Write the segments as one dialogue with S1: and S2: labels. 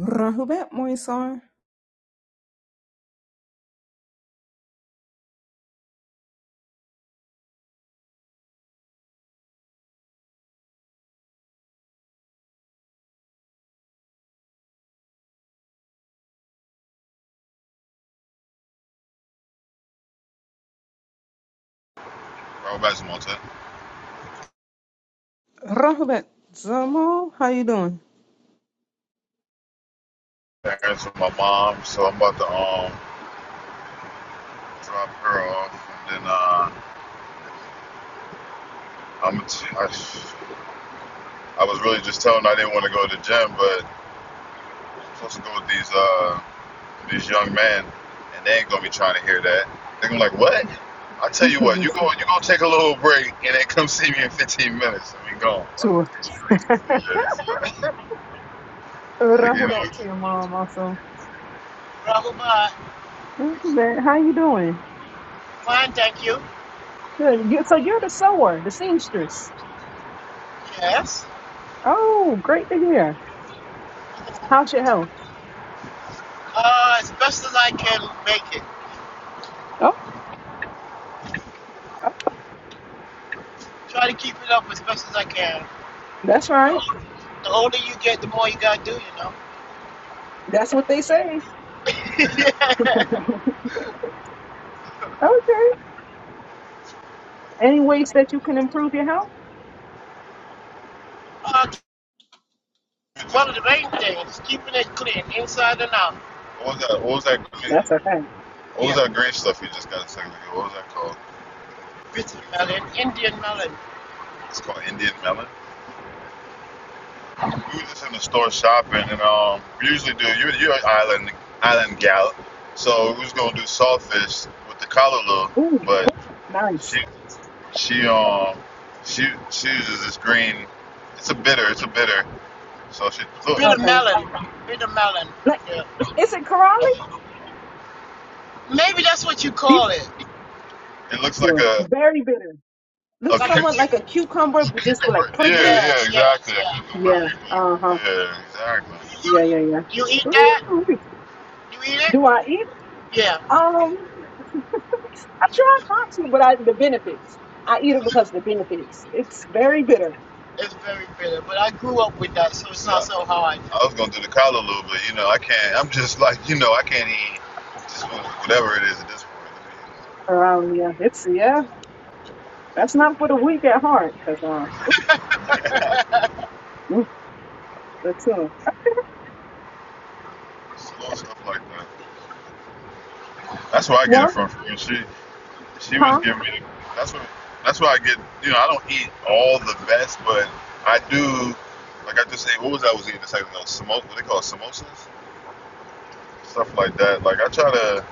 S1: Rahubet Moisar.
S2: I went back to my t-
S1: Rahubet Zamal, how you doing?
S2: parents with my mom, so I'm about to um drop her off, and then uh, I'm t- I, I was really just telling her I didn't want to go to the gym, but I'm supposed to go with these uh these young men, and they ain't gonna be trying to hear that. They're gonna be like, what? I tell you what, you go
S1: Listen
S2: you go take a little break, and then come see me in 15 minutes, and we gone.
S1: to us.
S2: Like, like,
S1: Rahubet to your mom also.
S2: uh,
S1: Rahubet, how you doing?
S2: fine, thank you.
S1: Good. You, so you're the sewer, the seamstress.
S2: Yes.
S1: Oh, great to hear. How's your health?
S2: Uh, as best as I can make it.
S1: Oh, oh,
S2: Try to keep it up as best as I can.
S1: that's
S2: The
S1: right.
S2: older, the older you get, the more you gotta do, you know.
S1: That's what they say. Okay. Any ways that you can improve your health?
S2: uh, one of the main things, keeping it clean, inside and out. What was that? What was that?
S1: That's okay.
S2: what was Yeah, that green stuff you just got a second ago? What was that called? bitter melon, Indian melon. It's called Indian melon. We were just in the store shopping, and um, we usually do. You're, you're an island island gal, so we was gonna do saltfish with the kalaloo,
S1: Ooh,
S2: but she
S1: nice.
S2: She um she she uses this green. It's a bitter. It's a bitter. So she look. Bitter
S1: Okay.
S2: melon. Bitter melon.
S1: Like,
S2: Yeah.
S1: is it Karali?
S2: Maybe that's what you call it. It looks like
S1: Bitter.
S2: a
S1: Very bitter.
S2: a,
S1: Looks
S2: Like cu- a
S1: somewhat
S2: cu-
S1: like a cucumber,
S2: it's a
S1: but just like
S2: cucumber. Yeah, yeah,
S1: prickly.
S2: Yes, yes, exactly. A yeah. cucumber.
S1: Yeah.
S2: cucumber.
S1: Uh huh.
S2: Yeah, exactly.
S1: Yeah, yeah, yeah.
S2: You eat
S1: Ooh,
S2: that? You eat it?
S1: do I eat? it?
S2: Yeah.
S1: Um, I try not to, but I the benefits. I eat it because of the benefits. It's very bitter.
S2: It's very bitter. But I grew up with that, so it's Yeah. not so hard. I was gonna do the callaloo, but you know I can't. I'm just like you know I can't eat just whatever it is at this point.
S1: Around yeah, it's yeah. That's not for the weak at heart. Cause uh, ooh, mm, that's uh,
S2: small stuff like that. That's where I get it
S1: what?
S2: from. From she, she was
S1: Huh?
S2: giving me. That's what. That's why I get. You know, I don't eat all the best, but I do. Like I just ate. What was that? I was eating the second those smoke. What they call it, samosas, stuff like that. Like I try to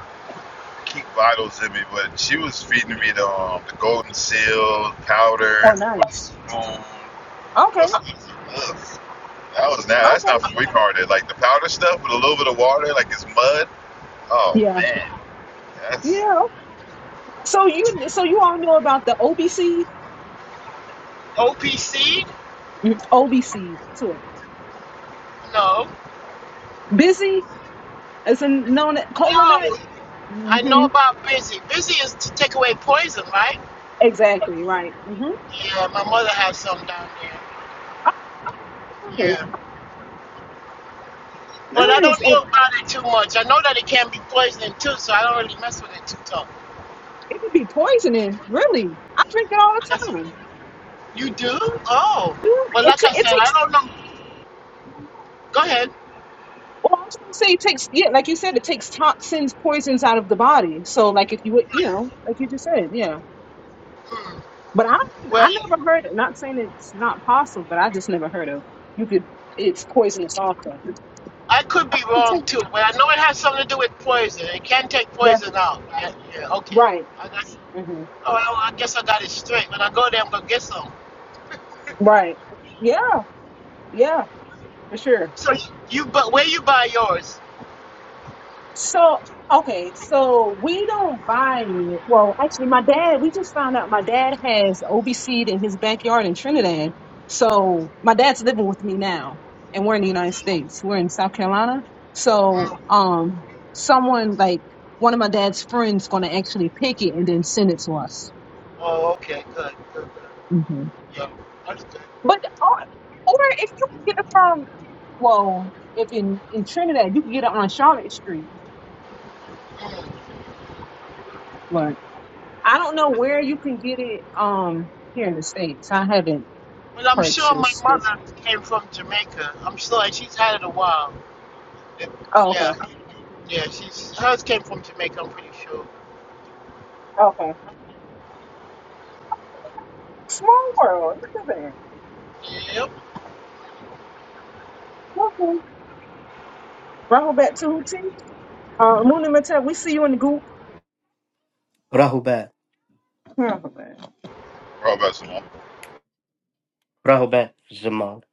S2: keep vitals in me, but she was feeding me the um, the golden seal powder
S1: Oh,
S2: with a
S1: nice.
S2: spoon.
S1: Okay.
S2: What's ugh. That was not. That's
S1: Okay.
S2: not for weak hearted. Like the powder stuff with a little bit of water, like it's mud. Oh
S1: Yeah.
S2: man, that's
S1: Yeah. So you so you all know about the OB seed,
S2: OPC?
S1: Mhm. OB seed too.
S2: No.
S1: Busy is known as
S2: No. I know
S1: hmm
S2: about busy. Busy is to take away poison, right?
S1: Exactly right. hmm
S2: Yeah, my mother has some down there.
S1: Oh,
S2: Yeah.
S1: nice,
S2: But I
S1: nice.
S2: don't
S1: And
S2: know about it too much. I know that it can be poisoning too, so I don't really mess with it too tough.
S1: it could be poisoning. Really, I drink it all
S2: That's
S1: the time.
S2: you do? Oh.
S1: Mm,
S2: Well,
S1: It
S2: like
S1: ta-
S2: I
S1: it
S2: said, I
S1: takes.
S2: don't know. Go ahead.
S1: Well, I was going to say it takes. Yeah, like you said, it takes toxins, poisons out of the body. So, like if you would, you know, like you just said, yeah.
S2: Hmm.
S1: But I
S2: Well,
S1: I never heard. Not saying it's not possible, but I just never heard of. You could. It's poisonous also.
S2: I could
S1: I
S2: be
S1: could
S2: wrong
S1: take
S2: too, but I know it has something to do with poison. It can take
S1: that.
S2: poison out, right? Yeah. Okay.
S1: Right.
S2: I got.
S1: hmm
S2: Oh, well, I guess I got it straight. When I go there, I'm gonna get some.
S1: Right. Yeah. Yeah. For sure.
S2: So you, you but where you buy yours?
S1: So okay, so we don't buy it. Well, actually, my dad. We just found out my dad has OBC in his backyard in Trinidad. So my dad's living with me now, and we're in the United States. We're in South Carolina. So
S2: Mm.
S1: um, someone like one of my dad's friends going to actually pick it and then send it to us.
S2: Oh, okay, good, good, good.
S1: hmm
S2: Yeah, understood.
S1: But or, or if you can get it from well, if in in Trinidad you can get it on Charlotte Street. I don't know where you can get it um here in the States. I haven't
S2: Well, I'm sure my
S1: purchased it.
S2: mother came from Jamaica. I'm sure, and she's had it a while.
S1: Oh,
S2: Yeah,
S1: okay.
S2: yeah, she's hers came from Jamaica. I'm pretty sure.
S1: Okay. Small world. Look at that.
S2: Yep.
S1: Okay. Rahul back to Hootie. Uh Luna Mattel, we see you in the group.
S3: Rahubat.
S2: Rob Bad Simone.
S3: Rahubat Jamal.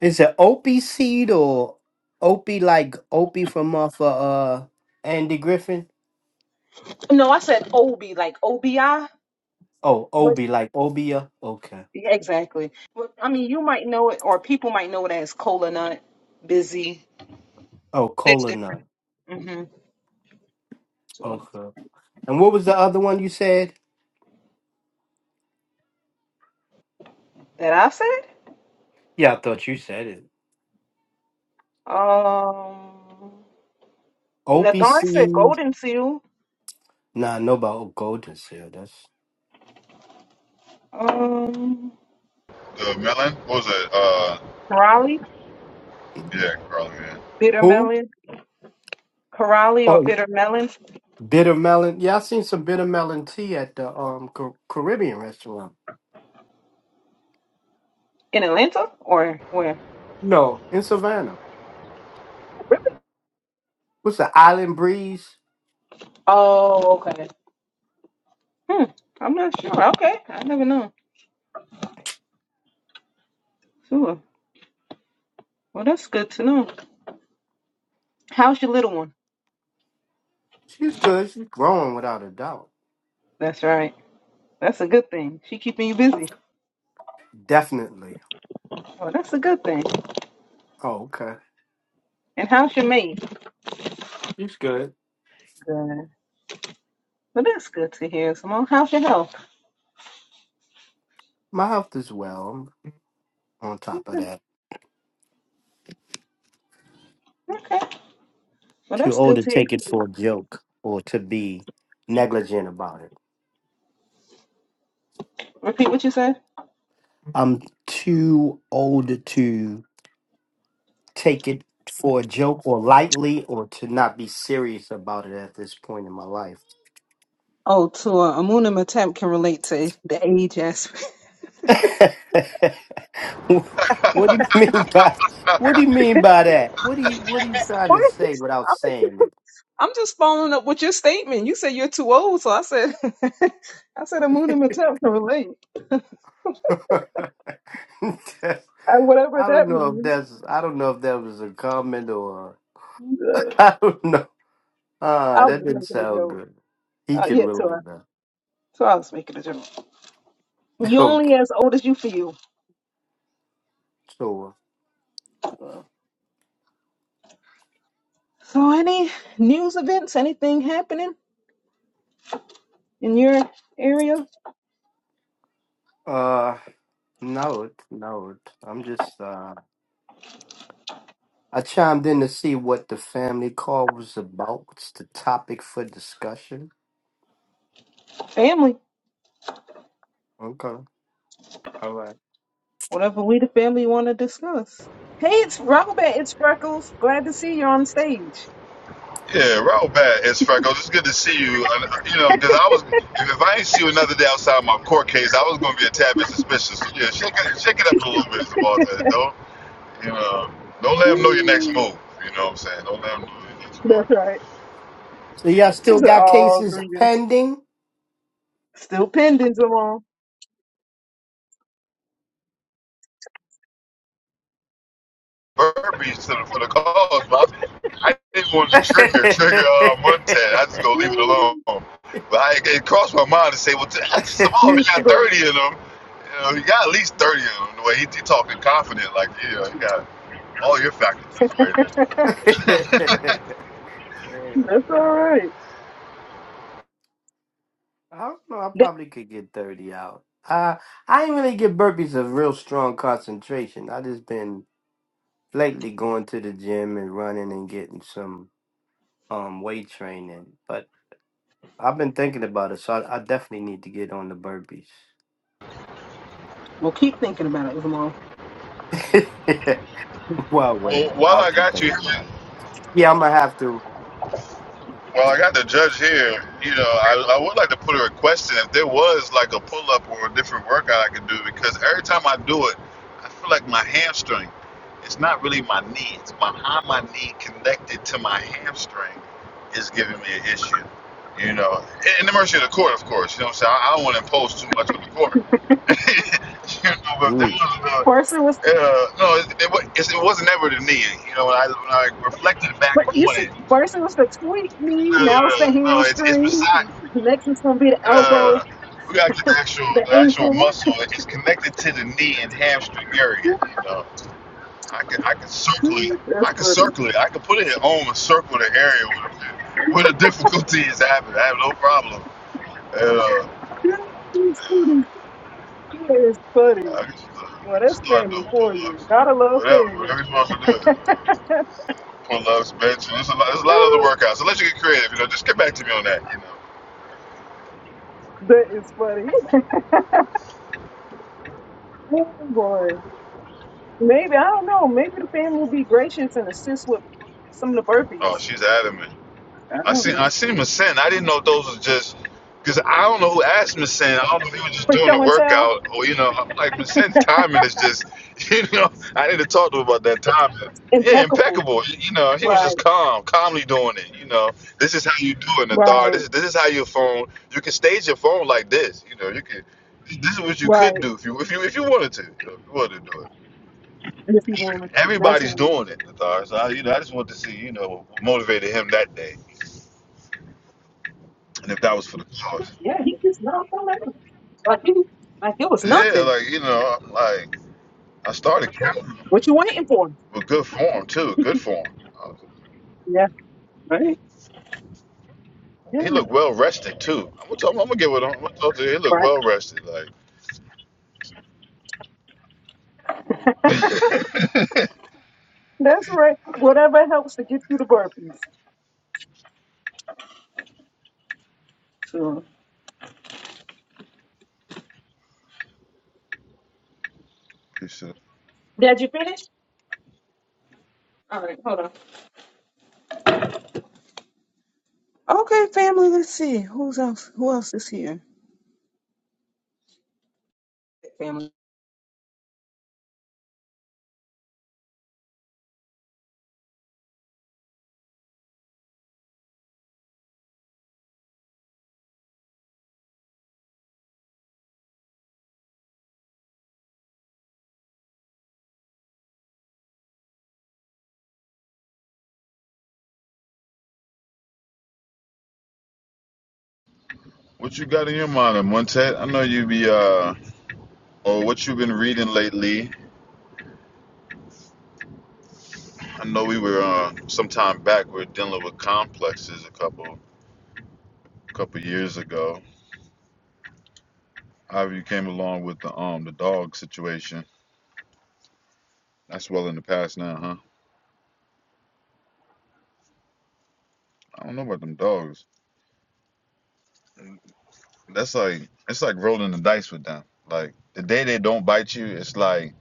S3: Is it Opie seed or Opie like Opie from off of uh Andy Griffin?
S1: No, I said Obi, like OBI.
S3: Oh,
S1: But
S3: Obi like Obia. Okay.
S1: yeah, exactly. But I mean you might know it or people might know it as cola nut, busy.
S3: Oh,
S1: That's
S3: cola
S1: different.
S3: nut.
S1: Mm-hmm.
S3: Okay. And what was the other one you said?
S1: That I said?
S3: Yeah, I thought you said it.
S1: Um
S3: Opie
S1: Nathan said
S3: seed.
S1: golden seal.
S3: Nah, no about golden seal. That's
S1: Um
S2: The melon? What was it? Uh,
S1: Raleigh,
S2: yeah, Carl, man.
S1: bitter
S3: who?
S1: melon. Corrali or
S3: Oh,
S1: bitter melons
S3: bitter melon. Yeah, I seen some bitter melon tea at the um Ca- Caribbean restaurant.
S1: in Atlanta or where?
S3: No, in Savannah. What's the Island Breeze?
S1: Oh, okay. Hmm, I'm not sure. Okay, I never know. Sure. Well, that's good to know. How's your little one?
S3: She's good. She's growing without a doubt.
S1: That's right. That's a good thing. She keeping you busy.
S3: Definitely.
S1: Well, that's a good thing.
S3: Oh, okay.
S1: And how's your maid?
S3: She's good.
S1: Good. Well, that's good to hear, Simone. How's your health?
S3: My health is well. I'm on top of that.
S1: Okay. Well,
S3: Too
S1: that's
S3: old
S1: good
S3: to
S1: to hear.
S3: take it for a joke or to be negligent about it.
S1: Repeat what you said.
S3: I'm too old to take it for a joke or lightly or to not be serious about it at this point in my life.
S1: Oh, to uh, Amuna Matemp can relate to the age aspect.
S3: what do you mean by what do you mean by that? What do you what are you trying to say without
S1: What?
S3: saying
S1: I'm just following up with your statement. You said you're too old, so I said, I said Amuna Matap can relate,
S3: That's-
S1: and whatever
S3: I don't
S1: that
S3: know if
S1: means.
S3: that's I don't know if that was a comment or
S1: Uh,
S3: I don't know. Ah,
S1: I was
S3: that
S1: just
S3: didn't
S1: making a
S3: sound
S1: joke.
S3: good. He
S1: Uh,
S3: can
S1: yeah, Tora.
S3: relate that.
S1: So I was making a joke. You're
S3: Okay.
S1: only as old as you feel.
S3: sure.
S1: Uh, So any news events, anything happening in your area,
S3: uh no it no it. I'm just uh I chimed in to see what the family call was about. What's the topic for discussion?
S1: family,
S3: Okay. All right.
S1: whatever we the family want to discuss. Hey, it's Robert. It's Freckles. Glad to see you on stage.
S2: Yeah, Rob Bad. It's Franco. It's good to see you. uh, you know, because I was, if, I ain't see you another day outside my court case, I was going to be a tad bit suspicious. So, yeah, shake it, shake it up a little bit, Samantha, not You know, don't let them know your next
S1: Mm,
S2: move. You know what I'm saying? Don't let them know your next move.
S1: That's right.
S3: So y'all still
S1: She's an
S3: got
S1: all
S3: cases
S1: greetings.
S3: pending?
S1: Still pending, Jamal.
S2: Burpees to the, for the cause, but I, I didn't want to trigger trigger uh, Montez. I just go leave it alone. But I, it crossed my mind to say, well, that's small. If he got
S1: But
S2: 30 of them, you know, he got at least 30 of them. The way he, he talking confident, like, yeah, he got all your faculties right there.
S1: that's all right.
S3: I don't know. I probably could get thirty out. Uh, I ain't really get burpees of real strong concentration. I just been lately going to the gym and running and getting some um weight training. But I've been thinking about it, so I, I definitely need to get on the burpees.
S1: Well, keep thinking about it, Zamal.
S3: well,
S2: Well,
S3: well,
S2: while
S3: I'll
S2: I
S3: keep
S2: got you,
S3: thinking about it. Yeah, I'm gonna have to.
S2: Well, I got the judge here. You know, I, I would like to put a request in if there was like a pull up or a different workout I could do because every time I do it, I feel like my hamstring. It's not really my knee. It's my how my knee connected to my hamstring is giving me an issue. You know, in in the mercy of the court, of course. You know what I'm saying? I, I don't want to impose too much on the court. you know, but there
S3: Mm.
S2: was a
S1: First it was,
S2: uh, no, it, it, wa- it's- it wasn't ever the knee. You know, when I when I reflected back
S1: but you
S2: on
S1: see,
S2: it.
S1: first it was the tweet knee.
S2: No, no, no,
S1: Now it's the
S2: no. no, It's it's
S1: hamstring.
S2: beside.
S1: The Next it's gonna be the elbow,
S2: Uh, we gotta get the actual
S1: the
S2: the actual
S1: ankle.
S2: muscle. It's connected to the knee and hamstring area. You know, I can I can circle it.
S1: That's
S2: I can
S1: funny.
S2: circle it. I can put it at home and circle the area where the, where the difficulty is happening. I have no problem. Uh,
S1: That's
S2: I
S1: funny. That is funny.
S2: can uh, I
S1: Well,
S2: can
S1: that's
S2: start
S1: family
S2: doing
S1: for
S2: pull-ups,
S1: you. Gotta love
S2: whatever,
S1: family.
S2: whatever you want to do. Pull-ups, bench. There's a lot. There's a lot of other workouts. So let you get creative. You know, just get back to me on that. You know.
S1: that is funny. Oh boy. Maybe I don't know. Maybe the family will be gracious and assist with some of the
S2: Oh,
S1: burpees.
S2: she's adamant. I seen I
S1: For
S2: seen Masen. I didn't know if those was just because I don't know who asked Masen. I don't know if he was just doing the
S1: show and tell?
S2: workout or you know I'm like Masen's timing is just you know I need to talk to him about that timing. Yeah,
S1: Impeccable.
S2: impeccable. You you know, he was just
S1: Right,
S2: calm, calmly doing it. You know, this is how you do it in authority.
S1: right,
S2: This is this is how your phone. You can stage your phone like this. You know, you can. This is what you could
S1: right.
S2: do if you if you if you wanted to. You know, if you wanted to do it.
S1: The people in the street. that's
S2: Everybody's
S1: right.
S2: doing it, Nathar. So I, you know, I just want to see you know what motivated him that day. and if that was for the cause.
S1: Yeah, he just knocked on that. Like he like it was
S2: Yeah,
S1: nothing.
S2: like you know, like I started counting
S1: What you waiting for?
S2: with good form too, good form. Uh,
S1: Yeah, right. Yeah,
S2: He looked well rested too. I'm gonna tell him, I'm gonna get with him. I'm gonna talk to him. He looked
S1: right.
S2: well rested, like.
S1: That's right. Whatever helps to get through the burpees.
S2: He said,
S1: Did you finish? Okay, family, let's see. Who's else who else is here? Family.
S2: what you got in your mind, Montet? I know you be uh, or what you been reading lately. I know we were uh, some time back we were dealing with complexes a couple a couple years ago. However, you came along with the um the dog situation. That's well in the past now, huh? I don't know about them dogs. That's like it's like rolling the dice with them. Like the day they don't bite you, it's like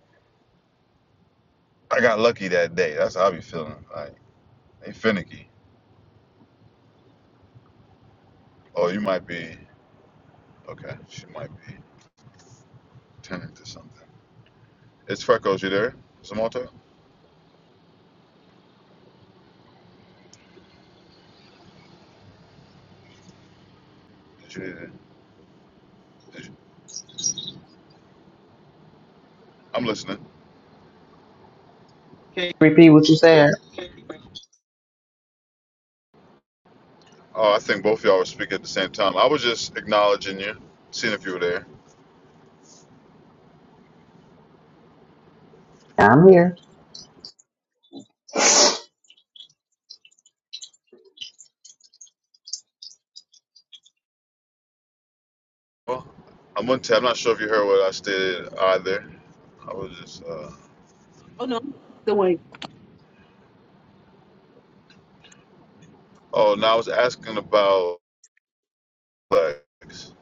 S2: I got lucky that day. That's how I be feeling. Like they finicky. Oh, you might be okay. She might be turning to something. It's Freckles. You there, Samantha? Did you, did you? I'm listening.
S4: Can you Repeat what you said.
S2: Oh, I think both of y'all were speaking at the same time. I was just acknowledging you, seeing if you were there.
S4: I'm here. It's
S2: Well, I'm gonna. T- I'm not sure if you heard what I stated either. I was just. Uh,
S1: Oh no, the way
S2: oh, now I was asking about. complex.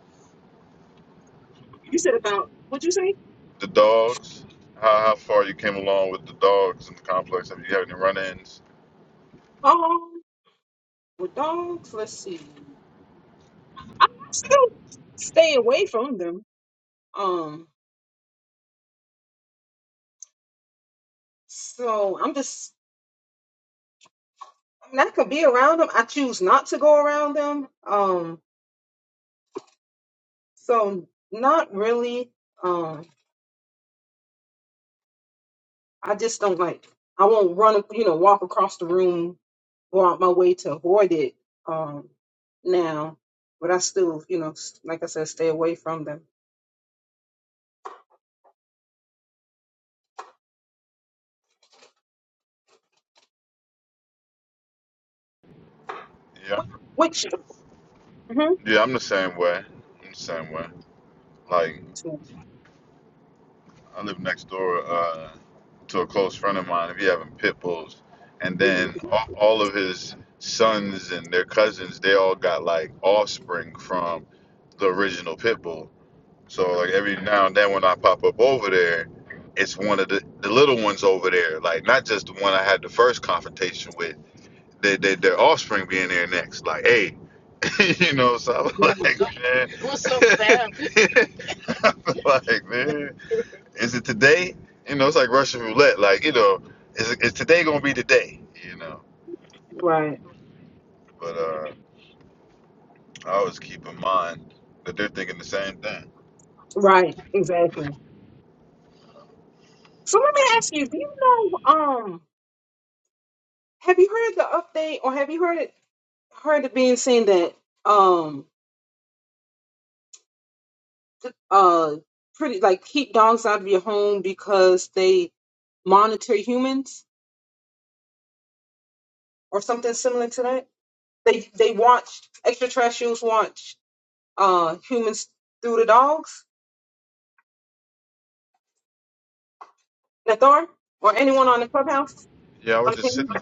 S1: you said about what you say?
S2: The dogs, how, how far you came along with the dogs in the complex? Have you had any run-ins?
S1: Oh, with dogs. Let's see. I still stay away from them. Um. So I'm just, I mean, I could be around them. I choose not to go around them. Um, so not really. Um, I just don't like, I won't run, you know, walk across the room, go out my way to avoid it. Um, now, but I still, you know, s- like I said, stay away from them.
S2: Yeah,
S1: Which, Mhm.
S2: yeah, I'm the same way. I'm the same way. Like
S1: So-
S2: I live next door uh, to a close friend of mine. If you having pit bulls, and then all, all of his sons and their cousins, they all got like offspring from the original pit bull. So like every now and then when I pop up over there, it's one of the, the little ones over there, like not just the one I had the first confrontation with, their, their, their offspring be in there next. Like, hey, you know, so I
S1: right,
S2: was like, man, What's up, fam? I was like, man, is it today? You know, it's like Russian roulette. Like, you know, is, is today gonna be the day? You know,
S1: right,
S2: but uh, I always keep in mind that they're thinking the same thing.
S1: right, exactly. So let me ask you, do you know, um, have you heard the update or have you heard it, heard it being seen that? um, uh pretty like keep dogs out of your home because they monitor humans or something similar to that. They they watch extraterrestrials watch uh humans through the dogs, Nathar, or anyone on the clubhouse
S2: Yeah, I
S1: on
S2: was
S1: the
S2: just sitting.
S1: camera.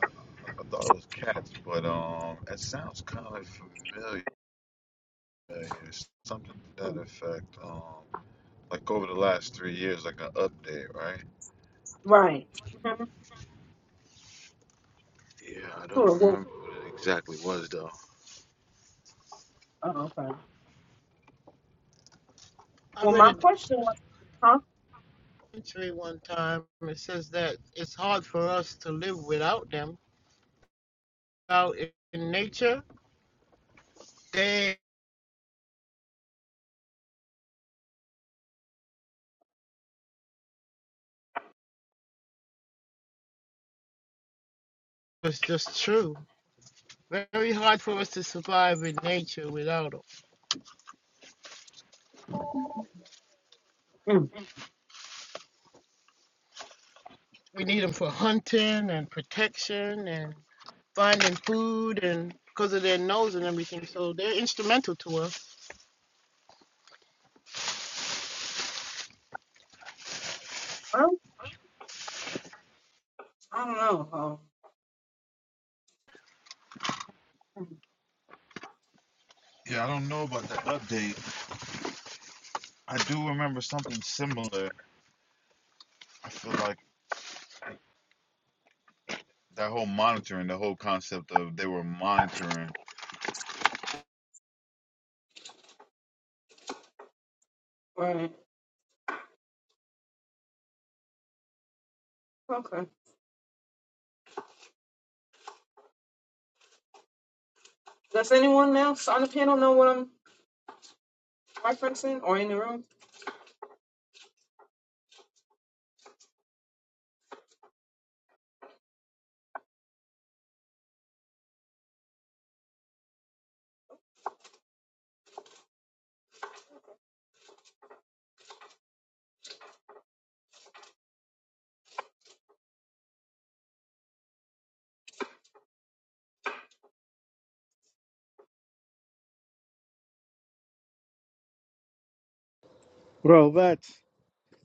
S2: I thought it was cats, but um, it sounds kind of familiar. Something to that effect. Um, like over the last three years, like an update, right?
S1: Right. Mhm.
S2: Yeah, I don't
S1: Sure. Well,
S2: remember what it exactly was though.
S1: oh, okay.
S2: I
S1: Well,
S2: read
S1: my
S2: a
S1: question was, huh?
S2: documentary one time. It says that it's hard for us to live without them. Out in nature, they was just true. Very hard for us to survive in nature without them.
S1: Mm.
S2: We need them for hunting and protection and finding food and because of their nose and everything. So they're instrumental to us.
S1: Well, I don't know. Oh,
S2: Yeah, I don't know about that update. I do remember something similar. I feel like That whole monitoring, the whole concept of they were monitoring.
S1: right. Okay. Does anyone else on the panel know what I'm referencing or in the room?
S5: Bro, that's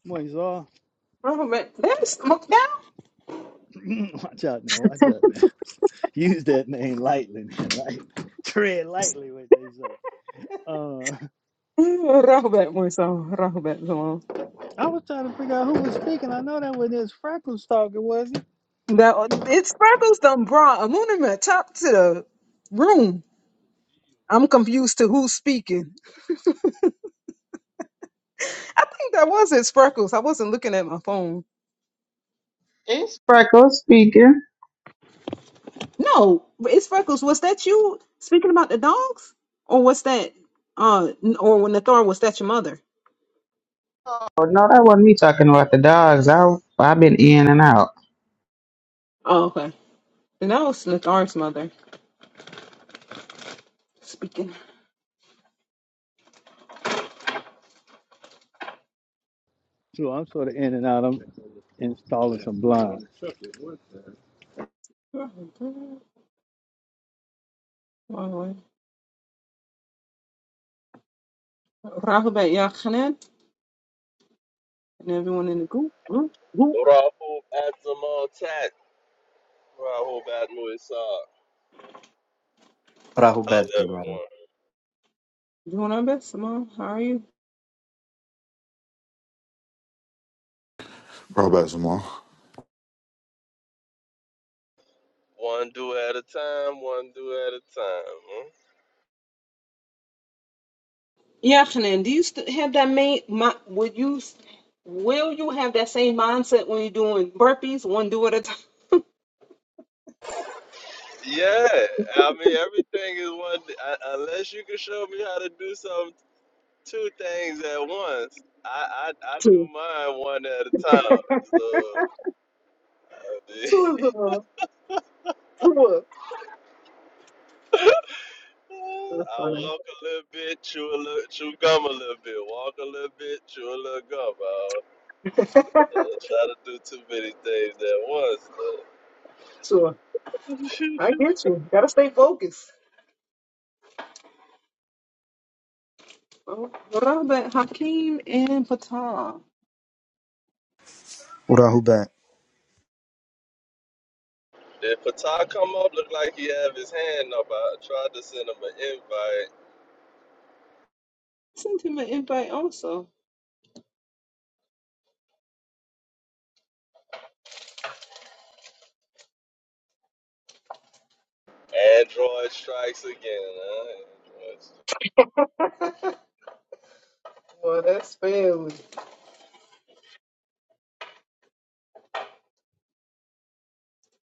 S5: Moisar.
S1: Oh, man. That's,
S5: Watch out now. Watch out now. Use that name lightly. man, Right? Tread lightly, what they say. Uh,
S1: Rahbat Musa, Rahbat Zaman.
S5: I was trying to figure out who was speaking. I know that wasn't his Freckles talking, was it?
S1: That it sparkles done brought Amunimet top to the room. I'm confused to who's speaking. I think that was it, Sparkles. I wasn't looking at my phone.
S4: Freckles speaking.
S1: No, it's Freckles. Was that you speaking about the dogs, or was that uh, n- or when Nathar was that your mother?
S4: Oh, no, that wasn't me talking about the dogs. I, I've been in and out.
S1: Oh, okay. Then that was Nathar's mother speaking.
S5: So I'm sort of in and out. I'm installing some blinds.
S1: Rahbat Yachanan and everyone in the group. Group, group.
S6: Rahul Atzamal Tat. Rahul Atmo Isar. How's
S3: Rahubat, man.
S6: everyone?
S1: Doing our best, Simone. How are you?
S2: Rob back some more.
S6: One do at a time, one do at a time. Huh?
S1: Yeah, afternoon. Do you st- have that main? My, would you? s- Will you have that same mindset when you're doing burpees, one do at a time?
S6: Yeah, I mean, everything is one. I, unless you can show me how to do some two things at once, I, I, I do
S1: Two.
S6: mine one at a time. So, I mean,
S1: Two is uh, two. That's
S6: I
S1: funny.
S6: walk a little bit, chew a little, chew gum a little bit, walk a little bit, chew a little gum. I don't, uh, try to do too many things at once.
S1: Two.
S6: though.
S1: I get you. Gotta stay focused. Oh, Robert Hakeem and Patar.
S7: What I who back?
S6: Did Patar come up? Looked like he have his hand up. I tried to send him an invite.
S1: Send him an invite also.
S6: Android strikes again. Huh? Android strikes.
S1: Well, that's family.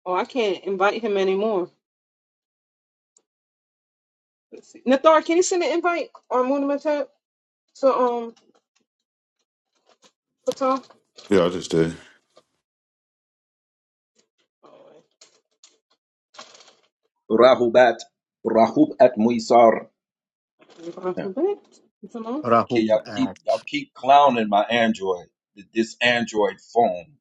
S1: Oh, I can't invite him anymore. Let's see. Nathar, can you send an invite or Munimatap to um Patar?
S2: Yeah, I just did.
S8: Rahubat, Rahub at Muisar.
S1: Invite him back. It's a long-
S8: Okay, y'all keep y'all
S3: Rahubat.
S8: keep clowning my Android, this Android phone,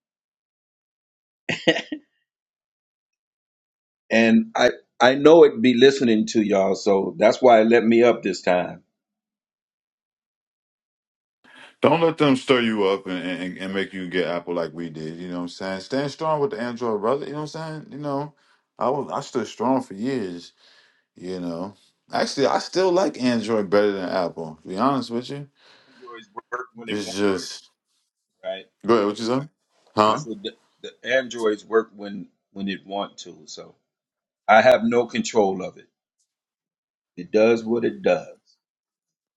S8: and I I know it be listening to y'all, so that's why it let me up this time.
S2: Don't let them stir you up and, and, and make you get Apple like we did. You know what I'm saying? Stand strong with the Android brother. You know what I'm saying? You know, I was I stood strong for years. You know, actually, I still like Android better than Apple. To be honest with you,
S8: Androids work when it
S2: it's
S8: want,
S2: just
S8: right?
S2: go ahead. What you say?
S8: I
S2: Huh?
S8: said the, the Androids work when when it want to, so I have no control of it. It does what it does.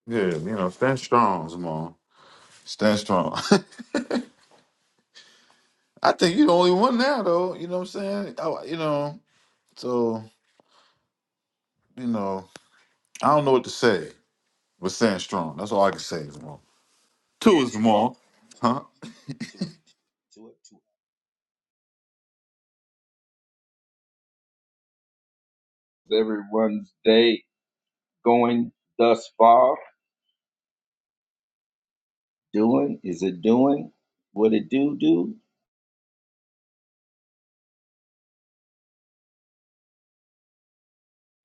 S2: Yeah, you know, stand strong, Zamon. Stand strong. I think you're the only one now, though. You know what I'm saying? I, you know, so. you know, I don't know what to say but staying strong. That's all I can say, Jamal. Two is
S8: Stand strong,
S2: Jamal.
S8: stand strong.
S2: Huh?
S8: Two up, two up, two up. Everyone's day. going thus far, doing, is it doing what it do do?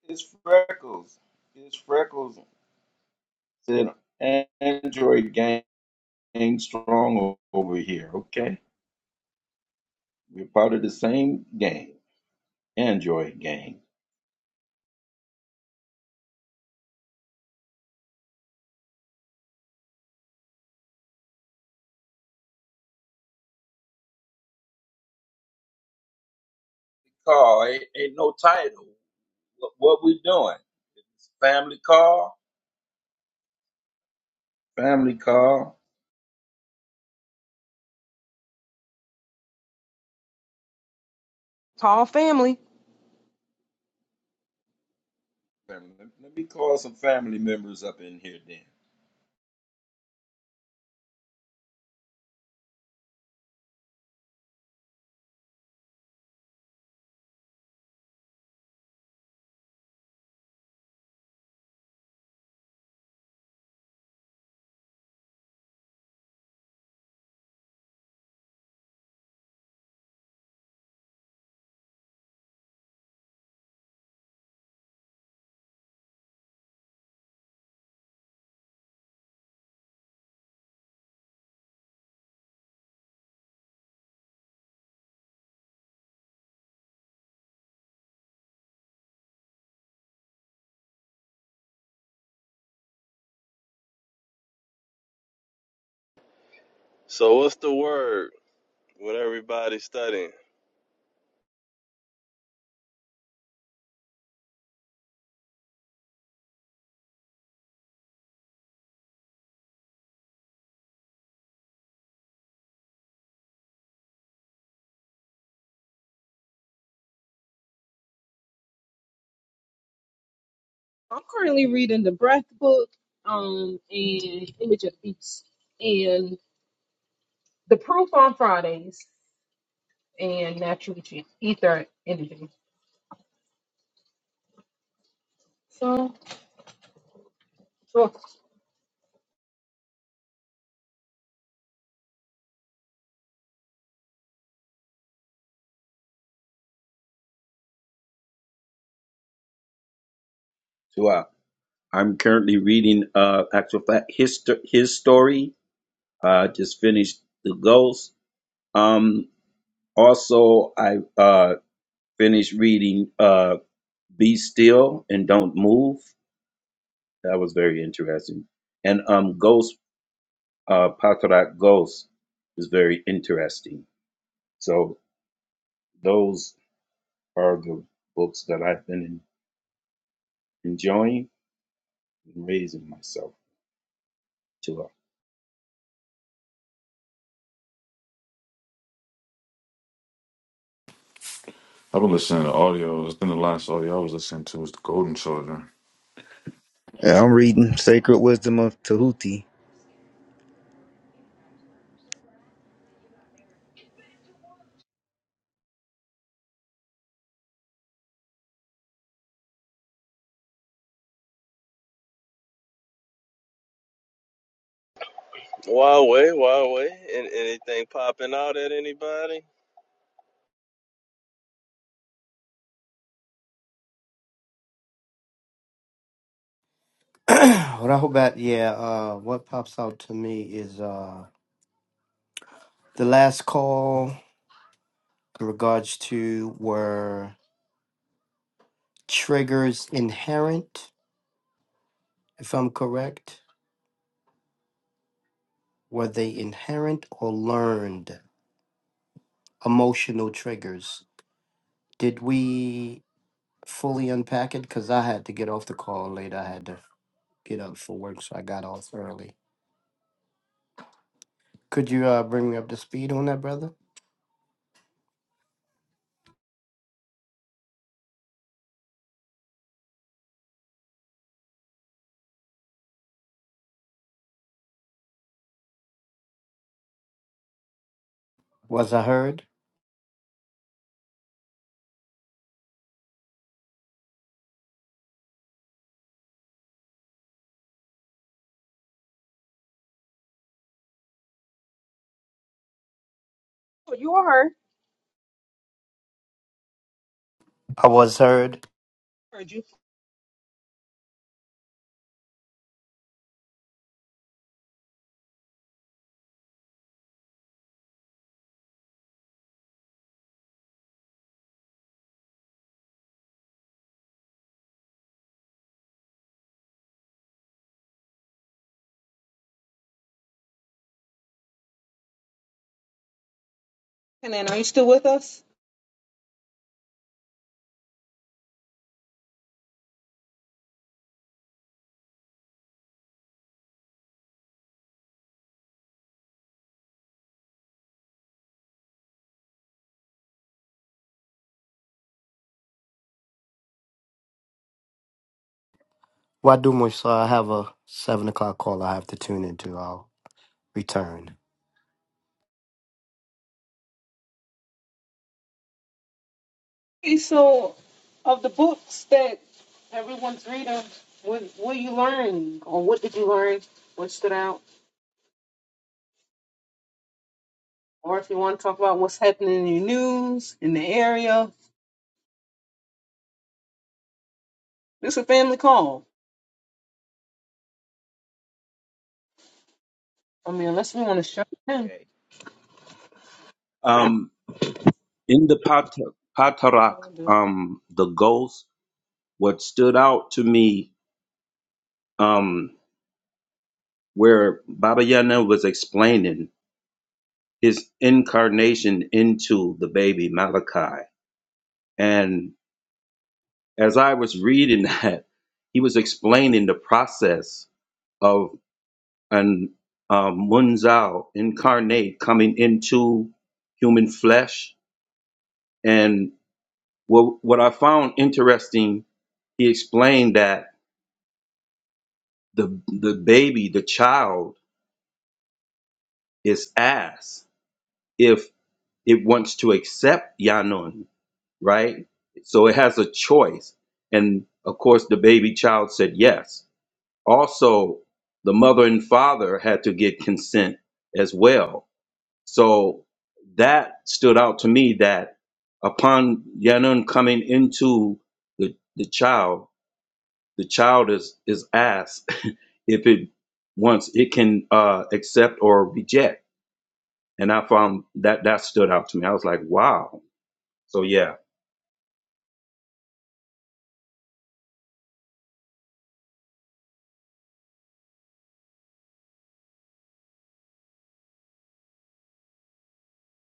S8: It's Freckles. It's Freckles. Said Android gang strong over here. Okay, we're part of the same gang. Android gang. Car ain't, ain't no title. What, what we doing? It's family car. Family car.
S1: Tall family.
S8: Family. Let me call some family members up in here then.
S6: So what's the word? What everybody studying?
S1: I'm currently reading the Breath book, um, and Image of Beast, and The Proof on Fridays, and Natural G- Ether Energy. So, so
S8: So I, I'm currently reading uh actual fact his his story I just finished The Ghost. Um, also, I uh, finished reading uh, Be Still and Don't Move. That was very interesting. And um, Ghost, uh, Patarak Ghost is very interesting. So, those are the books that I've been en- enjoying and raising myself to.
S2: I've been listening to audio. It's been the last audio I was listening to was the Golden Children.
S7: Yeah, I'm reading Sacred Wisdom of Tahuti.
S6: Huawei, Huawei. And anything popping out at anybody?
S3: Rahubat. Yeah. Uh, what pops out to me is uh the last call. regards to were triggers inherent, if I'm correct? Were they inherent or learned emotional triggers? Did we fully unpack it? Because I had to get off the call late. I had to get up for work, so I got off early. Could you uh, bring me up to speed on that, brother? Was I heard?
S1: you are her.
S3: I was heard.
S1: Heard you. And then, are you still with us?
S3: Why do much, sir? I have a seven o'clock call I have to tune into. I'll return.
S1: Okay, so of the books that everyone's reading, what what you learn, or what did you learn? What stood out? Or if you want to talk about what's happening in your news in the area, this is a family call. I mean, unless we want to shut it
S8: Okay. Um, in the Pat- Patarak,
S1: down.
S8: um, The Ghost, what stood out to me. Um, where Baba Yana was explaining his incarnation into the baby Malachi. And as I was reading that, he was explaining the process of an um, Munzal incarnate coming into human flesh. And what, what I found interesting, he explained that the, the baby, the child, is asked if it wants to accept Yanun right? So it has a choice. And of course, the baby child said yes. Also, the mother and father had to get consent as well. So that stood out to me that upon Yanun coming into the, the child, the child is, is asked if it wants, it can uh, accept or reject. And I found that that stood out to me. I was like, wow. So yeah,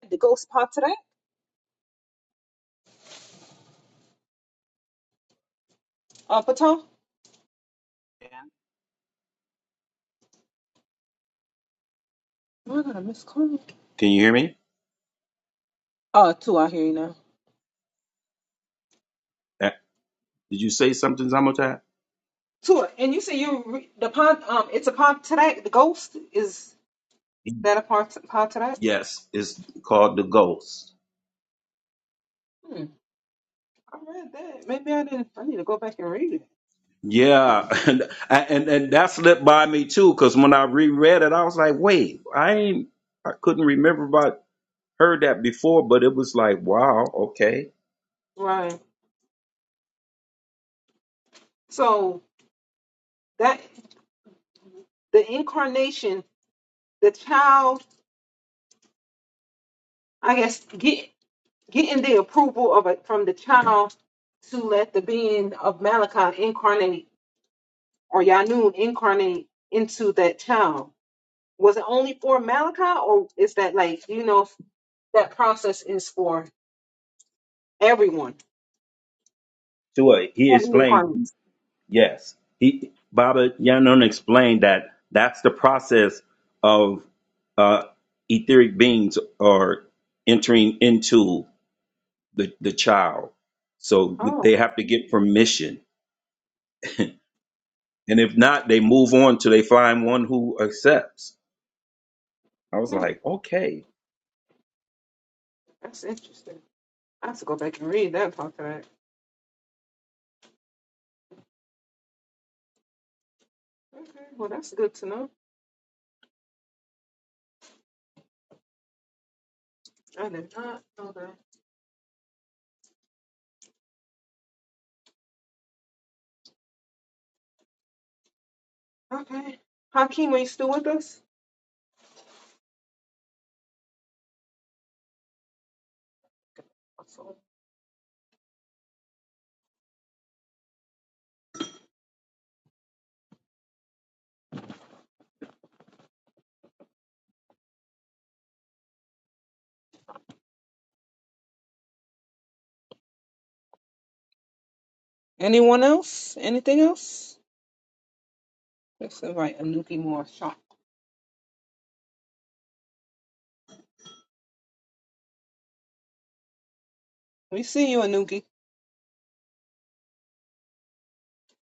S1: The ghost part today? Uh, Patel? I got a missed call.
S8: can you hear me?
S1: Oh, two, I hear you now.
S8: Did you say something, Zamotai?
S1: Tua, and you say you re- the part, um, it's a part today. The ghost is that a part part today?
S8: Yes, it's called the Ghost.
S1: Hmm, I read that. Maybe I didn't. I need to go back and read it.
S8: Yeah, and and and that slipped by me too, because when I reread it, I was like, wait, I ain't, I couldn't remember if I heard that before, but it was like, wow, okay.
S1: Right. So that the incarnation, the child, I guess, get getting the approval of it from the child to let the being of Malachi incarnate or Yanun incarnate into that child Was it only for Malachi, or is that like you know f- that process is for everyone?
S8: So uh, he
S1: Oh, the
S8: explained,
S1: incarnates.
S8: yes, he Baba Yanun explained that that's the process of uh, etheric beings are entering into the the child. So
S1: Oh,
S8: they have to get permission And if not, they move on till they find one who accepts. I was
S1: hmm,
S8: like, okay,
S1: that's interesting. I have to go back and read that part of that. Okay, well that's good to know. I did not know that. Okay, Hakeem, are you still with us? Anyone else? Anything else? Let's invite Anuki more shot. We see you, Anuki.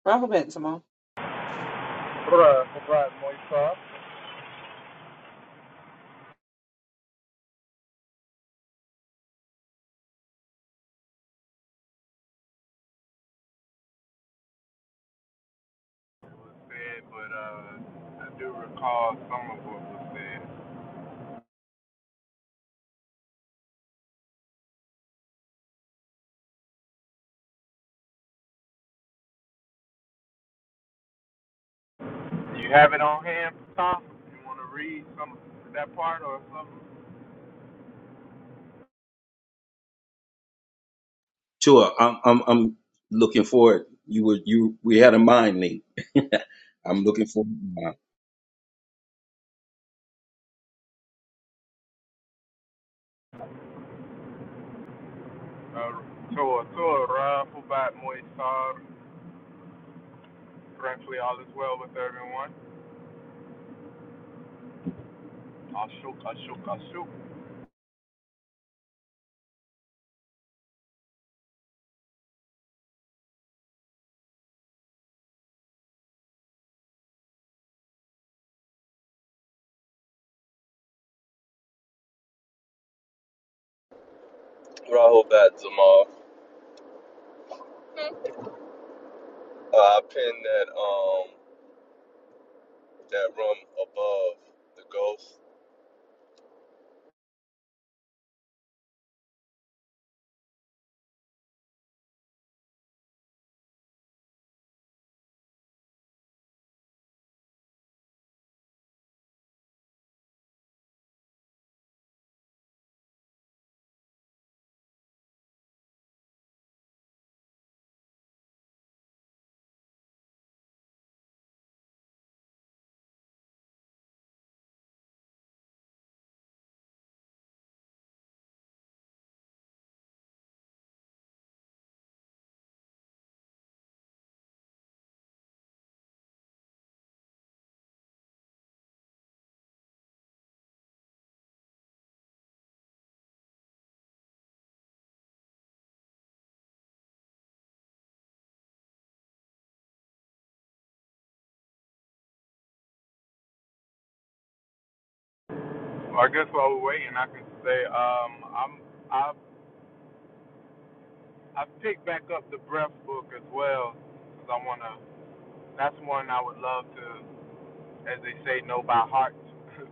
S1: Robert Benzema.
S9: Bruh, bruh, Moisar. It was said, but uh, I do recall some of what was said. Do you have it on hand, Tom? You want to read some of that part or something?
S8: sure. I'm I'm I'm looking forward. You were you we had a mind link. I'm looking for
S9: Uh, to to Ram Pubat Moisar, frankly, all is well with everyone. Ashuk, Ashuk, Ashuk.
S6: Rahul Batzamal. Uh, I pinned that um that room above the ghost.
S9: Well, I guess while we're waiting, I can say um, I'm I I picked back up the Breath book as well because I wanna. That's one I would love to, as they say, know by heart.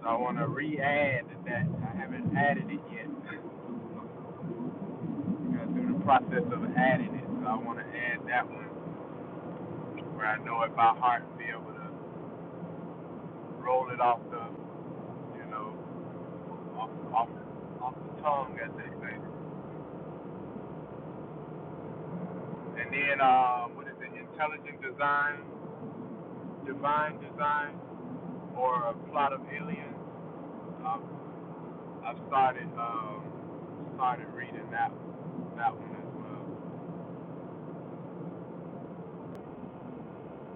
S9: So I want to re-add that. I haven't added it yet. I'm through the process of adding it, so I want to add that one where I know it by heart and be able to roll it off the, you know, off, off, off the tongue, as they say. And then, um, what is it? Intelligent design, divine design, or a plot of aliens. I've, I've started um, started reading that that one as well.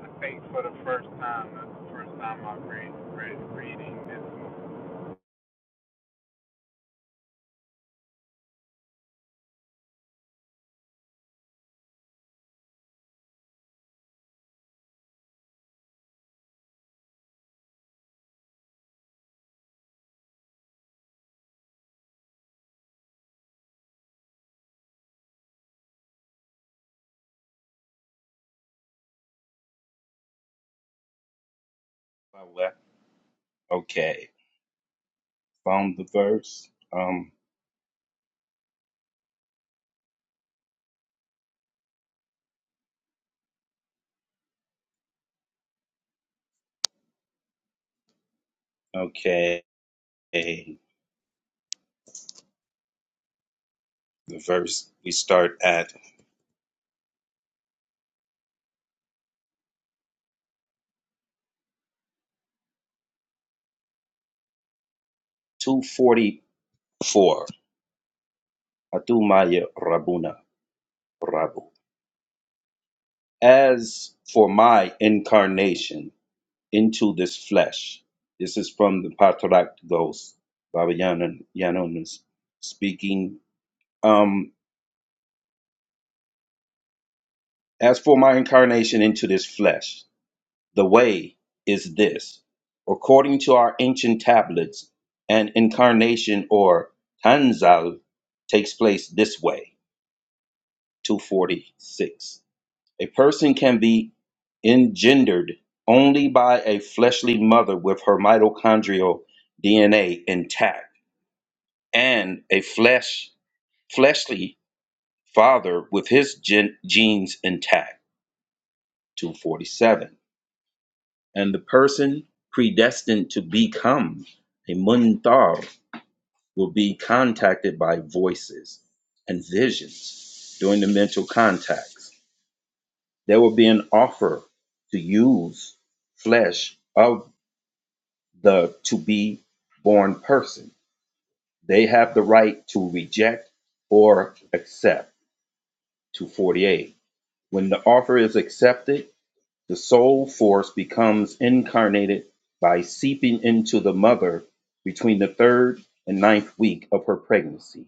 S9: the Faith for the first time. That's the first time I've read, read reading this
S8: okay. Found the verse. Um okay. The verse we start at two forty four. Atumaya Rabuna Rabu. As for my incarnation. into this flesh. This is from the Patarak Ghost, Baba Yanan, Yanonis speaking. Um, as for my incarnation into this flesh, the way is this. According to our ancient tablets, an incarnation or tanzal takes place this way 246. A person can be engendered only by a fleshly mother with her mitochondrial DNA intact and a flesh fleshly father with his gen- genes intact 247 and the person predestined to become a muntar will be contacted by voices and visions during the mental contacts there will be an offer to use flesh of the to be born person they have the right to reject or accept 248 When the offer is accepted, the soul force becomes incarnated by seeping into the mother between the third and ninth week of her pregnancy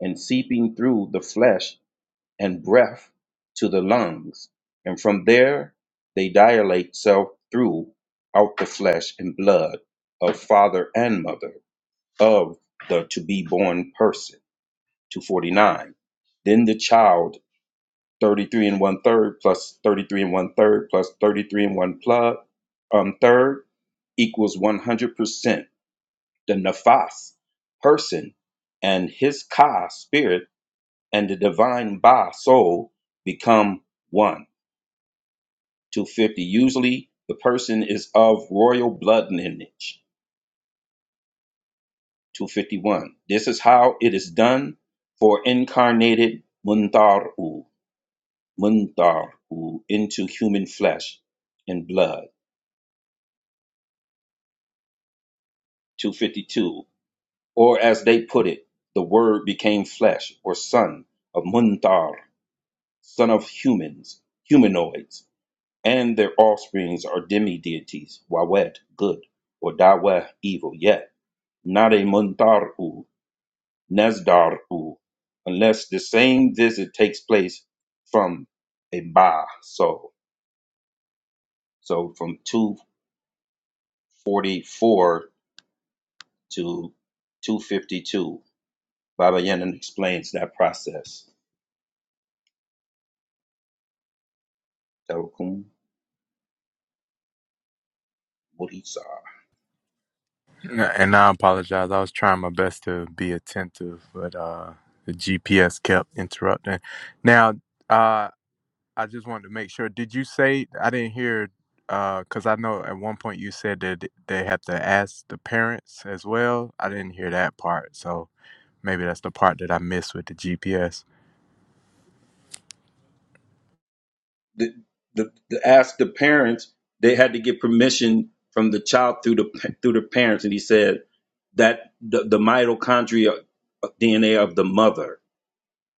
S8: and seeping through the flesh and breath to the lungs. And from there, they dilate self through out the flesh and blood of father and mother of the to be born person. 249. Then the child 33 and one third plus 33 and one third plus 33 and one plug, um, third equals 100%. The nafas, person, and his ka, spirit, and the divine ba, soul, become one. 250. Usually the person is of royal blood lineage. 251. This is how it is done for incarnated muntaru, muntaru, into human flesh and blood. 252, or as they put it, the Word became flesh, or son of Muntar, son of humans, humanoids, and their offsprings are demi deities, Wawet, good, or Daweh, evil, yet not a Muntaru, Nezdaru, unless the same visit takes place from a Ba soul. So from 244 to 252, Baba Yaga explains that process. Tawakkum Murisa.
S9: movie. N- And I apologize. I was trying my best to be attentive, but uh, the GPS kept interrupting. Now, uh, I just wanted to make sure. Did you say I didn't hear? Because I know at one point you said that they have to ask the parents as well. I didn't hear that part, so maybe that's the part that I missed with the GPS.
S8: The, the, the ask the parents, they had to get permission from the child through the through the parents, and he said that the, the mitochondria DNA of the mother,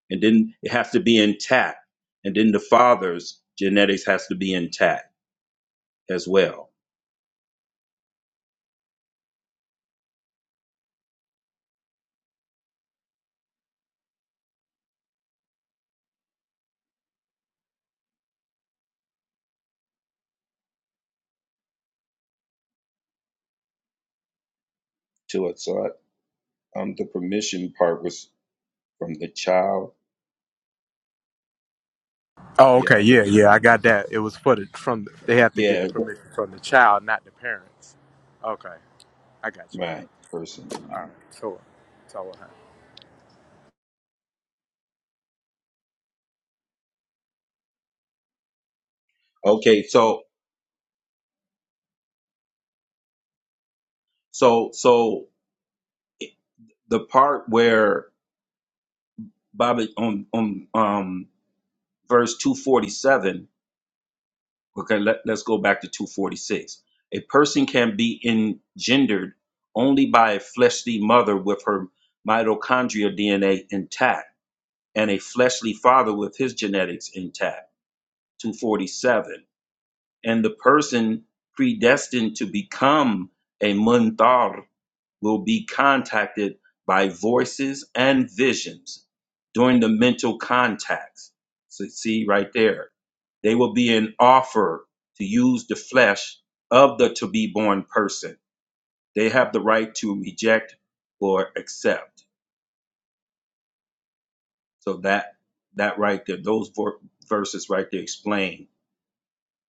S8: and then it has to be intact, and then the father's genetics has to be intact as well. To it, so I, um, the permission part was from the child.
S9: Oh,
S8: Yeah,
S9: okay.
S8: I d-
S9: Yeah, yeah. I got that. It was for the from. They have to get the
S8: yeah,
S9: permission from the child, not the parents. Okay, I got you.
S8: right. Person.
S9: All right.
S8: can-
S9: So, so
S8: Okay, so so so the part where Bobby, on on um, verse two forty seven. Okay, let, let's go back to two forty six. A person can be engendered only by a fleshly mother with her mitochondrial DNA intact, and a fleshly father with his genetics intact. Two forty seven, and the person predestined to become a munthar will be contacted by voices and visions during the mental contacts. So see right there. They will be an offer to use the flesh of the to be born person. They have the right to reject or accept. So that that right there, those verses right there explain.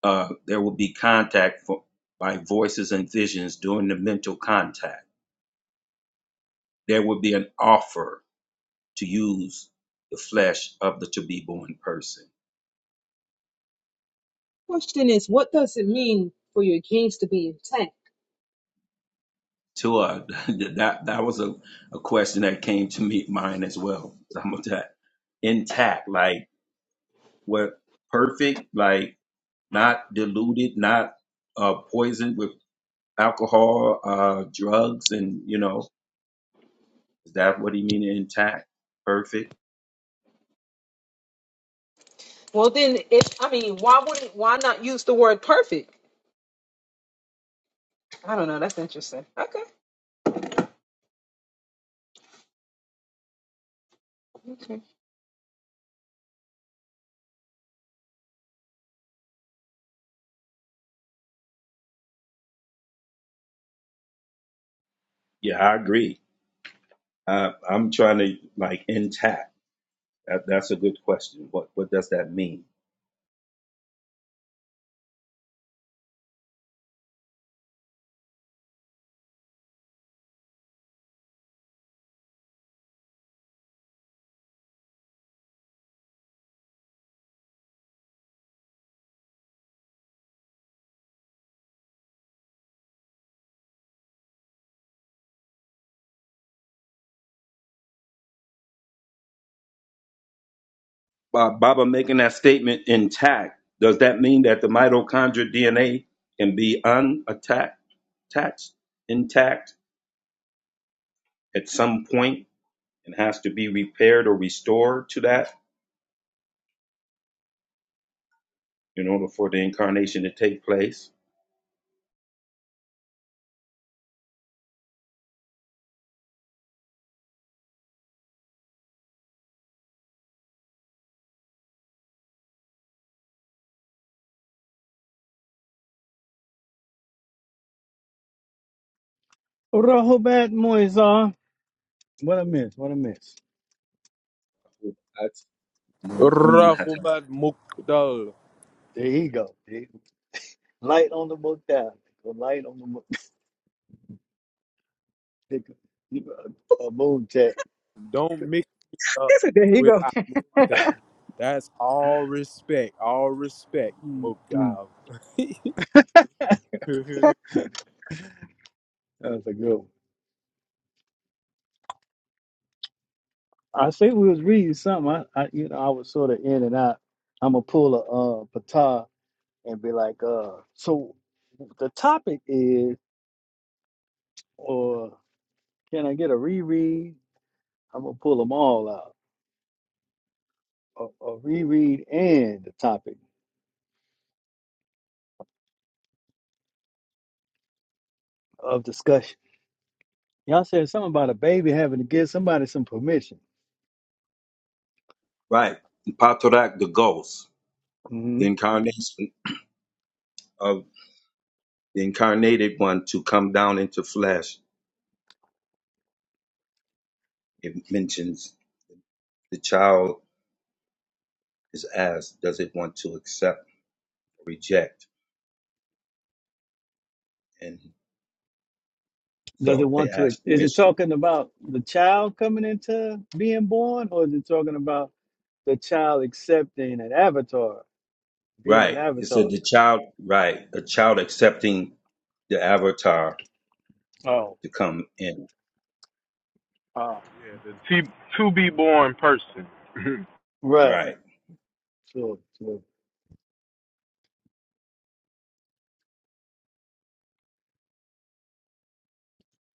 S8: Uh, there will be contact for, by voices and visions during the mental contact. There will be an offer to use the flesh of the to be born person.
S1: Question is, what does it mean for your genes to be intact?
S8: Tua, that that was a, a question that came to me mine as well. Some of that intact, like what perfect, like not diluted, not uh, poisoned with alcohol, uh, drugs, and you know, is that what he mean intact, perfect?
S1: Well, then, if I mean, why wouldn't why not use the word perfect? I don't know. That's interesting. Okay. Okay.
S8: Yeah, I agree. I, I'm trying to like intact. That, that's a good question. What what does that mean? uh, Baba making that statement intact, does that mean that the mitochondrial DNA can be unattacked, attached, intact at some point and has to be repaired or restored to that in order for the incarnation to take place?
S5: Rahobat Moisar. What I miss? What I miss?
S8: That's mun- imhata.
S9: Rahubat Mukdal.
S5: There you go. There you go. Light on the book down. Light on the book. A moon check.
S9: Don't mix me up
S1: That's it. There you
S9: with
S1: go.
S9: Amuntat. That's all respect. All respect,
S5: Mm, mm.
S9: Mukdal.
S5: That's a good one. I say we was reading something. I, I you know, I was sort of in and out. I'm gonna pull a uh, patah and be like, uh, so the topic is, or can I get a reread? I'm gonna pull them all out, a, a reread and the topic of discussion. Y'all said something about a baby having to give somebody some permission.
S8: Right. Patorak, the ghost,
S5: hmm
S8: the incarnation of the incarnated one to come down into flesh. It mentions the child is asked, does it want to accept or reject? and
S5: Does it
S8: So they
S5: want to?
S8: asked
S5: Is it
S8: permission.
S5: talking about the child coming into being born, or is it talking about the child accepting an avatar, being an
S8: Right. It
S5: avatar?
S8: said the child, right, a child accepting the avatar
S5: Oh,
S8: to come in.
S5: oh,
S9: Yeah, the
S5: okay.
S9: t- to be born person.
S5: right.
S8: Right.
S5: Sure, sure.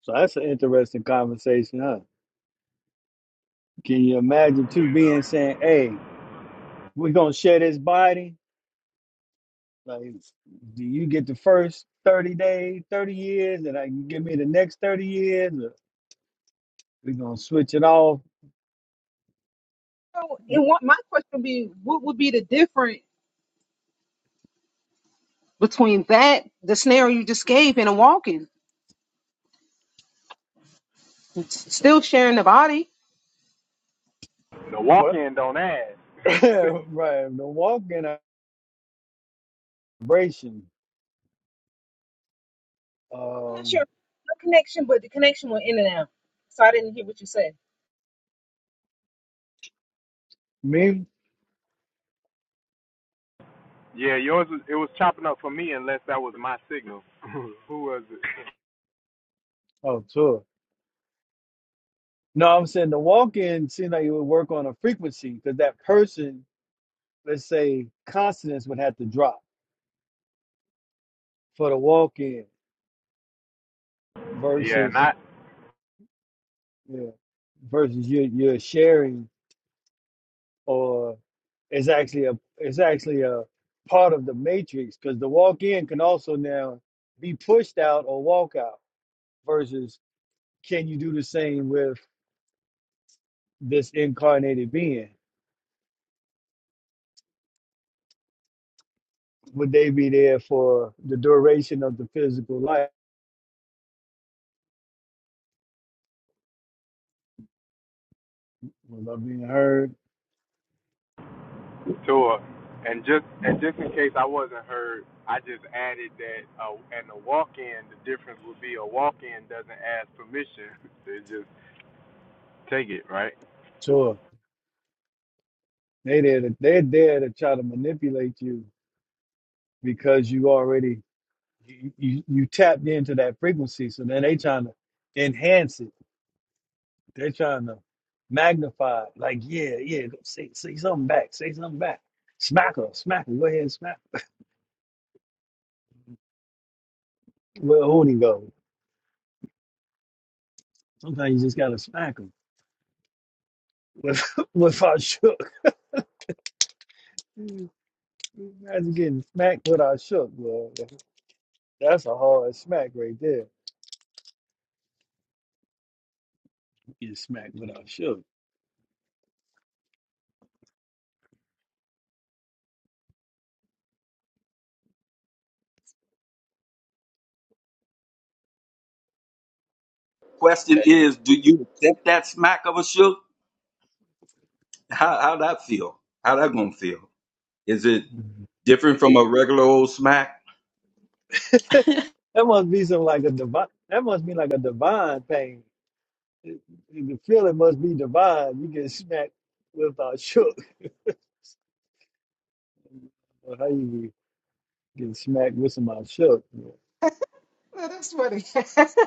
S5: So that's an interesting conversation, huh? Can you imagine two being saying, "Hey, we're gonna share this body. Like, do you get the first thirty days, thirty years, and I give me the next thirty years? Or we gonna switch it off."
S1: So,
S5: Mm,
S1: and what my question would be, what would be the difference between that, the scenario you just gave, and a walking? It's still sharing the body.
S9: The walk
S5: What?
S9: in don't ask.
S5: right. The walk-in vibration.
S1: I'm not sure
S5: Um,
S1: the connection, but the connection went in and out. So I didn't hear what you said.
S5: me?
S9: yeah, yours was, it was chopping up for me unless that was my signal. Who was it?
S5: Oh, sure. No, I'm saying the walk-in seems like it would work on a frequency because that person let's say consonants would have to drop for the walk in
S9: Yeah,
S5: versus
S9: not
S5: you know, versus you you're sharing or it's actually a it's actually a part of the matrix because the walk in can also now be pushed out or walk out versus can you do the same with this incarnated being? Would they be there for the duration of the physical life? Was I being heard?
S9: Tua. And just and just in case I wasn't heard, I just added that uh, and the walk-in. The difference would be a walk-in doesn't ask permission; they just take it, right?
S5: Sure. They there to, they're there to try to manipulate you because you already You, you you tapped into that frequency, so then they trying to enhance it. They're trying to magnify. it. Like, yeah, yeah, go say say something back. Say something back. Smack her, smack her. Go ahead, and smack. Her. Where Hootie go? Sometimes you just gotta smack them with with our shook. Imagine getting smacked with our shook, bro. That's a hard smack right there. You get smacked with our shook.
S8: Question
S6: Can you?
S8: is, do you accept that smack of a shook? How how that feel? How that gonna feel? Is it different from a regular old smack?
S5: That must be some like a divine. That must be like a divine pain. it- the feeling must be divine. You get smacked with our shook. Or how you get smacked with some our shook.
S1: Oh, that's funny.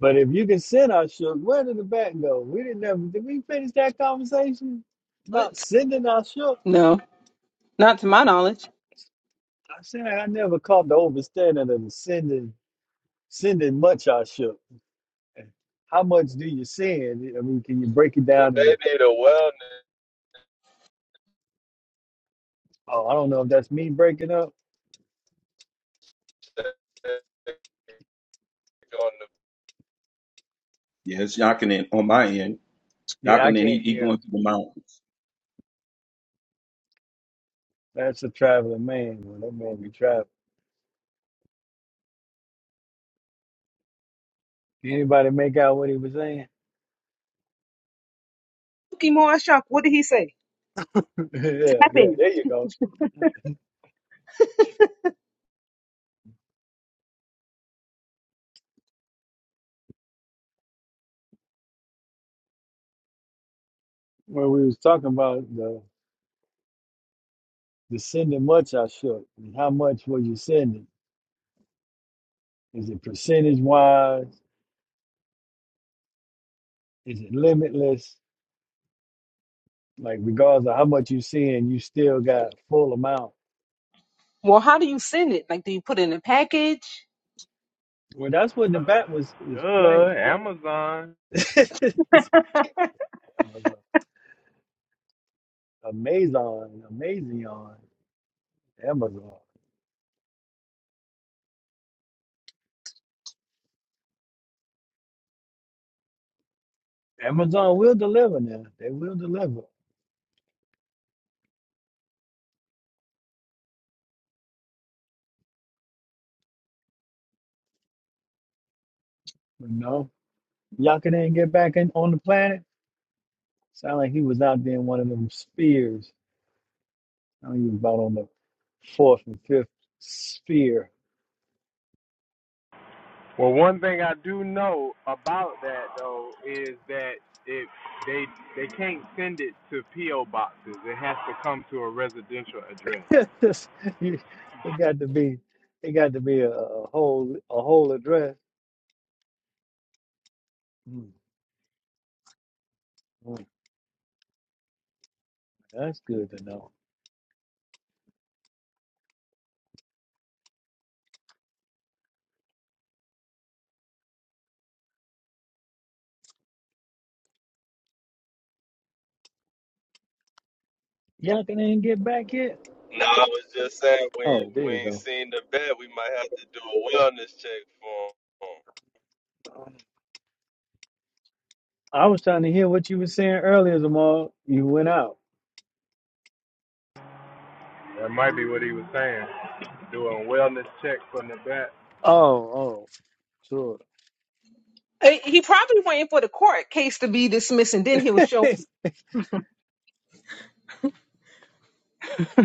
S5: But if you can send our shook, where did the back go? We didn't never. did we finish that conversation about
S1: What?
S5: sending our shook?
S1: No, not to my knowledge.
S5: I said I never caught the overstanding of the sending sending much our shook. How much do you send? I mean, can you break it
S6: We
S5: down
S6: they
S5: and
S6: need a wellness
S5: oh I don't know if that's me breaking up.
S6: check on
S8: Yeah, it's knocking in on my end,
S5: Yeah, I
S8: knocking in. He,
S5: can't
S8: he
S5: hear.
S8: going to the mountains.
S5: That's a traveling man. Well, that man be traveling. Can anybody make out what he was saying?
S1: Mookie Moore Shock, what did he say?
S5: yeah, yeah.
S1: Tapping.
S5: There you go. When we was talking about the the sending much I shook. And how much were you sending? Is it percentage wise? Is it limitless? Like regardless of how much you send, you still got full amount.
S1: Well, how do you send it? Like, do you put it in a package?
S5: Well, that's what the bat was
S9: Uh,
S5: is
S9: uh,
S5: playing.
S9: Amazon.
S5: Amazon, Amazon, amazing on Amazon. Amazon will deliver now. They will deliver. You know, y'all can ain't get back in on the planet. Sound like he was out there in one of them spheres. I think he was about on the fourth and fifth sphere.
S9: Well, one thing I do know about that though is that it they they can't send it to PO boxes. It has to come to a residential address.
S5: You- it got to be, it got to be a, a whole, a whole address. Mm, mm, That's good to know. Y'all can even get back yet?
S6: No, I was just saying we
S5: Oh,
S6: ain't,
S5: there
S6: we
S5: you
S6: ain't
S5: go.
S6: seen the vet. We might have to do a wellness check for him.
S5: I was trying to hear what you were saying earlier, Zamal. You went out.
S9: That might be what he was saying. Doing wellness check for Nevada.
S5: Oh, oh, sure.
S1: Uh, He probably waiting for the court case to be dismissed, and then he'll show you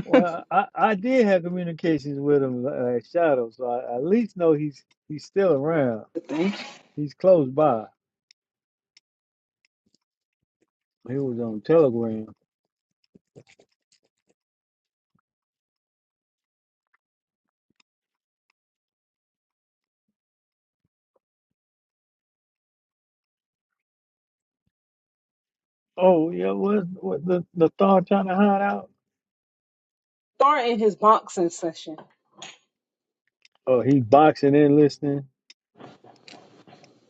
S5: well, I, I did have communications with him, uh, Shadow, so I I at least know he's he's still around.
S1: the thing.
S5: He's close by. He was on Telegram. Oh, yeah, what what the the thought trying to hide out?
S1: Starting his boxing session
S5: Oh, he boxing in listening.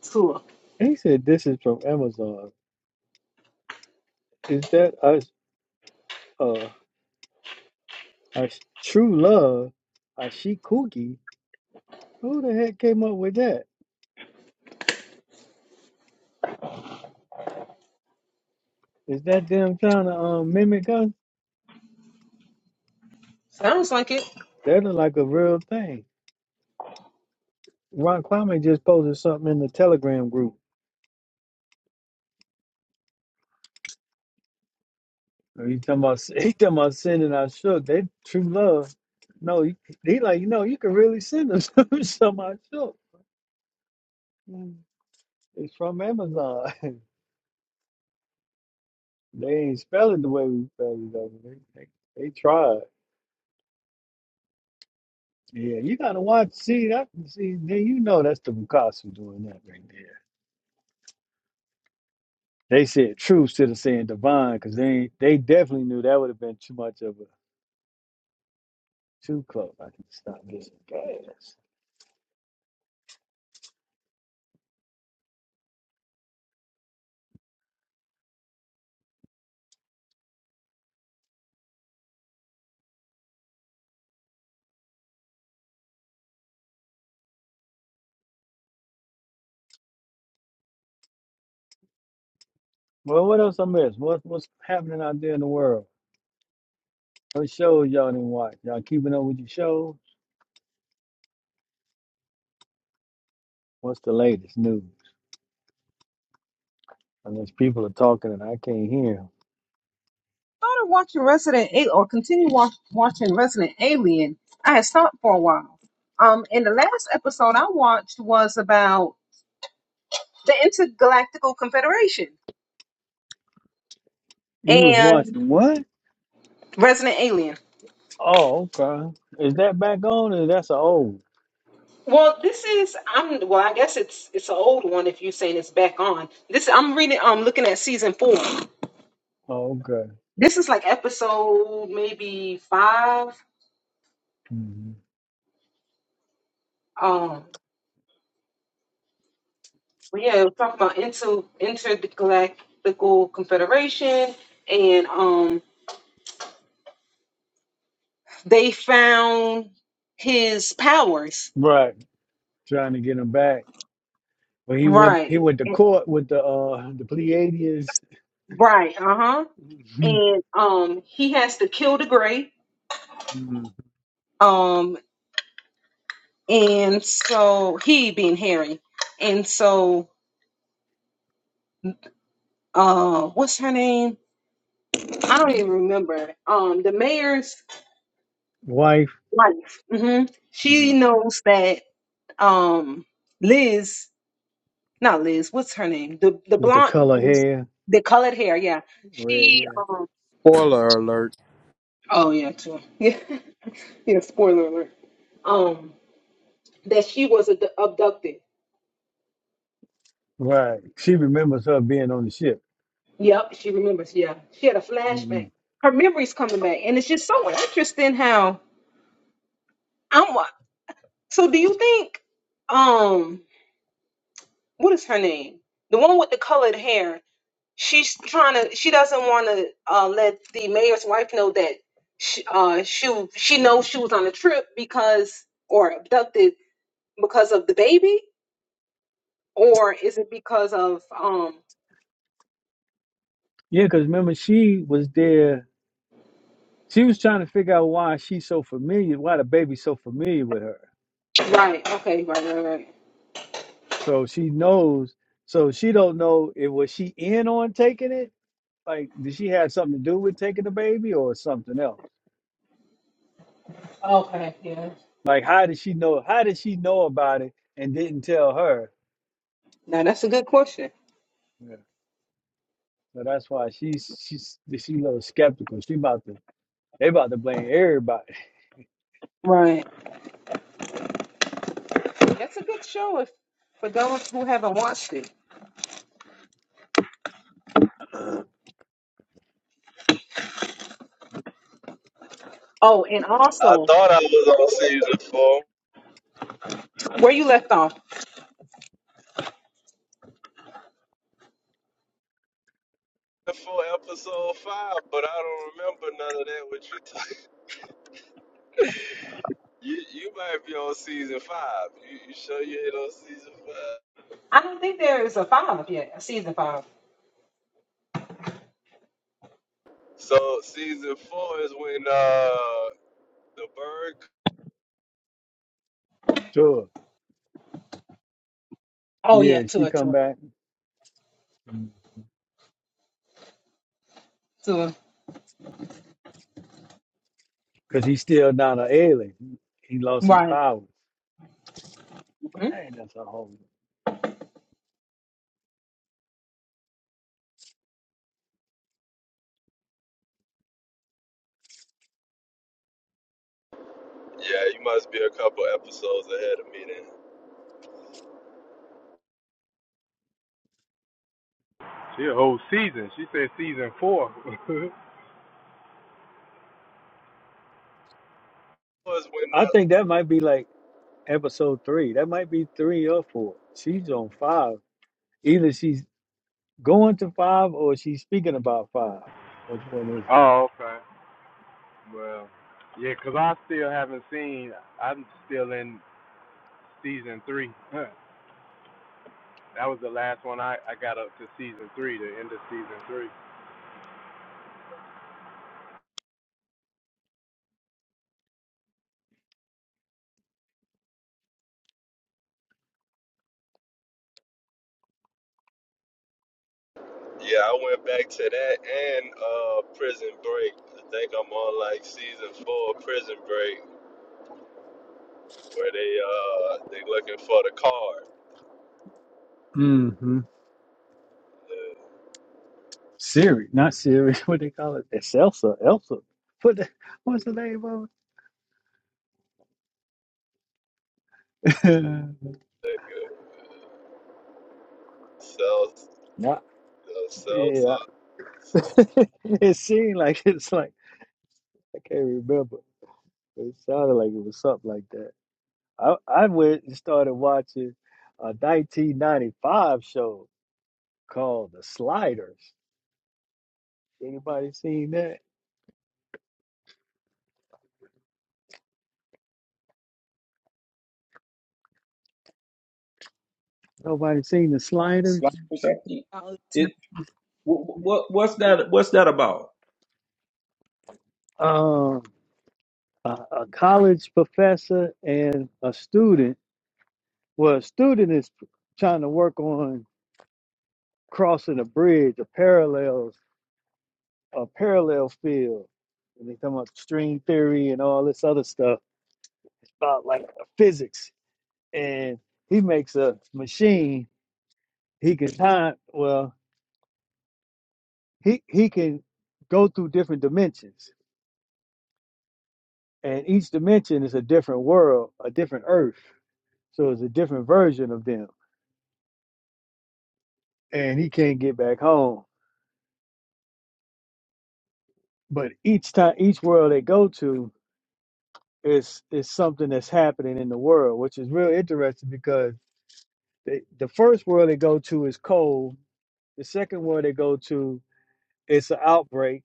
S1: tour.
S5: He said this is from Amazon. Is that a uh a true love? A she cookie? Who the heck came up with that? Is that them trying to um mimic us?
S1: Sounds like it.
S5: That look like a real thing. Ron Kwame just posted something in the Telegram group. You talking about sin- he talking about sinning? I shook. They true love. No, he, he like you know you can really send them some I shook. Mm. It's from Amazon. they ain't spell it the way we spell it. Though. They, they they tried. Yeah, you gotta watch. See that? See then you know that's the Picasso doing that right there. They said true instead of saying divine because they ain't- they definitely knew that would have been too much of a too close. I can stop this gas. Well, what else I missed? What what's happening out there in the world? What shows y'all didn't watch? Y'all keeping up with your shows? What's the latest news? Unless people are talking and I can't hear 'em.
S1: Started watching Resident Alien, or continue watch, watching Resident Alien. I had stopped for a while. Um, and the last episode I watched was about the Intergalactical Confederation
S5: You was
S1: and
S5: watching what?
S1: Resident Alien.
S5: Oh, okay. Is that back on or that's a old?
S1: Well, this is I'm well. I guess it's it's an old one. If you're saying it's back on, this I'm reading. I'm looking at season four.
S5: Oh, okay.
S1: This is like episode maybe five.
S5: hmm
S1: Um, but yeah, we're talking about inter intergalactical confederation, and um, they found his powers.
S5: Right. Trying to get him back. But he went he
S1: Right,
S5: went to court with the uh the Pleiadians
S1: right, uh huh. And um, he has to kill the gray.
S5: Mhm.
S1: Um, and so he being Harry, and so uh, what's her name? I don't even remember. Um, the mayor's
S5: wife
S1: wife. hmm She
S5: Mhm.
S1: knows that um Liz, not Liz, what's her name? The the
S5: with the
S1: blonde
S5: color
S1: Liz,
S5: hair,
S1: the colored hair, yeah.
S5: red
S1: She
S5: hair.
S1: um
S9: Spoiler alert.
S1: oh yeah, too. Yeah. yeah, spoiler alert. Um that she was ad- abducted.
S5: Right. She remembers her being on the ship.
S1: Yep, she remembers. Yeah. She had a flashback.
S5: Mhm.
S1: Her memory's coming back and it's just so interesting how I'm wa- so do you think um what is her name? The one with the colored hair she's trying to she doesn't want to uh, let the mayor's wife know that she, uh, she she knows she was on a trip because or abducted because of the baby or is it because of um
S5: Yeah, because remember she was there She was trying to figure out why she's so familiar, why the baby's so familiar with her.
S1: right okay right right right
S5: So she knows. So she don't know if was she in on taking it. Like, did she have something to do with taking the baby or something else?
S1: okay yeah
S5: Like, how did she know? How did she know about it and didn't tell her?
S1: now that's a good question
S5: Yeah. So that's why she's she's she's a little skeptical. She about to they about to blame everybody.
S1: right that's a good show if, for those who haven't watched it oh and
S6: I
S1: also
S6: thought I was on season four,
S1: where you left off
S6: for episode five, but I don't remember none of that. What you talking? You you might be on season five. You you sure you ain't on season five?
S1: i don't think there is a five yet a season five.
S6: So season four is when uh the bird.
S5: Sure.
S1: Oh yeah
S5: Yeah,
S1: two
S5: she
S1: or
S5: come
S1: two
S5: back
S1: two
S5: because he's still not an alien. He lost his
S1: right
S5: power. Dang, that's a whole.
S6: Yeah, you must be a couple episodes ahead of me then.
S9: She a whole season. She said season four.
S6: Was when
S5: I
S6: uh,
S5: think that might be like episode three. That might be three or four. She's on five. Either she's going to five or she's speaking about five. Which one is
S9: oh, okay. Well, yeah, because I still haven't seen. I'm still in season three. that was the last one I, I got up to season three, the end of season three.
S6: Yeah, I went back to that and uh, Prison Break. I think I'm on like season four of Prison Break, where they uh they looking for the card.
S5: it? Mm-hmm.
S6: Yeah,
S5: Siri, not Siri. What they call it? It's Elsa. Elsa. What the, what's the name of it?
S6: Celsa,
S5: nah, yeah.
S6: Celsa. So,
S5: it seemed like it's like I can't remember. It sounded like it was something like that. I I went and started watching a 1995 show called the sliders. Anybody seen that? Nobody seen the sliders?
S8: Slap or something.
S1: hmm
S8: It what what's that? What's that about?
S5: Um, a, a college professor and a student. Well, a student is trying to work on crossing a bridge, a parallels, a parallel field. And they talking about string theory and all this other stuff about like physics. And he makes a machine. He can time. Well, he he can go through different dimensions and each dimension is a different world, a different earth. So it's a different version of them. And he can't get back home. But each time each world they go to is is something that's happening in the world, which is real interesting because they, the first world they go to is cold. The second world they go to it's an outbreak.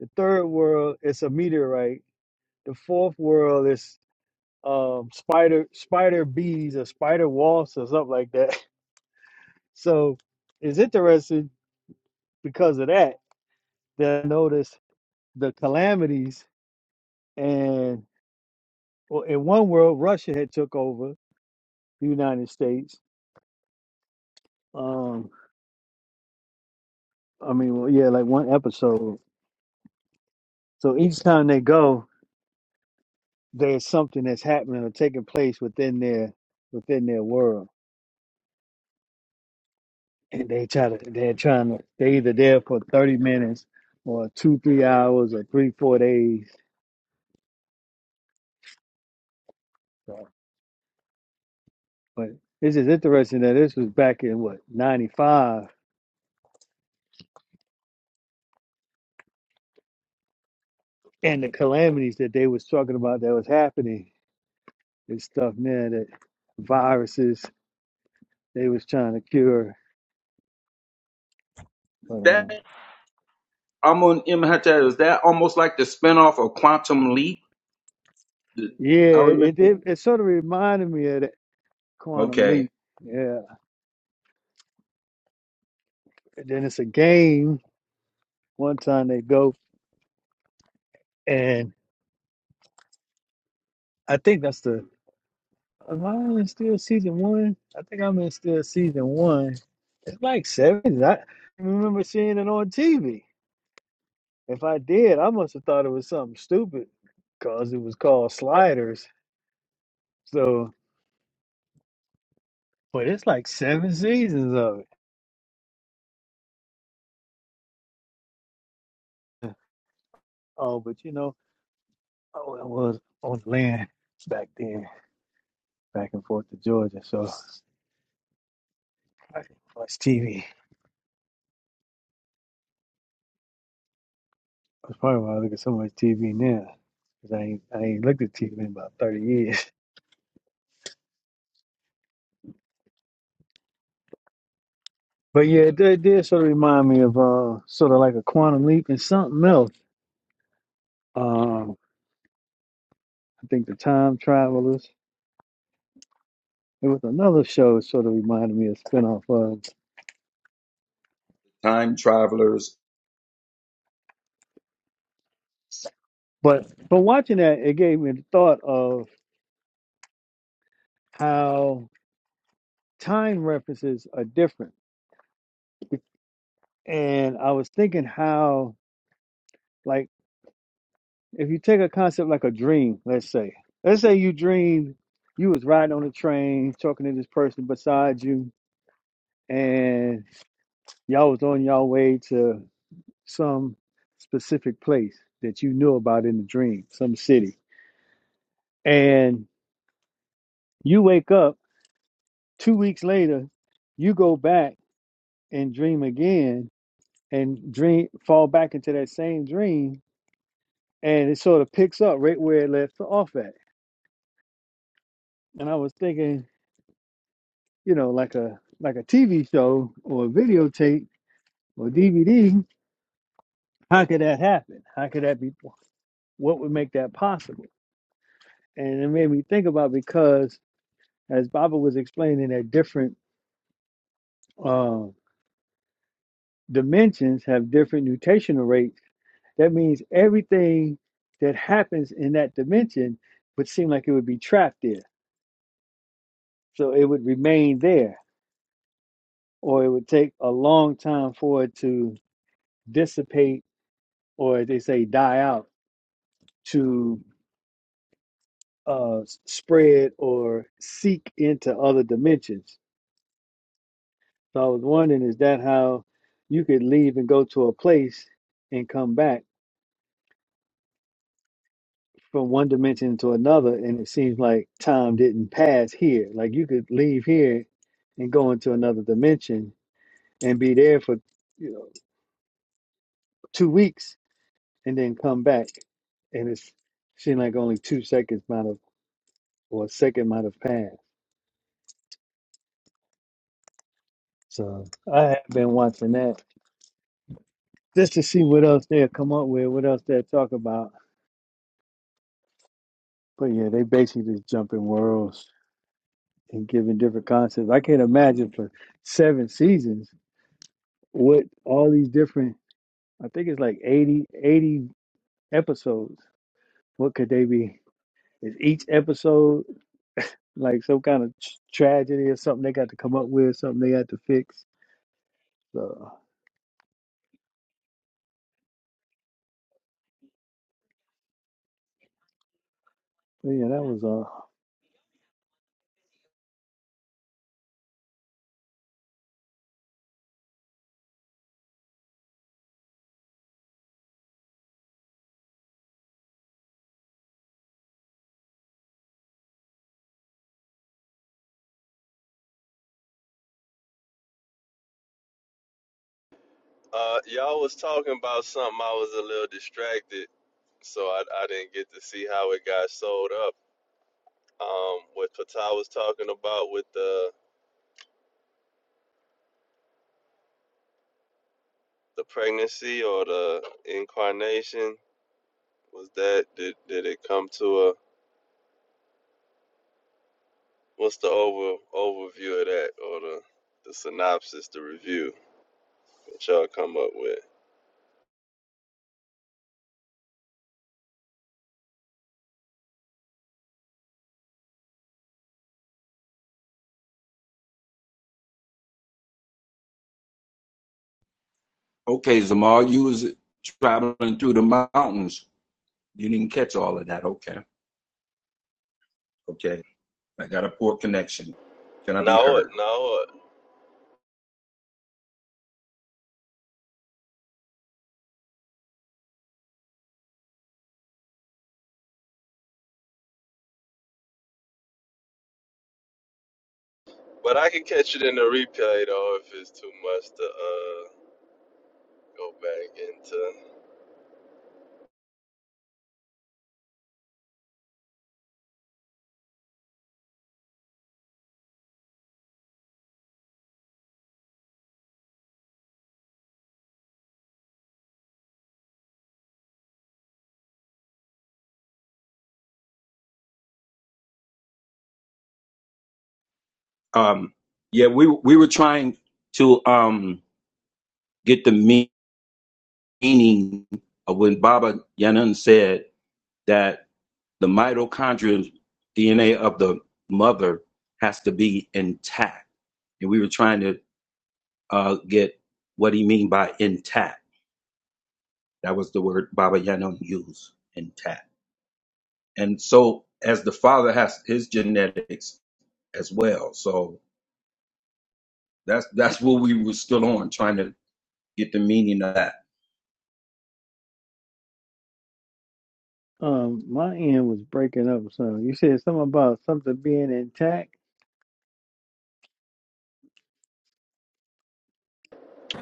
S5: The third world it's a meteorite. The fourth world is um, spider spider bees or spider wasps or something like that. So it's interesting because of that, they noticed the calamities and well, in one world, Russia had took over the United States. Um, I mean, well, yeah, like one episode. So each time they go, there's something that's happening or taking place within their within their world, and they try to they're trying to they either there for thirty minutes or two three hours or three four days. So, but this is interesting that this was back in what ninety five and the calamities that they was talking about that was happening and stuff now that viruses they was trying to cure but
S8: That
S5: um
S8: I'm on Imhotep. Is that almost like the spinoff of Quantum Leap?
S5: yeah
S8: I
S5: it
S8: remember.
S5: it, it sort of reminded me of that quantum
S8: Okay,
S5: leap yeah and then it's a game one time they go and i think that's the am i in still season one i think i'm in still season one it's like seven i remember seeing it on tv if i did i must have thought it was something stupid because it was called sliders So, but it's like seven seasons of it. Oh, but you know, oh, I wa- was on the land back then, back and forth to Georgia. So I didn't watch TV. That's probably why I look at so much TV now. Cause I ain't, I ain't looked at TV in about 30 years. But yeah, it did, it did sort of remind me of uh, sort of like a quantum leap and something else. Um, I think the Time Travelers. It was another show that sort of reminded me of spinoff of.
S8: time travelers.
S5: But but watching that, it gave me the thought of how time references are different. And I was thinking how, like, if you take a concept like a dream, let's say, let's say you dreamed you was riding on a train talking to this person beside you, and y'all was on y'all way to some specific place that you knew about in the dream, some city. And you wake up two weeks later, you go back and dream again and dream fall back into that same dream and it sort of picks up right where it left off at. And I was thinking, you know, like a like a TV show or a videotape or DVD, how could that happen? How could that be? What would make that possible? And it made me think about because as Baba was explaining that different uh, dimensions have different nutational rates. That means everything that happens in that dimension would seem like it would be trapped there, so it would remain there or it would take a long time for it to dissipate or as they say die out to uh, spread or seek into other dimensions. So I was wondering, is that how you could leave and go to a place and come back from one dimension to another? And it seems like time didn't pass here. Like you could leave here and go into another dimension and be there for you know two weeks and then come back, and it's seemed like only two seconds might have or a second might have passed. So I have been watching that just to see what else they'll come up with, what else they'll talk about. But yeah, they basically just jumping worlds and giving different concepts. I can't imagine for seven seasons what all these different. I think it's like 80, 80 episodes. What could they be? Is each episode like some kind of tr- tragedy or something they got to come up with, something they got to fix? So But yeah, that was all.
S6: uh, y'all was talking about something. I was a little distracted, so I I didn't get to see how it got sold up. Um, what Patah was talking about with the the pregnancy or the incarnation was that did did it come to a What's the over overview of that or the the synopsis, the review that y'all come up with?
S8: Okay, Zamal, you was traveling through the mountains. You didn't catch all of that. Okay, okay. I got a poor connection. Can I be
S6: No, it,
S8: heard?
S6: no, it. but I can catch it in the replay though if it's too much to uh go back into.
S8: Um, yeah, we we were trying to um get the meaning of when Baba Yanan said that the mitochondrial DNA of the mother has to be intact, and we were trying to uh, get what he mean by intact That was the word Baba Yaga used in Tat. And so, as the father has his genetics as well, so that's that's what we were still on trying to get the meaning of that.
S5: Um, my end was breaking up. So you said something about something being intact.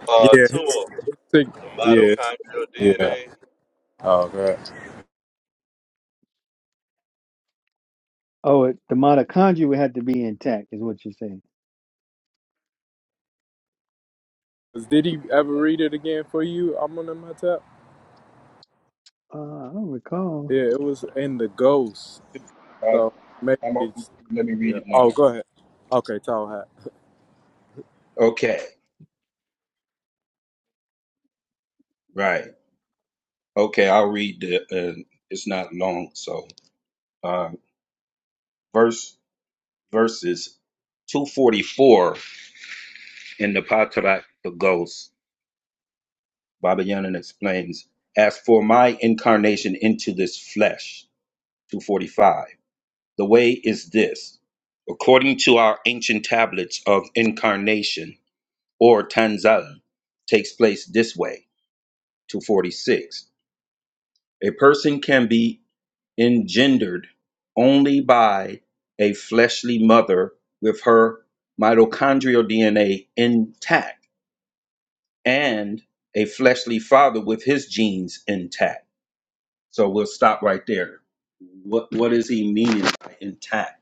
S6: Uh,
S9: Yeah, his
S6: tool
S9: sick.
S6: the
S9: Yeah,
S6: mitochondrial
S9: yeah.
S6: DNA,
S9: Oh god.
S5: Oh, it, the mitochondria would have to be intact, is what you're saying.
S9: Did he ever read it again for you? I'm on my tap.
S5: Uh, I don't recall.
S9: Yeah, it was in the ghost.
S8: I,
S9: So maybe
S8: I'm,
S9: it's.
S8: let me read
S9: Yeah.
S8: it now.
S9: Oh, go ahead. Okay, tall hat.
S8: Okay, right. Okay, I'll read the. Uh, it's not long, so um, verse verses two forty four in the Patarak Baba Yaga explains, As for my incarnation into this flesh, 245, the way is this. According to our ancient tablets of incarnation, or Tanzal, takes place this way, 246. A person can be engendered only by a fleshly mother with her mitochondrial DNA intact and a fleshly father with his genes intact So we'll stop right there. What what is he meaning by intact?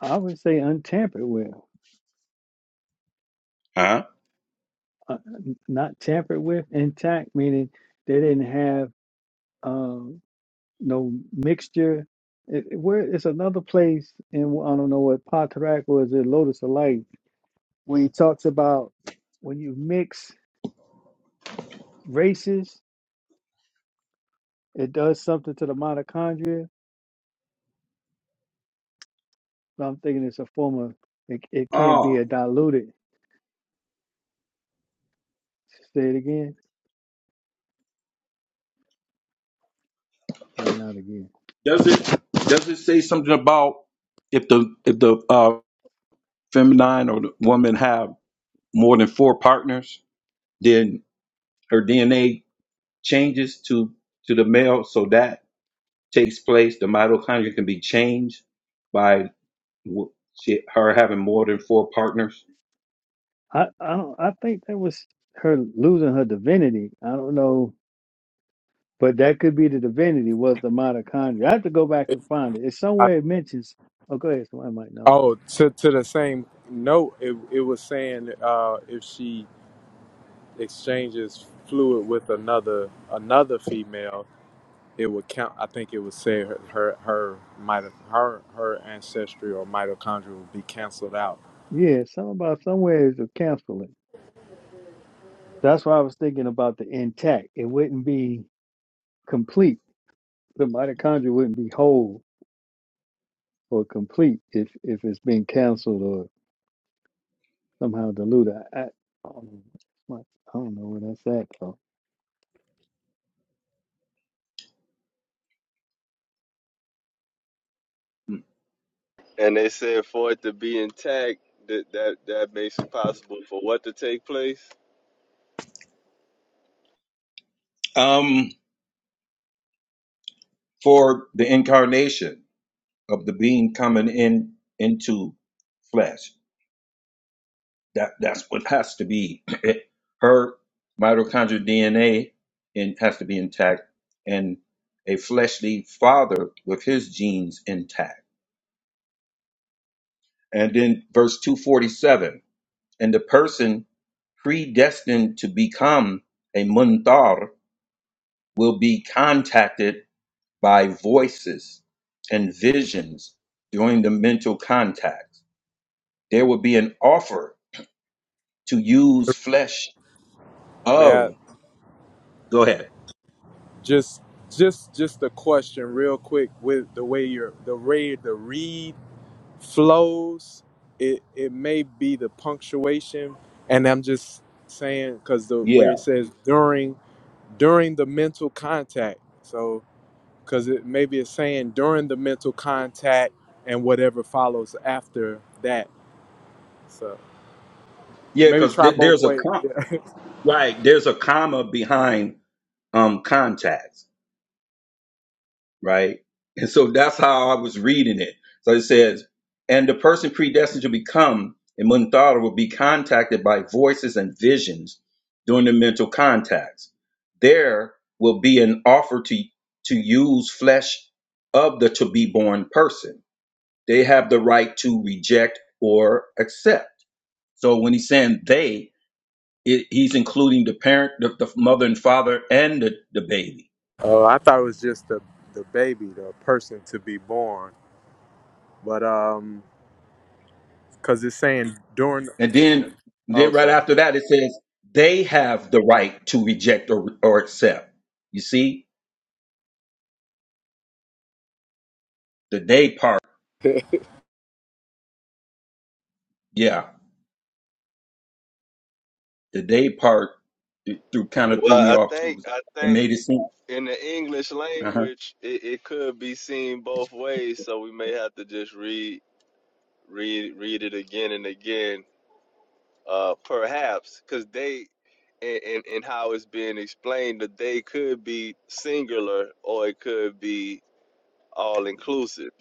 S5: I would say untampered with,
S8: Huh?
S5: uh, n- not tampered with. Intact meaning they didn't have um, no mixture. It, it- where it's another place in I don't know what Patrak or is it Lotus of Light where he talks about when you mix races It does something to the mitochondria, but I'm thinking it's a form of it, it can't be
S8: Oh,
S5: a diluted. Say it again. You went out again.
S8: does it does it say something about if the if the uh, feminine or the woman have more than four partners, then her DNA changes to to the male, so that takes place. The mitochondria can be changed by w- she, her having more than four partners.
S5: I, I don't I think that was her losing her divinity. I don't know. But that could be the divinity was the mitochondria. I have to go back and find it. It's somewhere it mentions oh go ahead, somebody might know.
S9: Oh, to to the same note, it it was saying uh, if she exchanges fluid with another another female, it would count. I think it would say her her her mito, her her ancestry or mitochondria would be canceled out.
S5: Yeah, something about somewhere is a canceling. That's why I was thinking about the intact. It wouldn't be complete. The mitochondria wouldn't be whole or complete if if it's been canceled somehow dilute. I, I, um, my, I don't know where that's at though.
S6: and they said for it to be intact, that that that makes it possible for what to take place.
S8: Um, for the incarnation. of the being coming in into flesh. That that's what has to be. It, her mitochondrial DNA in, has to be intact, and a fleshly father with his genes intact. And then verse two forty seven, and the person predestined to become a muntar will be contacted by voices and visions during the mental contact. There will be an offer to use flesh
S9: Man,
S8: of. Go ahead.
S9: just just just a question, real quick, with the way your the way the read flows, it it may be the punctuation, and I'm just saying because the
S8: Yeah.
S9: way it says during. during the mental contact. So, because it maybe it's saying during the mental contact and whatever follows after that. So
S8: Yeah,
S9: maybe
S8: because
S9: try
S8: th-
S9: both
S8: there's a
S9: ways.
S8: com-
S9: Yeah.
S8: right, there's a comma behind um contacts, right? And so that's how I was reading it. So it says, and the person predestined to become a Muntara will be contacted by voices and visions during the mental contacts. There will be an offer to to use flesh of the to be born person. They have the right to reject or accept. So when he's saying they, it, he's including the parent, the, the mother and father, and the, the baby.
S9: Oh, I thought it was just the the baby, the person to be born, but um, because it's saying during.
S8: And then,
S9: Oh,
S8: then right
S9: sir.
S8: after that, it says they have the right to reject or, or accept. You see, the they part, yeah, the they part it threw kind of threw
S6: Well,
S8: me
S6: I
S8: off
S6: think
S8: too.
S6: I
S8: It
S6: think
S8: made it seem
S6: in the English
S8: uh-huh.
S6: language, it, it could be seen both ways, so we may have to just read read read it again and again uh perhaps because they and, and and how it's being explained that they could be singular or it could be all inclusive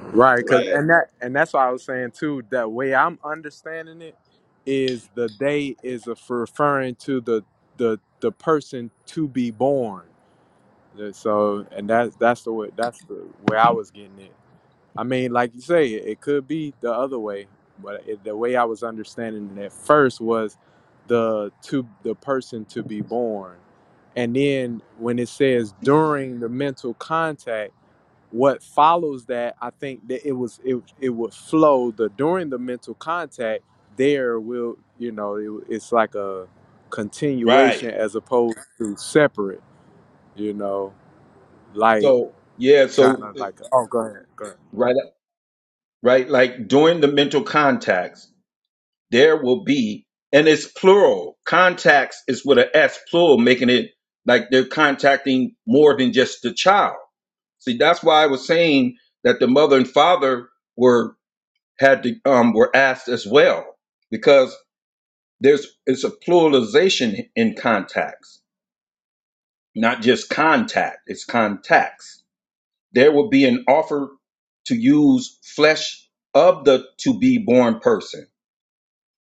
S9: Right, cause
S6: right
S9: and that and that's why I was saying too. That way I'm understanding it is the day is a, referring to the the the person to be born Yeah, So, and that's that's the way that's the way I was getting it. I mean, like you say, it, it could be the other way, but it, the way I was understanding it at first was the to the person to be born, and then when it says during the mental contact, what follows that I think that it was it it would flow the during the mental contact there will you know it, it's like a
S8: right.
S9: continuation as opposed to separate, you know, like
S8: So yeah,
S9: kind
S8: so
S9: of
S8: uh,
S9: like, oh, go ahead, go ahead.
S8: right, right, like during the mental contacts there will be, and it's plural. Contacts is with an S plural, making it like they're contacting more than just the child. See, that's why I was saying that the mother and father were had to um were asked as well, because there's it's a pluralization in contacts, not just contact, it's contacts. There will be an offer to use flesh of the to be born person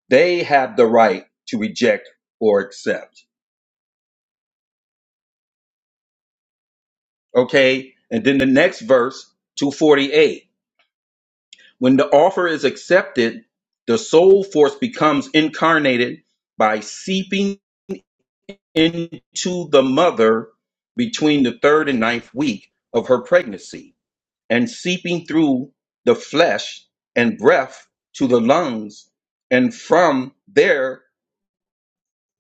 S8: They have the right to reject or accept. Okay. And then the next verse, 248. When the offer is accepted, the soul force becomes incarnated by seeping into the mother between the third and ninth week of her pregnancy and seeping through the flesh and breath to the lungs. And from there,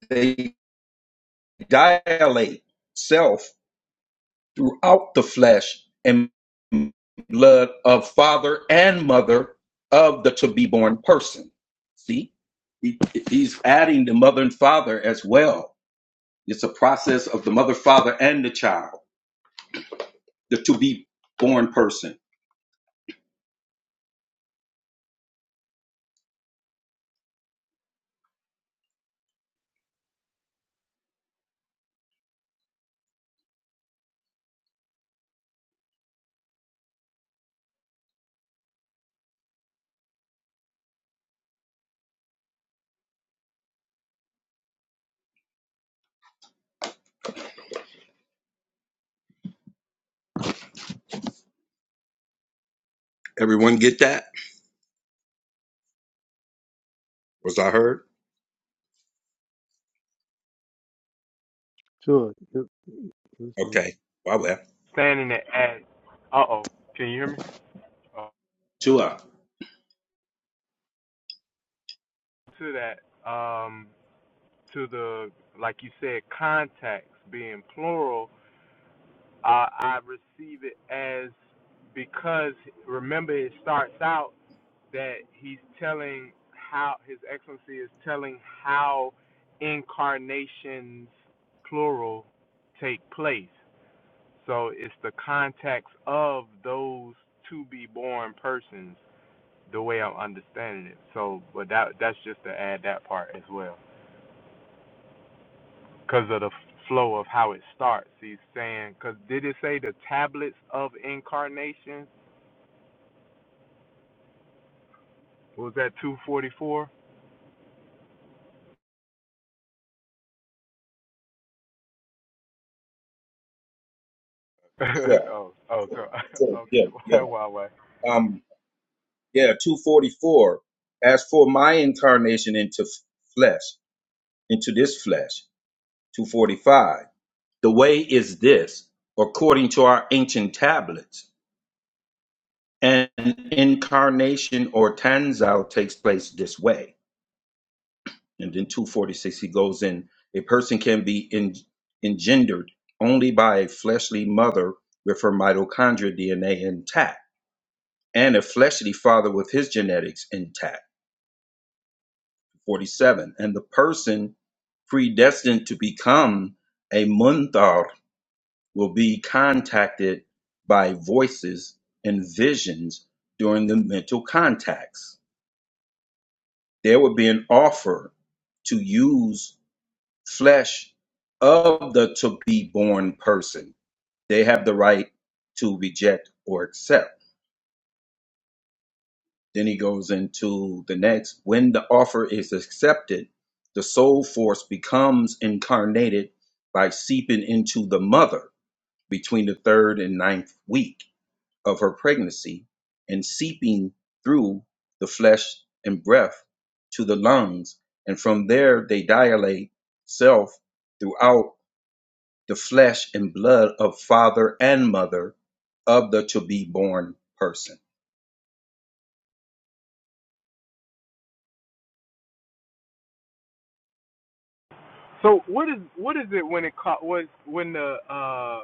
S8: they dilate self throughout the flesh and blood of father and mother of the to be born person. See, He- he's adding the mother and father as well. It's a process of the mother, father, and the child, the to be born person. Everyone get that? Was I heard?
S5: Sure. you- you said-
S8: Okay. Wow. Well.
S9: standing at, uh oh, can you hear me? Uh,
S8: Sure.
S9: to that, um, to the like you said, contacts being plural, uh, I receive it as because remember it starts out that he's telling how His Excellency is telling how incarnations plural take place. So it's the contacts of those to be born persons the way I'm understanding it. So, but that that's just to add that part as well, because of the flow of how it starts. He's saying, because did it say the tablets of incarnation? Was that 244?
S8: Yeah.
S9: oh, oh, so,
S8: sure. Yeah. Yeah.
S9: okay, wow, wow.
S8: um yeah 244 as for my incarnation into f- flesh into this flesh 245 the way is this according to our ancient tablets an incarnation or tanzal takes place this way and then 246 he goes in a person can be en- engendered only by a fleshly mother with her mitochondria dna intact and a fleshly father with his genetics intact 47. And the person predestined to become a munthar will be contacted by voices and visions during the mental contacts. There would be an offer to use flesh of the to be born person. They have the right to reject or accept. Then he goes into the next. When the offer is accepted, the soul force becomes incarnated by seeping into the mother between the third and ninth week of her pregnancy and seeping through the flesh and breath to the lungs. And from there, they dilate self throughout the flesh and blood of father and mother of the to be born person.
S9: So, what is what is it when it caught? What when the uh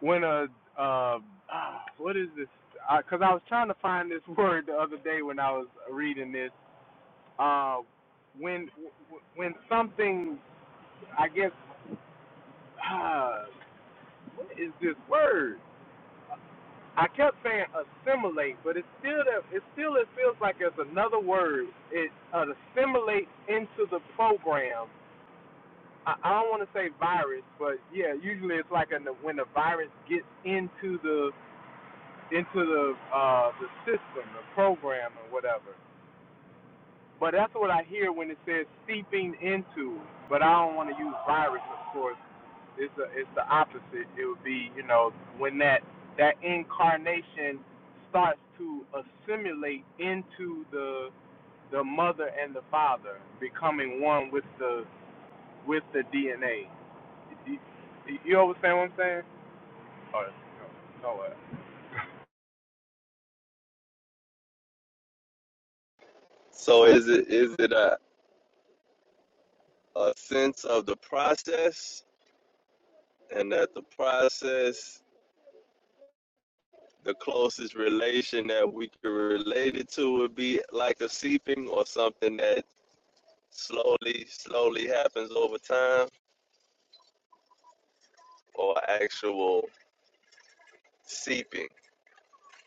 S9: when a uh ah, what is this? Because I, 'cause I was trying to find this word the other day when I was reading this. Uh, when when something I guess, uh, what is this word? I kept saying assimilate, but it still it still it feels like there's another word. It uh, assimilates into the program. I, I don't want to say virus, but yeah, usually it's like an, when the virus gets into the into the uh, the system, the program, or whatever. But that's what I hear when it says seeping into. But I don't want to use virus, of course. It's a, it's the opposite. It would be you know when that that incarnation starts to assimilate into the the mother and the father, becoming one with the with the DNA. You, you understand what I'm saying? Or, no, no, uh,
S6: so is it is it a, a sense of the process and that the process the closest relation that we could relate it to would be like a seeping or something that slowly slowly happens over time or actual seeping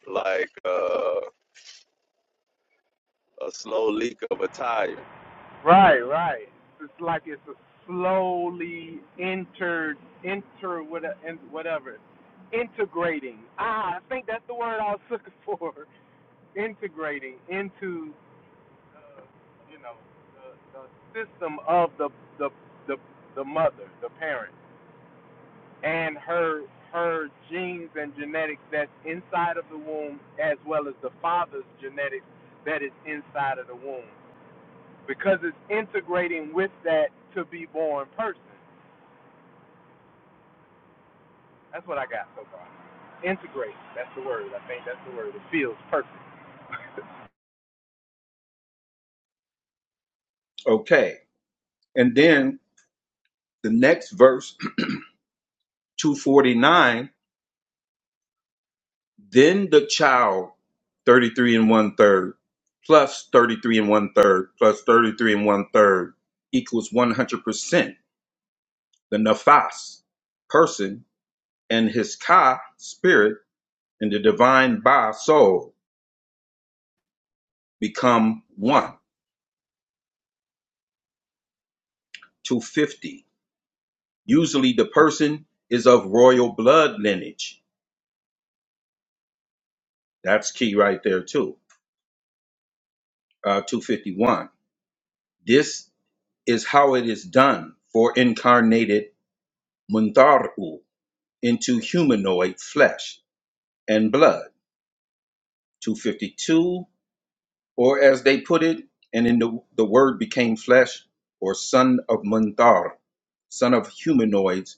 S6: like uh, a slow leak of a tire.
S9: Right, right. It's like it's a slowly inter inter what in- whatever integrating. Ah, I think that's the word I was looking for. integrating into uh, you know the, the system of the the the the mother, the parent, and her her genes and genetics that's inside of the womb, as well as the father's genetics that is inside of the womb because it's integrating with that to be born person. That's what I got so far. Integrate. That's the word. I think that's the word. It feels perfect.
S8: Okay. And then The next verse, 249, then the child, 33 and one third, plus 33 and one third, plus 33 and one third, equals 100%. The nafas, person, and his ka, spirit, and the divine ba, soul, become one, 250. Usually the person is of royal blood lineage. That's key right there, too. Uh, 251. This is how it is done for incarnated Muntaru into humanoid flesh and blood. 252, or as they put it, and in the, the word became flesh, or son of Muntar, son of humanoids,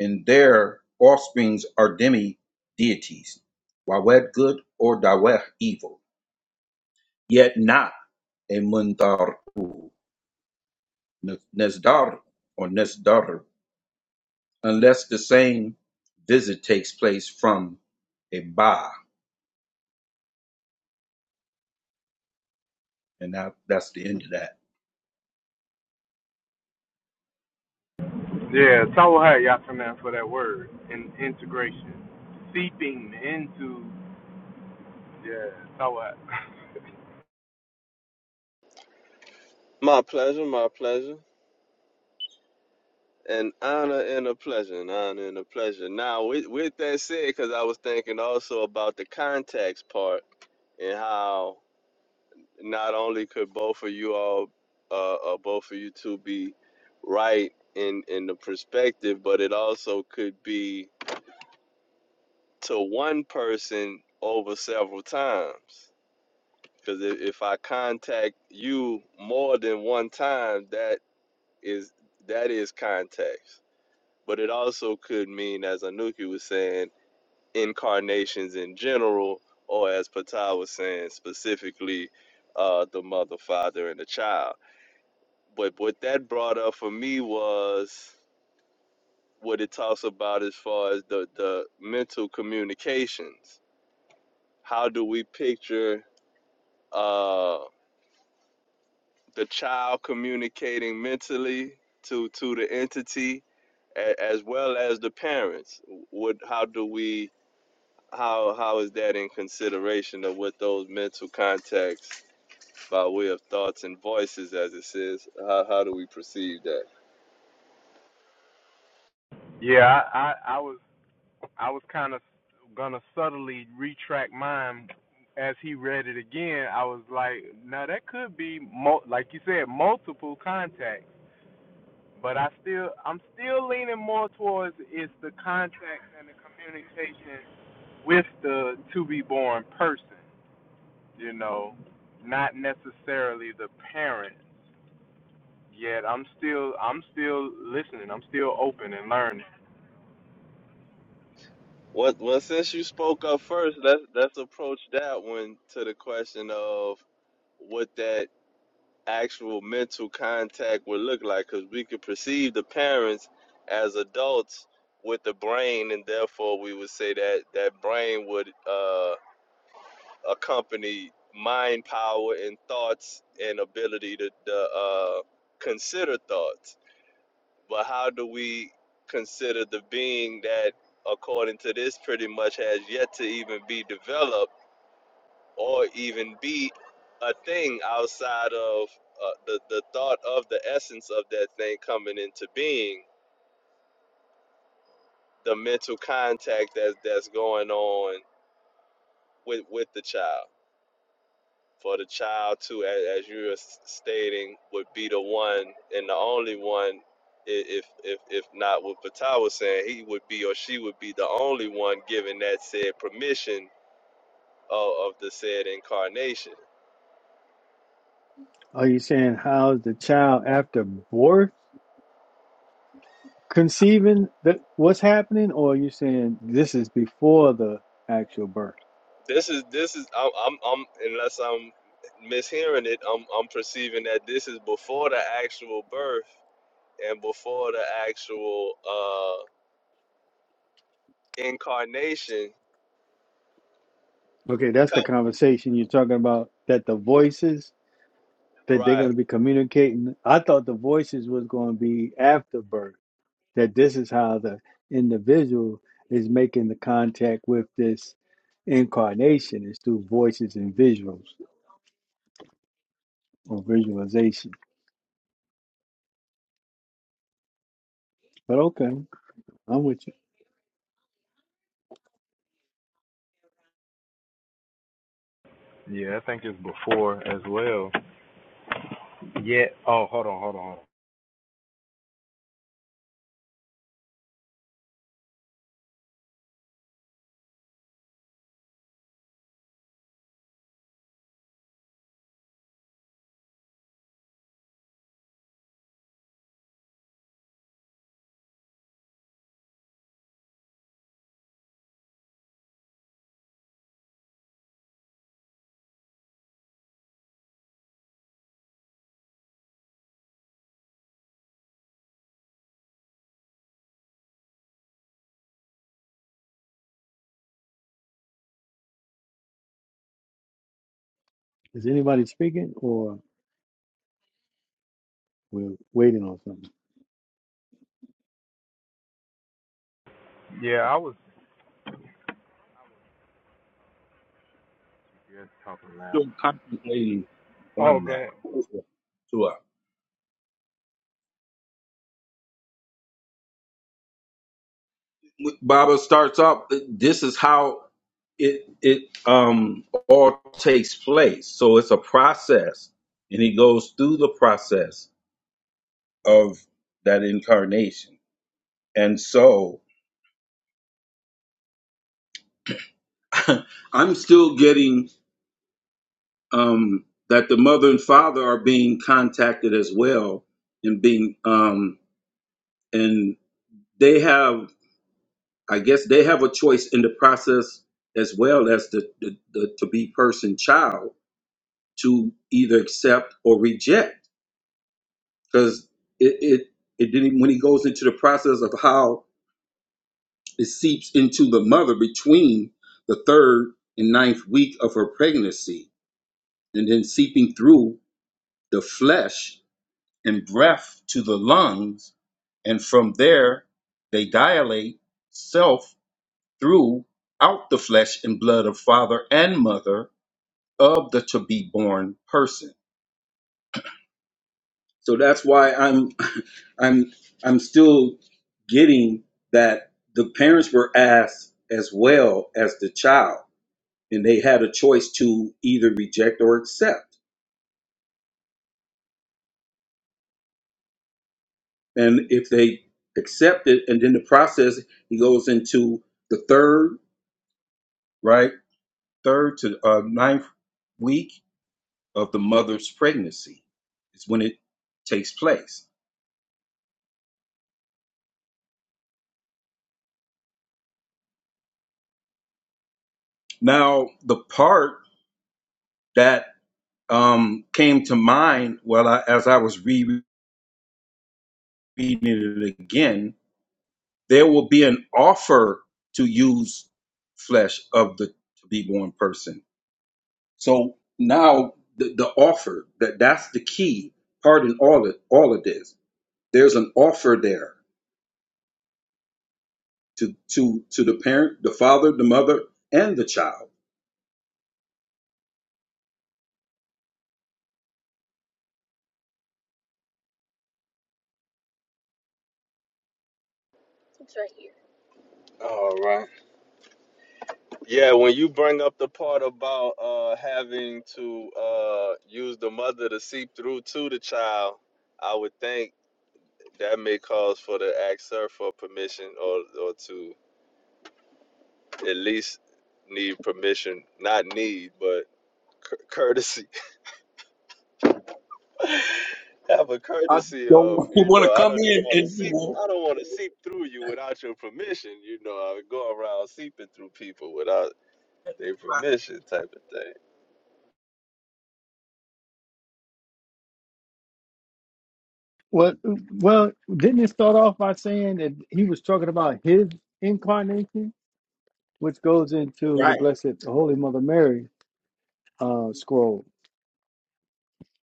S8: and their offsprings are demi deities, Wawed good or Daweh evil, yet not a Muntaru, Nesdar or Nesdaru. unless the same visit takes place from a bar. And that, that's the end of that.
S9: Yeah, Tawaha Yataman for that word. And integration. Seeping into yeah, Tawaha.
S6: My pleasure, my pleasure. An honor and a pleasure, an honor and a pleasure. Now, with, with that said, because I was thinking also about the contacts part and how not only could both of you all, uh, uh, both of you two be right in, in the perspective, but it also could be to one person over several times. Because if, if I contact you more than one time, that is that is context. But it also could mean, as Anuki was saying, incarnations in general, or as Patel was saying, specifically uh, the mother, father, and the child. But what that brought up for me was what it talks about as far as the, the mental communications. How do we picture uh, the child communicating mentally to to the entity? a- as well as the parents what how do we how how is that in consideration of what those mental contacts by way of thoughts and voices as it says how, how do we perceive that
S9: yeah, I, I, I was I was kinda gonna subtly retract mine as he read it again, I was like, now that could be mul- like you said, multiple contacts But I still, I'm still leaning more towards is the contacts and the communication with the to be born person, you know, not necessarily the parents. Yet I'm still, I'm still listening. I'm still open and learning.
S6: what well well, since you spoke up first let's let's approach that one to the question of what that actual mental contact would look like because we could perceive the parents as adults with the brain and therefore we would say that that brain would uh accompanied mind power and thoughts and ability to, to uh, consider thoughts. But how do we consider the being that, according to this, pretty much has yet to even be developed or even be a thing outside of uh, the, the thought of the essence of that thing coming into being, the mental contact that, that's going on with, with the child? for the child to, as, as you are stating, would be the one and the only one, if if if not what Patai was saying, he would be or she would be the only one given that said permission of, of the said incarnation.
S5: Are you saying how's the child after birth conceiving that what's happening, or are you saying this is before the actual birth?
S6: This is this is I'm, I'm I'm unless I'm mishearing it, I'm I'm perceiving that this is before the actual birth and before the actual uh incarnation,
S5: Okay, that's the conversation you're talking about. That the voices that they're
S6: right?
S5: going to be communicating. I thought the voices was going to be after birth. that this is how the individual is making the contact with this incarnation is through voices and visuals or visualization. But okay, I'm with you.
S9: Yeah, I think it's before as well. Yeah. Oh, hold on, hold on, hold
S5: Is anybody speaking or we're waiting on something?
S9: on. Yeah, I was. You're talking loud.
S8: Still contemplating
S9: Oh,
S8: on
S9: go
S8: that.
S9: ahead.
S8: To us. Baba starts off, this is how it it um all takes place. So it's a process. And he goes through the process of that incarnation. And so I'm still getting um, that the mother and father are being contacted as well and being um, and they have i guess they have a choice in the process as well as the, the, the to be person child to either accept or reject because it, it it didn't when he goes into the process of how it seeps into the mother between the third and ninth week of her pregnancy and then seeping through the flesh and breath to the lungs, and from there they dilate self through out the flesh and blood of father and mother of the to be born person. So that's why I'm I'm I'm still getting that the parents were asked as well as the child and they had a choice to either reject or accept. And if they accept it and then the process he goes into the third, right? third to uh, ninth week of the mother's pregnancy is when it takes place. Now, the part that um, came to mind while I, as I was rereading it again, there will be an offer to use flesh of the to be born person. So now the, the offer that that's the key part in all of all of this. There's an offer there to to to the parent, the father, the mother, and the child.
S6: All right. Yeah, when you bring up the part about uh having to uh use the mother to seep through to the child, I would think that may cause for the ask her for permission or or to at least need permission, not need, but cour- courtesy. Have a
S8: I
S6: courtesy
S8: don't
S6: of you
S8: want to
S6: know. I
S8: come
S6: don't just
S8: in
S6: want to
S8: and you
S6: seep.
S8: know
S6: I don't want to seep through you without your permission. You know, I would go around seeping through people without their permission, type of thing.
S5: Well, well, didn't it start off by saying that he was talking about his incarnation, which goes into the
S8: Right.
S5: Blessed Holy Mother Mary uh, scroll?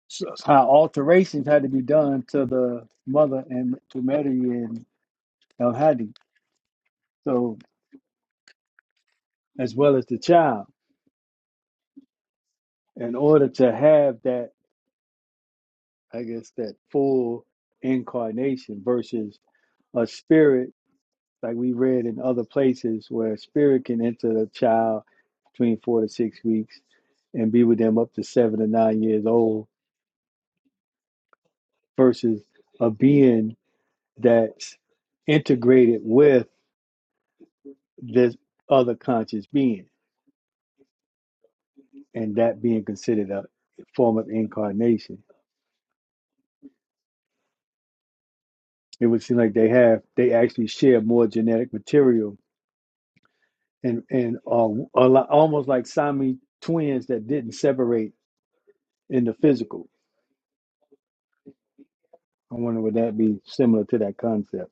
S5: So, how alterations had to be done to the mother and to Mary and El Hadi. So, as well as the child, in order to have that, I guess, that full incarnation versus a spirit, like we read in other places where a spirit can enter a child between four to six weeks and be with them up to seven to nine years old versus a being that's integrated with this other conscious being and that being considered a form of incarnation it would seem like they have they actually share more genetic material and and uh, a lot, almost like Sami twins that didn't separate in the physical. I wonder would that be similar to that concept?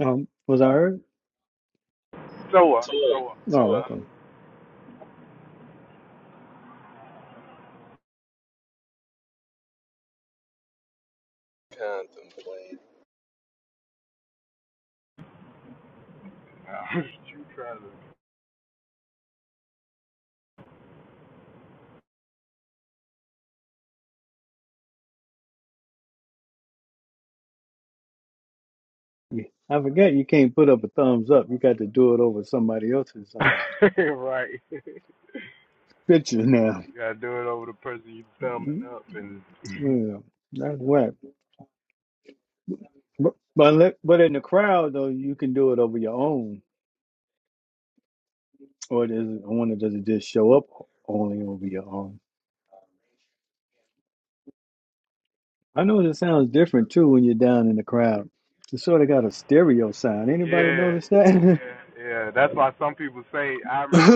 S5: Um, was I heard?
S9: So, uh,
S6: Sure,
S9: so, uh,
S6: sure.
S5: Oh,
S9: uh,
S5: okay.
S6: contemplate.
S9: you trying
S5: Yeah. I forget you can't put up a thumbs up. You got to do it over somebody else's uh,
S9: to? right.
S5: picture now.
S9: You gotta do it over the person you thumbing
S5: Mhm.
S9: up and
S5: Yeah, that's whack. But but let- but in the crowd though, you can do it over your own, or does it, I wonder does it just show up only over your own? I know it sounds different too when you're down in the crowd. It's sort of got a stereo sound.
S9: yeah,
S5: Anybody notice that?
S9: yeah, yeah. That's why some people say. I remember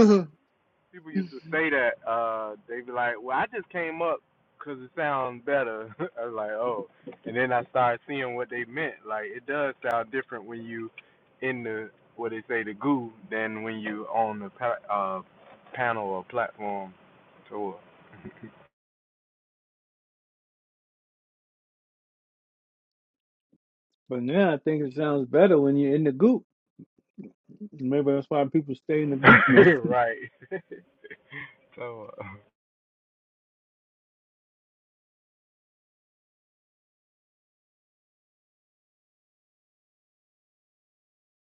S9: people used to say that. Uh, they be like, "Well, I just came up 'cause it sounds better." I was like, "Oh," and then I started seeing what they meant. Like it does sound different when you in the what they say the goo than when you on the pa- uh panel or platform tour.
S5: but now I think it sounds better when you're in the group. Maybe that's why people stay in the group now.
S9: right. tour.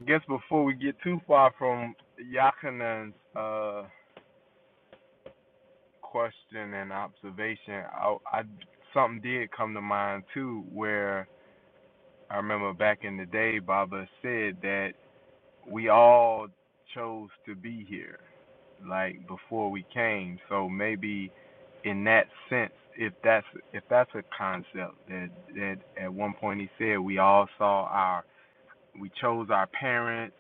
S9: I guess before we get too far from Yakanan's uh, question and observation, I, I something did come to mind too, where I remember back in the day, Baba said that we all chose to be here, like before we came. So maybe in that sense, if that's if that's a concept that that at one point he said we all saw our we chose our parents,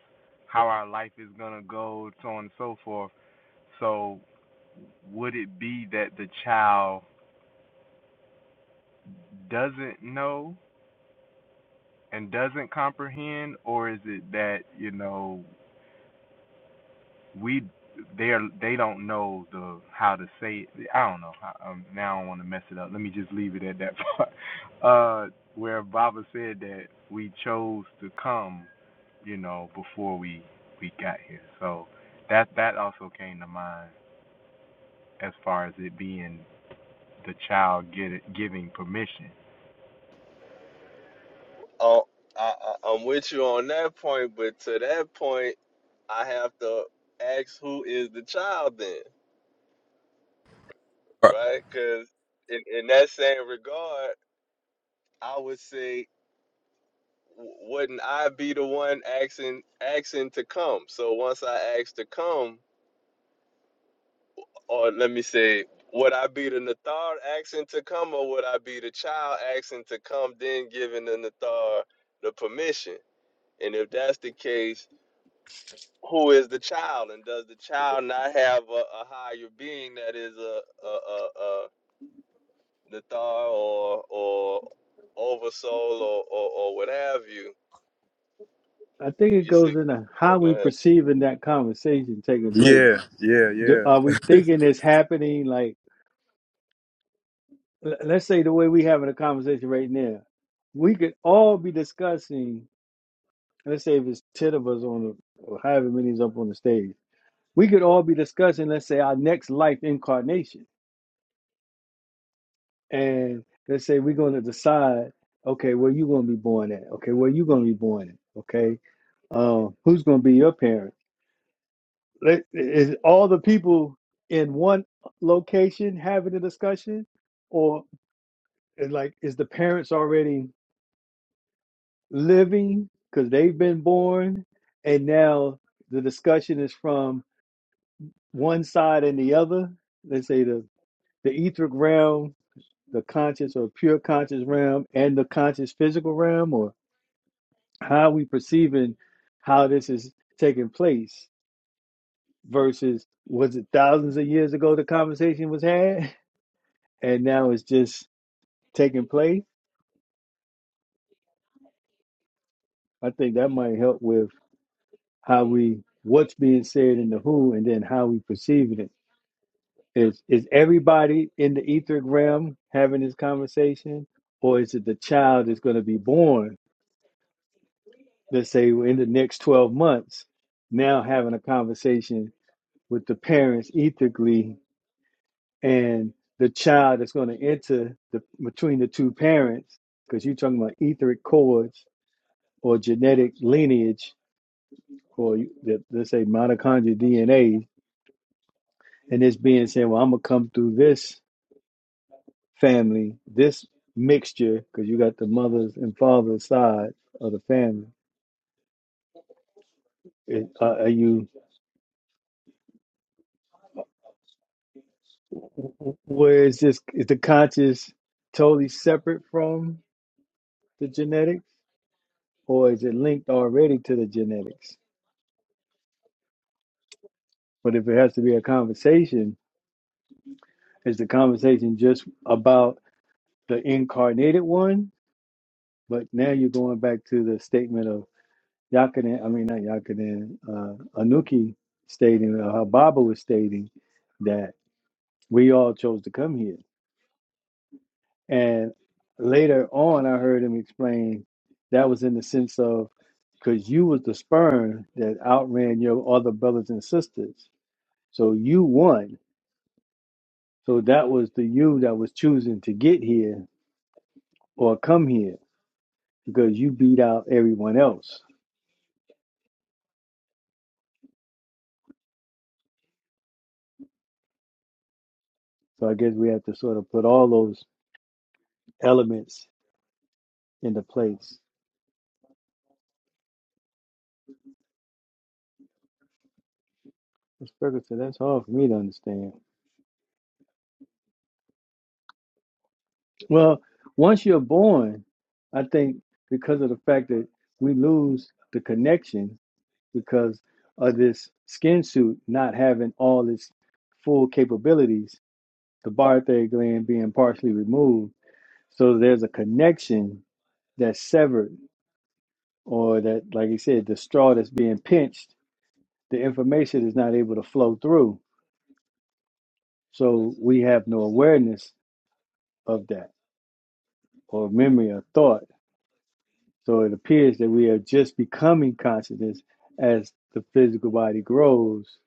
S9: how our life is gonna go, so on and so forth So would it be that the child doesn't know and doesn't comprehend, or is it that you know we they are they don't know the how to say it? I don't know. I, um, now I don't want to mess it up. Let me just leave it at that part. Uh, where Baba said that we chose to come, you know, before we we got here. So that that also came to mind as far as it being the child get it, giving permission.
S6: Oh, I, I, I'm with you on that point, but to that point, I have to ask who is the child then, right? Because in, in that same regard, I would say, w- wouldn't I be the one asking asking to come? So once I ask to come, or let me say, would I be the Nathar asking to come, or would I be the child asking to come, then giving the Nathar the permission? And if that's the case, who is the child, and does the child not have a, a higher being that is a a a, a Nathar or or oversoul or, or or what have you?
S5: I think it
S6: You
S5: goes
S6: see?
S5: into
S6: Oh,
S5: how we
S6: go ahead.
S5: perceiving that conversation taking place.
S9: Yeah, yeah,
S5: Do,
S9: yeah.
S5: are we thinking it's happening? Like, l- let's say the way we having a conversation right now, we could all be discussing. Let's say if it's ten of us on the, or however many is up on the stage we could all be discussing, let's say, our next life incarnation. And let's say we're going to decide, okay, where you going to be born at? Okay, where you going to be born at? Okay, um, who's going to be your parent? Let- Is all the people in one location having a discussion? Or is like, is the parents already living because they've been born? And now the discussion is from one side and the other. Let's say the, the etheric realm the conscious or pure conscious realm and the conscious physical realm or how are we perceiving how this is taking place versus was it thousands of years ago the conversation was had and now it's just taking place i think that might help with how we what's being said in the who and then how we perceiving it is is everybody in the etheric realm having this conversation or is it the child that's going to be born let's say in the next 12 months now having a conversation with the parents ethically and the child that's going to enter the between the two parents because you're talking about etheric cords or genetic lineage or you- let- us say mitochondrial dna and it's being said well i'm going to come through this family this mixture because you got the mothers and fathers side of the family Is- are are you Where is this? Is the conscious totally separate from the genetics, or is it linked already to the genetics? But if it has to be a conversation, is the conversation just about the incarnated one? But now you're going back to the statement of Yakinen, I mean, not Yakinen, uh, Anuki stating, uh, how Baba was stating that we all chose to come here. And later on, I heard him explain that was in the sense of because you was the sperm that outran your other brothers and sisters, so you won. So that was the you that was choosing to get here or come here because you beat out everyone else. So I guess we have to sort of put all those elements into place. Miss Ferguson, that's hard for me to understand. Well, once you're born, I think because of the fact that we lose the connection because of this skin suit not having all its full capabilities, the barthay gland being partially removed. So there's a connection that's severed, or that, like you said, the straw that's being pinched, the information is not able to flow through. So we have no awareness of that, or memory or thought. So it appears that we are just becoming consciousness as the physical body grows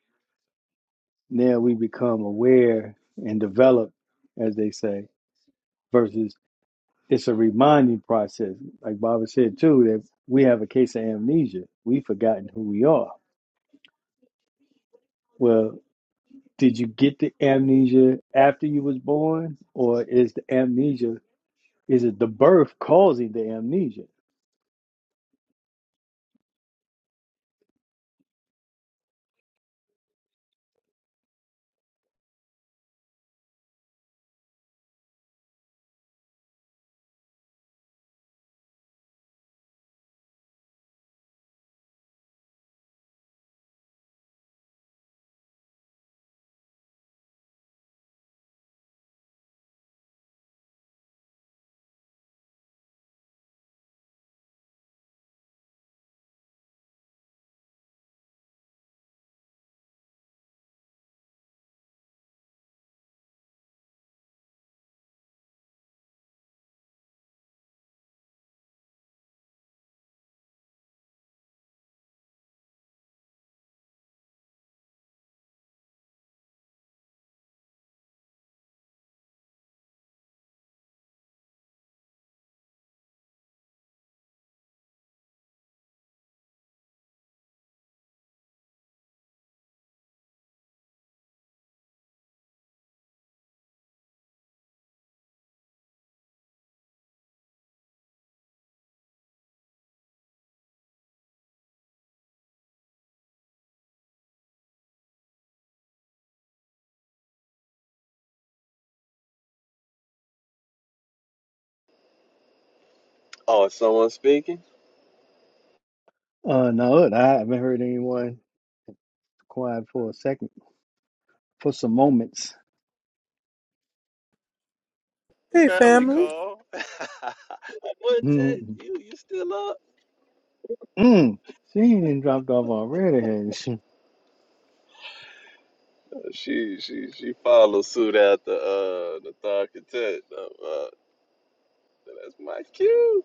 S5: now we become aware and develop, as they say, versus it's a reminding process. Like Baba said too, that we have a case of amnesia. We've forgotten who we are. Well, did you get the amnesia after you was born? Or is the amnesia is it the birth causing the amnesia?
S6: Oh, is someone speaking?
S5: Uh no, look, I haven't heard anyone quiet for a second, for some moments.
S9: Hey,
S6: Family
S9: family.
S6: call. Wouldn't
S5: mm
S6: you you still up?
S5: mm She ain't dropped off already. has She
S6: She she she follows suit after uh the third content. Uh, uh, that's my cue.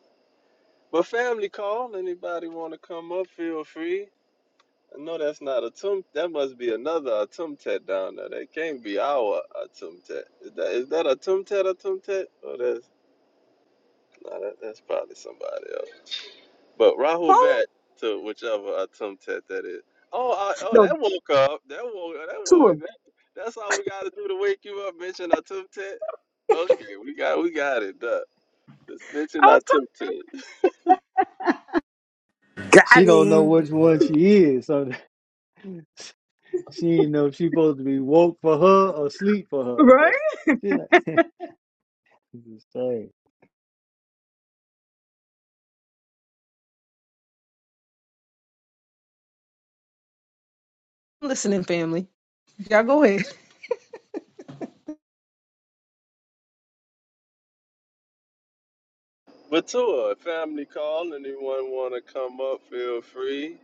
S6: But family call. Anybody want to come up? Feel free. No, that's not Atum. That must be another Atumtet down there. That can't be our Atumtet. Is that is that Atumtet Atumtet? Or that's no, that, that's probably somebody else. But Rahul back to whichever Atumtet that is. Oh, I, oh,
S1: No,
S6: that woke up. That woke. That
S1: two of
S6: woke.
S1: them.
S6: That, that's all we got to do to wake you up. Mention Atumtet. Okay, we got we got it. Duh. Just mention
S1: I was
S6: Atumtet.
S9: Got
S5: She don't know
S9: him.
S5: which one she is. so She didn't know if she supposed to be woke for her or sleep for
S1: talking
S5: her.
S1: right.
S5: So she's like, this is strange.
S1: Listening, family. Y'all go ahead.
S6: But to a family call. Anyone want to come up? Feel free.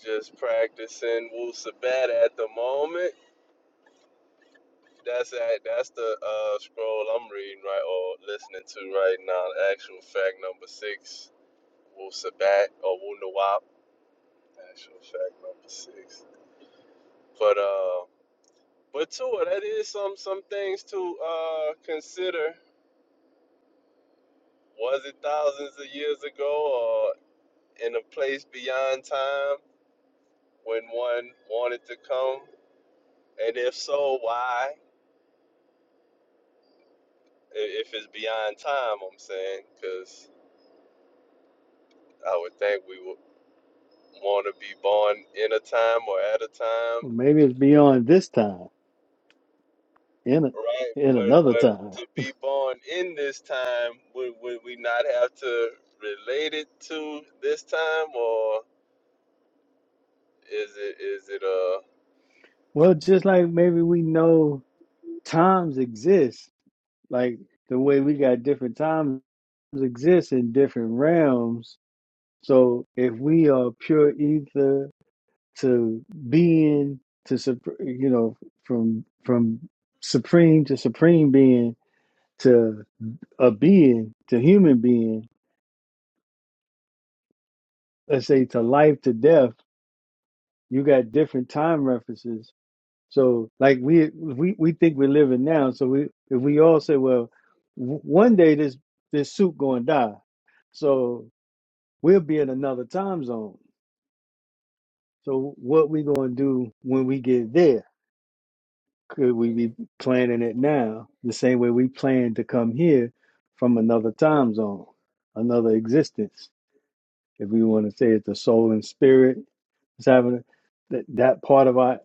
S6: Just practicing Wu Sabat at the moment. That's that. That's the uh, scroll I'm reading right or listening to right now. Actual fact number six, Wu Sabat or Wu Nawab. Actual fact number six. But uh, but too, that is some some things to uh consider. Was it thousands of years ago or in a place beyond time when one wanted to come? And if so, why? if it's beyond time, I'm saying, because I would think we would want to be born in a time or at a time,
S5: Well, Maybe it's beyond this time, in a,
S6: right?
S5: in
S6: But
S5: another
S6: but
S5: time.
S6: to be born in this time, would would we not have to relate it to this time, or is it is it uh?
S5: Well, just like maybe we know times exist, like the way we got different times exist in different realms. So if we are pure ether to being to sup- you know from from supreme to supreme being to. a being to human being, let's say to life to death, you got different time references. So like we we we think we're living now. So we if we all say, well, w- one day this this suit going to die, so we'll be in another time zone. So what we going to do when we get there? Could we be planning it now the same way we plan to come here from another time zone, another existence? if we want to say it's the soul and spirit was having that that part of our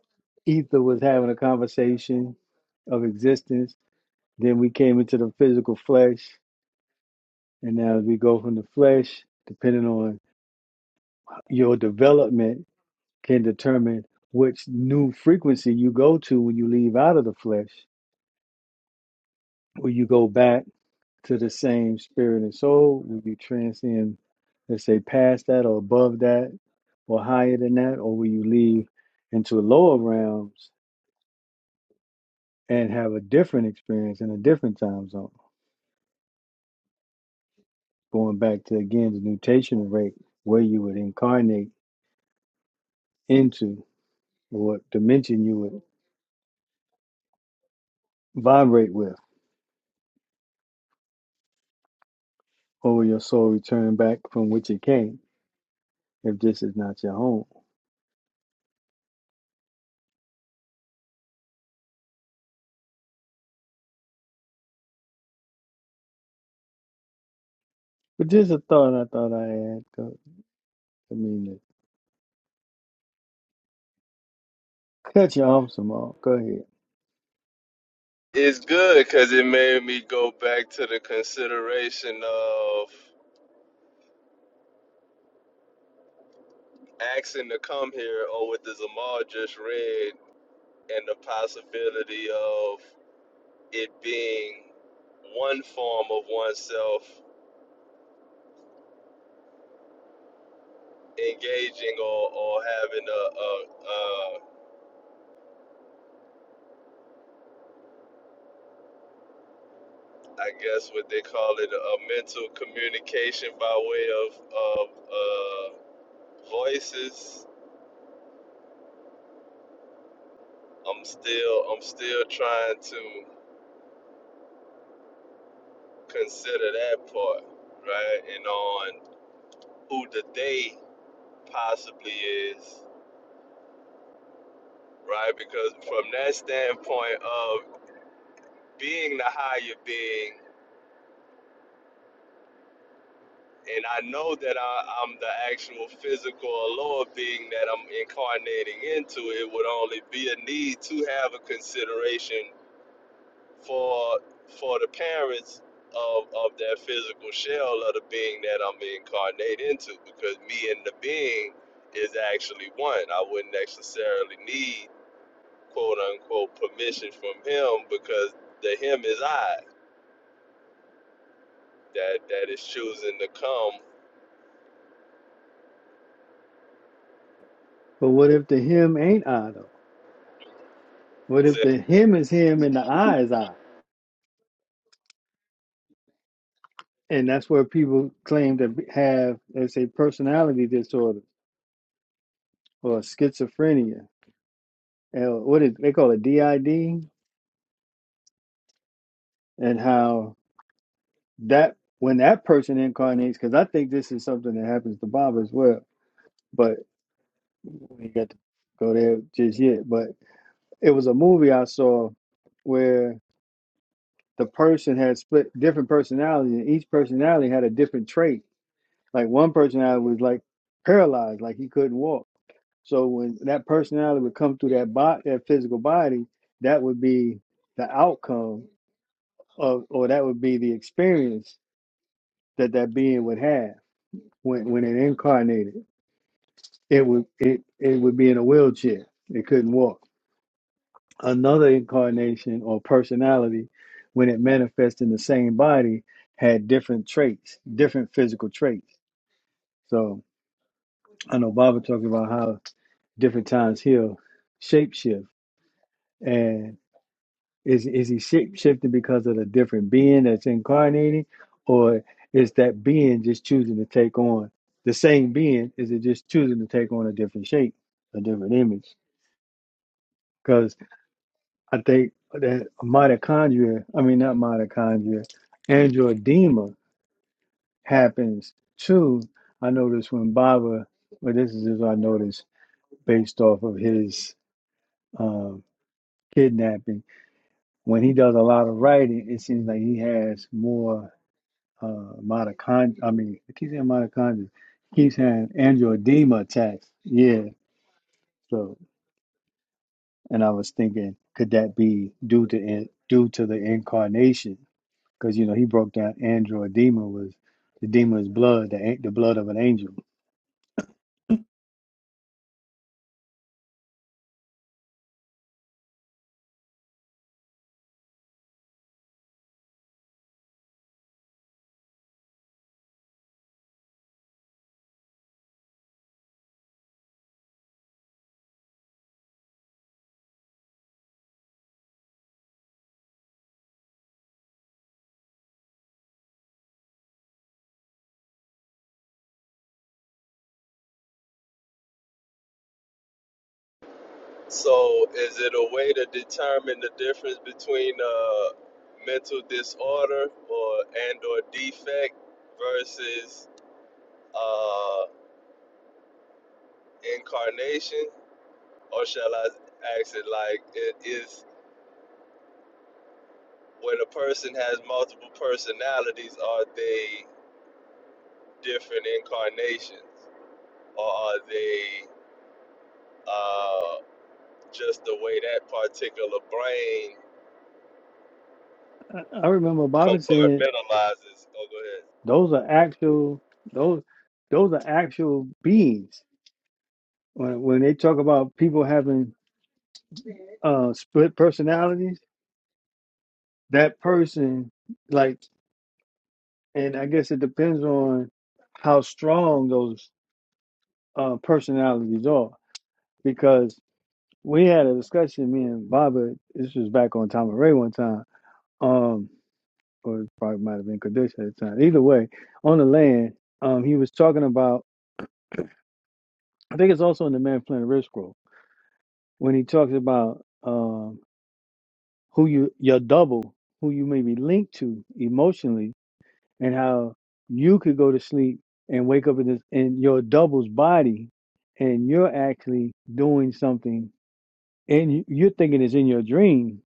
S5: ether was having a conversation of existence. Then we came into the physical flesh, and now as we go from the flesh, depending on your development, can determine which new frequency you go to when you leave out of the flesh, or you go back to the same spirit and soul? Will you transcend, let's say, past that or above that or higher than that? Or will you leave into lower realms and have a different experience in a different time zone? Going back to again the nutational rate where you would incarnate into or what dimension you would vibrate with, or will your soul return back from which it came if this is not your home? But just a thought I thought I had. I mean, to cut you off some more. Go ahead.
S6: It's good because it made me go back to the consideration of asking to come here, or what the Zamal just read, and the possibility of it being one form of oneself engaging or, or having a, a, a, I guess what they call it, a mental communication by way of, of uh, voices. I'm still, I'm still trying to consider that part, right? And on who the they possibly is, right? Because from that standpoint of being the higher being and I know that I, I'm the actual physical lower being that I'm incarnating into, it would only be a need to have a consideration for for the parents of, of that physical shell of the being that I'm incarnate into, because me and the being is actually one. I wouldn't necessarily need quote unquote permission from him because the him is I that that is choosing to come
S5: But what if the him ain't I though? What
S6: to
S5: if the him is him and the I is I? And that's where people claim to have, let's say, personality disorder or schizophrenia. And what is they call it DID? And how that when that person incarnates, because I think this is something that happens to Bob as well. But we got to go there just yet. But it was a movie I saw where the person had split different personalities, and each personality had a different trait Like one personality was like paralyzed, like he couldn't walk. So when that personality would come through that body, that physical body, that would be the outcome of, or that would be the experience that that being would have when when it incarnated. It would it it would be in a wheelchair. It couldn't walk. Another incarnation or personality, when it manifests in the same body, had different traits, different physical traits. So I know Baba talked about how different times he'll shapeshift. And is is he shapeshifting because of the different being that's incarnating, or is that being just choosing to take on the same being? Is it just choosing to take on a different shape, a different image? Because I think that mitochondria, I mean not mitochondria, angioedema happens too. I noticed when Baba, well, this is just what I noticed based off of his um, kidnapping when he does a lot of writing, it seems like he has more uh, mitochondria. I mean, I keep saying mitochondria. He keeps having angioedema attacks. Yeah. So, and I was thinking, could that be due to in, due to the incarnation? Because you know he broke down angioedema was the demon is blood, the an- the blood of an angel.
S6: So, is it a way to determine the difference between uh, mental disorder or and or defect versus uh, incarnation, or shall I ask it like it is when a person has multiple personalities? Are they different incarnations, or are they uh, just the way that particular brain
S5: I, I remember Bobby said
S6: compartmentalizes? Oh, go ahead.
S5: those are actual those those are actual beings. When when they talk about people having uh split personalities, that person like and I guess it depends on how strong those uh personalities are. Because we had a discussion, me and Baba, this was back on Tom and Ray one time, um, or it probably might have been Kadesh at the time. Either way, on the land, um he was talking about I think it's also in the Man Flynn Rip Scroll, when he talks about um who you your double, who you may be linked to emotionally and how you could go to sleep and wake up in this in your double's body and you're actually doing something and you- you're thinking it's in your dream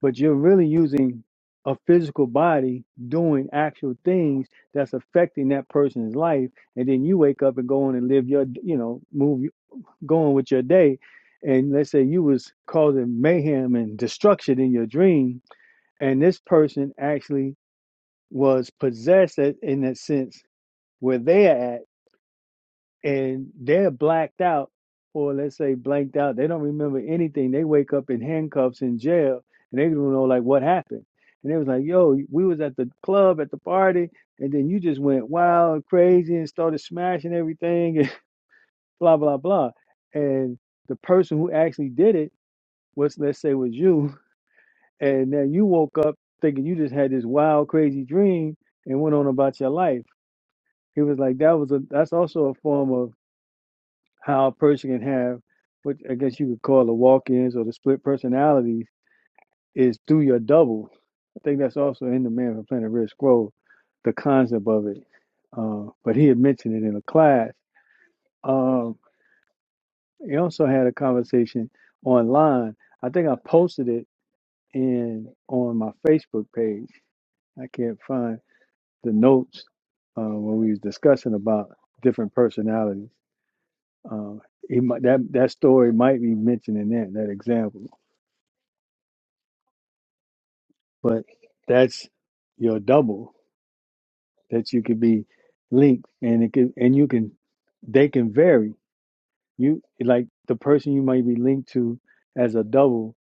S5: but you're really using a physical body doing actual things that's affecting that person's life and then you wake up and go on and live your you know move going with your day and let's say you was causing mayhem and destruction in your dream and this person actually was possessed a- in that sense where they're at and they're blacked out or let's say blanked out they don't remember anything they wake up in handcuffs in jail and they don't know like what happened and they was like yo we was at the club at the party and then you just went wild and crazy and started smashing everything and blah blah blah and the person who actually did it was let's say was you and then you woke up thinking you just had this wild crazy dream and went on about your life he was like that was a that's also a form of how a person can have what I guess you could call the walk-ins or the split personalities is through your double. I think that's also in the Man from Planet Red Scroll, the concept of it. Uh, but he had mentioned it in a class. Um, he also had a conversation online. I think I posted it in on my Facebook page. I can't find the notes uh, when we was discussing about different personalities. Uh, he might, that that story might be mentioned in that that example. but that's your double that you could be linked and it could and you can they can vary you like the person you might be linked to as a double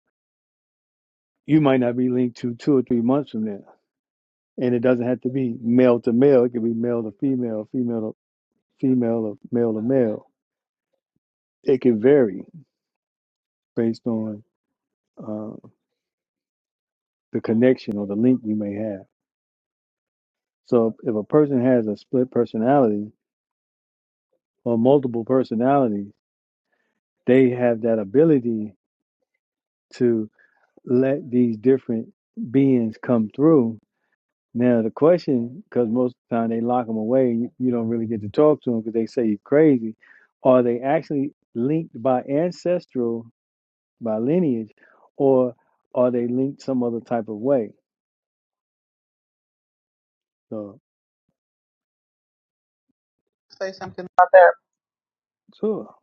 S5: you might not be linked to two or three months from now and it doesn't have to be male to male it could be male to female female to female or male to male it can vary based on uh, the connection or the link you may have so if a person has a split personality or multiple personalities they have that ability to let these different beings come through. Now the question, because most of the time they lock them away, you, you don't really get to talk to them because they say you're crazy. Are they actually linked by ancestral, by lineage, or are they linked some other type of way? So
S4: Say something about that.
S5: sure,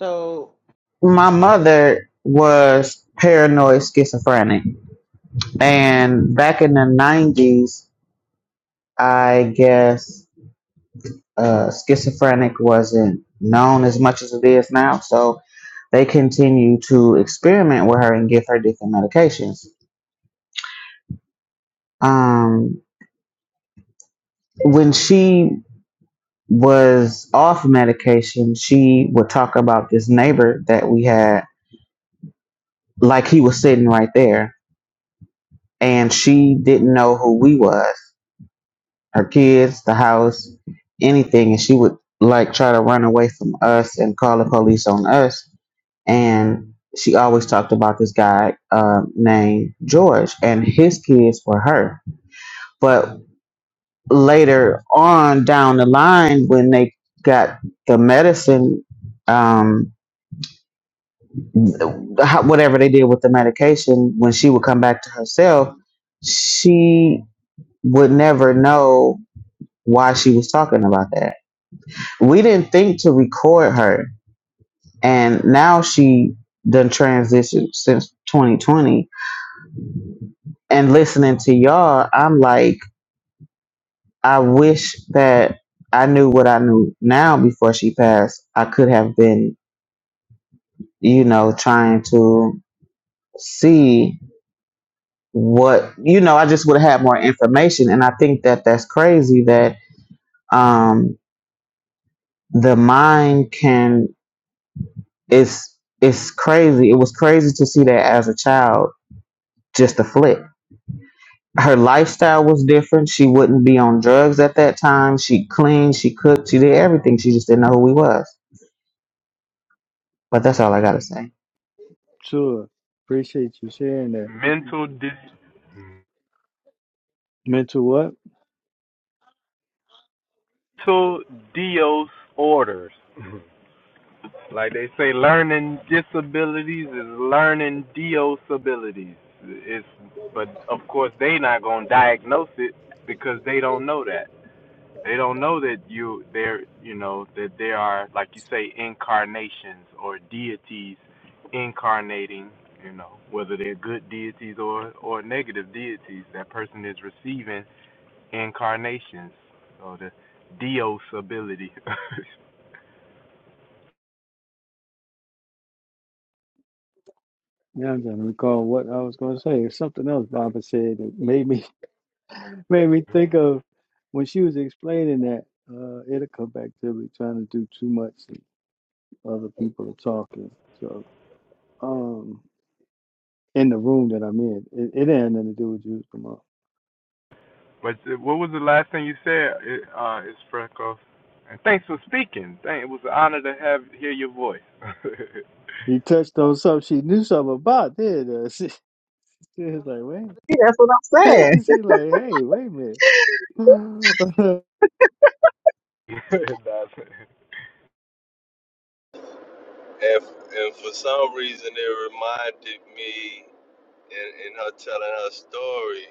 S4: So, my mother was paranoid schizophrenic. And back in the 90s, I guess uh, schizophrenic wasn't known as much as it is now. So, they continue to experiment with her and give her different medications. Um, when she was off medication, she would talk about this neighbor that we had, like he was sitting right there, and she didn't know who we was, her kids, the house, anything, and she would like try to run away from us and call the police on us. And she always talked about this guy um, named George, and his kids were her. But later on down the line, when they got the medicine. Um, how- whatever they did with the medication, when she would come back to herself, she would never know why she was talking about that. We didn't think to record her, and now she done transitioned since 2020. And listening to y'all, I'm like, I wish that I knew what I knew now before she passed. I could have been, you know, trying to see what you know i just would have had more information and i think that that's crazy that um the mind can it's it's crazy it was crazy to see that as a child just a flip her lifestyle was different she wouldn't be on drugs at that time she cleaned she cooked she did everything she just didn't know who he was but that's all i gotta say
S5: sure. Appreciate you sharing that.
S9: mental
S5: Mental what?
S9: mental disorders. Like they say, learning disabilities is learning disabilities. It's but of course they not gonna diagnose it because they don't know that. They don't know that you they're you know that there are like you say incarnations or deities incarnating. You know whether they're good deities or or negative deities. That person is receiving incarnations. So the Dios ability.
S5: Now I'm trying to recall what I was going to say. It's something else Baba said that made me made me think of when she was explaining that. Uh, it'll come back to me trying to do too much. and Other people are talking. So, um, in the room that I'm in, it, it ain't nothing to do with you, Jamal.
S9: but uh, what was the last thing you said? Uh, is Freckles. And thanks for speaking. Thank, it was an honor to have hear your voice.
S5: He touched on something she knew something about. Then uh, she, she was like,
S4: See, that's what i'm saying
S5: "Wait," she like, "Hey, wait a minute."
S6: And, and for some reason, it reminded me, in, in her telling her story,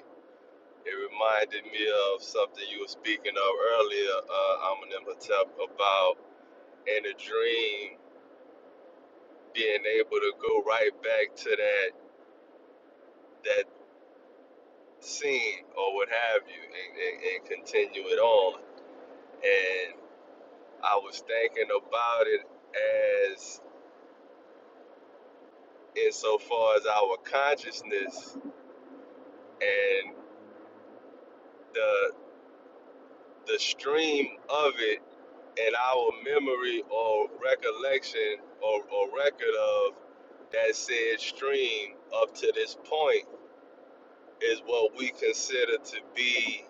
S6: it reminded me of something you were speaking of earlier, uh, Aminem Hotep, about in a dream being able to go right back to that that scene or what have you and, and, and continue it on. And I was thinking about it as insofar as our consciousness and the the stream of it and our memory or recollection or, or record of that said stream up to this point is what we consider to be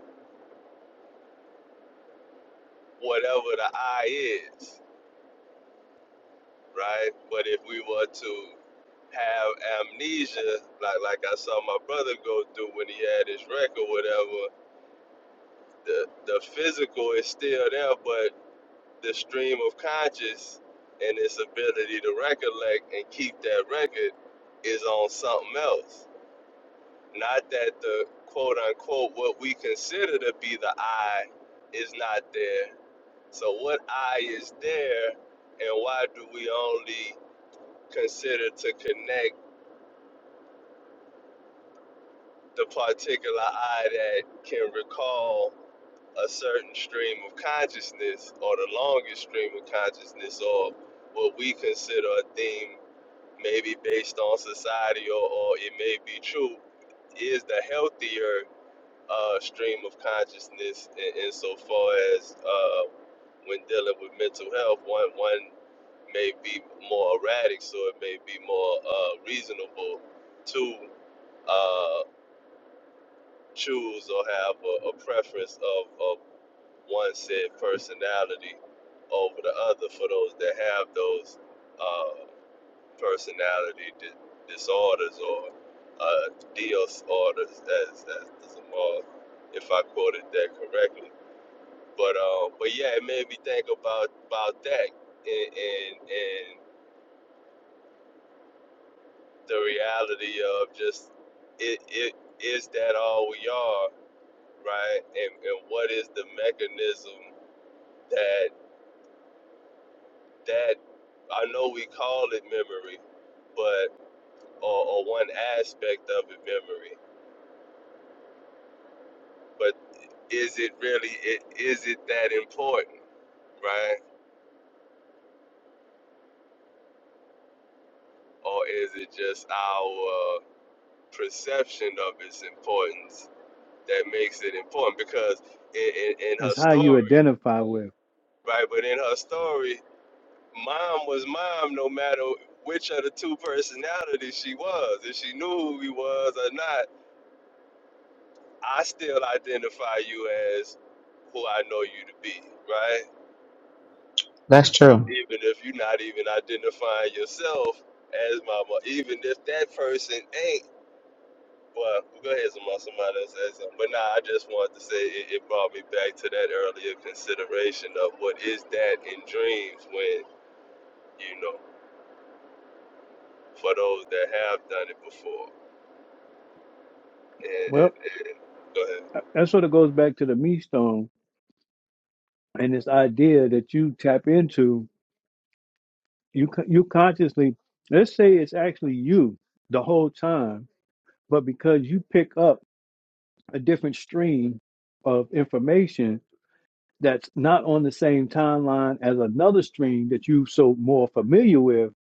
S6: whatever the I is, right? But if we were to have amnesia, like like I saw my brother go through when he had his wreck or whatever, the the physical is still there, but. the stream of conscious and its ability to recollect and keep that record is on something else. Not that the quote unquote what we consider to be the I is not there. So what I is there and why do we only consider to connect the particular I that can recall a certain stream of consciousness or the longest stream of consciousness or what we consider a theme maybe based on society or, or it may be true, is the healthier uh, stream of consciousness in, insofar as uh, when dealing with mental health, one one may be more erratic, so it may be more uh, reasonable to uh, choose or have a, a preference of, of one said personality over the other for those that have those uh, personality di- disorders or uh, disorders, as, as the Zamal, if I quoted that correctly. But um, but yeah, it made me think about about that and and, and the reality of just it, it is that all we are, right? And and what is the mechanism that that I know we call it memory, but or, or one aspect of it memory. but. is it really it is it that important right or is it just our perception of its importance that makes it important because in, in, in her
S5: it's how you
S6: story
S5: identify with.
S6: right but in her story mom was mom no matter which of the two personalities she was if she knew who he was or not i still identify you as who i know you to be right
S4: that's true
S6: even if you're not even identifying yourself as mama, even if that person ain't. Well, go ahead, somebody, somebody else say something. But nah, I just wanted to say it, it brought me back to that earlier consideration of what is that in dreams when, you know, for those that have done it before. And,
S5: Well,
S6: and, and go ahead.
S5: that sort of goes back to the me stone and this idea that you tap into you co- you consciously let's say it's actually you the whole time but because you pick up a different stream of information that's not on the same timeline as another stream that you so more familiar with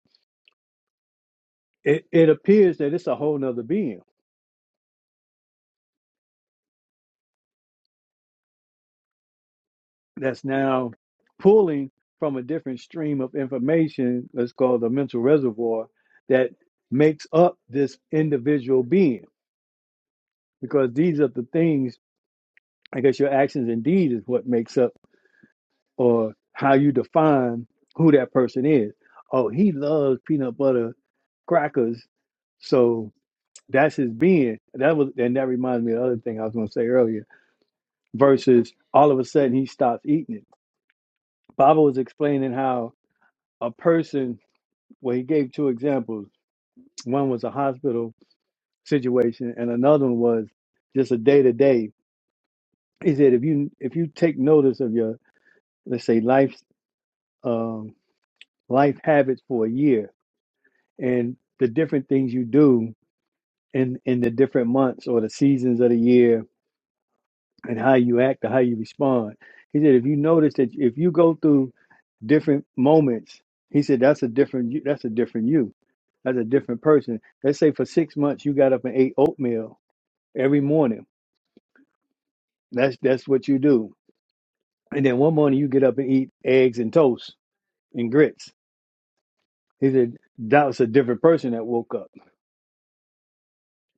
S5: it, it appears that it's a whole nother being that's now pulling from a different stream of information let's call the mental reservoir that makes up this individual being because these are the things I guess your actions and deeds is what makes up or how you define who that person is. Oh, he loves peanut butter crackers, so that's his being. That was and that reminds me of the other thing I was gonna say earlier. Versus all of a sudden he stops eating it. Baba was explaining how a person well, he gave two examples. One was a hospital situation and another one was just a day to day. He said if you if you take notice of your let's say life life habits for a year and the different things you do in in the different months or the seasons of the year and how you act or how you respond. He said if you notice that if you go through different moments, he said that's a different you that's a different you. That's a different person. Let's say for six months you got up and ate oatmeal every morning. That's that's what you do. And then one morning you get up and eat eggs and toast and grits. He said that was a different person that woke up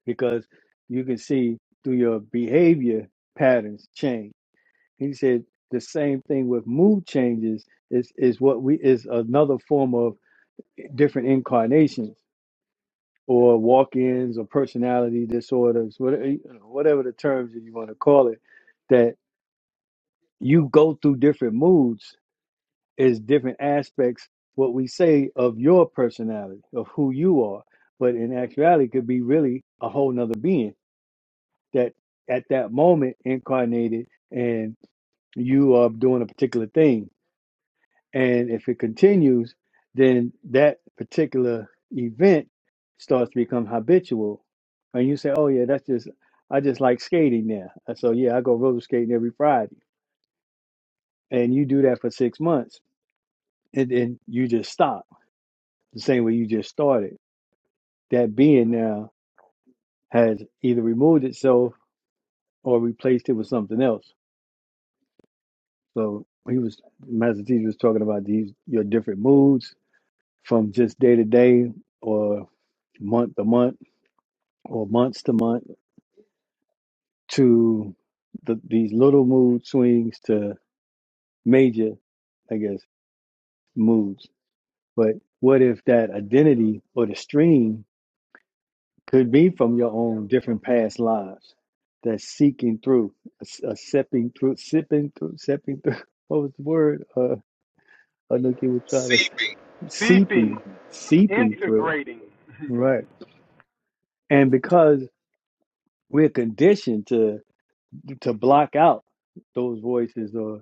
S5: because you can see through your behavior patterns change. He said the same thing with mood changes is is what we is another form of different incarnations or walk-ins or personality disorders, whatever you know, whatever the terms that you want to call it, that you go through different moods is different aspects what we say of your personality of who you are but in actuality it could be really a whole nother being that at that moment incarnated and you are doing a particular thing. And if it continues, then that particular event starts to become habitual. And you say, oh, yeah, that's just, I just like skating now. So, yeah, I go roller skating every Friday. And you do that for six months and then you just stop the same way you just started. That being now has either removed itself or replaced it with something else So he was Master Teacher was talking about these your different moods from just day to day or month to month or months to month to the, these little mood swings to major, I guess, moods. But what if that identity or the stream could be from your own different past lives? That's seeking through, a, a sipping through, sipping through, sipping through. What was the word? Uh, I know you were trying to
S6: Seeping.
S5: seeping
S9: seeping,
S5: seeping through
S9: integrating
S5: right and because we're conditioned to to block out those voices or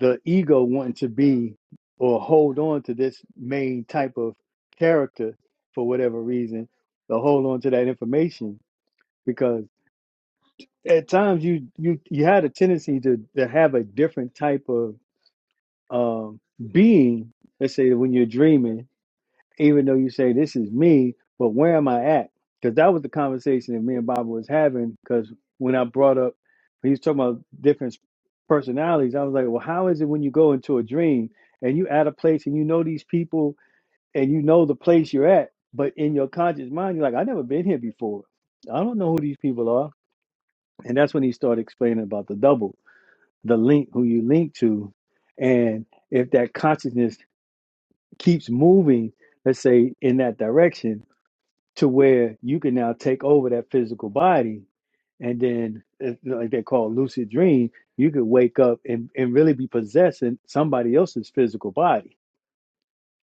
S5: the ego wanting to be or hold on to this main type of character for whatever reason to hold on to that information because at times you you you had a tendency to to have a different type of um being let's say when you're dreaming even though you say this is me, but where am I at? Because that was the conversation that me and Bob was having. Because when I brought up, when he was talking about different personalities, I was like, well, how is it when you go into a dream and you at a place and you know these people and you know the place you're at, but in your conscious mind, you're like, I've never been here before. I don't know who these people are. And that's when he started explaining about the double, the link, who you link to. And if that consciousness keeps moving, let's say in that direction, to where you can now take over that physical body and then it's like they call it lucid dream you could wake up and, and really be possessing somebody else's physical body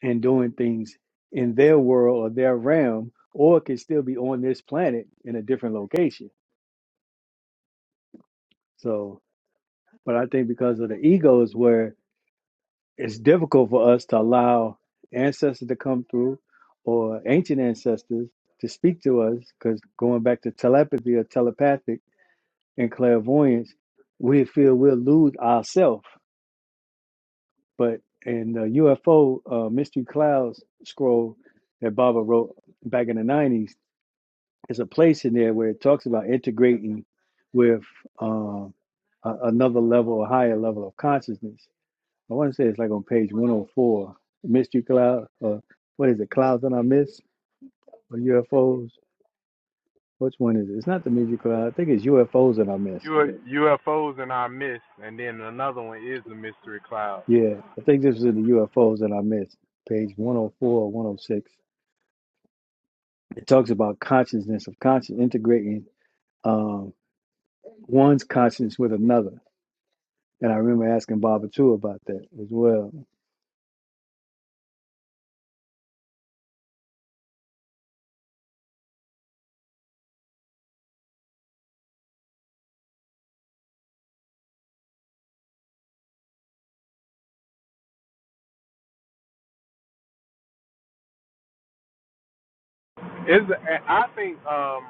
S5: and doing things in their world or their realm or it could still be on this planet in a different location so but i think because of the ego is where it's difficult for us to allow ancestors to come through or ancient ancestors to speak to us because going back to telepathy or telepathic and clairvoyance, we feel we'll lose ourselves. But in the UFO uh, Mystery Clouds scroll that Baba wrote back in the 90s, there's a place in there where it talks about integrating with um, a, another level, a higher level of consciousness. I want to say it's like on page 104, Mystery Cloud, or what is it, Clouds That I Miss, or UFOs? Which one is it? It's not the Mystery Cloud. I think it's UFOs That I Miss
S9: U- UFOs in our midst, and then another one is the mystery cloud.
S5: Yeah, I think this is in the UFOs that I missed, page 104 or 106. It talks about consciousness of conscience integrating um, one's conscience with another. And I remember asking Baba too about that as well.
S9: Is I think um,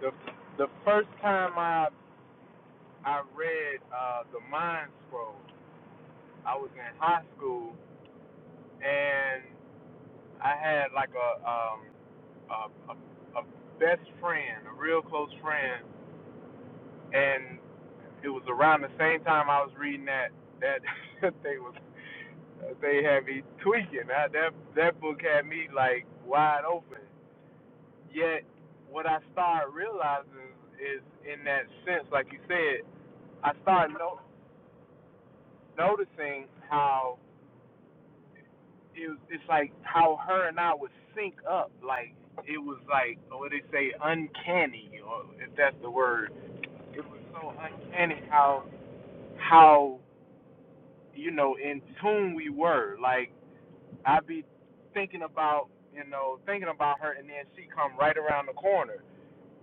S9: the the first time I I read uh, the Mind Scroll, I was in high school, and I had like a um a, a, a best friend, a real close friend, and it was around the same time I was reading that that that they was They had me tweaking. I, that that book had me like wide open. Yet what I started realizing is in that sense, like you said, I started no, noticing how it was, it's like how her and I would sync up. Like it was like what they say, uncanny, or if that's the word. It was so uncanny how how you know in tune we were. Like I be thinking about, you know, thinking about her, and then she come right around the corner,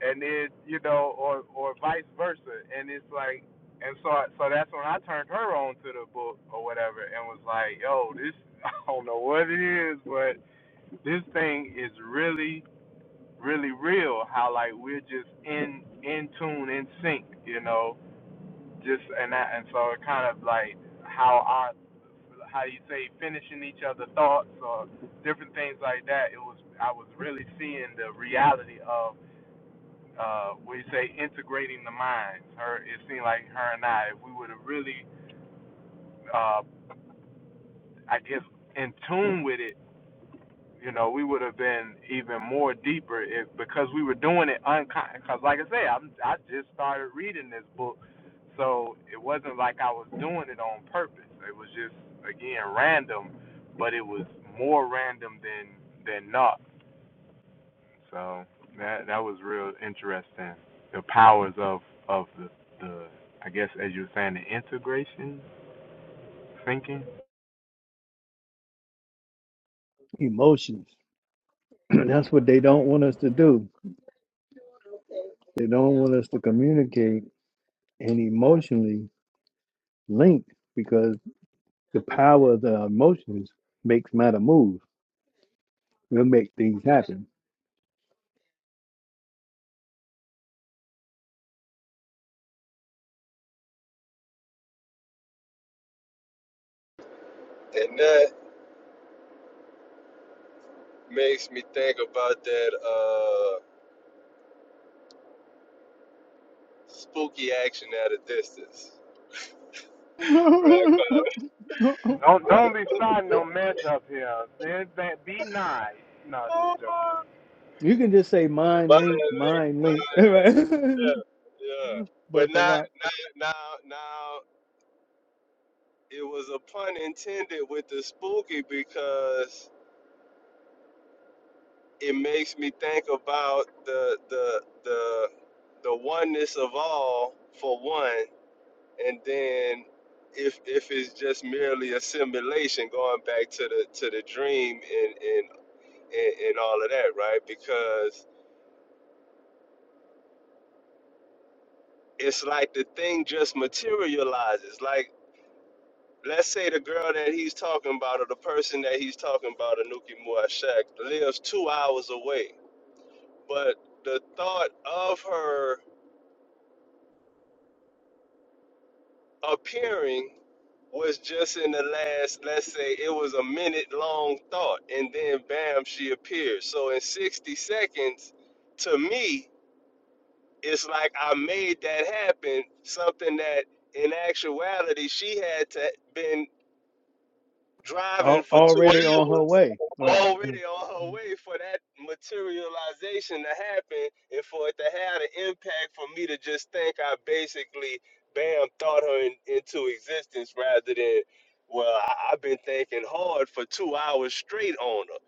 S9: and then you know, or or vice versa, and it's like, and so I- so that's when I turned her on to the book or whatever, and was like, yo, this I don't know what it is, but this thing is really really real. How like we're just in in tune, in sync, you know, just and that, and so it kind of like how our how you say finishing each other's thoughts or different things like that. It was I was really seeing the reality of uh, we say integrating the minds. Her it seemed like her and I, if we would have really, uh, I guess, in tune with it you know, we would have been even more deeper if because we were doing it unconscious. Because, like I say, I'm, I just started reading this book, so it wasn't like I was doing it on purpose. It was just again random, but it was more random than than not. So that that was real interesting. The powers of of the the I guess as you were saying the integration thinking.
S5: Emotions. That's what they don't want us to do. They don't want us to communicate and emotionally link because the power of the emotions makes matter move. It'll make things happen.
S6: And that makes me think about that uh, spooky action at a distance.
S9: Don't
S6: Right,
S9: don't be starting no mess up here. be nice. No, just joking.
S6: right.
S5: You can just say mind
S6: But
S5: linked, mind linked, right?
S6: Yeah, yeah. But
S5: But
S6: now,
S5: Barack
S6: now, now, now, it was a pun intended with the spooky because it makes me think about the the the the oneness of all for one, and then if if it's just merely a simulation, going back to the to the dream and and and, and all of that, right? Because it's like the thing just materializes, like let's say the girl that he's talking about or the person that he's talking about, Anuki Muashak, lives two hours away. But the thought of her appearing was just in the last, let's say it was a minute long thought, and then bam, she appears. So in 60 seconds, to me, it's like I made that happen, something that in actuality she had to been driving
S5: al-
S6: for two
S5: already
S6: hours
S5: on her way, right?
S6: already on her way for that materialization to happen and for it to have an impact for me to just think I basically bam thought her in, into existence rather than well I, I've been thinking hard for two hours straight on her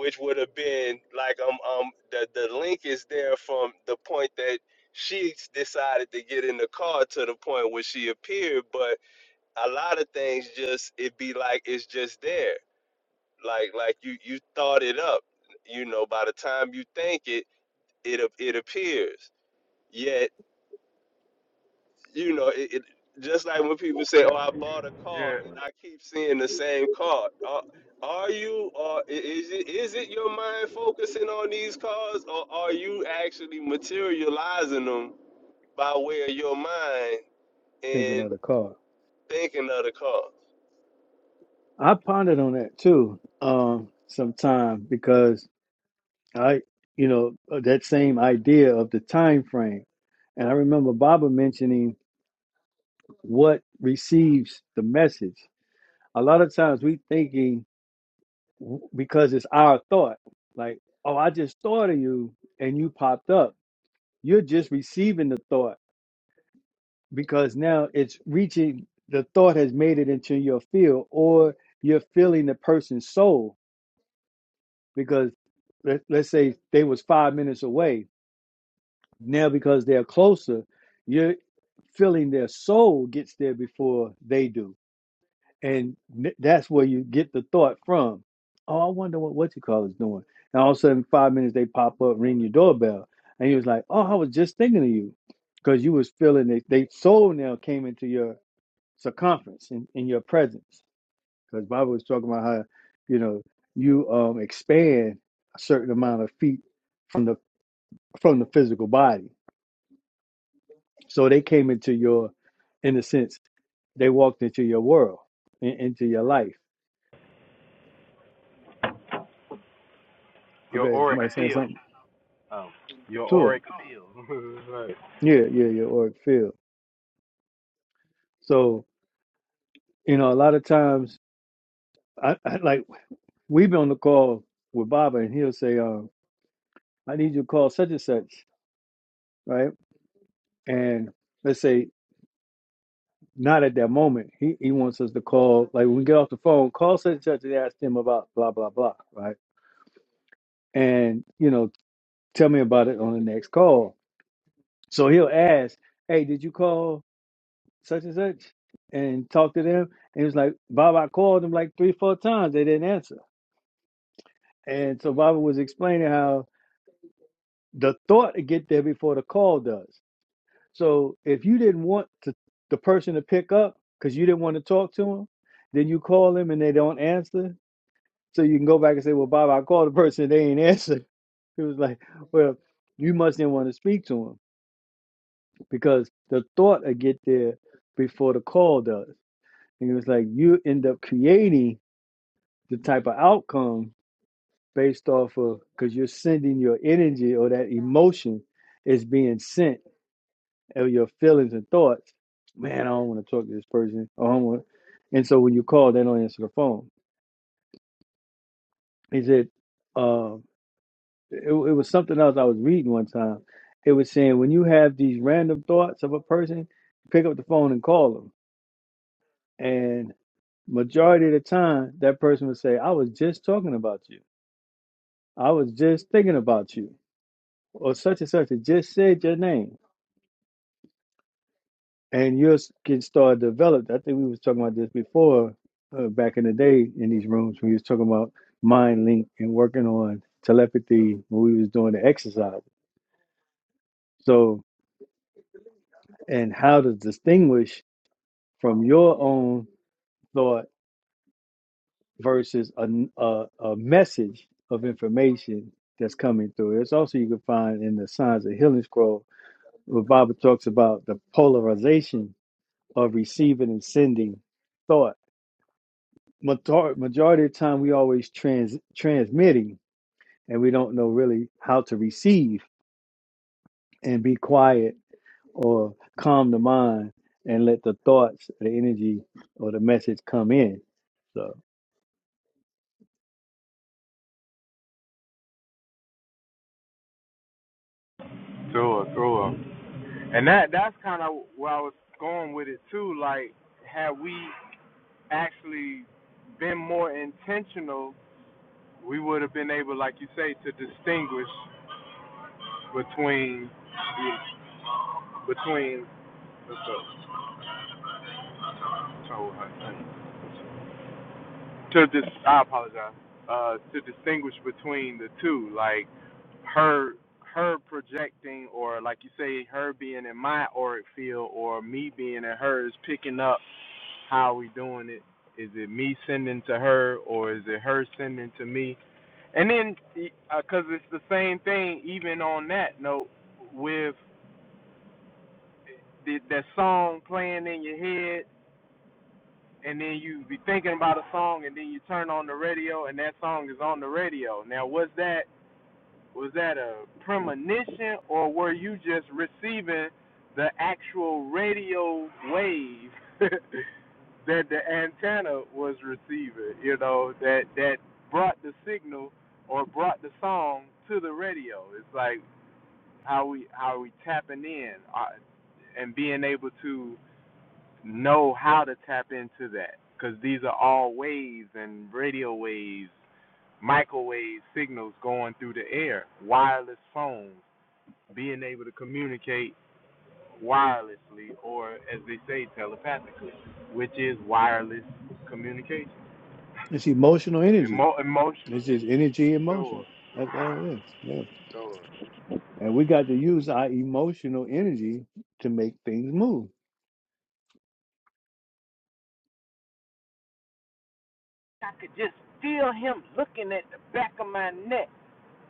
S6: which would have been like um um the the link is there from the point that she decided to get in the car to the point where she appeared but a lot of things just it be like it's just there like like you you thought it up you know by the time you think it it ap- it appears yet you know it, it just like when people say
S9: You,
S6: oh i bought a
S9: you,
S6: car
S9: yeah,
S6: and i keep seeing the same car are, are you or is it is it your mind focusing on these cars or are you actually materializing them by way of your mind
S5: Thinking of
S6: and
S5: the car.
S6: thinking of the car
S5: I pondered on that too, um, sometime because I, you know, uh, that same idea of the time frame, and I remember Baba mentioning what receives the message. A lot of times we thinking w- because it's our thought, like, oh, I just thought of you and you popped up. You're just receiving the thought because now it's reaching the thought has made it into your field or you're feeling the person's soul because let, let's say they was five minutes away now because they're closer you're feeling their soul gets there before they do and n- that's where you get the thought from oh i wonder what what you call is doing and all of a sudden five minutes they pop up ring your doorbell and you was like oh i was just thinking of you because you was feeling it they soul now came into your circumference in, in your presence. Because Bible was talking about how, you know, you um expand a certain amount of feet from the from the physical body. So they came into your in a sense, they walked into your world, in, into your life.
S9: your
S5: Okay,
S9: auric
S5: somebody saying
S9: field.
S5: something
S9: Oh. Your
S5: to it.
S9: auric field. right.
S5: Yeah, yeah, yeah, or it feel. So, you know, a lot of times I, I like we've been on the call with Baba and he'll say, um, I need you to call such and such, right? And let's say Not at that moment. He he wants us to call, like when we get off the phone, call such and such and ask them about blah blah blah, right? And you know, tell me about it on the next call. So he'll ask, "Hey, did you call such and such and talk to them?" And he was like, "Bob, I called them like three, four times. They didn't answer." And so Bob was explaining how the thought to get there before the call does. So if you didn't want to, the person to pick up because you didn't want to talk to him, then you call them and they don't answer So you can go back and say, well, Bob, I called the person, and they ain't answered. It was like, well, you must didn't want to speak to him because the thought will get there before the call does. And it was like, you end up creating the type of outcome based off of, because you're sending your energy or that emotion is being sent of your feelings and thoughts. Man, I don't want to talk to this person. Or I don't want. And so when you call, they don't answer the phone. Is it? uh, it, it was something else I was reading one time. It was saying when you have these random thoughts of a person, pick up the phone and call them. And majority of the time, that person would say, "I was just talking about you. I was just thinking about you, or such and such. It just said your name." And you yours get started developed. I think we was talking about this before, uh, back in the day in these rooms when we was talking about mind link and working on telepathy when we was doing the exercise. So, and how to distinguish from your own thought versus a, a, a message of information that's coming through. It's also you can find in the Signs of Healing Scroll where Baba talks about the polarization of receiving and sending thought. Major- Majority of the time, we always trans transmitting, and we don't know really how to receive and be quiet or calm the mind and let the thoughts, the energy, or the message come in. So
S9: Sure, sure. And that that's kind of where I was going with it too. Like, had we actually been more intentional, we would have been able, like you say, to distinguish between between. What's up? So, uh, to dis- I apologize. Uh, to distinguish between the two, like her her projecting or like you say her being in my auric field or me being in hers picking up how are we doing it is it me sending to her or is it her sending to me and then because uh, it's the same thing even on that note with the, that song playing in your head and then you be thinking about a song and then you turn on the radio and that song is on the radio now was that Was that a premonition, or were you just receiving the actual radio wave that the antenna was receiving? You know, that that brought the signal or brought the song to the radio. It's like how we how we tapping in uh, and being able to know how to tap into that because these are all waves and radio waves, microwave signals going through the air, wireless phones, being able to communicate wirelessly or as they say telepathically, which is wireless communication.
S5: it's emotional energy
S9: Emo- emotional
S5: It's just energy and
S9: sure,
S5: motion. That's all it is. Yeah.
S9: sure.
S5: And we got to use our emotional energy to make things move.
S9: I could just feel him looking at the back of my neck.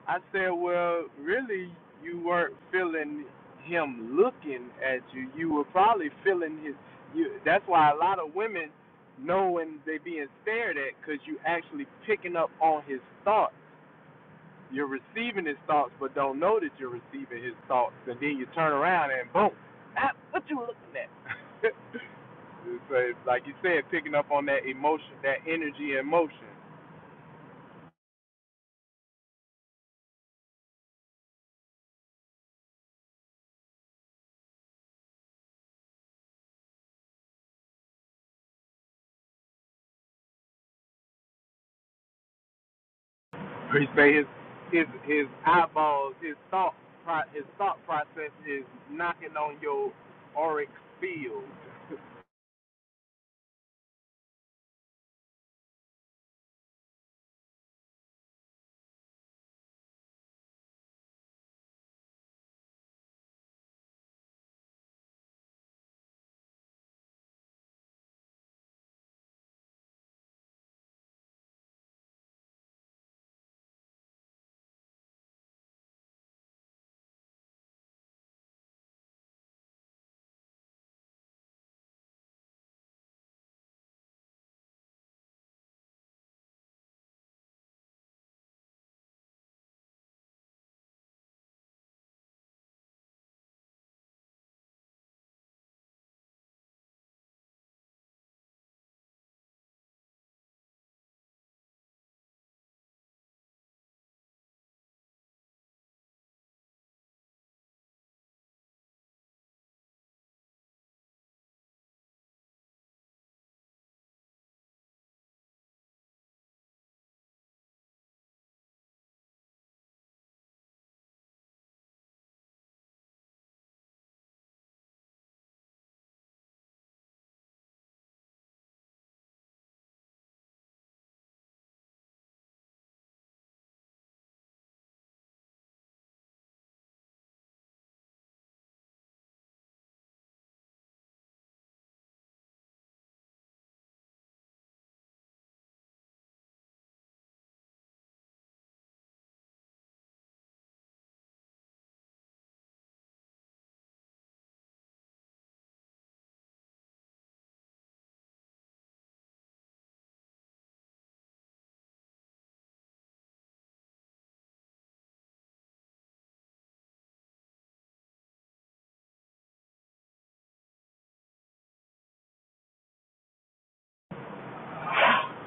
S9: I said, Well, really you weren't feeling him looking at you. You were probably feeling his you that's why a lot of women know when they being stared at because you actually picking up on his thoughts You're receiving his thoughts, but don't know that you're receiving his thoughts, and then you turn around and boom, ah, what you looking at? so like you said, picking up on that emotion, that energy, and motion. Where you say his his his eyeballs, his thought his thought process is knocking on your auric field.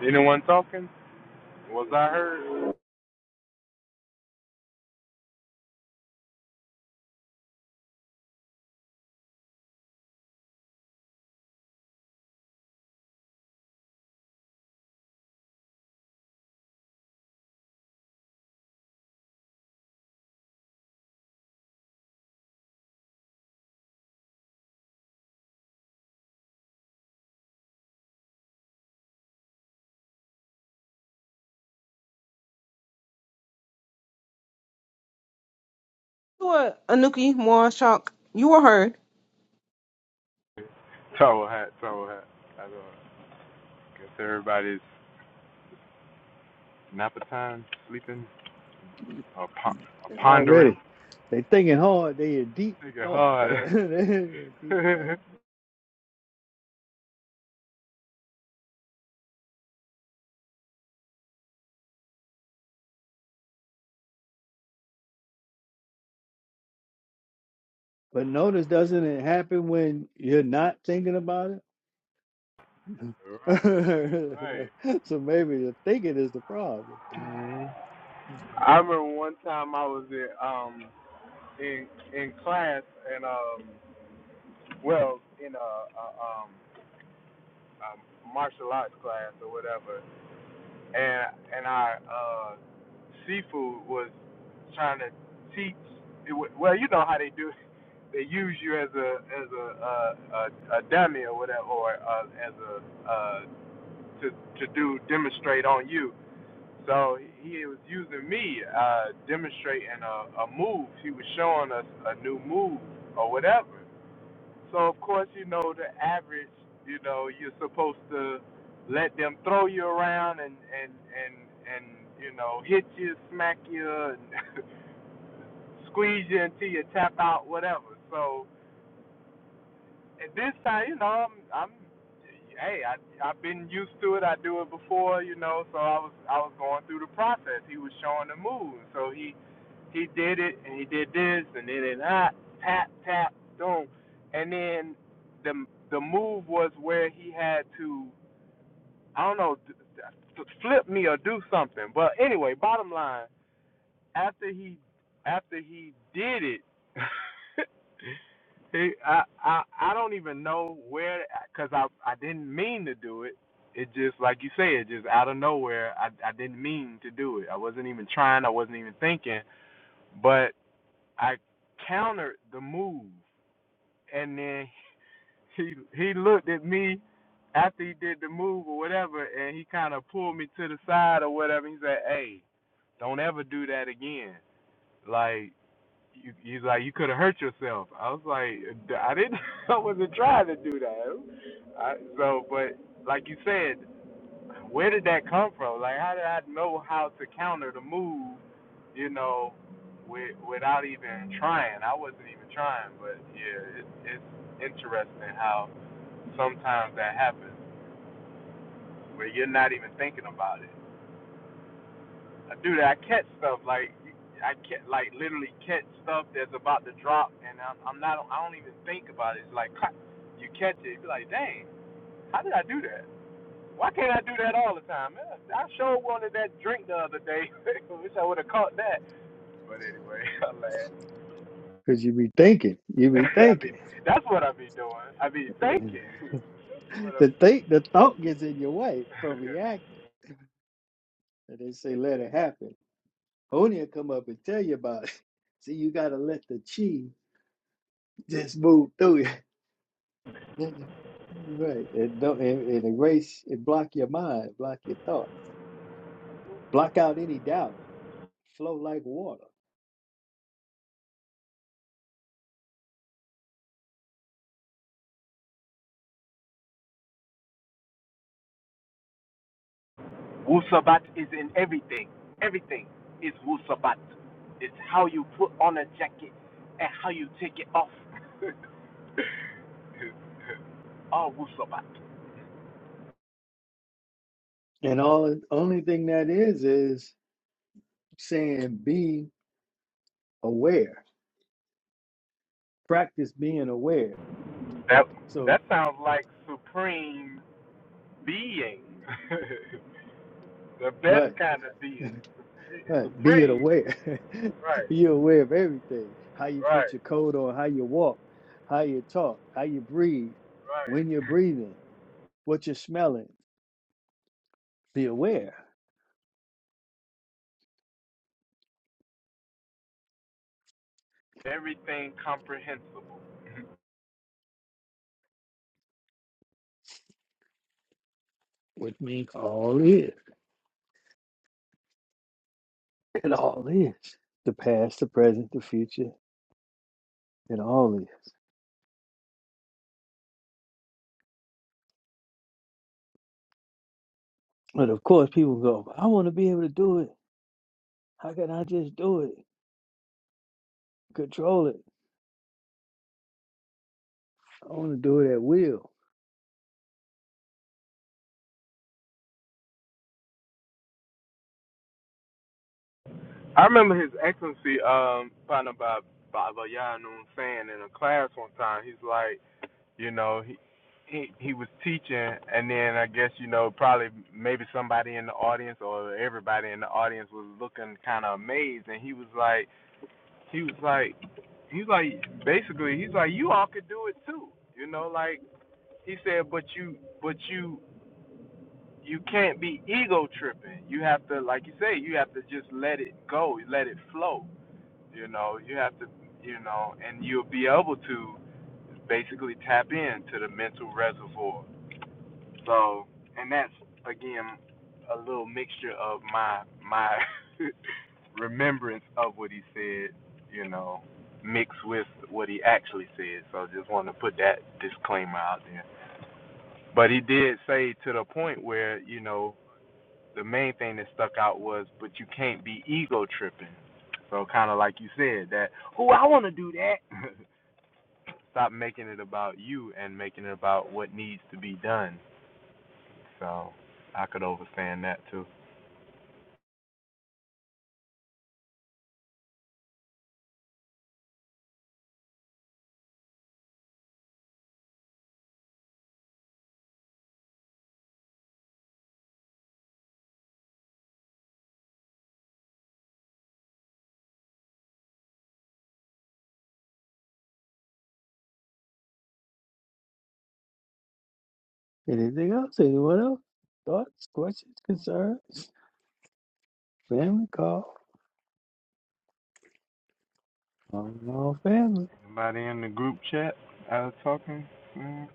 S9: Anyone talking? Was I heard?
S1: Tua, Anuki, Moashok, you are heard.
S9: Towel hat, towel hat. I don't know. Guess everybody's nap time, sleeping, or, pon- or
S5: And
S9: pondering.
S5: already they thinking hard, they a deep
S9: Nigga
S5: thought. They
S9: hard.
S5: a deep thought.
S9: right,
S5: But notice doesn't it happen when you're not thinking about it?
S9: right.
S5: so maybe the thinking is the problem.
S9: I remember one time I was in um in in class and um well in a, a um a martial arts class or whatever and and our uh seafood was trying to teach it, well you know how they do they use you as a as a uh, a, a dummy or whatever or uh, as a uh to to do demonstrate on you So he was using me, uh, demonstrating a, a move. He was showing us a new move or whatever. So of course, you know the average. You know you're supposed to let them throw you around and and and and you know hit you, smack you, and squeeze you until you tap out, whatever. So at this time, you know, I'm, I'm hey, I I've been used to it. I do it before, you know. So I was I was going through the process. He was showing the move, so he he did it and he did this and then it ah, tap tap boom, and then the the move was where he had to I don't know flip me or do something. But anyway, bottom line, after he after he did it. It, I, I I don't even know where because I I didn't mean to do it. It just like you said, just out of nowhere. I I didn't mean to do it. I wasn't even trying. I wasn't even thinking. But I countered the move, and then he he looked at me after he did the move or whatever, and he kind of pulled me to the side or whatever. He said, "Hey, don't ever do that again." Like you, you like you could have hurt yourself. I was like, I didn't, I wasn't trying to do that. I, so, but like you said, where did that come from? Like, how did I know how to counter the move? You know, with, without even trying. I wasn't even trying, but yeah, it, it's interesting how sometimes that happens where you're not even thinking about it. I do that. I catch stuff like I catch like literally catch stuff that's about to drop, and I'm, I'm not. I don't even think about it. It's like you catch it, you're like, dang, how did I do that? Why can't I do that all the time? Man, I sure wanted that drink the other day. Wish I would have caught that. But anyway, I laugh.
S5: Because you be thinking. You be
S9: I
S5: thinking.
S9: mean, that's what I be doing. I be thinking. That's what
S5: the think the thought gets in your way
S9: I
S5: from reacting. And they say let it happen. Only'll come up and tell you about it. See, you gotta let the chi just move through you. right. It don't it, it erase it block your mind, block your thoughts, block out any doubt, flow like water.
S9: Wu Sabat is in everything. Everything is Wu Sabat. It's how you put on a jacket and how you take it off. All Wu Sabat.
S5: And all only thing that is is saying be aware. Practice being aware.
S9: That
S5: So
S9: that sounds like supreme being, the best
S5: right,
S9: kind of being,
S5: right. Be it
S9: supreme being.
S5: aware.
S9: Right,
S5: You're aware of everything. How you put
S9: right,
S5: your coat on, how you walk, how you talk, how you breathe, when
S9: right.
S5: you're breathing What you're smelling, be aware.
S9: Everything comprehensible.
S5: which means all is. It all is the past, the present, the future. It all is. But of course, people go, I want to be able to do it. How can I just do it? Control it. I want to do it at will.
S9: I remember His Excellency um Panabab Baba Yanun saying in a class one time, he's like. you know he he he was teaching and then i guess you know probably maybe somebody in the audience or everybody in the audience was looking kind of amazed and he was like he was like he's like basically he's like you all could do it too you know like he said but you but you you can't be ego tripping you have to like you say you have to just let it go let it flow you know you have to you know and you'll be able to basically tap into the mental reservoir So, and that's again a little mixture of my my remembrance of what he said, you know, mixed with what he actually said. So, just wanted to put that disclaimer out there. But he did say to the point where you know the main thing that stuck out was, but you can't be ego tripping. So, kind of like you said, that oh, I want to do that. Stop making it about you and making it about what needs to be done. So, I could overstand that too.
S5: Anything else? Anyone else? Thoughts, questions, concerns? Family call. All all family.
S9: Anybody in the group chat out of talking? Mm.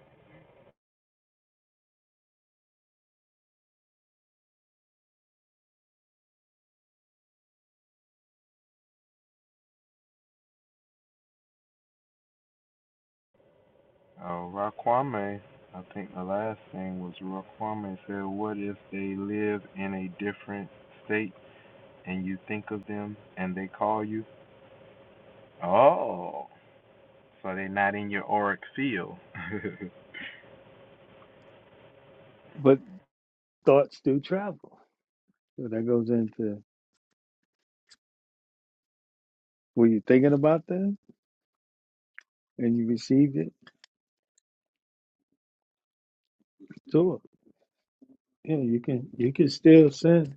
S9: Oh, Raquame. I think the last thing was Raquame said, What if they live in a different state and you think of them and they call you? Oh, so they're not in your auric field.
S5: But thoughts do travel. So that goes into were you thinking about them and you received it? Sure. Yeah, you can you can still send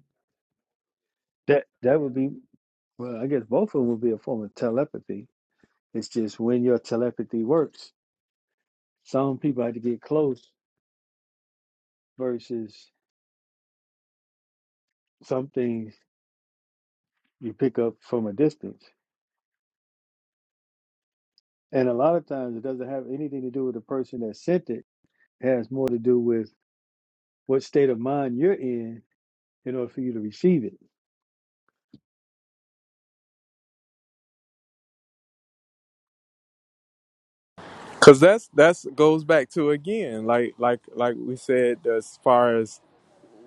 S5: That that would be well, I guess both of them would be a form of telepathy. It's just when your telepathy works. Some people have to get close versus some things you pick up from a distance. And a lot of times it doesn't have anything to do with the person that sent it. It has more to do with what state of mind you're in in order for you to receive it.
S9: Cause that's that's goes back to again, like like like we said, as far as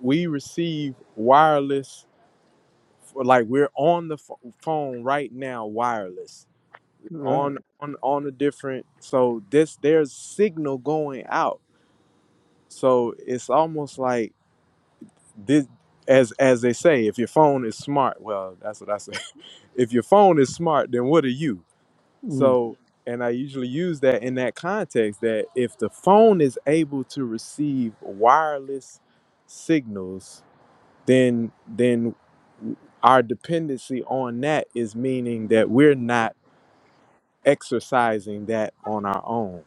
S9: we receive wireless, like we're on the ph phone right now, wireless.
S5: Right.
S9: on on on a different so this there's signal going out so it's almost like this as as they say if your phone is smart well that's what i say if your phone is smart then what are you
S5: Mm.
S9: so and i usually use that in that context that if the phone is able to receive wireless signals then then our dependency on that is meaning that we're not exercising that on our own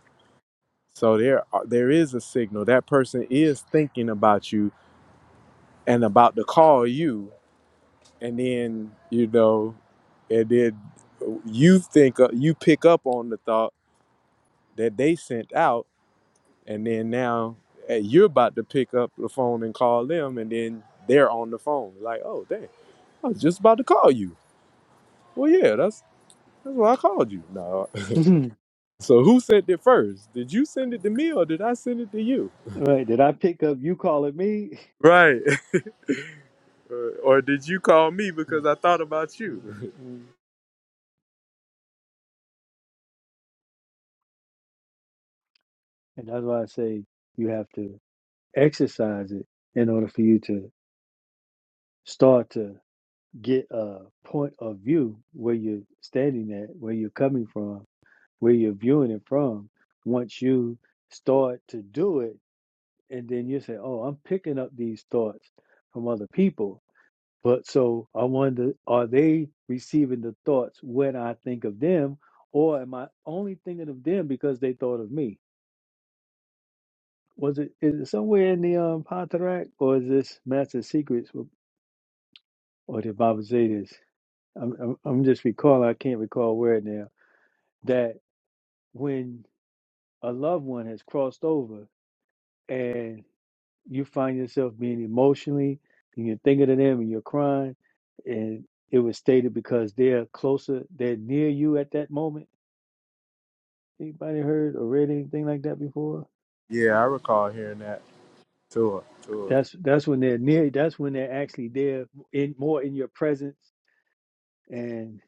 S9: So there, are- there is a signal. That person is thinking about you and about to call you, and then you know, and then uh, you think uh, you pick up on the thought that they sent out, and then now eh, you're about to pick up the phone and call them, and then they're on the phone. Like, oh dang, I was just about to call you. Well, yeah, that's that's why I called you. No, so who sent it first? Did you send it to me or did I send it to you?
S5: right. Did I pick up you calling me?
S9: Right. Uh, or did you call me because I thought about
S5: Mm, mm,
S9: you?
S5: mm. and that's why I say you have to exercise it in order for you to start to get a point of view where you're standing at, where you're coming from, where you're viewing it from. Once you start to do it, and then you say, "Oh, I'm picking up these thoughts from other people." But so I wonder, are they receiving the thoughts when I think of them, or am I only thinking of them because they thought of me? Was it is it somewhere in the um Patarak, or is this Master Secrets or the Baba Zetas? I'm, I'm I'm just recalling, I can't recall where now, that when a loved one has crossed over and you find yourself being emotionally and you're thinking of them and you're crying, and it was stated because they're closer, they're near you at that moment. Anybody heard or read anything like that before?
S9: yeah, I recall hearing that. Tour, tour.
S5: That's that's when they're near. That's when they're actually there, in more in your presence, and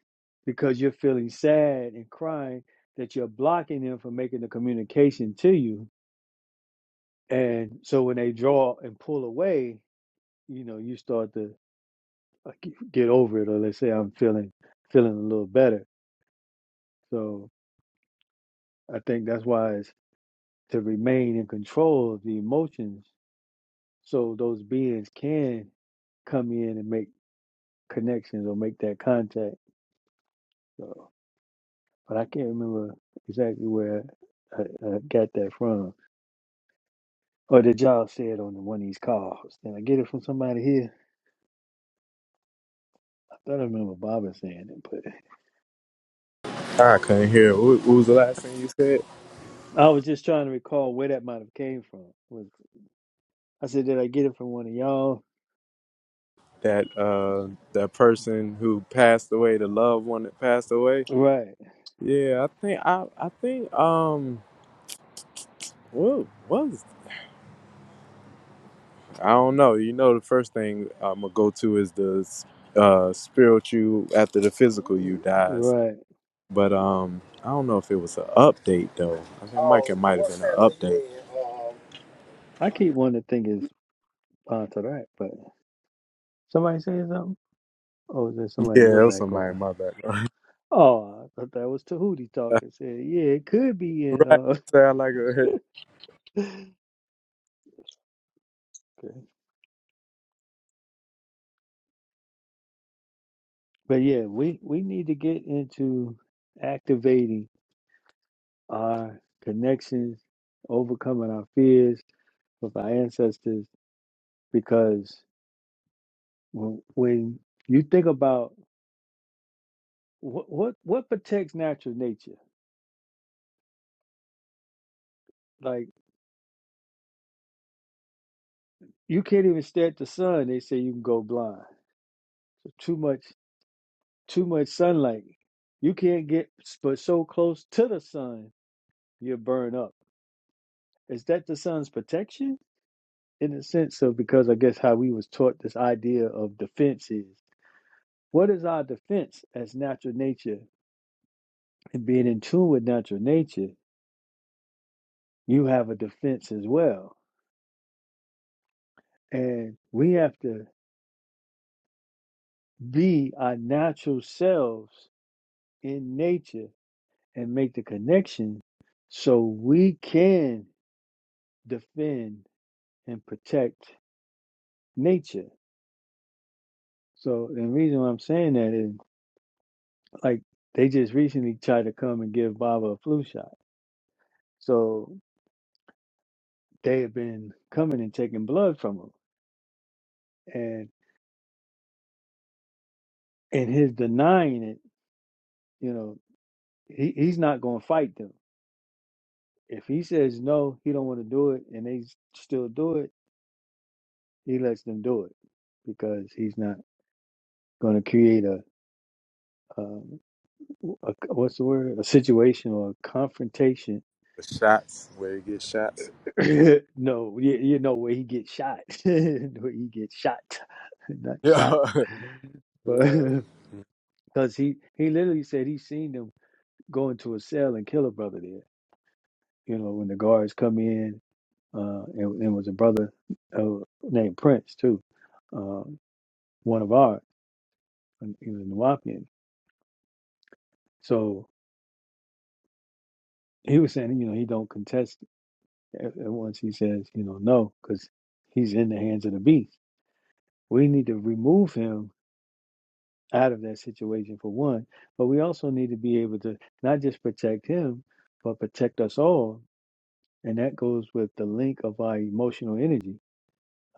S5: because you're feeling sad and crying, that you're blocking them from making the communication to you And so when they draw and pull away, you know, you start to uh, get over it, or let's say I'm feeling feeling a little better. So I think that's why it's to remain in control of the emotions, so those beings can come in and make connections or make that contact. So, but I can't remember exactly where I, I got that from, or did y'all say it on one of these calls? Did I get it from somebody here? I thought I remember Baba saying it, but.
S9: I couldn't hear. Wh- What was the last thing you said?
S5: I was just trying to recall where that might have came from. Was I said, did I get it from one of y'all?
S9: That uh, that person who passed away, the loved one that passed away.
S5: Right,
S9: Yeah, I think I, I think um, what was? I don't know. You know, the first thing I'm gonna go to is the uh spiritual after the physical you dies.
S5: right.
S9: But um, I don't know if it was an update though. I think Mike it might have been an update.
S5: I keep wanting to think it's onto that, but somebody saying something. Oh, is there somebody in your
S9: Yeah, it was somebody
S5: background?
S9: in my background.
S5: Oh, I thought that was Tahuti talking. Said, yeah, it could be in.
S9: right.
S5: Uh,
S9: Sound like a
S5: Okay. but yeah, we we need to get into activating our connections, overcoming our fears with our ancestors, because when, when you think about what what what protects natural nature? Like you can't even stare at the sun. They say you can go blind. Too much too much sunlight. You can't get s- but so close to the sun you burn up. Is that the sun's protection in the sense of because I guess how we was taught this idea of defense is what is our defense as natural nature and being in tune with natural nature? You have a defense as well, and we have to be our natural selves in nature and make the connection so we can defend and protect nature. So the reason why I'm saying that is like they just recently tried to come and give Baba a flu shot. So they have been coming and taking blood from him. And and his denying it, you know, he, he's not gonna fight them. If he says no, he don't want to do it and they s- still do it, he lets them do it because he's not gonna create a um, a, what's the word? A situation or a confrontation.
S9: the shots where you get shots.
S5: no, you, you know where he gets shot. where he gets shot, not
S9: Yeah.
S5: shot. But
S9: right.
S5: because he he literally said he seen them go into a cell and kill a brother there. You know when the guards come in, uh, and, and was a brother uh, named Prince too, um, one of our uh, he was a Nuwapian. So he was saying, you know, he don't contest At once he says, you know, no, because he's in the hands of the beast. We need to remove him out of that situation for one, but we also need to be able to not just protect him, but protect us all. And that goes with the link of our emotional energy.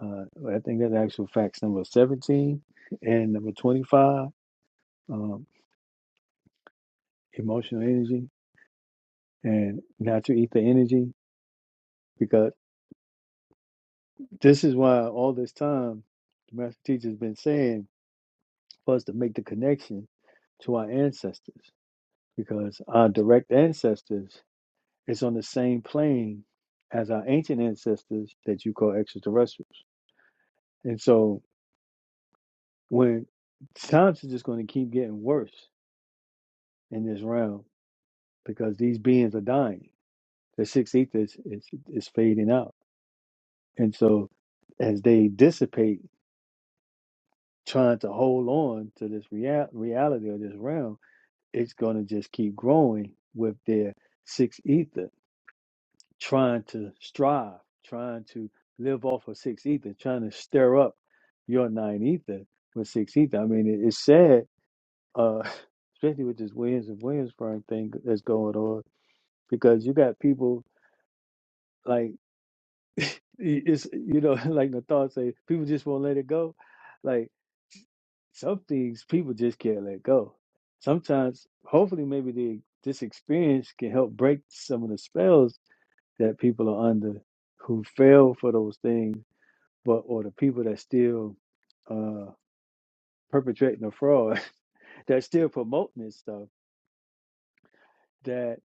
S5: Uh, I think that's actual facts number 17 and number 25, um, emotional energy and natural ether energy, because this is why all this time the master teacher has been saying for us to make the connection to our ancestors because our direct ancestors is on the same plane as our ancient ancestors that you call extraterrestrials. And so when times is just going to keep getting worse in this realm because these beings are dying. The sixth ether is, is, is fading out. And so as they dissipate, trying to hold on to this real, reality of this realm, it's going to just keep growing with their sixth ether trying to strive, trying to live off of six ether, trying to stir up your nine ether with six ether. I mean, it, it's sad, uh, especially with this Williams and Williamsburg thing that's going on, because you got people like i- it's you know like Nathal say, people just won't let it go. Like some things, people just can't let go. Sometimes, hopefully, maybe the this experience can help break some of the spells that people are under who fell for those things but or the people that still uh, perpetrating the fraud, that still promoting this stuff, that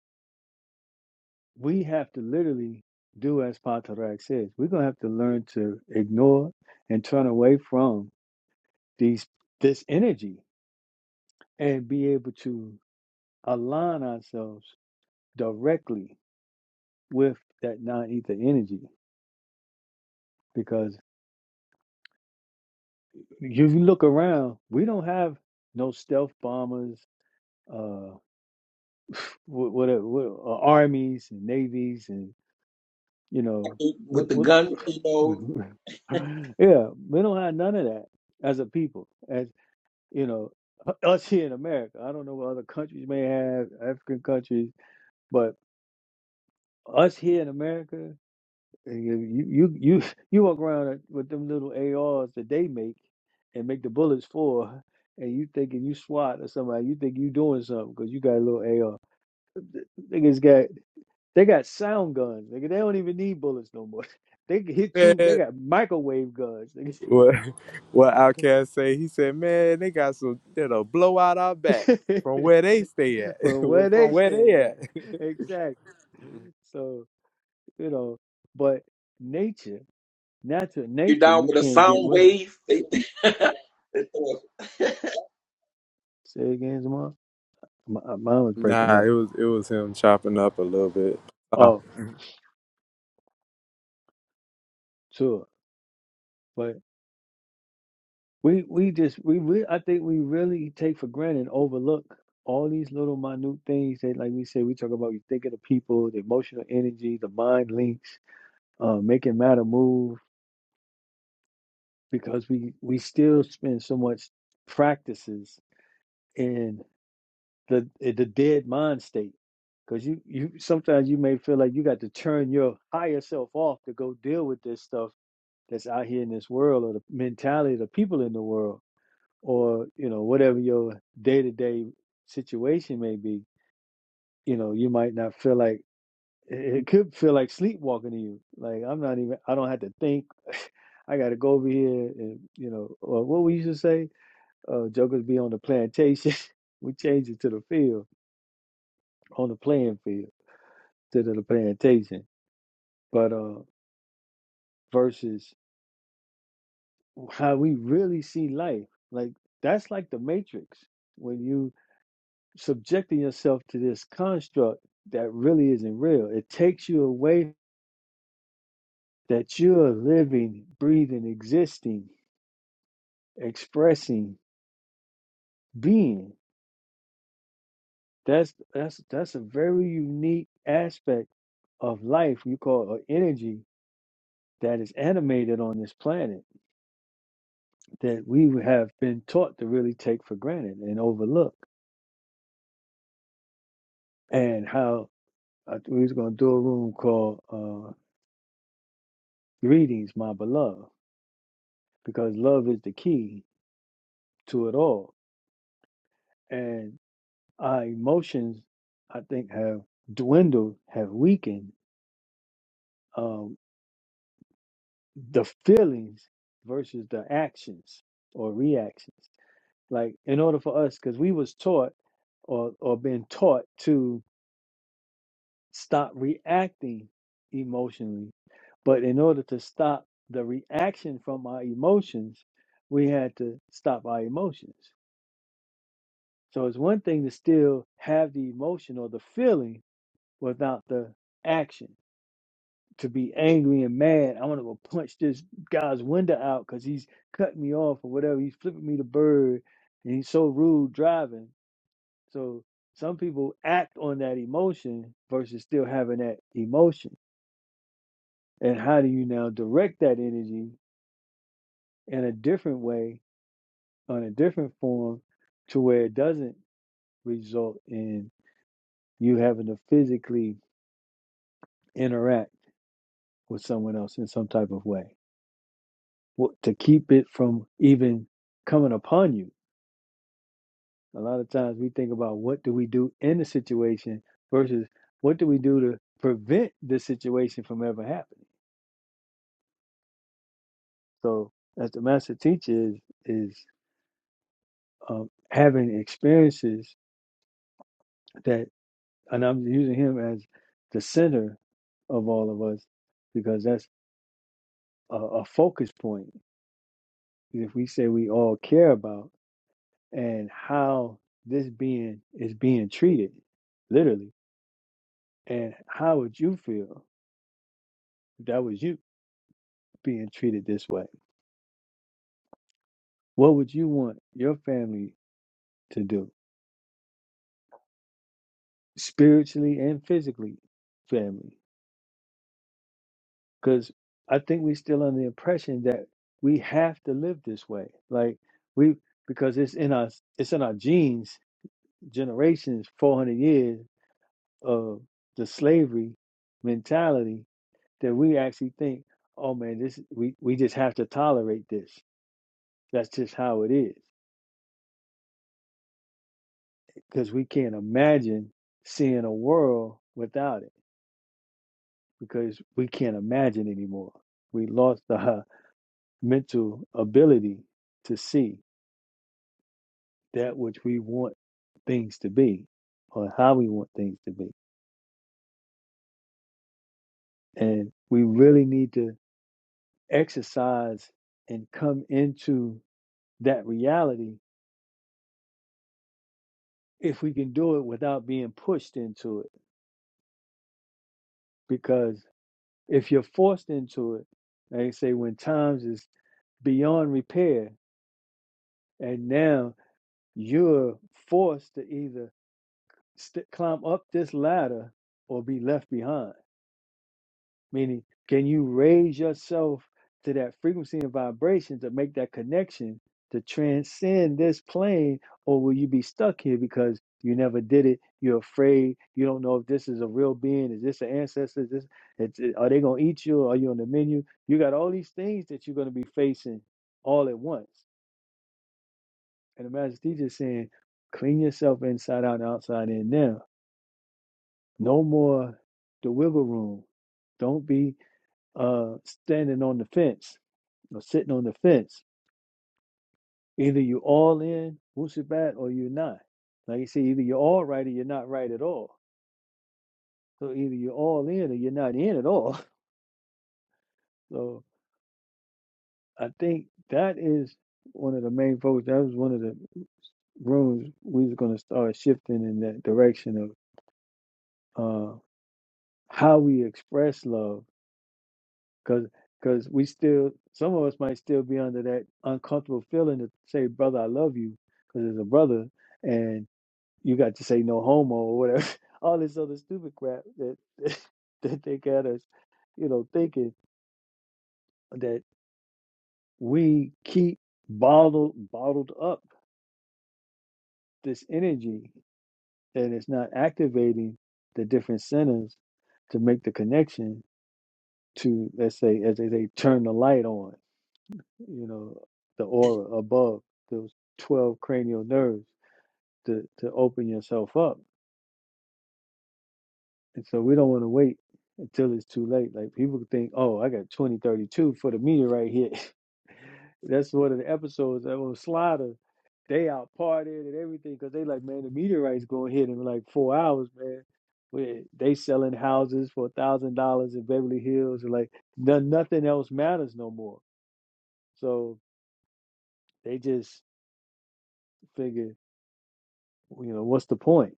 S5: we have to literally do as Patarak says. We're gonna have to learn to ignore and turn away from these this energy and be able to align ourselves directly with that non-ether energy. Because if you look around, we don't have no stealth bombers, uh, what what, are- what are armies and navies and you know
S8: with
S5: what
S8: the
S5: what
S8: gun. You know,
S5: yeah we don't have none of that as a people as you know us here in America I don't know what other countries may have African countries but us here in America uh, you you you you walk around uh, with them little ARs that they make and make the bullets for and you thinking you SWAT or somebody you think you doing something because you got a little AR niggas They got sound guns, nigga. They don't even need bullets no more. They can hit you. They
S9: Man,
S5: got microwave guns, nigga.
S9: what what Outcast say? He said, "Man, they got some that'll blow out our back from where they stay at,
S5: From where
S9: from
S5: they
S9: where they
S5: stand at,
S9: at."
S5: exactly. So you know, but nature, natural
S8: you're
S5: nature,
S8: down
S5: you
S8: with a
S5: can't get
S8: sound
S5: with her.
S8: wave. They
S5: Say again, tomorrow. My, uh, mine was breaking
S9: Nah,
S5: up.
S9: it was it was him chopping up a little bit. Ah.
S5: Oh, sure. We we just we re- I think we really take for granted, and overlook all these little minute things that, like we said, we talk about. You think of the people, the emotional energy, the mind links, uh, making matter move, because we we still spend so much practices in the in the dead mind state. Because you you sometimes you may feel like you got to turn your higher self off to go deal with this stuff that's out here in this world or the mentality of the people in the world or you know whatever your day-to-day situation may be you know you might not feel like it it could feel like sleepwalking to you like i'm not even i don't have to think i gotta go over here and you know or what we used to say uh jokers be on the plantation we changed it to the field on the playing field to the plantation but uh versus how we really see life like that's like the matrix when you. subjecting yourself to this construct that really isn't real. It takes you away that you're living, breathing, existing, expressing, being. That's that's that's a very unique aspect of life you call or energy that is animated on this planet that we have been taught to really take for granted and overlook. And how I, we was going to do a room called uh, "Greetings, My Beloved," because love is the key to it all and our emotions i think have dwindled have weakened um the feelings versus the actions or reactions like in order for us because we was taught or or been taught to stop reacting emotionally but in order to stop the reaction from our emotions we had to stop our emotions so it's one thing to still have the emotion or the feeling without the action to be angry and mad. I want to go punch this guy's window out because he's cutting me off or whatever. He's flipping me the bird, and he's so rude driving. So some people act on that emotion versus still having that emotion. And how do you now direct that energy in a different way, on a different form, to where it doesn't result in you having to physically interact with someone else in some type of way Wh- to keep it from even coming upon you? A lot of times we think about what do we do in the situation versus what do we do to prevent this situation from ever happening. So, as the master teacher is, is um, having experiences that, and I'm using him as the center of all of us because that's a, a focus point. If we say we all care about and how this being is being treated, literally, and how would you feel if that was you being treated this way? What would you want your family to do spiritually and physically, family? Because I think we're still under the impression that we have to live this way. Like we because it's in our it's in our genes, generations, four hundred years of the slavery mentality that we actually think, oh man, this we, we just have to tolerate this. That's just how it is. Because we can't imagine seeing a world without it because we can't imagine anymore. We lost our mental ability to see that which we want things to be or how we want things to be. And we really need to exercise and come into that reality if we can do it without being pushed into it. Because if you're forced into it, they say when times is beyond repair, and now you're forced to either st- climb up this ladder or be left behind? Meaning, can you raise yourself to that frequency and vibration to make that connection to transcend this plane, or will you be stuck here because you never did it? You're afraid. You don't know if this is a real being. Is this an ancestor? Is this, it's, it- are they going to eat you? Are you on the menu? You got all these things that you're going to be facing all at once. And the Master Teacher is saying, clean yourself inside out and outside in now No more the wiggle room. Don't be uh, standing on the fence or sitting on the fence. Either you all in Wusabat or you're not. Like you say, either you're all right or you're not right at all. So either you're all in or you're not in at all. So I think that is one of the main focus. That was one of the rooms we was going to start shifting in that direction of uh, how we express love Cause, cause we still some of us might still be under that uncomfortable feeling to say, "Brother, I love you, cause it's a brother, and you got to say no homo or whatever, all this other stupid crap that that they got us, you know, thinking that we keep bottled bottled up this energy and it's not activating the different centers to make the connection to, let's say, as they say, turn the light on. you know, the aura above those 12 cranial nerves to, to open yourself up. And so we don't want to wait until it's too late. Like people think, oh, I got 2032 for the meter right here. That's one of the episodes that on Slider. They out partying and everything because they like, man, the meteorite's going to hit in like four hours, man. We- They selling houses for a thousand dollars in Beverly Hills, and like no, nothing else matters no more. So they just figure you know, what's the point?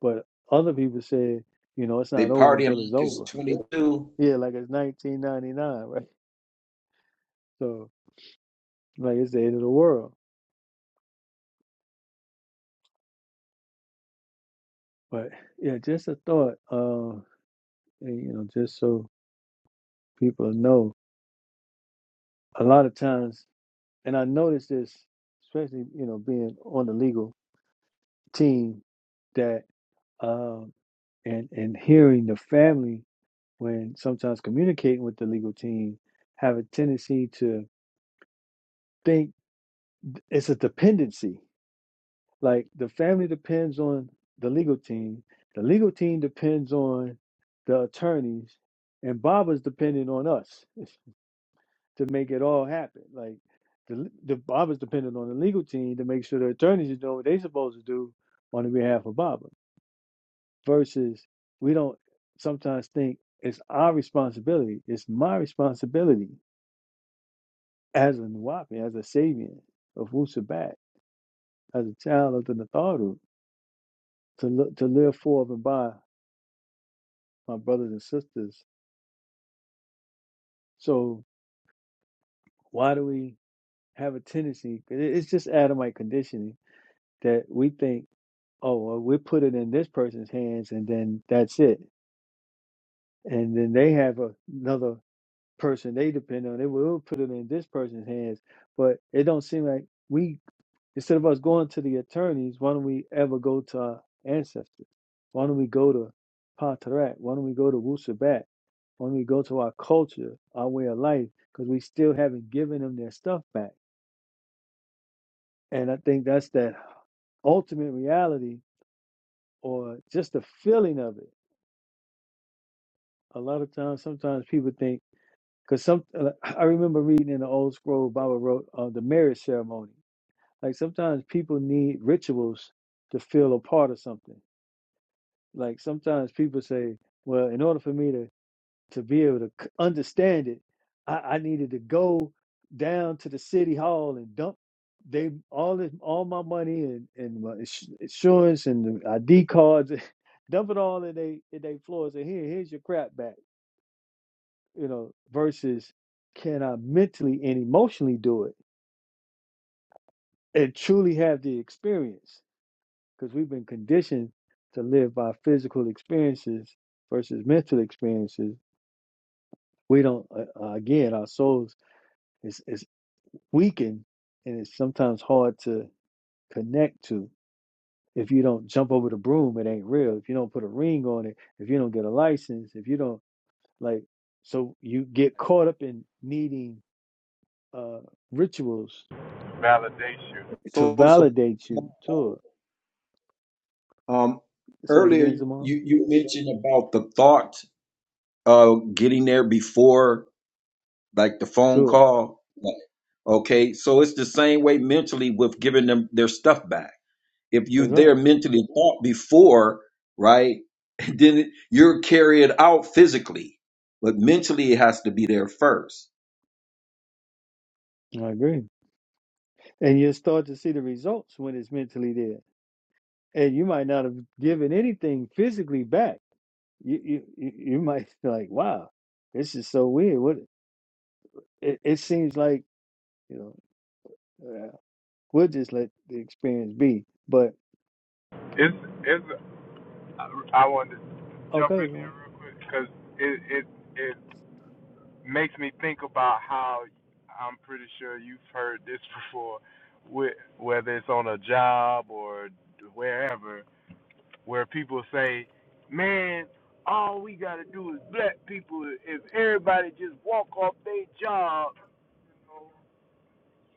S5: But other people said, you know, it's
S8: they
S5: not over
S8: party him
S5: until it's
S8: like it's
S5: over.
S8: 22.
S5: Yeah, like it's 1999, right? So, like it's the end of the world. But yeah, just a thought, um, and, you know, just so people know, a lot of times, and I noticed this, especially, you know, being on the legal team, that, um, and, and hearing the family when sometimes communicating with the legal team have a tendency to think it's a dependency Like the family depends on the legal team, the legal team depends on the attorneys, and Baba's dependent on us to make it all happen. Like the the Baba's dependent on the legal team to make sure the attorneys are doing what they're supposed to do on the behalf of Baba. Versus we don't sometimes think it's our responsibility. It's my responsibility as a Nuwapi, as a Sabian of Wusabat, as a child of the Natharu, to look, to live for and by my brothers and sisters. So why do we have a tendency? It's just Adamite conditioning that we think, oh, well, we put it in this person's hands, and then that's it. And then they have a, another person they depend on. They will put it in this person's hands, but it don't seem like we Instead of us going to the attorneys, why don't we ever go to our ancestors? Why don't we go to Patarak? Why don't we go to Wusabat? Why don't we go to our culture, our way of life? Because we still haven't given them their stuff back. And I think that's that ultimate reality or just the feeling of it. A lot of times, sometimes people think, because some, uh, I remember reading in the old scroll, Baba wrote uh, the marriage ceremony. Like sometimes people need rituals to feel a part of something Like sometimes people say, well, in order for me to to be able to c- understand it, I, I needed to go down to the city hall and dump they all this all my money and and my ins- insurance and the ID cards, dump it all in they in they floors and here here's your crap back, you know. Versus, can I mentally and emotionally do it and truly have the experience? Because we've been conditioned to live by physical experiences versus mental experiences we don't uh, uh, again our souls is is weakened and it's sometimes hard to connect to if you don't jump over the broom it ain't real if you don't put a ring on it if you don't get a license if you don't like so you get caught up in needing uh rituals
S9: validation.
S5: to
S8: So so,
S5: validate you to
S8: um,
S5: it say it
S8: earlier
S5: again Zamar.
S8: you you mentioned about the thought of getting there before like the phone
S5: to it
S8: call. Like, Okay, so it's the same way mentally with giving them their stuff back. if you're
S5: that's
S8: there
S5: right
S8: mentally thought before, right, then you're carried out physically, but mentally it has to be there first.
S5: i agree and you start to see the results when it's mentally there and you might not have given anything physically back you you you you might be like, wow, this is so weird. What it, it seems like, you know, uh, we'll just let the experience be. But
S9: It's it's. I I wanted to jump
S5: okay,
S9: in there
S5: go
S9: real quick because it it it. makes me think about how I'm pretty sure you've heard this before, whe- whether it's on a job or wherever, where people say, "Man, all we gotta do is black people. If everybody just walk off their job, you know,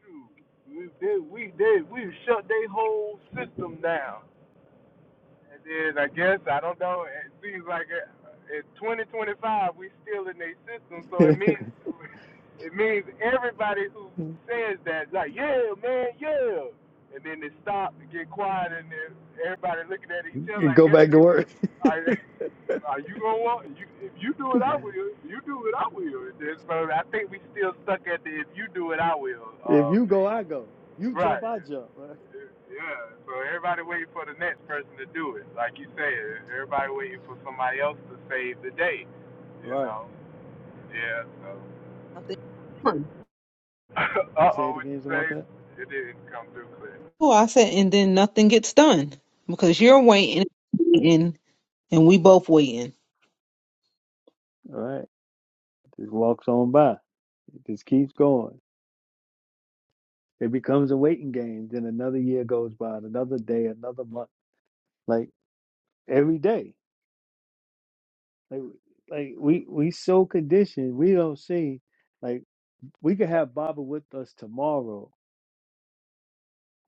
S9: shoot, we they, we they, we shut their whole system down." And then I guess I don't know. It seems like in 2025 we still in a system, so it means it means everybody who says that like yeah man yeah, and then they stop and get quiet and then everybody looking at each
S5: You
S9: other. I
S5: go
S9: guess
S5: back to
S9: they would.
S5: work.
S9: Are, are you gonna want you? If you do it, I will. You do it, I will. And then, so I think we still stuck at the if you do it, I will.
S5: If
S9: Uh,
S5: you go, I
S9: man.
S5: go. You jump,
S9: Right.
S5: I jump. Right.
S9: Yeah, so everybody waiting for the next person to do it. Like you said, everybody waiting for somebody else to save the day, you
S5: Right.
S9: know? Yeah, so.
S1: Nothing. done.
S9: uh
S5: Say
S9: oh,
S5: it
S9: what
S5: again,
S9: you
S5: some more
S9: say?
S5: time.
S9: It didn't come through clear.
S1: Tua, I said, and then nothing gets done because you're waiting, waiting, and we both waiting.
S5: All right. Just walks on by. It just keeps going. It becomes a waiting game. Then another year goes by, and another day, another month. Like every day. Like, like we we so conditioned, we don't see. Like we could have Baba with us tomorrow,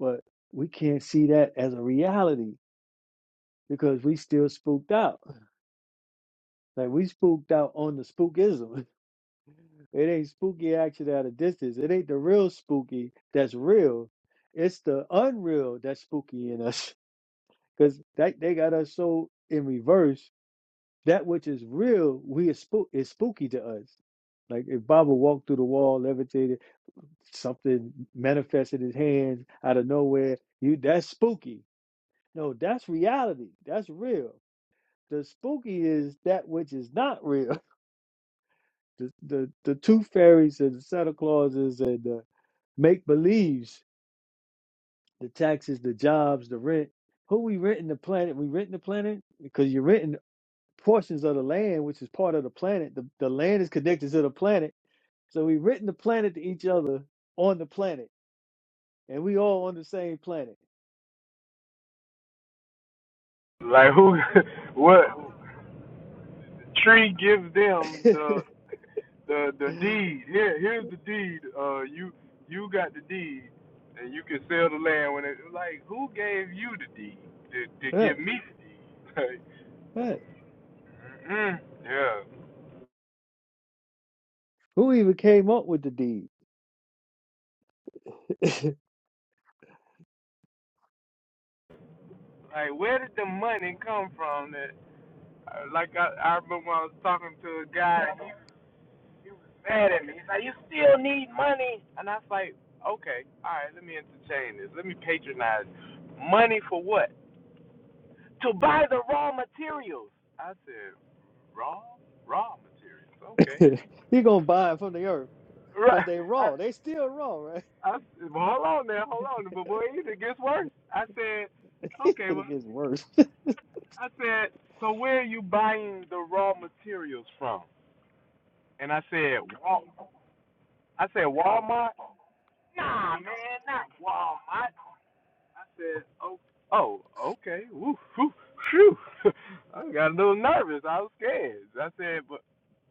S5: but we can't see that as a reality because we still spooked out. Like we spooked out on the spookism. It ain't spooky action at a distance. It ain't the real spooky that's real. It's the unreal that's spooky in us. Cause that they got us so in reverse. That which is real, we is spook is spooky to us. Like if Baba walked through the wall, levitated something manifested his hands out of nowhere. You that's spooky. No, that's reality. That's real. The spooky is that which is not real. The the, the tooth fairies and the Santa Clauses and the make believes, the taxes, the jobs, the rent. Who we renting the planet? We renting the planet because you're renting portions of the land, which is part of the planet. The the land is connected to the planet, so we renting the planet to each other on the planet, and we all on the same planet.
S9: Like, who, what, Tree gives them the, the, the deed. Here, here's the deed. Uh, you, you got the deed, and you can sell the land when it, like, who gave you the deed to, to
S5: Right,
S9: give me the deed? Like,
S5: right.
S9: mm yeah.
S5: Who even came up with the deed?
S9: Like, where did the money come from? That, uh, like, I, I remember I was talking to a guy, and he, he was mad at me. He's like, you still need money. And I was like, okay, all right, let me entertain this. Let me patronize. Money for what? To buy the raw materials. I said, raw? Raw materials. Okay.
S5: he gonna buy it from the earth because
S9: Right.
S5: they
S9: I,
S5: raw. They still raw, right?
S9: I, well, hold on now, hold on. But boy, it gets worse. I said, okay,
S5: And it
S9: well,
S5: gets worse.
S9: I said, so where are you buying the raw materials from? and I said, Wal, I said Walmart. Nah, man, not Walmart. I said, oh, oh, okay, woo, whew, phew. I got a little nervous. I was scared. I said, but,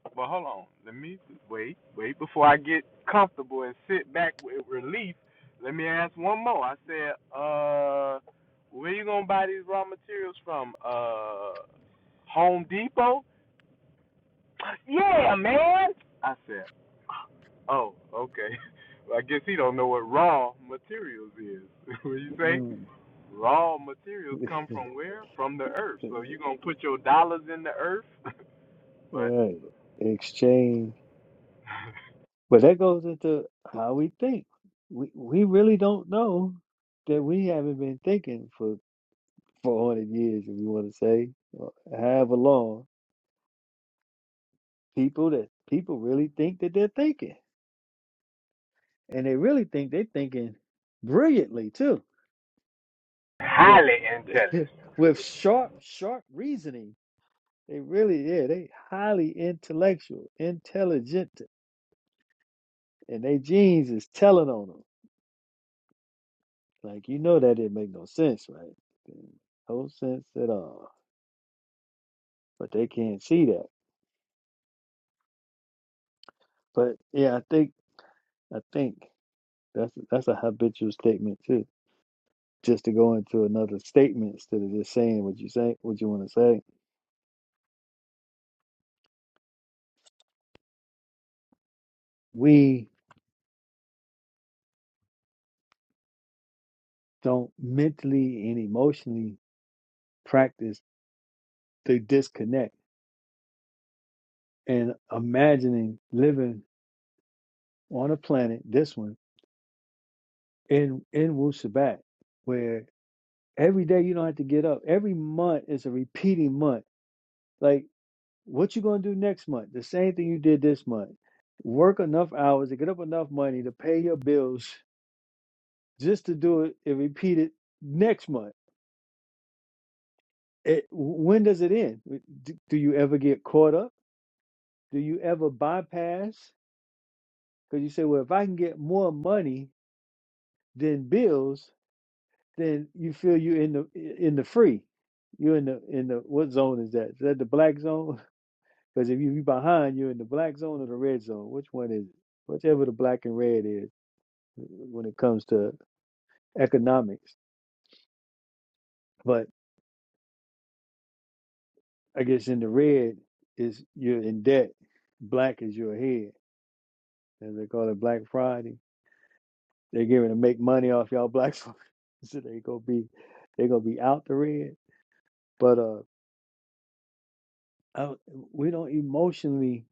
S9: but hold on, let me wait, wait before I get comfortable and sit back with relief. Let me ask one more. I said, uh, where you gonna buy these raw materials from? Uh, Home Depot? Yeah, man. I said, oh, okay. Well, I guess he don't know what raw materials is. what you say?
S5: Mm.
S9: Raw materials come from where? From the earth. So you gonna put your dollars in the earth?
S5: All
S9: but
S5: right. Exchange. But that goes into how we think. We we really don't know that we haven't been thinking for 400 years, if you want to say, or however long. People that people really think that they're thinking, and they really think they're thinking brilliantly too with
S9: Highly intelligent.
S5: with sharp, sharp reasoning. They really, yeah, they highly intellectual, intelligent, and they genes is telling on them. Like you know that didn't make no sense, right? No sense at all. But they can't see that. But yeah, I think I think that's that's a habitual statement too. Just to go into another statement instead of just saying what you say, what you want to say. We don't mentally and emotionally practice the disconnect and imagining living on a planet, this one, in in Wu Sabat, where every day you don't have to get up. Every month is a repeating month. Like what you gonna do next month? The same thing you did this month. Work enough hours to get up enough money to pay your bills just to do it and repeat it next month. It, when does it end? Do, do you ever get caught up? Do you ever bypass? Because you say, well, if I can get more money than bills, then you feel you in the in the free. You're in the in the what zone is that? Is that the black zone? Because if you you behind, you're in the black zone or the red zone. Which one is it? Whichever the black and red is uh, when it comes to economics. But I guess in the red is you're in debt. Black is your head. As they call it Black Friday. They're giving to make money off y'all black folks. so they gonna be they gonna be out the red. But uh I, we don't emotionally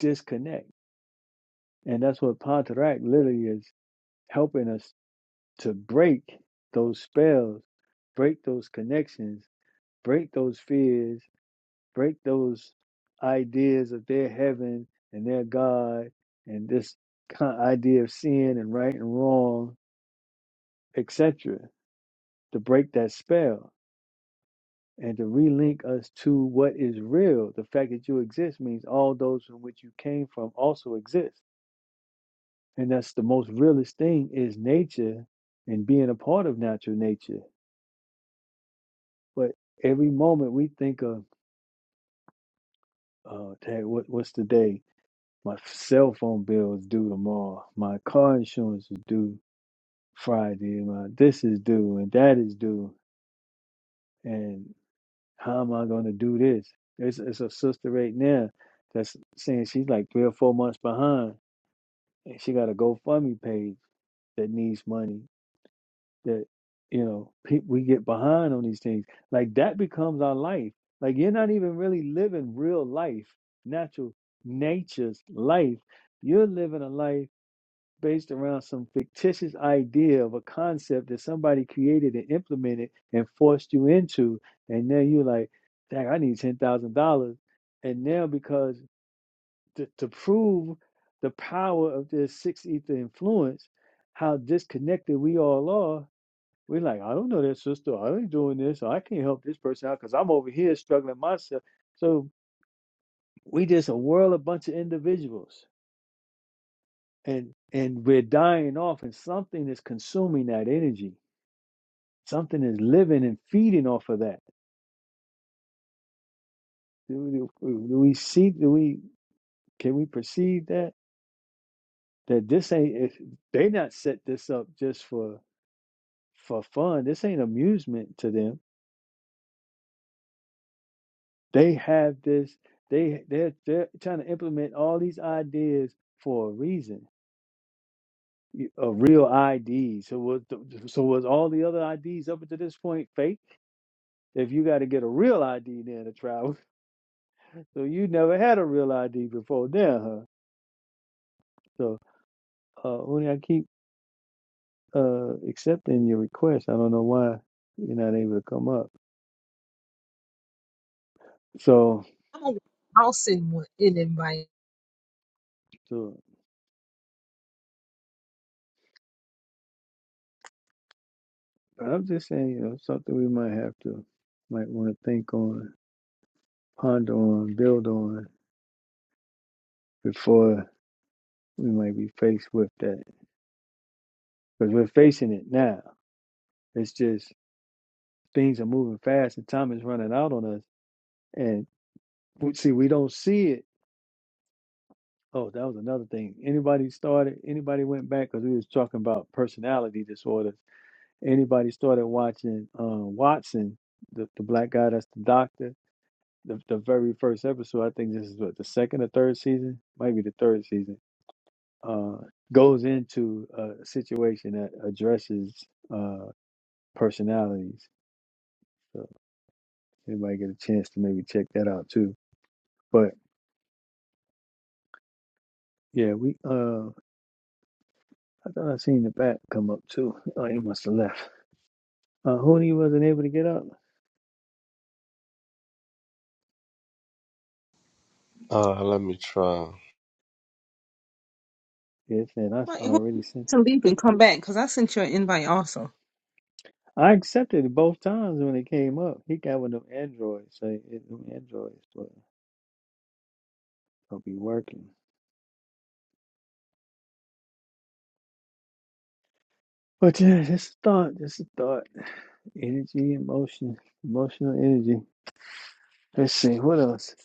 S5: disconnect And that's what Pontarac literally is helping us to break those spells, break those connections, break those fears, break those ideas of their heaven and their God and this con- idea of sin and right and wrong, etc., to break that spell and to relink us to what is real. The fact that you exist means all those from which you came from also exist And that's the most realest thing is nature and being a part of natural nature. But every moment we think of, uh, dang, what, what's today? My cell phone bill is due tomorrow. My car insurance is due Friday. My this is due and that is due. And how am I going to do this? There's, there's a sister right now that's saying she's like three or four months behind, and she got a GoFundMe page that needs money that you know pe- we get behind on these things like that becomes our life like you're not even really living real life natural nature's life you're living a life based around some fictitious idea of a concept that somebody created and implemented and forced you into and then you're like dang i need $10000 and now because to, to prove the power of this six ether influence how disconnected we all are we're like, I don't know that sister. I ain't doing this. I can't help this person out because I'm over here struggling myself. So we just a world, a bunch of individuals, and and we're dying off, and something is consuming that energy. Something is living and feeding off of that. Do, do- do we see? Do we can we perceive that that this ain't if they not set this up just for for fun? This ain't amusement to them They have this. They they're they're trying to implement all these ideas for a reason. y- A real ID. So was the- so was all the other IDs up until this point fake? If you got to get a real ID then to travel, so you never had a real ID before then, huh? So uh, when I keep uh accepting your request, I don't know why you're not able to come up. So
S1: I'm gonna- I'll send one an invite.
S5: so, but I'm just saying, you know, something we might have to might want to think on, ponder on, build on before we might be faced with that. Because we're facing it now. It's just things are moving fast and time is running out on us. And we see, we don't see it. Oh, that was another thing. Anybody started, anybody went back because we was talking about personality disorders. Anybody started watching um, Watson, the, the black guy that's the doctor, the, the very first episode, I think this is what, the second or third season? Might be the third season. Uh, goes into a situation that addresses uh, personalities. So anybody get a chance to maybe check that out too. But yeah, we uh I thought I seen the back come up too. Oh, it must have left. Uh Hoodie wasn't able to get up.
S6: Uh, let me try.
S5: Yes, and I
S1: Wait, who-
S5: already sent it.
S1: to leave and come back because I sent you an invite also.
S5: I accepted it both times when it came up. He got one of them androids, so it them androids but I'll be working. But yeah, just a thought, just a thought. Energy, emotion, emotional energy. Let's see, what else?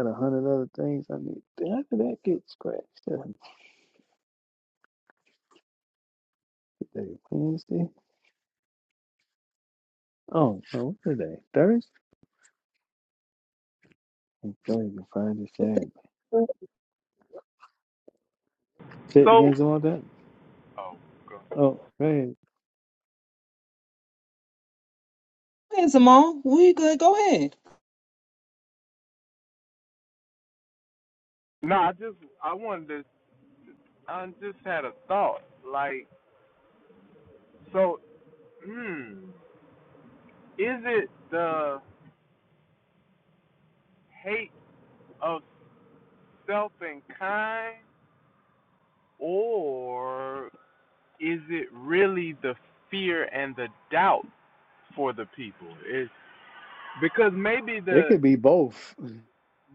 S5: Got a hundred other things I need. Did I did that get scratched? That Today, Wednesday. Oh, no, what's today? Thursday? I'm trying to find the sad. Say it
S9: so.
S5: again, all that.
S9: Oh, God.
S5: Oh, man.
S1: Go ahead, Simone. We good. Go ahead.
S9: No, I just I wanted to. I just had a thought. Like, so, hmm, is it the hate of self and kind, or is it really the fear and the doubt for the people? Is because maybe
S5: It
S9: the
S5: could be both.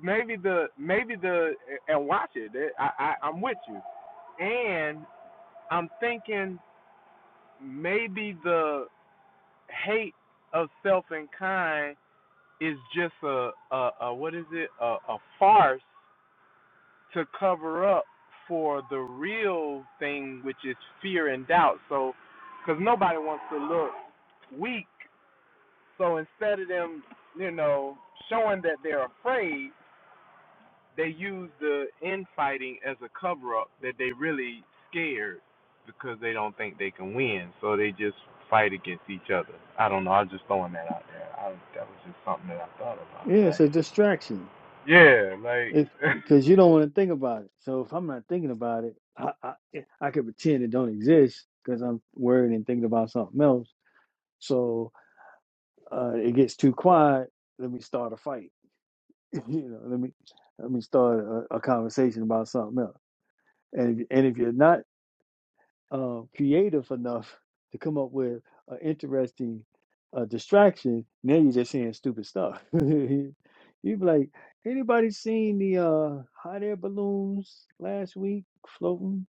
S9: maybe the maybe the and watch it. I, I I'm with you, and I'm thinking maybe the hate of self and kind is just a a, a what is it a, a farce to cover up for the real thing, which is fear and doubt. So, because nobody wants to look weak So instead of them, you know, showing that they're afraid, they use the infighting as a cover up that they really scared because they don't think they can win. So they just fight against each other. I don't know. I'm just throwing that out there. I, that was just something that I thought
S5: Yeah,
S9: about.
S5: it's
S9: Like,
S5: a distraction.
S9: yeah, like.
S5: If because you don't want to think about it. So if I'm not thinking about it, I I, I could pretend it don't exist because I'm worried and thinking about something else. So uh, it gets too quiet. Let me start a fight. you know, let me let me start a, a conversation about something else. And if, and if you're not uh, creative enough to come up with an interesting uh, distraction, now you're just saying stupid stuff. You'd be like, anybody seen the uh, hot air balloons last week floating?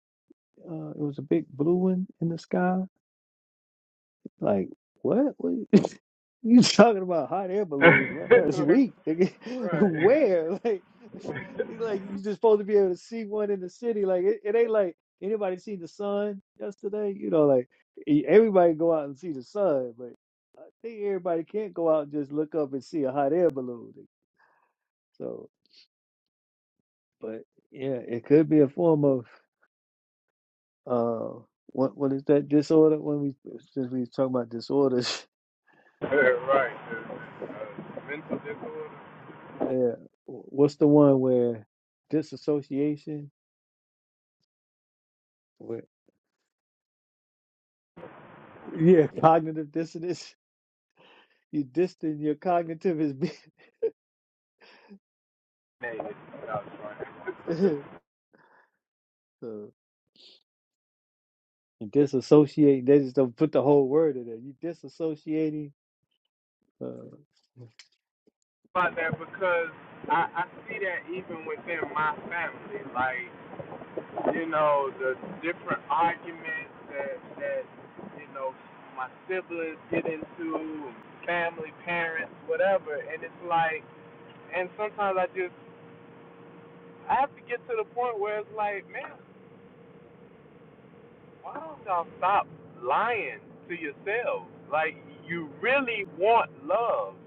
S5: Uh, it was a big blue one in the sky. Like, what? What? You talking about hot air balloons last week? nigga.
S9: right.
S5: Where? Like, it's like you just supposed to be able to see one in the city. Like it, it ain't like anybody seen the sun yesterday. You know, like e- everybody go out and see the sun, but I think everybody can't go out and just look up and see a hot air balloon. So, but yeah, it could be a form of uh, what what is that disorder? When we since we was talking about disorders,
S9: right. Uh, mental disorder.
S5: yeah, what's the one where disassociation? Yeah, cognitive dissonance. You distant your cognitive is be-
S9: Hey, that was funny.
S5: so you disassociate. They just don't put the whole word in there. You disassociating uh,
S9: about that because I, I see that even within my family, like you know the different arguments that that you know my siblings get into, family, parents, whatever, and it's like, and sometimes I just I have to get to the point where it's like, man, why don't y'all stop lying to yourselves? Like you really want love,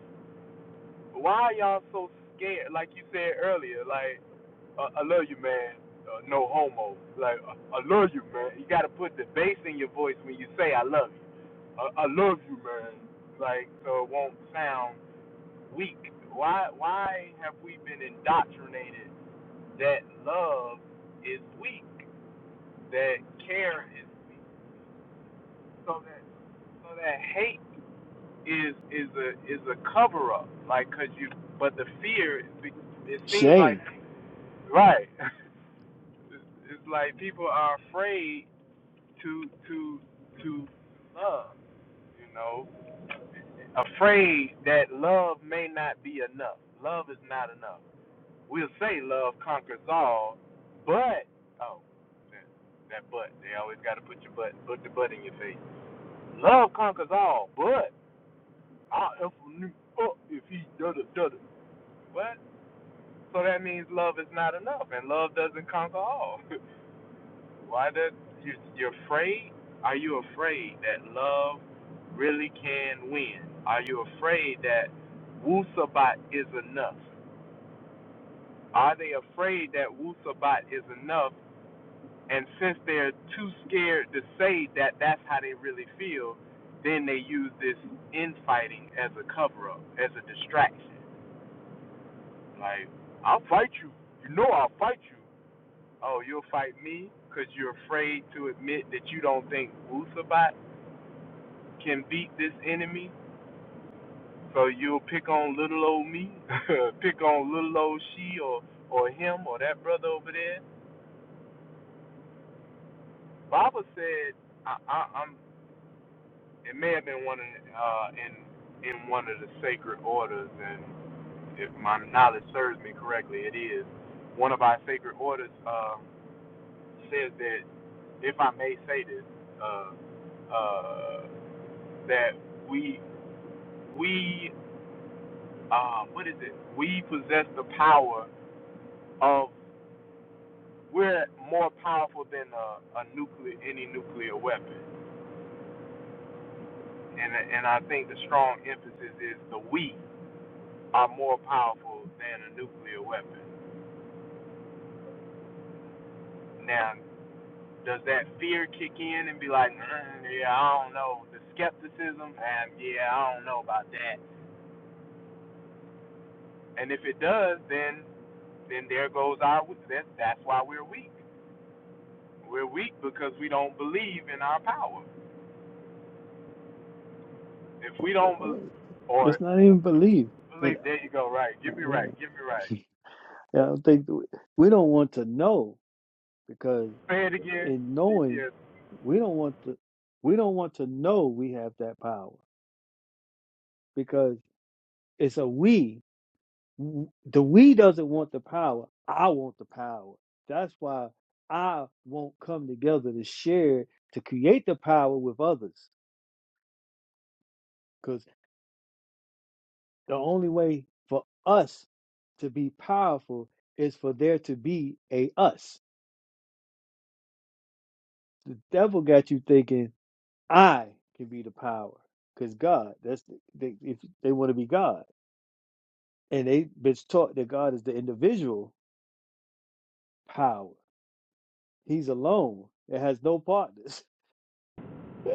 S9: Why are y'all so scared? Like you said earlier, like uh, I love you, man. Uh, no homo. Like uh, I love you, man. You gotta put the bass in your voice when you say I love you. Uh, I love you, man. Like so it won't sound weak. Why? Why have we been indoctrinated that love is weak, that care is weak, so that so that hate is is a is a cover up, like cause you. But the fear, it seems like
S5: shame.
S9: right. It's like people are afraid to to to love, you know, afraid that love may not be enough. Love is not enough. We'll say love conquers all, but oh, that, that but they always got to put your butt put the butt in your face. Love conquers all, but I'll if he da da da da. What? So that means love is not enough, and love doesn't conquer all. Why does you you're afraid? Are you afraid that love really can win? Are you afraid that Wusabat is enough? Are they afraid that Wusabat is enough? And since they're too scared to say that that's how they really feel, then they use this infighting as a cover up, as a distraction. Like, I'll fight you. You know I'll fight you. oh, you'll fight me because you're afraid to admit that you don't think Wusabat can beat this enemy. So you'll pick on little old me, pick on little old she or, or him or that brother over there. Baba said, I, I, I'm. It may have been one of the, uh, in in one of the sacred orders, and if my knowledge serves me correctly, it is one of our sacred orders uh, says that if I may say this, uh, uh, that we we um, what is it? We possess the power of we're more powerful than a, a nuclear any nuclear weapon, and and I think the strong emphasis is the we are more powerful than a nuclear weapon. Now, does that fear kick in and be like, mm, yeah, I don't know, the skepticism, and yeah, I don't know about that. And if it does, then then there goes our that's that's why we're weak. We're weak because we don't believe in our power. If we don't believe, or
S5: It's not even belief. Yeah,
S9: believe, there you go, right.
S5: uh,
S9: Give me right. Give me right.
S5: yeah. Yeah, I don't think we we don't want to know because
S9: Say it again,
S5: in knowing
S9: GPS.
S5: we don't want to we don't want to know we have that power because it's a we w- the we doesn't want the power. I want the power. That's why I won't come together to share to create the power with others. Because the only way for us to be powerful is for there to be a us. The devil got you thinking I can be the power. Because God, that's the, they, if they want to be God, and they've been taught that God is the individual power. He's alone. It has no partners.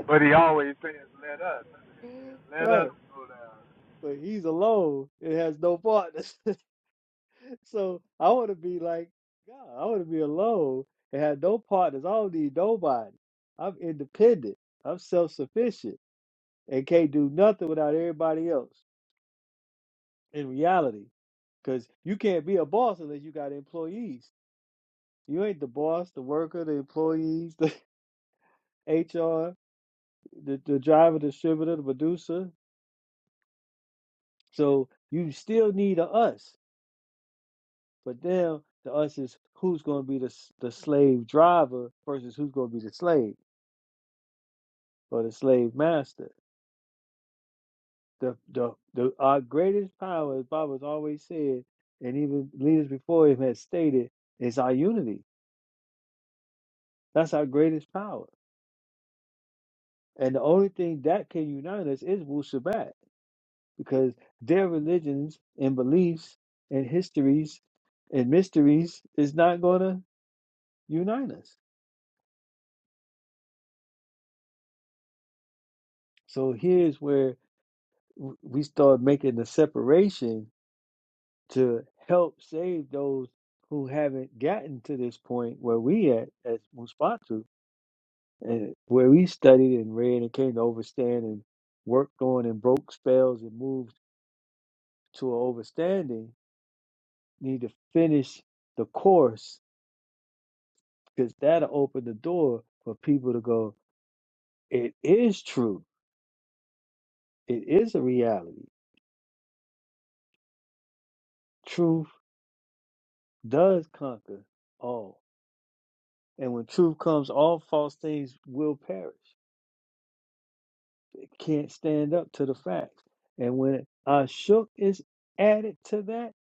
S9: But he always says, let us. Let
S5: right
S9: us go down.
S5: but he's alone and has no partners. so I want to be like God. I want to be alone and have no partners. I don't need nobody. I'm independent. I'm self sufficient and can't do nothing without everybody else in reality. Because you can't be a boss unless you got employees. You ain't the boss, the worker, the employees, the HR, the, the driver, distributor, the producer. So you still need a us. But now to us is who's going to be the the slave driver versus who's going to be the slave or the slave master. The the the our greatest power, as Bob has always said, and even leaders before him had stated, is our unity. That's our greatest power, and the only thing that can unite us is Wu Shabbat, because their religions and beliefs and histories and mysteries is not going to unite us. So here's where w- we start making the separation to help save those who haven't gotten to this point where we at as Muspatu and where we studied and read and came to overstand and worked on and broke spells and moved to an overstanding need to finish the course because that'll open the door for people to go it is true it is a reality truth does conquer all And when truth comes, all false things will perish. It can't stand up to the facts. And when Ashuk is added to that,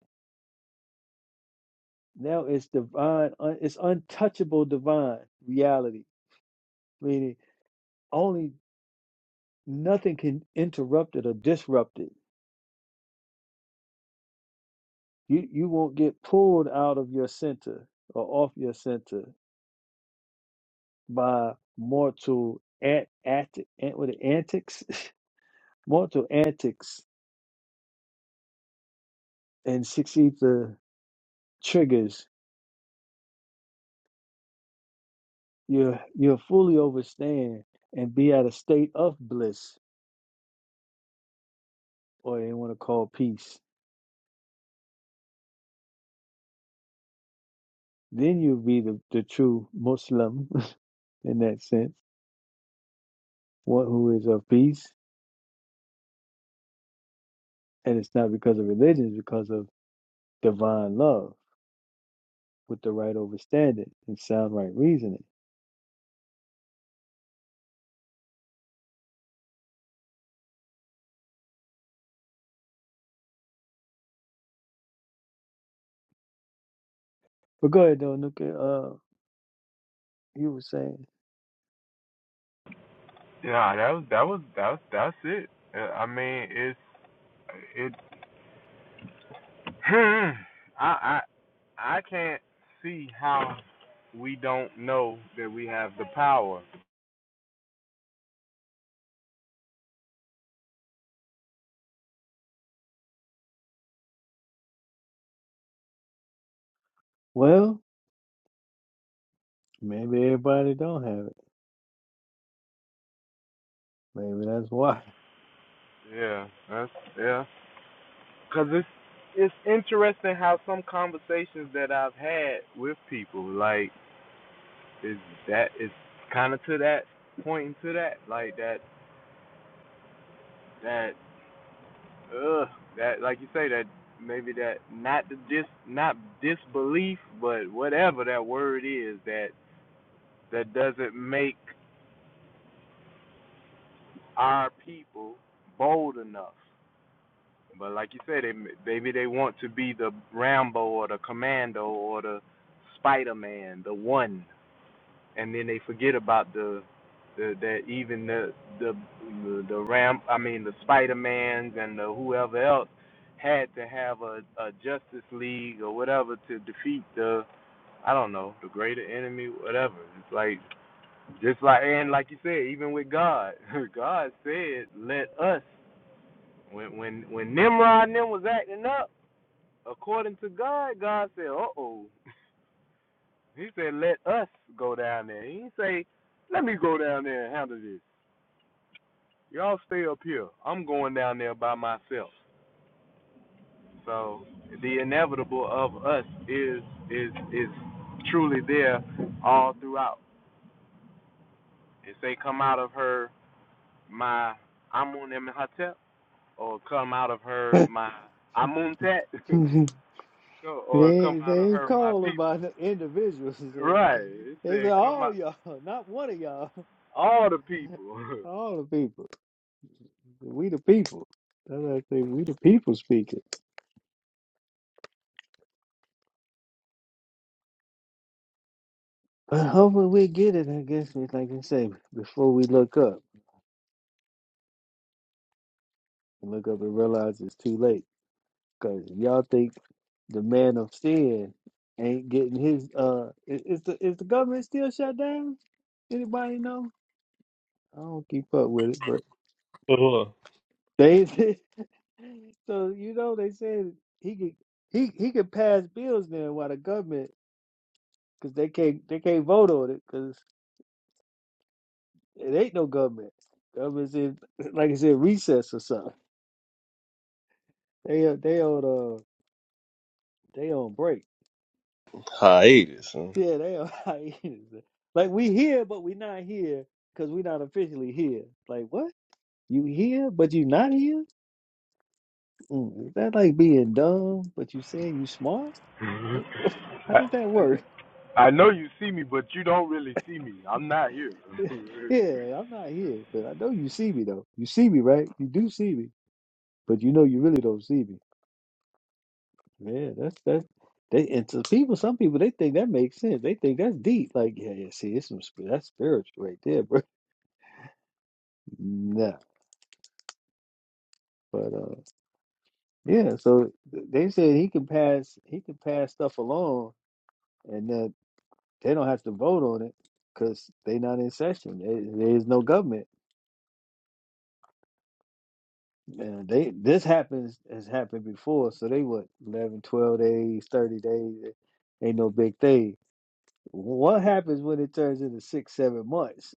S5: now it's divine, un- it's untouchable divine reality, meaning only nothing can interrupt it or disrupt it. You, you won't get pulled out of your center or off your center by mortal ant, ant, ant, what, antics, mortal antics and six ether triggers you'll you'll fully overstand and be at a state of bliss, or they want to call peace. Then you'll be the, the true Muslim in that sense, one who is of peace, and it's not because of religion, it's because of divine love with the right overstanding and sound right reasoning. But go ahead, though, Nuka. Uh, you were saying,
S9: Yeah, that was, that was, that was, that's it. Uh, I mean, it's, it, I, I, I can't see how we don't know that we have the power.
S5: well, maybe everybody don't have it. Maybe that's why.
S9: Yeah, that's, yeah. Cause it's it's interesting how some conversations that I've had with people, like, is that it's kind of to that pointing to that, like that that ugh that like you say that maybe that not the dis not disbelief, but whatever that word is that that doesn't make our people bold enough. But like you said, they maybe they want to be the Rambo or the Commando or the Spider Man, the one and then they forget about the the that even the the the, the ram I mean the Spider Mans and the whoever else had to have a, a Justice League or whatever to defeat the I don't know the greater enemy whatever it's like just like and like you said even with God God said let us when when when Nimrod and them was acting up according to God God said uh oh he said let us go down there he didn't say let me go down there and handle this Y'all stay up here. I'm going down there by myself. So the inevitable of us is is is truly there all throughout. It say come out of her my Amun Imhotep or come out of her my Amuntet
S5: They
S9: or come
S5: ain't,
S9: out
S5: they
S9: of
S5: ain't
S9: her my
S5: calling
S9: people.
S5: by the individuals. They,
S9: Right. It
S5: they said
S9: said come
S5: all
S9: out
S5: y'all, not one of y'all,
S9: all the people.
S5: all the people. We the people. That's what I think. We the people speaking. But hopefully we get it. I guess it's like I say before we look up and look up and realize it's too late. Cause y'all think the man of sin ain't getting his. Uh, i- is the is the government still shut down? Anybody know? I don't keep up with it, but they So you know they said he could he he could pass bills now while the government because they can't they can't vote on it because it ain't no government. Government's in like I said recess or something. They on- they on uh they on break.
S6: Hiatus.
S5: Yeah, they on hiatus. Like we here but we not here because we not officially here. Like what? You here but you not here? Mm, is that like being dumb but you saying you smart? How
S9: I,
S5: does that work?
S9: I know you see me but you don't really see me. I'm not here.
S5: Yeah, I'm not here, but I know you see me though. You see me, right? You do see me, but you know you really don't see me. Yeah, that's that's they and to people, some people they think that makes sense. They think that's deep. Like, yeah, yeah, see, it's some spi- that's spiritual right there, bro. Nah, but uh, yeah. So th- they said he can pass he can pass stuff along, and that they don't have to vote on it because they not in session. There there is no government. Yeah, they this happens has happened before, so they what 11, 12 days, thirty days, eh, ain't no big thing. What happens when it turns into six, seven months?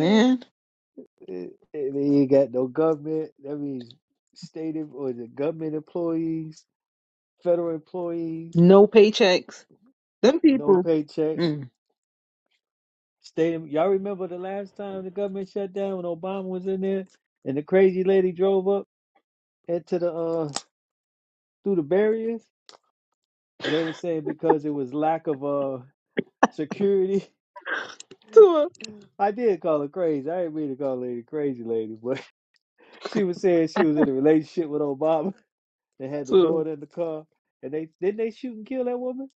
S5: Eh, eh, ain't got no government. That means state em- or the government employees, federal employees,
S1: no paychecks. Them
S5: no
S1: people.
S5: paychecks.
S1: Mm.
S5: State em- y'all remember the last time the government shut down when Obama was in there and the crazy lady drove up into the uh through the barriers? and they were saying because it was lack of uh security.
S1: Tua,
S5: I did call her crazy. I didn't mean to call lady crazy lady, but she was saying she was in a relationship with Obama. They had the
S1: Tua.
S5: daughter in the car, and they didn't they shoot and kill that woman.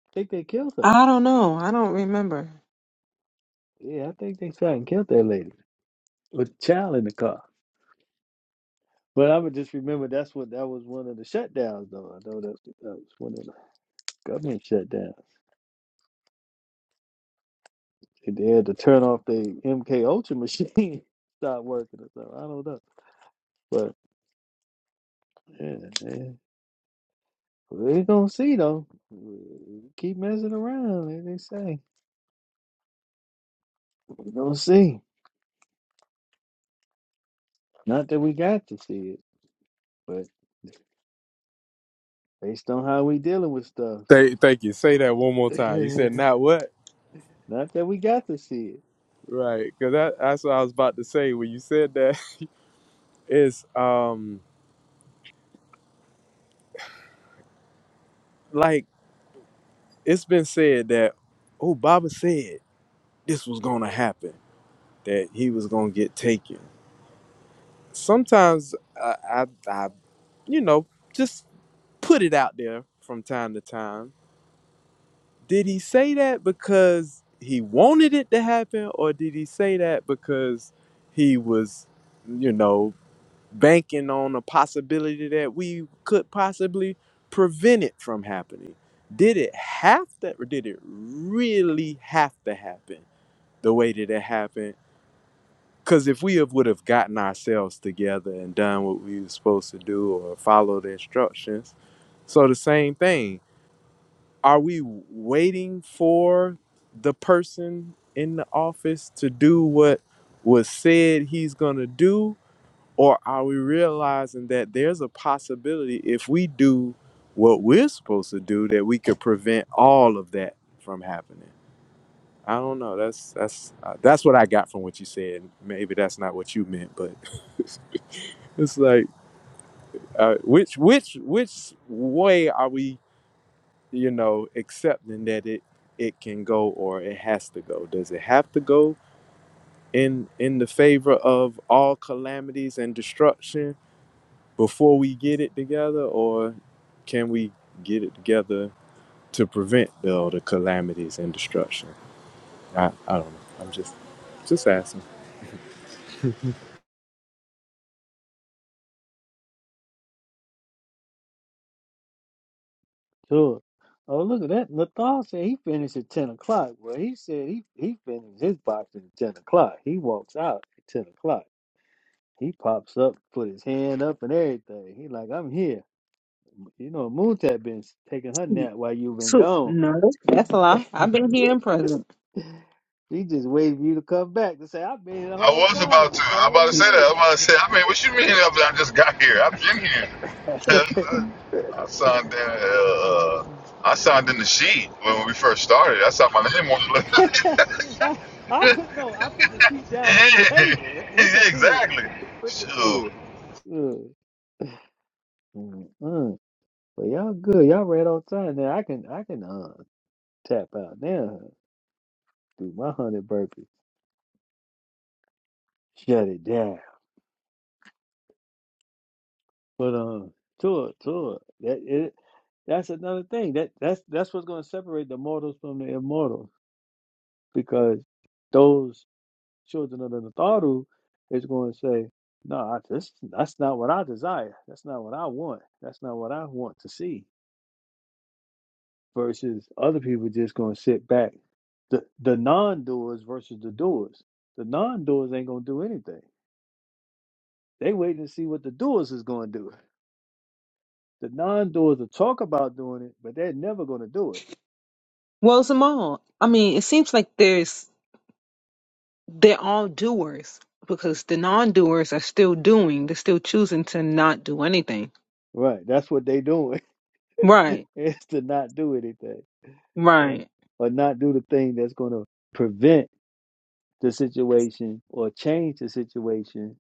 S5: I think they killed her.
S1: I don't know. I don't remember.
S5: Yeah, I think they shot and killed that lady with the child in the car. But I would just remember that's what that was one of the shutdowns, though. I know that that was one of the government shutdowns. They had to turn off the MK Ultra machine, stop working or something. I don't know. but. Yeah, yeah. We're gonna see though. We Keep messing around, like they say. We're gonna see. Not that we got to see it, but based on how we dealing with stuff.
S9: Thank, thank you. Say that one more time. You said not what?
S5: Not that we got to see it.
S9: Right. Because that, that's what I was about to say when you said that. It's um like it's been said that oh Baba said this was gonna happen that he was gonna get taken. Sometimes I I, I you know just put it out there from time to time. Did he say that because he wanted it to happen, or did he say that because he was you know banking on a possibility that we could possibly prevent it from happening. Did it have to, or did it really have to happen the way that it happened? Because if we have, would have gotten ourselves together and done what we were supposed to do or followed the instructions, so the same thing. Are we waiting for the person in the office to do what was said he's gonna do, or are we realizing that there's a possibility if we do what we're supposed to do that we could prevent all of that from happening? I don't know. That's that's uh, that's what I got from what you said. Maybe that's not what you meant, but it's like uh, which which which way are we, you know, accepting that it it can go or it has to go? Does it have to go in in the favor of all calamities and destruction? before we get it together, or can we get it together to prevent all the calamities and destruction? I, I don't know. I'm just just asking.
S5: Sure. Oh look at that. Nathal said he finished at ten o'clock. Well he said he, he finished his boxing at ten o'clock. He walks out at ten o'clock. He pops up, put his hand up and everything. He like, I'm here. You know, Moontap been taking her nap while you've been
S1: Tua.
S5: gone.
S1: No, that's a lie. I've been here and present.
S5: She just waited for you to come back to say, I've been here the
S2: I
S5: whole
S2: was about
S5: time. I
S2: to.
S5: thought
S2: I'm
S5: where
S2: about to
S5: you
S2: say that. I'm about to say. I mean, what you mean? I just got here. I've been here.
S5: been.
S2: I signed in. Uh,
S5: Mm-mm.
S2: I signed in the sheet when we first started. I signed my name on the list.
S5: I, I put no, I put the sheet down on the table right,
S2: yeah,
S5: with the pen.
S2: exactly.
S5: With the
S2: So
S5: pen. Good. Mm-mm. But y'all good. Y'all right on time now. I can I can uh tap out now. Do my hundred burpees. Shut it down. But um tour, tour. That it that's another thing. That that's that's what's gonna separate the mortals from the immortals because those children of the Natharu is going to say, no, I, this, that's not what I desire. That's not what I want. That's not what I want to see. Versus other people just going to sit back. The, the non doers versus the doers. The non doers ain't going to do anything. They waiting to see what the doers is going to do. The non doers will talk about doing it, but they're never going to do it.
S1: Well, Simone, I mean, it seems like there's they're all doers because the non-doers are still doing. They're still choosing to not do anything.
S5: Right. That's what they doing
S1: Right,
S5: is to not do anything. Right.
S1: right,
S5: Or not do the thing that's going to prevent the situation or change the situation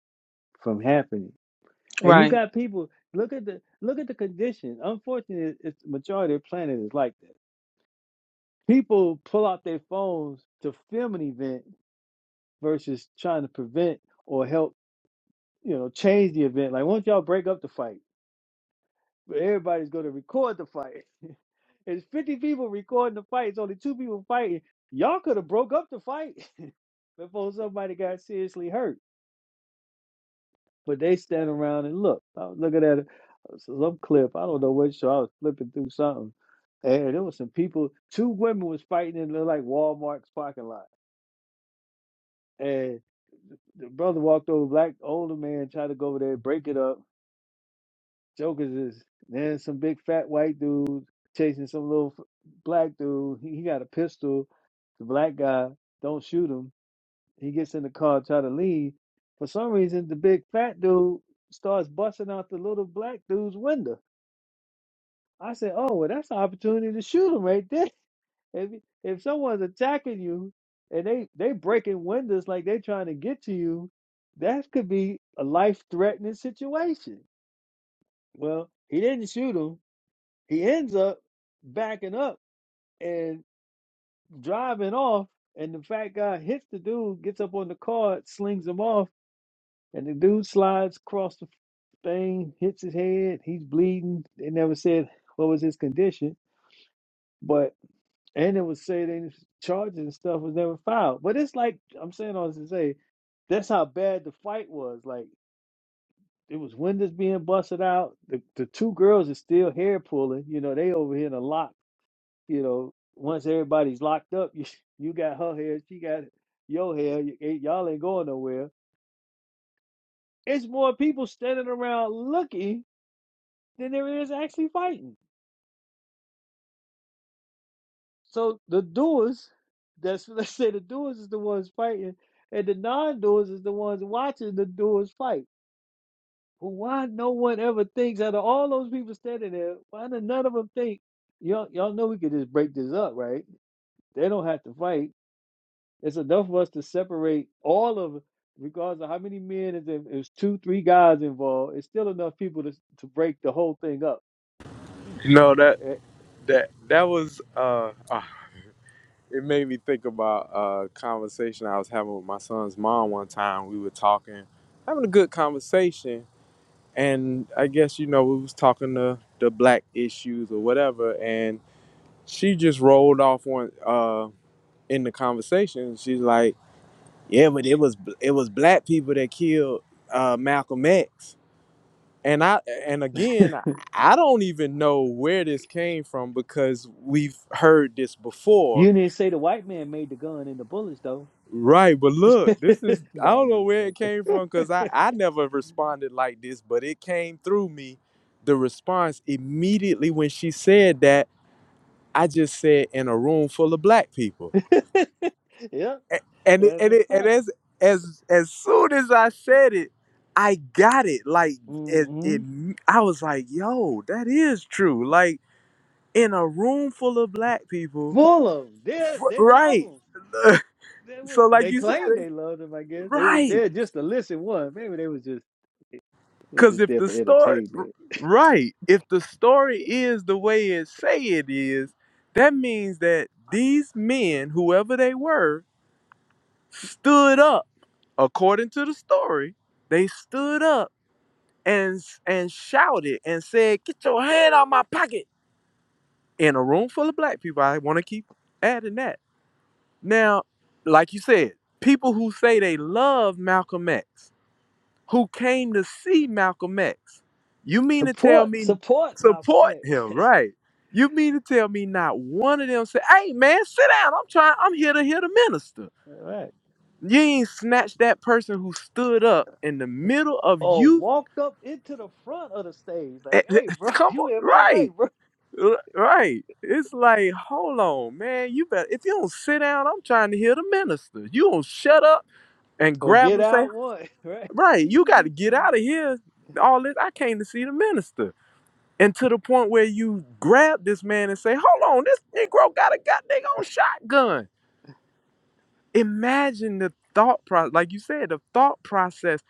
S5: from happening. And you
S1: right.
S5: got people look at the look at the condition. Unfortunately, it's the majority of the planet is like that. People pull out their phones to film an event versus trying to prevent or help, you know, change the event. Like, won't y'all break up the fight? But everybody's going to record the fight. It's 50 people recording the fight. It's only two people fighting. Y'all could have broke up the fight before somebody got seriously hurt But they stand around and look. I was looking at uh, some clip. I don't know what show. I was flipping through something, and there was some people. Two women was fighting in the, like Walmart's parking lot, and the brother walked over. Black older man tried to go over there break it up. Jokers is then some big fat white dude chasing some little f- black dude. He, he got a pistol. The black guy don't shoot him. He gets in the car, try to leave. For some reason, the big fat dude starts busting out the little black dude's window I said, "Oh, well, that's an opportunity to shoot them right there. If if someone's attacking you and they they breaking windows like they trying to get to you, that could be a life threatening situation." Well, he didn't shoot him. He ends up backing up and driving off. And the fat guy hits the dude, gets up on the car, slings him off, and the dude slides across the thing, hits his head. He's bleeding. They never said what was his condition, but And it was said any charges and stuff was never filed. But it's like I'm saying all this to say, that's how bad the fight was. Like it was windows being busted out. The the two girls are still hair pulling. You know, they over here in a lock. You know, once everybody's locked up, you you got her hair, she got your hair. You, ain't- y'all ain't going nowhere. It's more people standing around looking than there is actually fighting. So the doers, that's what us say the doers is the ones fighting, and the non-doers is the ones watching the doers fight. Well, why no one ever thinks out of all those people standing there? Why do none of them think? Y'all, y'all know we could just break this up, right? They don't have to fight. It's enough of us to separate all of, regardless of how many men is in, It's two, three guys involved. It's still enough people to to break the whole thing up.
S9: No, that
S5: Eh,
S9: that that was uh, uh it made me think about a conversation I was having with my son's mom one time. We were talking, having a good conversation, and I guess you know we was talking the the black issues or whatever, and she just rolled off one uh in the conversation. She's like Yeah, but it was it was black people that killed uh, Malcolm X, and I and again I don't even know where this came from because we've heard this before,
S5: You didn't say the white man made the gun and the bullets though.
S9: right? But look, this is I
S5: no,
S9: don't
S5: I'm
S9: know where it
S5: just
S9: came
S5: joking.
S9: from because I I never responded like this, but it came through me. The response immediately when she said that, I just said in a room full of black people.
S5: yep,
S9: A- and it,
S5: that's
S9: and
S5: a
S9: it, and
S5: fact.
S9: as as as soon as I said it, I got it. Like it,
S5: hmm
S9: it, I was like, "Yo, that is true." Like in a room full of black people,
S5: Full of them. They they love
S9: right?
S5: them. They was
S9: so, like
S5: they
S9: you said,
S5: claimed they loved them. I guess they was
S9: right?
S5: there just to listen. One maybe they was just was
S9: Because
S5: just
S9: if
S5: there
S9: the
S5: for
S9: story, r-
S5: entertainment.
S9: right? If the story is the way it say it is, that means that these men, whoever they were, stood up according to the story. They stood up and and shouted and said, "Get your hand out my pocket!" In a room full of black people, I want to keep adding that. Now, like you said, people who say they love Malcolm X, who came to see Malcolm X, you mean to tell
S5: Support,
S9: me
S5: support Malcolm
S9: support
S5: X.
S9: him, right? You mean to tell me not one of them said, "Hey, man, sit down. I'm trying. I'm here to hear the minister."
S5: All right.
S9: You ain't snatched that person who stood up in the middle of
S5: Or
S9: you.
S5: walked up into the front of the stage
S9: eh,
S5: like, "Hey,
S9: eh,
S5: bro,
S9: Come
S5: you
S9: on,
S5: in my way,
S9: right?
S5: bro."
S9: R- Right. It's like, hold on, man. You better if you don't sit down, I'm trying to hear the minister. You don't shut up and
S5: Or
S9: grab
S5: get
S9: and say,
S5: out one, right?
S9: Right,
S5: He
S9: you
S5: was
S9: gotta
S5: just
S9: get
S5: gonna
S9: out of here. All this I came to see the minister. And to the point where you grab this man and say, Hold on, this Negro got a goddamn shotgun imagine the thought process like you said the thought process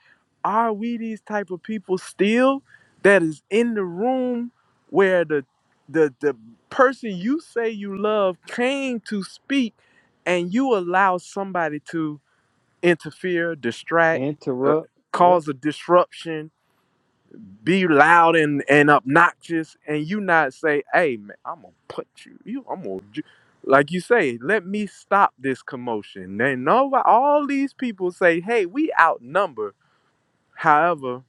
S9: are we these type of people still that is in the room where the the the person you say you love came to speak and you allow somebody to interfere distract uh,
S5: Interrupt. Yep.
S9: cause a disruption be loud and, and obnoxious and you not say, hey man, I'm gonna put you, you I'm gonna ju-" like you say, let me stop this commotion. Then no all these people say, hey, we outnumber. However,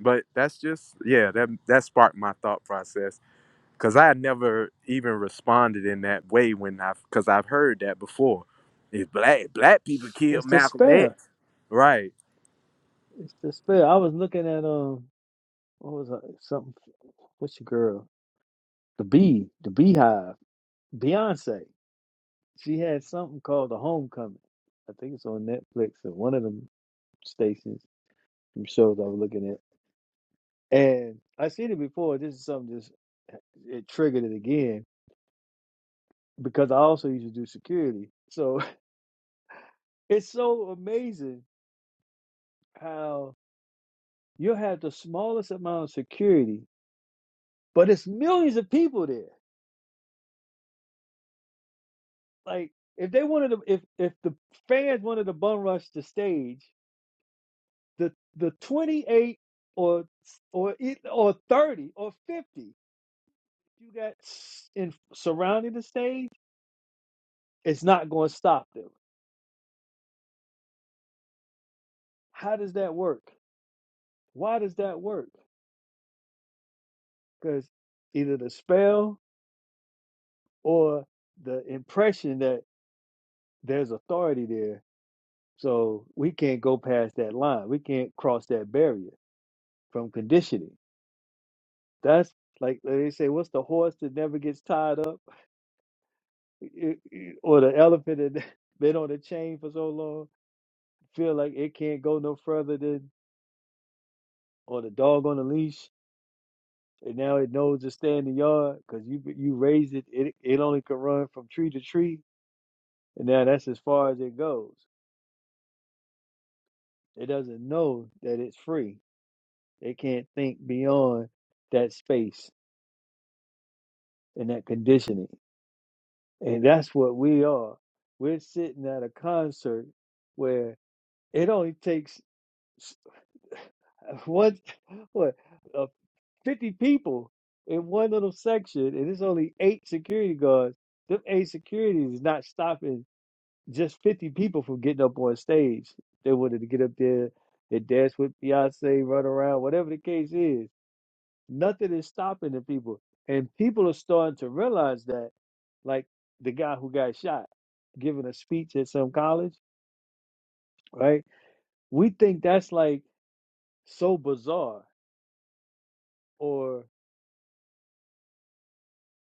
S9: but that's just yeah, that that sparked my thought process. Cause I had never even responded in that way when i cause I've heard that before. If black black people killed
S5: It's
S9: Malcolm
S5: despair.
S9: X. Right.
S5: It's the spell. I was looking at um, what was it? Something. What's your girl? The bee, the beehive. Beyonce. She had something called The Homecoming. I think it's on Netflix or one of them stations, them shows I was looking at. And I seen it before. This is something just it triggered it again because I also used to do security. So it's so amazing how you'll have the smallest amount of security, but it's millions of people there. like if they wanted to if if the fans wanted to bum rush the stage the the 28 or or e, or 30 or 50 you got in surrounding the stage it's not going to stop them how does that work why does that work because either the spell or the impression that there's authority there so we can't go past that line we can't cross that barrier from conditioning That's like they say, what's the horse that never gets tied up, It- it- or the elephant that been on a chain for so long, feel like it can't go no further than, or the dog on a leash, and now it knows to stay in the yard because you you raised it, it. It only can run from tree to tree, and now that's as far as it goes. It doesn't know that it's free. It can't think beyond that space and that conditioning, and that's what we are. We're sitting at a concert where It only takes s- what what uh, fifty people in one little section, and it's only eight security guards. Them eight securities is not stopping just fifty people from getting up on stage. They wanted to get up there and dance with Beyonce, run around, whatever the case is. Nothing is stopping the people, and people are starting to realize that. Like the guy who got shot, giving a speech at some college, right? We think that's like so bizarre or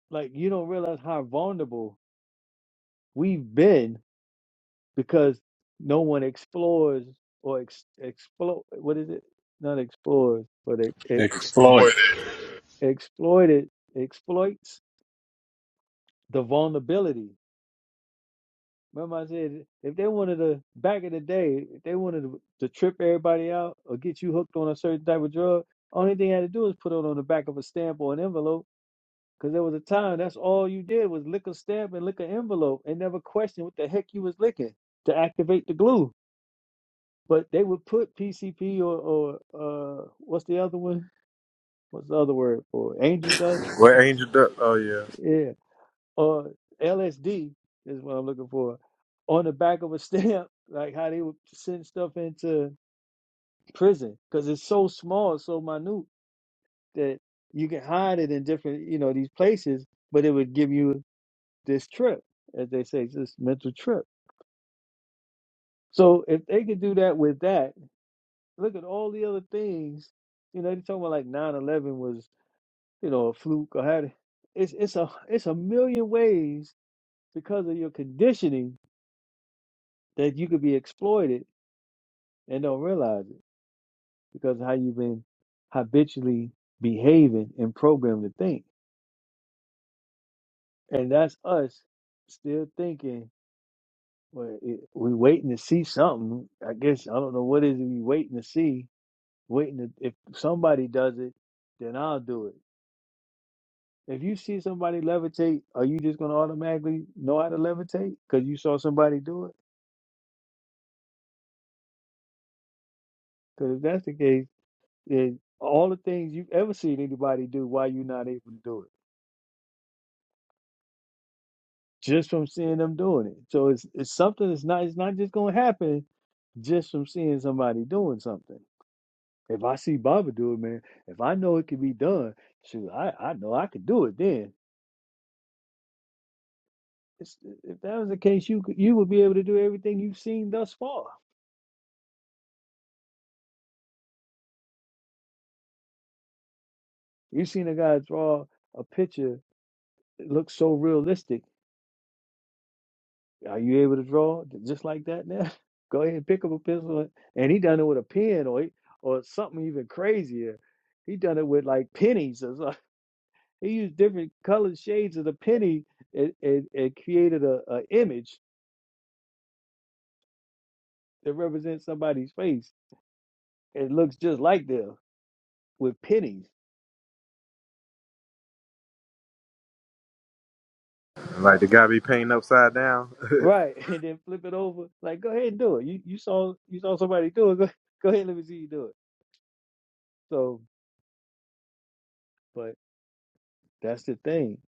S5: like you don't realize how vulnerable we've been because no one explores or ex- explo what is it not explores but it, it
S2: exploited.
S5: exploited exploits the vulnerability remember i said if they wanted to back in the day if they wanted to, to trip everybody out or get you hooked on a certain type of drug only thing they had to do is put it on the back of a stamp or an envelope Because there was a time that's all you did was lick a stamp and lick an envelope and never question what the heck you was licking to activate the glue. But they would put PCP or, or uh, what's the other one? What's the other word for it? angel dust? or
S9: Well
S5: some-
S9: Angel Duck oh yeah.
S5: Yeah. Or LSD is what I'm looking for on the back of a stamp, like how they would send stuff into prison because it's so small, so minute that you can hide it in different, you know, these places, but it would give you this trip, as they say, this mental trip. So if they could do that with that, look at all the other things. You know, they're talking about like nine eleven was, you know, a fluke or had it's it's a it's a million ways because of your conditioning that you could be exploited and don't realize it because of how you've been habitually behaving and programmed to think. And that's us still thinking, well, it, we waiting to see something. I guess I don't know what is it we waiting to see waiting to, if somebody does it, then I'll do it. If you see somebody levitate, are you just gonna automatically know how to levitate because you saw somebody do it? Because if that's the case, then all the things you've ever seen anybody do, why you not able to do it? Just from seeing them doing it. So it's it's something that's not it's not just gonna happen just from seeing somebody doing something. If I see Baba do it, man, if I know it can be done, shoot, I, I know I could do it then. it's- if that was the case, you could, you would be able to do everything you've seen thus far. You've seen a guy draw a picture that looks so realistic. Are you able to draw just like that now? Go ahead and pick up a pencil, and and he done it with a pen or he- or something even crazier. He done it with like pennies or something. He used different colored shades of the penny and, and, and created a, a image that represents somebody's face. It looks just like them with pennies.
S9: Like
S5: Wow.
S9: the guy be painting upside down.
S5: Right. And then flip it over. Like, go ahead and do it. You you saw you saw somebody do it. Go, go ahead, and let me see you do it. So but that's the thing.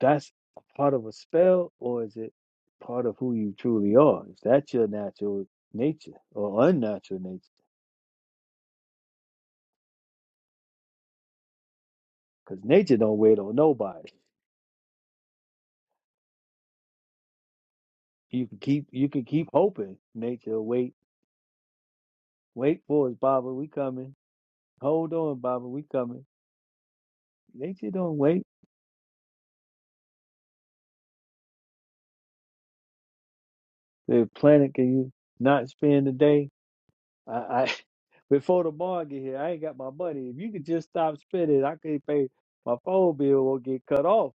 S5: That's part of a spell, or is it part of who you truly are? Is that your natural nature or unnatural nature? Because nature don't wait on nobody. You can keep you can keep hoping nature will wait. Wait for us, Baba, we coming. Hold on, Baba, we coming. Nature don't wait. The planet can you not spend the day I, I before the bar get here, I ain't got my money. If you could just stop spending, I could pay my phone bill won't get cut off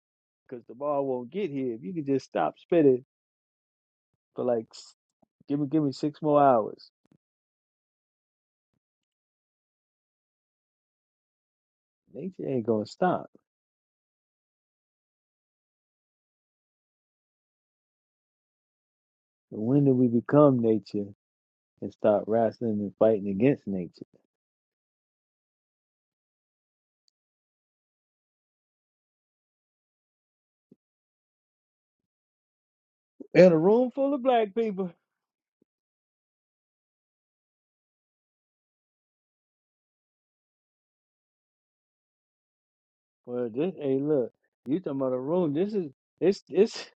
S5: because the bar won't get here. If you could just stop spending for like s- give me give me six more hours, nature ain't gonna stop. But when do we become nature and start wrestling and fighting against nature? In a room full of black people. Well, this hey look, you talking about a room? This is it's it's.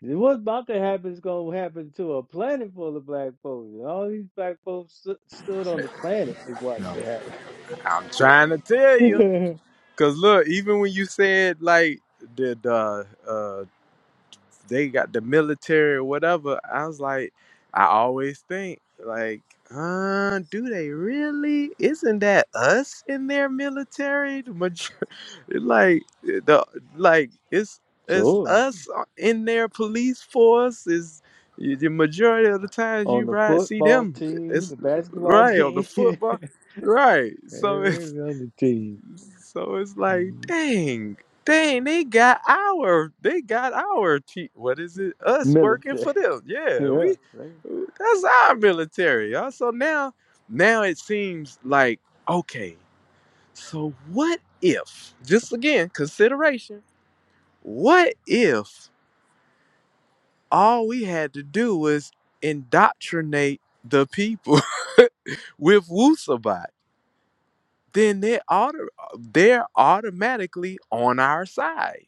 S5: What's about to happen is going to happen to a planet full of black folks. And All these black folks stu- stood on the planet and watched it happen.
S9: I'm trying to tell you, cause look, even when you said like the the uh, they got the military or whatever, I was like, I always think like, uh, do they really? Isn't that us in their military? The major- like the like it's it's
S5: sure.
S9: us uh, in their police force is. The majority of the times
S5: On
S9: you
S5: the
S9: ride, see
S5: football
S9: them,
S5: team, the
S9: it's
S5: basketball
S9: right on the
S5: team, every
S9: football, right? So it's
S5: other team,
S9: so it's like,
S5: Mm,
S9: dang, dang, they got our, they got our, te- what is it? Us working
S5: military.
S9: for them. Yeah,
S5: Yeah.
S9: we,
S5: they-
S9: that's our military. y'all. So now, now it seems like, okay, so what if, just again, consideration, what if all we had to do was indoctrinate the people with Wusabat? Then they auto, they're automatically on our side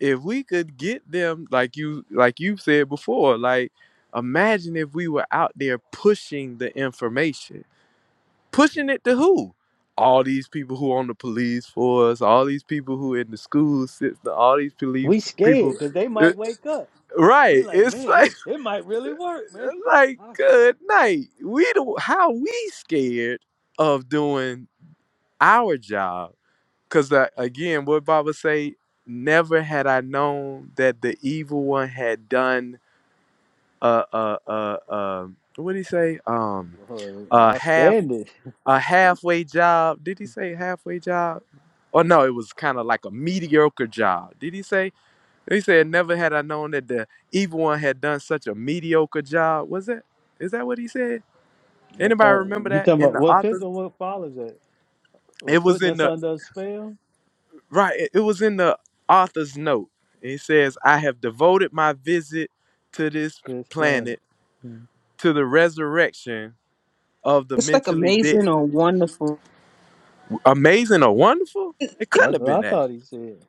S9: if we could get them like you like you've said before like imagine if we were out there pushing the information pushing it to who all these people who on the police force all these people who in the school system all these police
S5: We
S9: people
S5: scared because they
S9: Uh,
S5: might wake up. We
S9: right
S5: like,
S9: it's
S5: man,
S9: like
S5: it, it might really work, man.
S9: like
S5: I'll,
S9: good night we do how we scared of doing our job because again what baba say never had i known that the evil one had done uh uh uh uh what did he say? Um
S5: Well,
S9: a
S5: I'll
S9: half
S5: stand it.
S9: a halfway job. Did he say halfway job? Or no, it was kind of like a mediocre job. Did he say? He said, "Never had I known that the evil one had done such a mediocre job." Was it? Is that what he said?
S5: I
S9: Anybody
S5: thought
S9: remember
S5: you
S9: that
S5: talking
S9: in
S5: about
S9: the
S5: what depends
S9: author's?
S5: on what follows it. Or
S9: It was
S5: putting
S9: in
S5: us
S9: the
S5: under a spell?
S9: right. It it was in the author's note. It says, "I have devoted my visit to this
S5: This planet.
S9: planet
S5: Mm.
S9: to the resurrection of the
S1: It's like
S9: mentally dead."
S1: amazing or wonderful.
S9: Amazing or wonderful? It couldn't
S5: That's
S9: have
S5: what I
S9: been that.
S5: thought he said.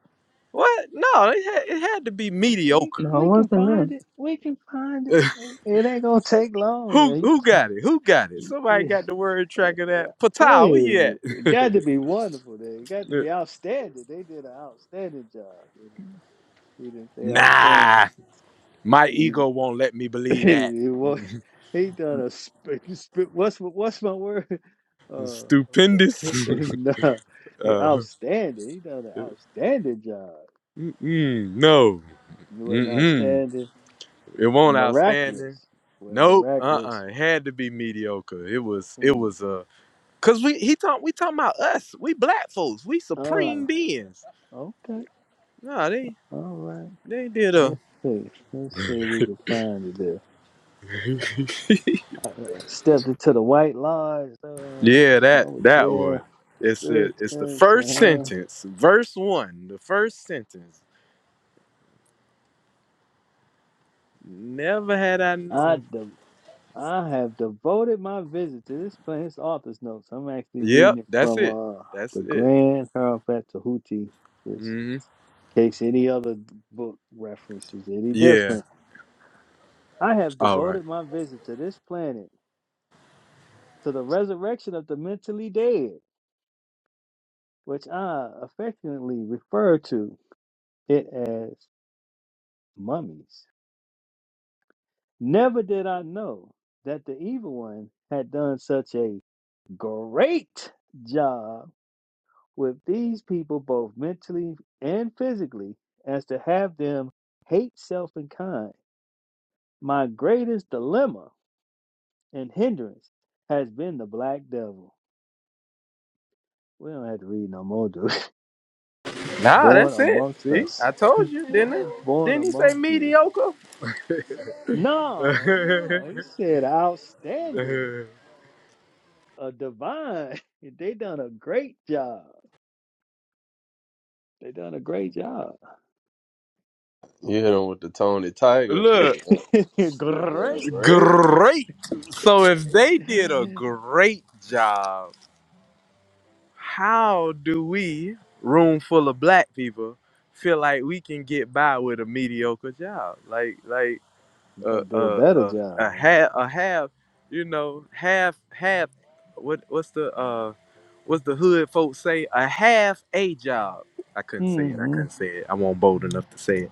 S9: What? No, it had, it had to be
S5: We
S9: mediocre.
S1: No, it
S5: we can find
S1: wasn't
S5: it. We can find it.
S9: who
S5: It it ain't gonna take long.
S9: who
S5: Now.
S9: got it? Who got it? Somebody got the word track of that.
S5: Yeah, I tell
S9: Patal, where you
S5: you, it
S9: at?
S5: got to be wonderful. There, it got to be outstanding. They did an outstanding job. He didn't say outstanding.
S9: nah, my
S5: He,
S9: ego won't let me believe that.
S5: he, wa- he done a sp- sp- what's what's my word? Uh,
S9: Stupendous.
S5: no, he
S9: uh,
S5: outstanding. He done an outstanding job.
S9: mm-mm, no.
S5: You wasn't
S9: Mm-mm.
S5: outstanding,
S9: It won't
S5: miraculous.
S9: outstanding.
S5: Well,
S9: Nope.
S5: miraculous.
S9: Uh-uh. It had to be mediocre. It was. It
S5: Hmm.
S9: was Uh, Cause we he talk we talking about us. We black folks. We
S5: Uh,
S9: supreme beings.
S5: okay.
S9: Nah, they
S5: All right.
S9: they did a
S5: Let's see. Let's see if we can find it there. I uh, stepped into the White Lodge. Uh,
S9: yeah
S5: I
S9: that
S5: was
S9: that one.
S5: there.
S9: It's the
S5: Stood
S9: it's the
S5: tense.
S9: first
S5: I
S9: sentence, verse one. The first sentence. Never had I known.
S5: had. I I have devoted my visit to this planet's author's notes. I'm actually reading
S9: Yep,
S5: it
S9: that's
S5: from
S9: it.
S5: uh,
S9: That's
S5: the
S9: it.
S5: Grand Hierophant Tahuti, just
S9: hmm
S5: in case any other book reference is any
S9: Yeah.
S5: different. I have
S9: All right.
S5: devoted my visit to this planet to the resurrection of the mentally dead, which I affectionately refer to it as mummies. Never did I know that the evil one had done such a great job with these people both mentally and physically as to have them hate self and kind. My greatest dilemma and hindrance has been the black devil. We don't have to read no more, dude.
S9: Nah,
S5: Born
S9: that's it.
S5: amongst
S9: See,
S5: us,
S9: I told you, didn't I?
S5: born
S9: Didn't he say
S5: among you.
S9: mediocre?
S5: No, no, he said outstanding, a divine. They done a great job. They done a great job.
S6: You hit him with the Tony Tiger
S9: Look,
S6: grip, Yeah,
S5: great. you
S6: right?
S9: great. So if they did a great job. how do we, room full of black people, feel like we can get by with a mediocre job? Like like a
S5: gotta do a
S9: a
S5: better
S9: a, a
S5: job.
S9: half a half, you know, half half. What what's the uh what's the hood folks say? A half a job. I couldn't say it. I
S5: Hmm.
S9: couldn't say it. I won't bold enough to say it.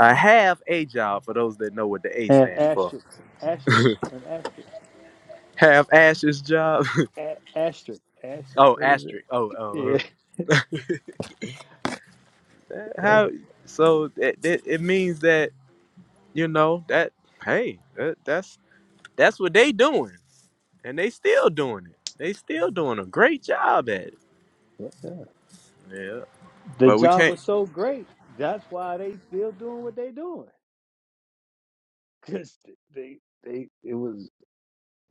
S9: A half a job for those that know what the A
S5: An
S9: stand for.
S5: asterisk, asterisk, an asterisk,
S9: Half ashes job.
S5: a- asterisk, asterisk.
S9: oh,
S5: What is it?
S9: asterisk. Oh, oh.
S5: Yeah.
S9: oh.
S5: that's-
S9: How? So it, it, it means that. You know that. Hey, that, that's that's what they doing, and they still doing it. They still doing a great job at it.
S5: yeah. yeah.
S9: Yeah,
S5: The
S9: but we
S5: job
S9: can't.
S5: was so great. That's why they still doing what they doing. Cause they they it was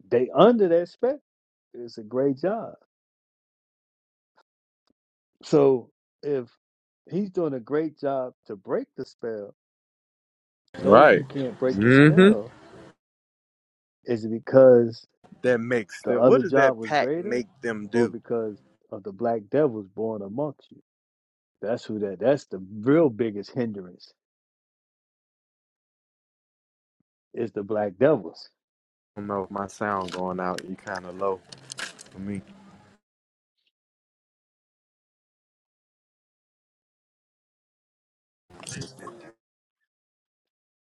S5: they under that spec. It's a great job. So if he's doing a great job to break the spell, those
S9: Right.
S5: who can't break the
S9: Mm-hmm.
S5: spell, is it because
S9: That makes
S5: the
S9: the. What
S5: other
S9: does
S5: job
S9: that
S5: was
S9: pack
S5: greater,
S9: make them
S5: or
S9: do?
S5: because of the black devils born amongst you? That's who that. That's the real biggest hindrance is the black devils.
S9: I don't know. if My sound going out. You kind of low for me.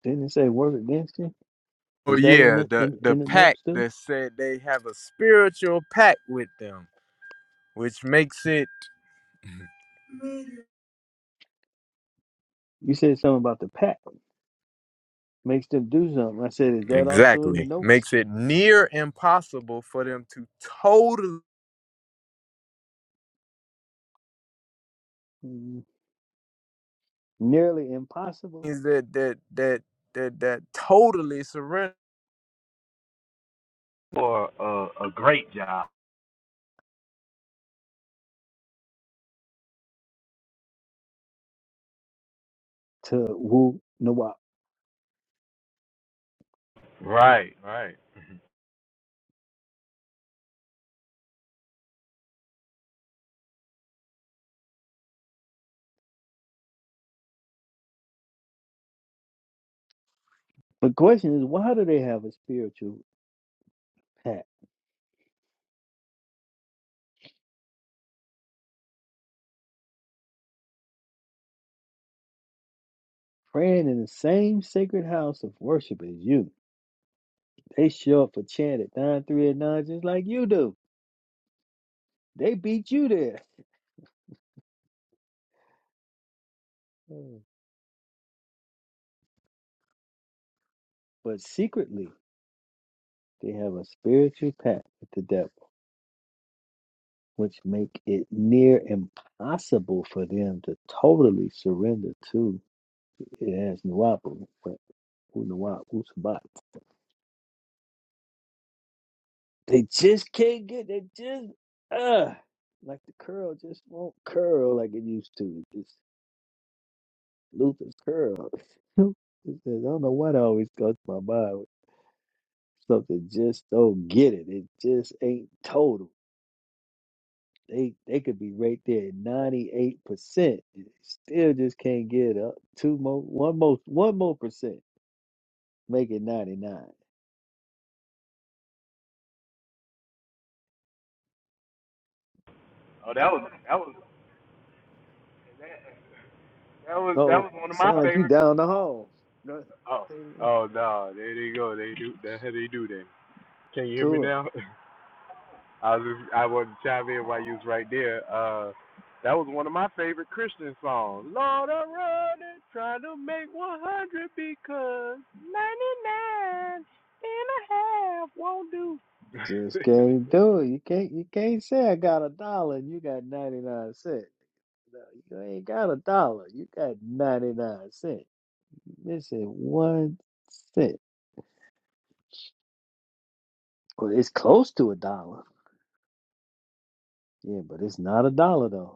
S5: Didn't it say work against you?
S9: Oh
S5: Is that in
S9: yeah,
S5: the
S9: the
S5: in,
S9: the
S5: in the
S9: pack
S5: notes too?
S9: that said they have a spiritual pack with them, which makes it
S5: You said something about the pack makes them do something. I said, is that also in the
S9: exactly
S5: notes?
S9: makes it near impossible for them to totally.
S5: Mm, Nearly impossible
S9: things that that that that that totally surrender. for a, a great job.
S5: to woo Nawab.
S9: Right, right.
S5: The question is, why do they have a spiritual pact? Praying in the same sacred house of worship as you. They show up for chant at 9, 3, and 9 just like you do. They beat you there. Mm. But secretly, They have a spiritual pact with the devil, which make it near impossible for them to totally surrender to it as Nuwapu, but Unuwa Usabat. They just can't get they just uh like the curl just won't curl like it used to. Just Luther's curl. I don't know what always goes to my mind. Something just don't get it. It just ain't total. They they could be right there at ninety eight percent. Still just can't get up two more one more one more percent. Make it ninety nine.
S9: Oh, that was that was that, that was that
S5: So
S9: was one of my
S5: sound like you
S9: favorite.
S5: down the hall. Go ahead,
S9: Oh, oh no, there they go. They do that's how they do that. Can you hear me
S5: Tour.
S9: now? I was just, I wanted to chime in while you was right there. Uh, that was one of my favorite Christian songs. Lord, I'm running, trying to make 100 because 99 and a half won't do.
S5: Just can't do it. You can't you can't say I got a dollar and you got ninety nine cents. No, you ain't got a dollar. You got ninety nine cents. You Missing one cent. Well, it's close to a dollar. Yeah, but it's not a dollar though.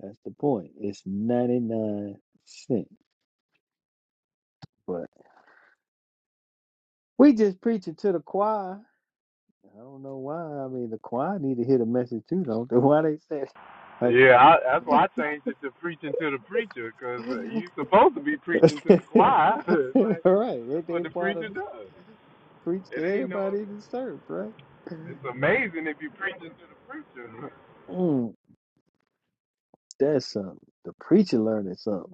S5: That's the point. It's 99 cents. But we just preaching to the choir. I don't know why. I mean, the choir need to hear the message too, don't they? Why they say like,
S9: Yeah, I, that's why I changed it to preaching to the preacher, 'cause uh, you supposed to be preaching to the choir. It's like
S5: all right, Ain't
S9: that's what
S5: they
S9: the
S5: part of
S9: preacher does.
S5: preach to
S9: It ain't no.
S5: everybody in the church, right?
S9: It's amazing if you are preaching to the preacher.
S5: Mm, that's something. The preacher learning something.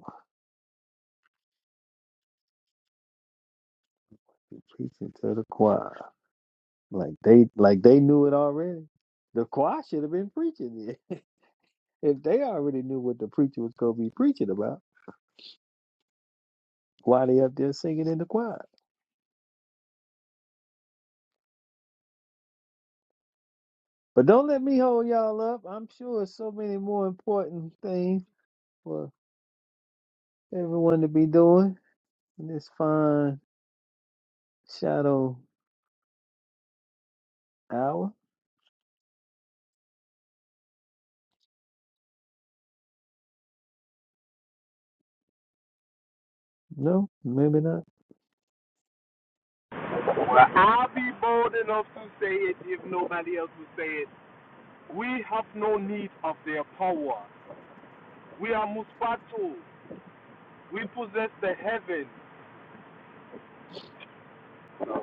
S5: The preaching to the choir, like they like they knew it already. The choir should have been preaching it if they already knew what the preacher was gonna be preaching about. while they up there singing in the choir. But don't let me hold y'all up. I'm sure so many more important things for everyone to be doing in this fine shadow hour. No, maybe not.
S9: Well, I'll be bold enough to say it if nobody else will say it. We have no need of their power. We are Muspatu. We possess the heavens. So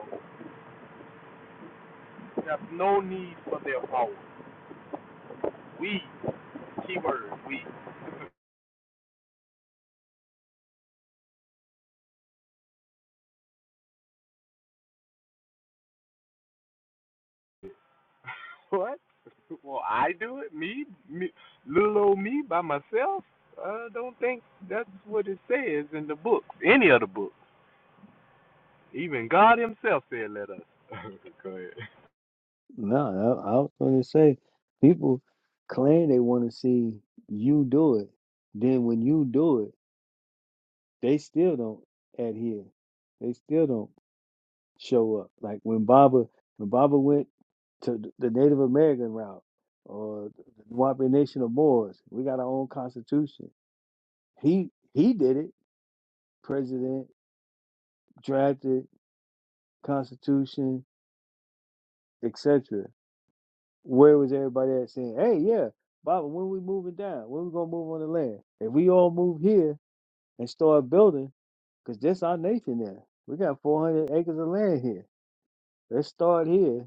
S9: we have no need for their power. We, keyword, we. What? Well, I do it. Me, me, little old me by myself. I don't think that's what it says in the book, any of the books. Even God Himself said, "Let us." Go ahead.
S5: No, I, I was going to say people claim they want to see you do it. Then when you do it, they still don't adhere. They still don't. show up. Like when Baba when Baba went to the Native American route or the Wampanoag Nation of Moors, we got our own constitution. He he did it. President drafted constitution, etc. Where was everybody at saying, "Hey, yeah, Baba, when we moving down? When we gonna move on the land? If we all move here and start building, because this our nation now. We got 400 acres of land here. Let's start here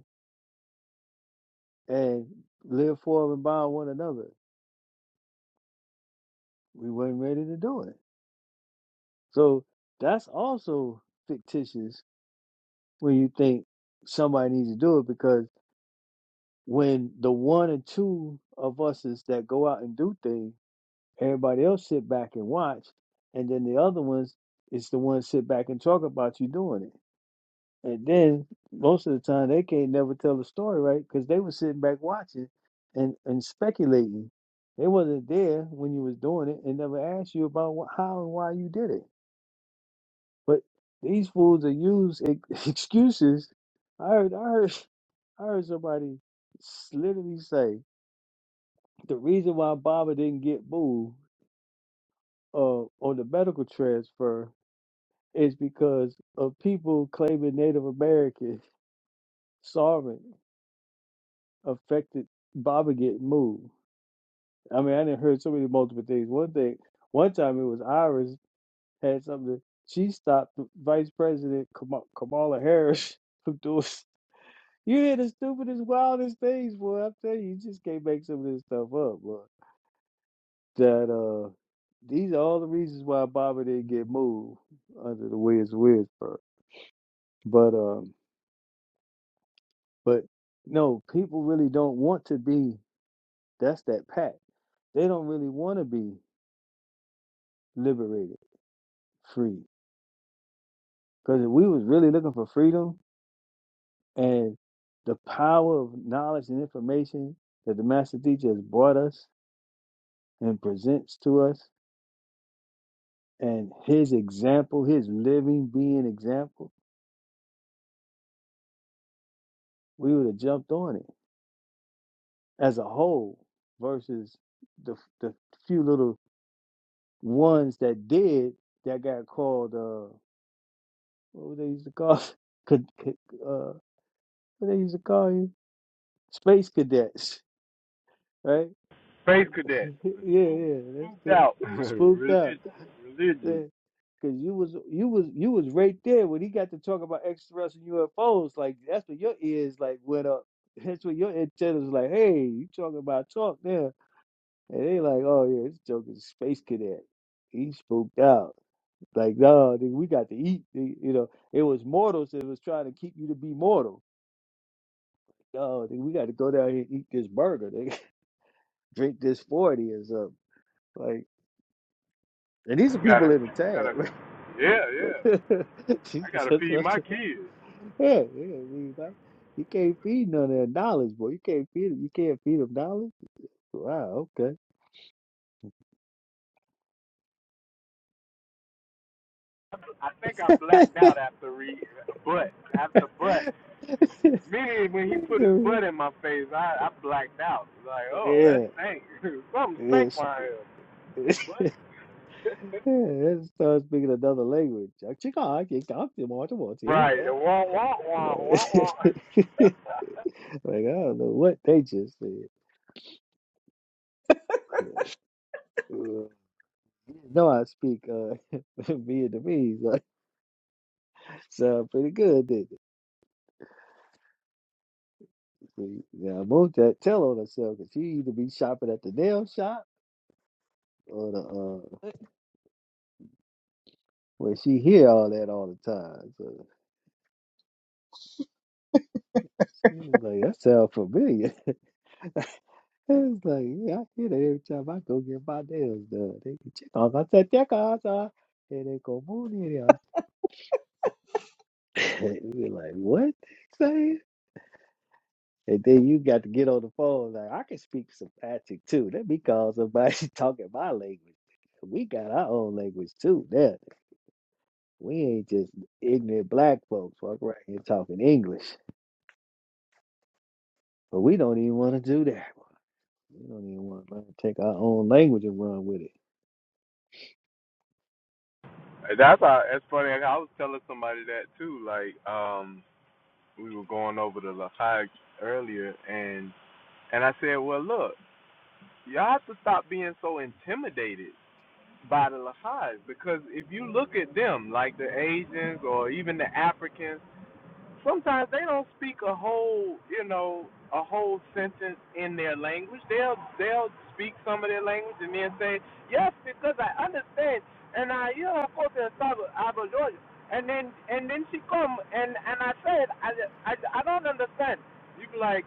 S5: and live for and by one another. we weren't ready to do it. So that's also fictitious when you think somebody needs to do it because when the one or two of us is that go out and do things, everybody else sit back and watch, and then the other ones is the ones sit back and talk about you doing it. And then most of the time they can't never tell the story right because they were sitting back watching and and speculating. They wasn't there when you was doing it and never asked you about wh- how and why you did it. But these fools are use ex- excuses. I heard, I heard, I heard somebody s- literally say the reason why Baba didn't get moved uh, on the medical transfer is because of people claiming Native American sovereign affected Baba getting moved. I mean, I didn't heard so many multiple things. One thing, one time it was Iris had something. She stopped Vice President Kama- Kamala Harris from doing. You hear the stupidest, wildest things, boy. I'm telling you, you just can't make some of this stuff up, boy. That uh, these are all the reasons why Bobby didn't get moved under the Wiz Wizard. But um, but no, people really don't want to be. That's that pack. They don't really want to be liberated, free. Because if we was really looking for freedom and the power of knowledge and information that the master teacher has brought us and presents to us, and his example, his living being example, we would have jumped on it as a whole versus the the few little ones that did that got called uh what would they used to call could, could uh what they used to call you space cadets, right?
S9: Space cadet,
S5: yeah,
S9: spooked,
S5: yeah, that's
S9: spooked
S5: it.
S9: out,
S5: Spooked out.
S9: religious, religious.
S5: Yeah. Cause you was you was you was right there when he got to talk about extraterrestrial UFOs. Like that's what your ears like went up. That's what your antennas like. Hey, you talking about talk now? And they like, oh yeah, this joke is a space cadet. He spooked out. Like no, nigga, we got to eat. nigga," You know, it was mortals that was trying to keep you to be mortal. Oh, nigga, we got to go down here and eat this burger. They drink this forty or something. Like And these are people
S9: Gotta,
S5: in the tab.
S9: gotta, yeah, yeah.
S5: She
S9: I gotta
S5: said
S9: feed my
S5: something.
S9: kids.
S5: yeah, yeah, we like- you can't feed none of that knowledge, boy. You can't feed them. You can't feed them knowledge. Wow, okay.
S9: I think I blacked out after read, but after but Meaning when he put his butt in my face, I, I blacked out. Like, oh, that
S5: yeah,
S9: stank. Something
S5: yeah.
S9: stank
S5: she-
S9: around here.
S5: yeah,
S9: butt.
S5: it starts speaking another language. Like, "Chica, I can't talk to you, Martha, Martha, yeah,
S9: right.
S5: yeah."
S9: wah wah wah
S5: Like,
S9: wah wah.
S5: like, I don't know what they just said. No, I speak uh, Vietnamese. Sound pretty good, didn't it? See, Now most that tell on herself herself 'cause she either be shopping at the nail shop or the uh where she hear all that all the time. So she's like, that sounds familiar. it's like, yeah, I hear that every time I go get my nails done. They can check on my teteka and they go moon in here. We're like, what they saying? And then you got to get on the phone. Like, I can speak some Patrick too. Let me call somebody talking my language. We got our own language too. now. We ain't just ignorant black folks walk around here talking English, but we don't even want to do that. We don't even want to learn to take our own language and run with it.
S9: That's how, that's funny. I was telling somebody that too. Like, um, we were going over to Lehigh earlier, and and I said, well, look, y'all have to stop being so intimidated by the Lehigh because if you look at them, like the Asians or even the Africans sometimes they don't speak a whole, you know, a whole sentence in their language. They'll they'll speak some of their language and then say, "Yes, because I understand." And I, you know, of course, in Salvador, Georgia. And then and then she come and and I said, I I, I don't understand. You be like,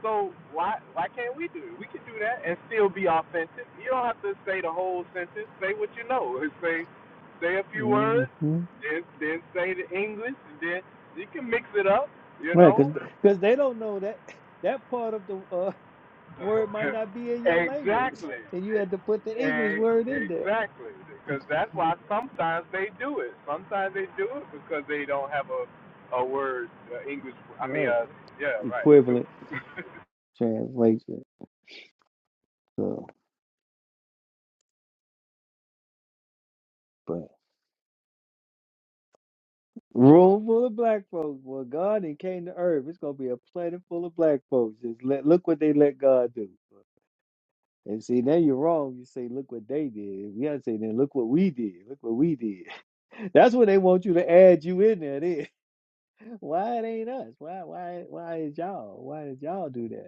S9: so why why can't we do it? We can do that and still be authentic. You don't have to say the whole sentence. Say what you know. Say say a few words,
S5: Mm-hmm.
S9: then then say the English, and then you can mix it up. You
S5: Right,
S9: know.
S5: because they don't know that that part of the uh, word might not be in your language,
S9: exactly.
S5: and you had to put the English
S9: E-
S5: word in there.
S9: Exactly. Because that's why sometimes they do it. Sometimes they do it because they don't have a a word uh, English. I mean,
S5: Right,
S9: uh, yeah, right. To it.
S5: equivalent translation. So, but room full of black folks. Well, God and came to earth. It's gonna be a planet full of black folks. Just let look what they let God do. And see, now you're wrong. You say, look what they did. We gotta say, then look what we did. Look what we did. That's when they want you to add you in there. Then. Why it ain't us? Why why why is y'all? Why did y'all do that?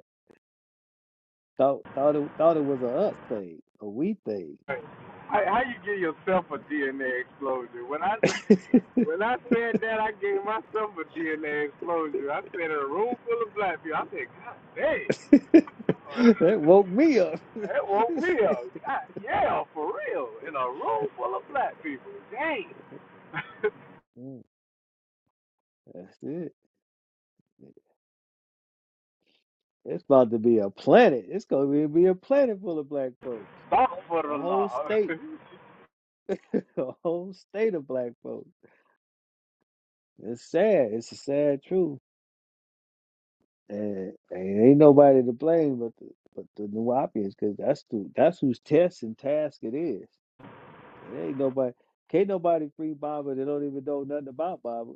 S5: Thought thought it thought it was a us thing, a we thing.
S9: Hey, How, how you give yourself a DNA explosion? When I when I said that, I gave myself a DNA explosion. I said in a room full of black people. I said, God dang,
S5: that woke me up.
S9: that woke me up. God, yeah, for real, in a room full of black people. Dang,
S5: Mm, That's it. It's about to be a planet. It's gonna be, be a planet full of black folks.
S9: talk for
S5: A
S9: the
S5: whole
S9: law.
S5: state. A whole state of black folks. It's sad. It's a sad truth. And, and ain't nobody to blame but the but the Nuwapians, because that's the that's whose test and task it is. It ain't nobody can't nobody free Baba that don't even know nothing about Baba.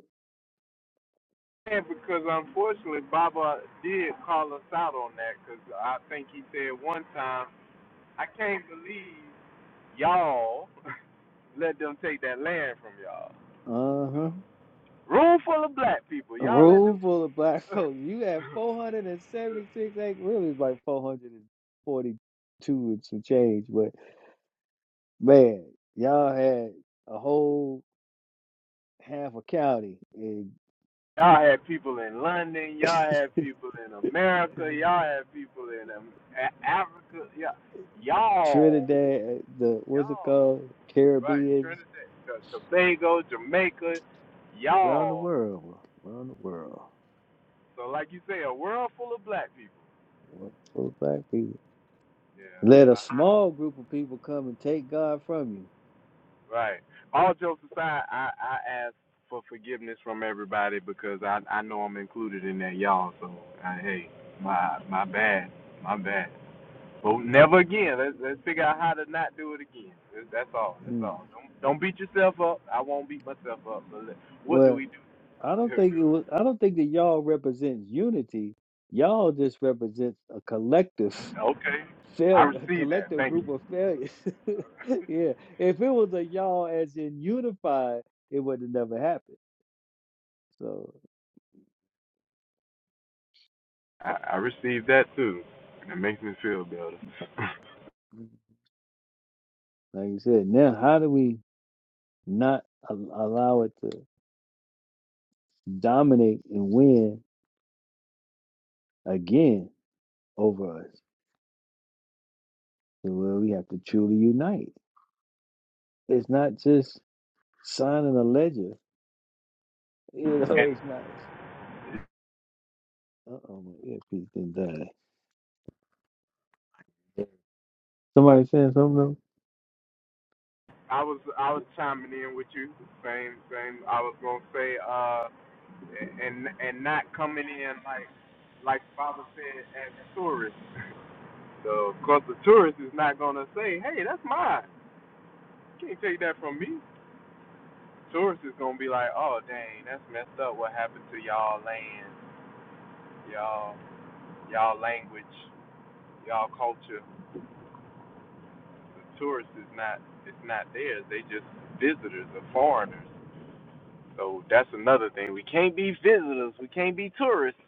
S9: And because unfortunately, Baba did call us out on that. Because I think he said one time, I can't believe Y'all let them take that land from y'all.
S5: Uh huh.
S9: Room full of black people.
S5: A
S9: Y'all let
S5: room full of black
S9: them.
S5: folks. You have four hundred and seventy six acres. Really, it's like four hundred and forty two and some change. But man, y'all had a whole half a county in
S9: Y'all had people in London. Y'all had people in America. Y'all had people in um, Africa. Y'all, y'all,
S5: Trinidad. The what's it
S9: y'all.
S5: called?
S9: Right,
S5: Caribbeans.
S9: Trinidad, Tobago, Jamaica.
S5: Around the
S9: Y'all.
S5: world, around the world.
S9: So, like you say, a world full of black people.
S5: One full black people.
S9: Yeah.
S5: Let a
S9: I, I
S5: small group of people come and take God from you.
S9: Right. All jokes aside, I, I ask for forgiveness from everybody because I, I know I'm included in that y'all. So I, hey, my my bad, my bad. But
S5: I,
S9: never again. Let's let's figure out how to not do it again. That's all. That's
S5: mm.
S9: all. Don't don't beat yourself up. I won't beat myself up. But let, what do
S5: well,
S9: we do?
S5: I don't
S9: Good.
S5: think it was. I don't think that y'all represents unity. Y'all just represents a collective
S9: Okay. I
S5: failure, a
S9: receive that.
S5: collective
S9: Thank
S5: group
S9: you.
S5: of failures. yeah, if it was a y'all as in unified, it would have never happened. So,
S9: I, I received that too. it makes me feel better.
S5: mm, like you said, now how do we not a- allow it to dominate and win again over us to where we have to truly unite. It's not just signing a ledger. You know,
S9: and
S5: it's not. Uh oh, my earpiece didn't die. Somebody saying something else?
S9: I was I was chiming in with you. Same same. I was gonna say uh and and not coming in like like Father said as tourists. So of course the tourist is not gonna say, hey, that's mine. You can't take that from me. Tourist is gonna be like, oh dang, that's messed up. What happened to y'all land, y'all y'all language, y'all culture? The tourist is not it's not theirs. They just visitors or foreigners. So that's another thing. We can't be visitors. We can't be tourists.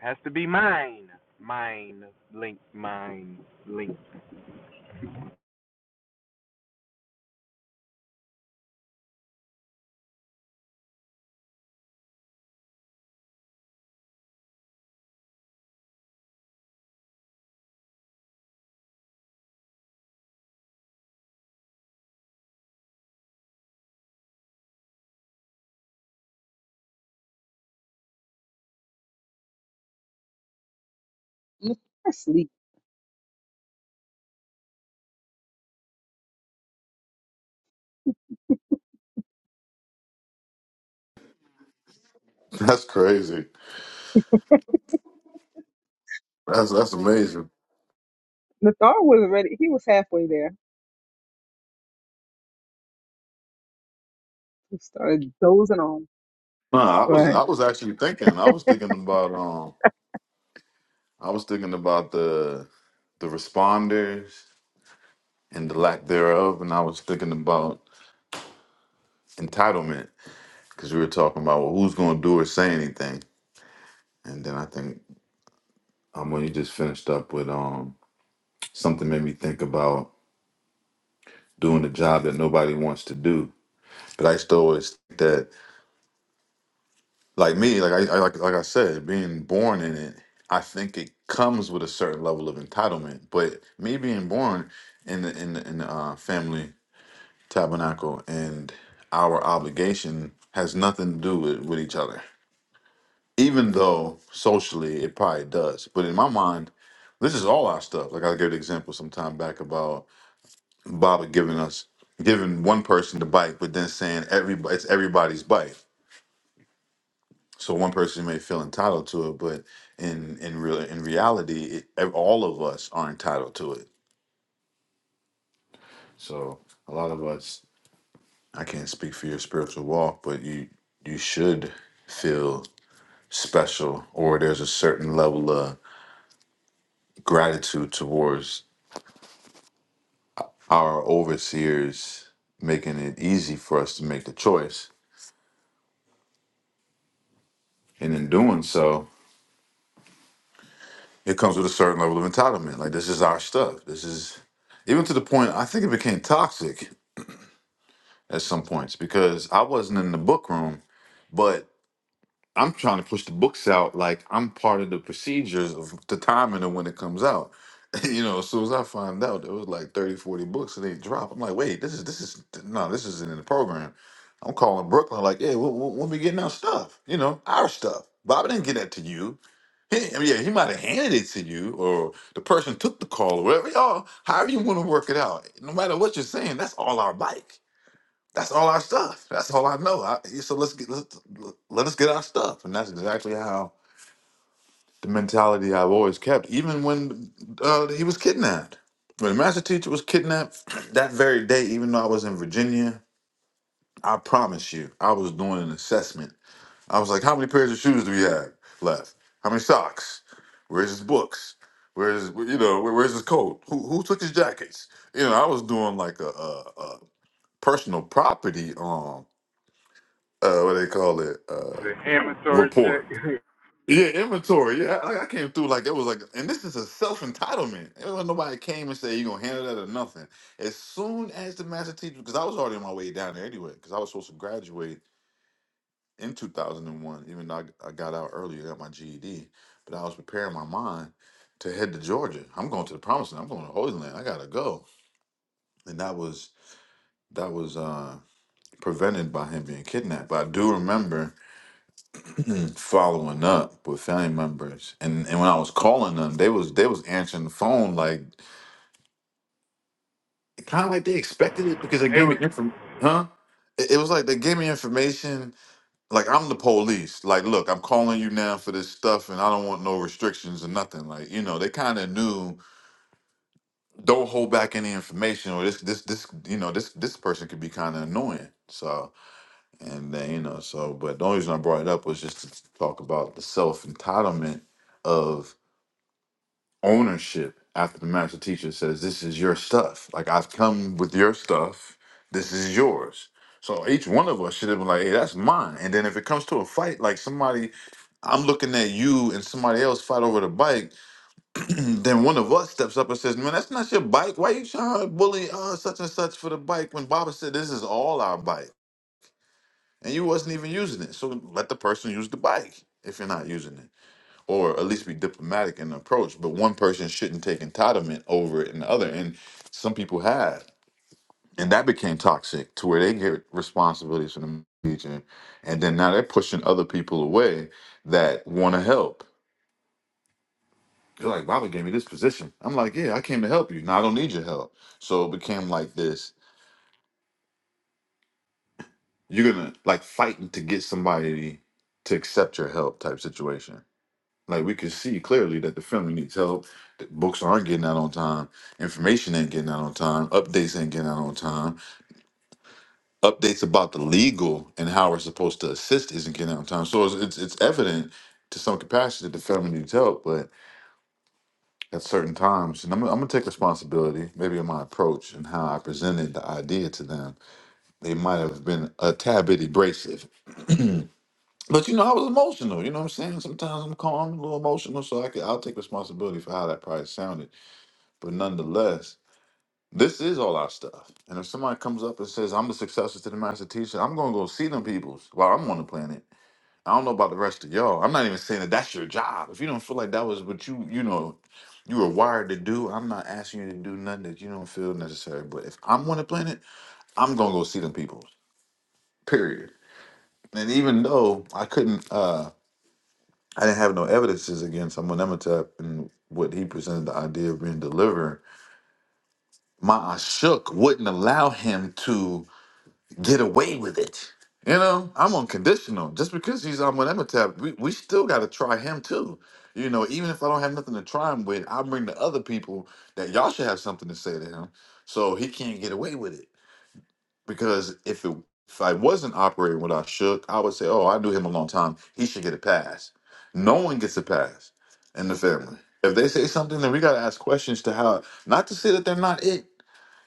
S9: Has to be mine. Mine. Link. Mine. Link.
S1: them.
S2: That's crazy. That's that's amazing.
S1: Nathar was ready. He was halfway there. He started dozing on.
S2: No, I was
S1: Right.
S2: I was actually thinking. I was thinking about um I was thinking about the the responders and the lack thereof, and I was thinking about entitlement because we were talking about well, who's going to do or say anything, and then I think um when you just finished up with um something made me think about doing a job that nobody wants to do, but I used to always think that Like me, like I, I like like I said, being born in it, I think it comes with a certain level of entitlement. But me being born in the in the, in the uh, family tabernacle and our obligation has nothing to do with, with each other. Even though socially it probably does, but in my mind, this is all our stuff. Like I gave the example some time back about Baba giving us giving one person the bike, but then saying everybody it's everybody's bike. So one person may feel entitled to it, but in in real in reality, it, ev- all of us are entitled to it. So a lot of us, I can't speak for your spiritual walk, but you you should feel special, or there's a certain level of gratitude towards our overseers making it easy for us to make the choice, and in doing so, it comes with a certain level of entitlement. Like this is our stuff. This is even to the point I think it became toxic at some points because I wasn't in the book room, but I'm trying to push the books out like I'm part of the procedures of the timing of when it comes out. you know, as soon as I find out there was like 30, 40 books and they drop, I'm like, wait, this is this is no, this isn't in the program. I'm calling Brooklyn like, yeah, when when when we getting our stuff, you know, our stuff. Bobby didn't get that to you. He, I mean, yeah, he might have handed it to you, or the person took the call, or whatever. Y'all, however you want to work it out. No matter what you're saying, that's all our bike that's all our stuff. That's all I know. I, yeah, so let's get let's, let us get our stuff, and that's exactly how the mentality I've always kept. Even when uh, he was kidnapped, when the master teacher was kidnapped that very day, even though I was in Virginia, I promise you, I was doing an assessment. I was like, how many pairs of shoes do we have left? How many socks? Where's his books? Where's you know where, where's his coat? Who who took his jackets? You know, I was doing like a, a, a personal property um uh what they call it uh
S9: The inventory
S2: report
S9: check.
S2: yeah inventory yeah I, I came through like it was like and this is a self-entitlement nobody came and said you gonna handle that or nothing as soon as the master teacher because i was already on my way down there anyway because i was supposed to graduate in 2001 even though i, I got out earlier got my ged but i was preparing my mind to head to georgia i'm going to the promised land i'm going to holy land i gotta go and that was that was uh prevented by him being kidnapped but i do remember Mm, following up with family members, and and when I was calling them, they was they was answering the phone like kind of like they expected it because they
S9: it
S2: gave me
S9: was.
S2: information, huh? It, it was like they gave me information like I'm the police. Like, look, I'm calling you now for this stuff, and I don't want no restrictions or nothing. Like, you know, they kind of knew don't hold back any information, or this this this you know this this person could be kind of annoying. So and then you know so, but the only reason I brought it up was just to talk about the self entitlement of ownership after the master teacher says, This is your stuff. Like, I've come with your stuff. This is yours. So each one of us should have been like, Hey, that's mine. And then if it comes to a fight, like somebody, I'm looking at you and somebody else fight over the bike, then one of us steps up and says, Man, that's not your bike. Why you trying to bully uh, such and such for the bike when Baba said, This is all our bike? And you wasn't even using it. So let the person use the bike if you're not using it or at least be diplomatic in the approach. But one person shouldn't take entitlement over it and the other. And some people have. And that became toxic to where they get responsibilities for the region. And then now they're pushing other people away that want to help. They're like, Baba gave me this position. I'm like, yeah, I came to help you. Now I don't need your help. So it became like this. You're going to like fighting to get somebody to accept your help type situation. Like we could see clearly that the family needs help. That books aren't getting out on time. Information ain't getting out on time. Updates ain't getting out on time. Updates about the legal and how we're supposed to assist isn't getting out on time. So it's it's, it's evident to some capacity that the family needs help, but at certain times, and I'm, I'm gonna take responsibility. Maybe in my approach and how I presented the idea to them, they might have been a tad bit abrasive. But you know, I was emotional. You know what I'm saying? Sometimes I'm calm, a little emotional, so I could I'll take responsibility for how that probably sounded But nonetheless, this is all our stuff. And if somebody comes up and says, I'm the successor to the master teacher, I'm going to go see them peoples while I'm on the planet. I don't know about the rest of y'all. I'm not even saying that that's your job. If you don't feel like that was what you, you know, you were wired to do, I'm not asking you to do nothing that you don't feel necessary. But if I'm on the planet, I'm going to go see them peoples, period. And even though I couldn't, uh, I didn't have no evidences against Amun Emetep and what he presented the idea of being delivered my Ashok wouldn't allow him to get away with it. You know, I'm unconditional. Just because he's on Amenemhotep, we, we still got to try him too. You know, even if I don't have nothing to try him with, I bring the other people that y'all should have something to say to him, so he can't get away with it. Because if it if I wasn't operating with Ashok, I would say, oh, I knew him a long time. He should get a pass. No one gets a pass in the family. If they say something, then we got to ask questions to how. Not to say that they're not it,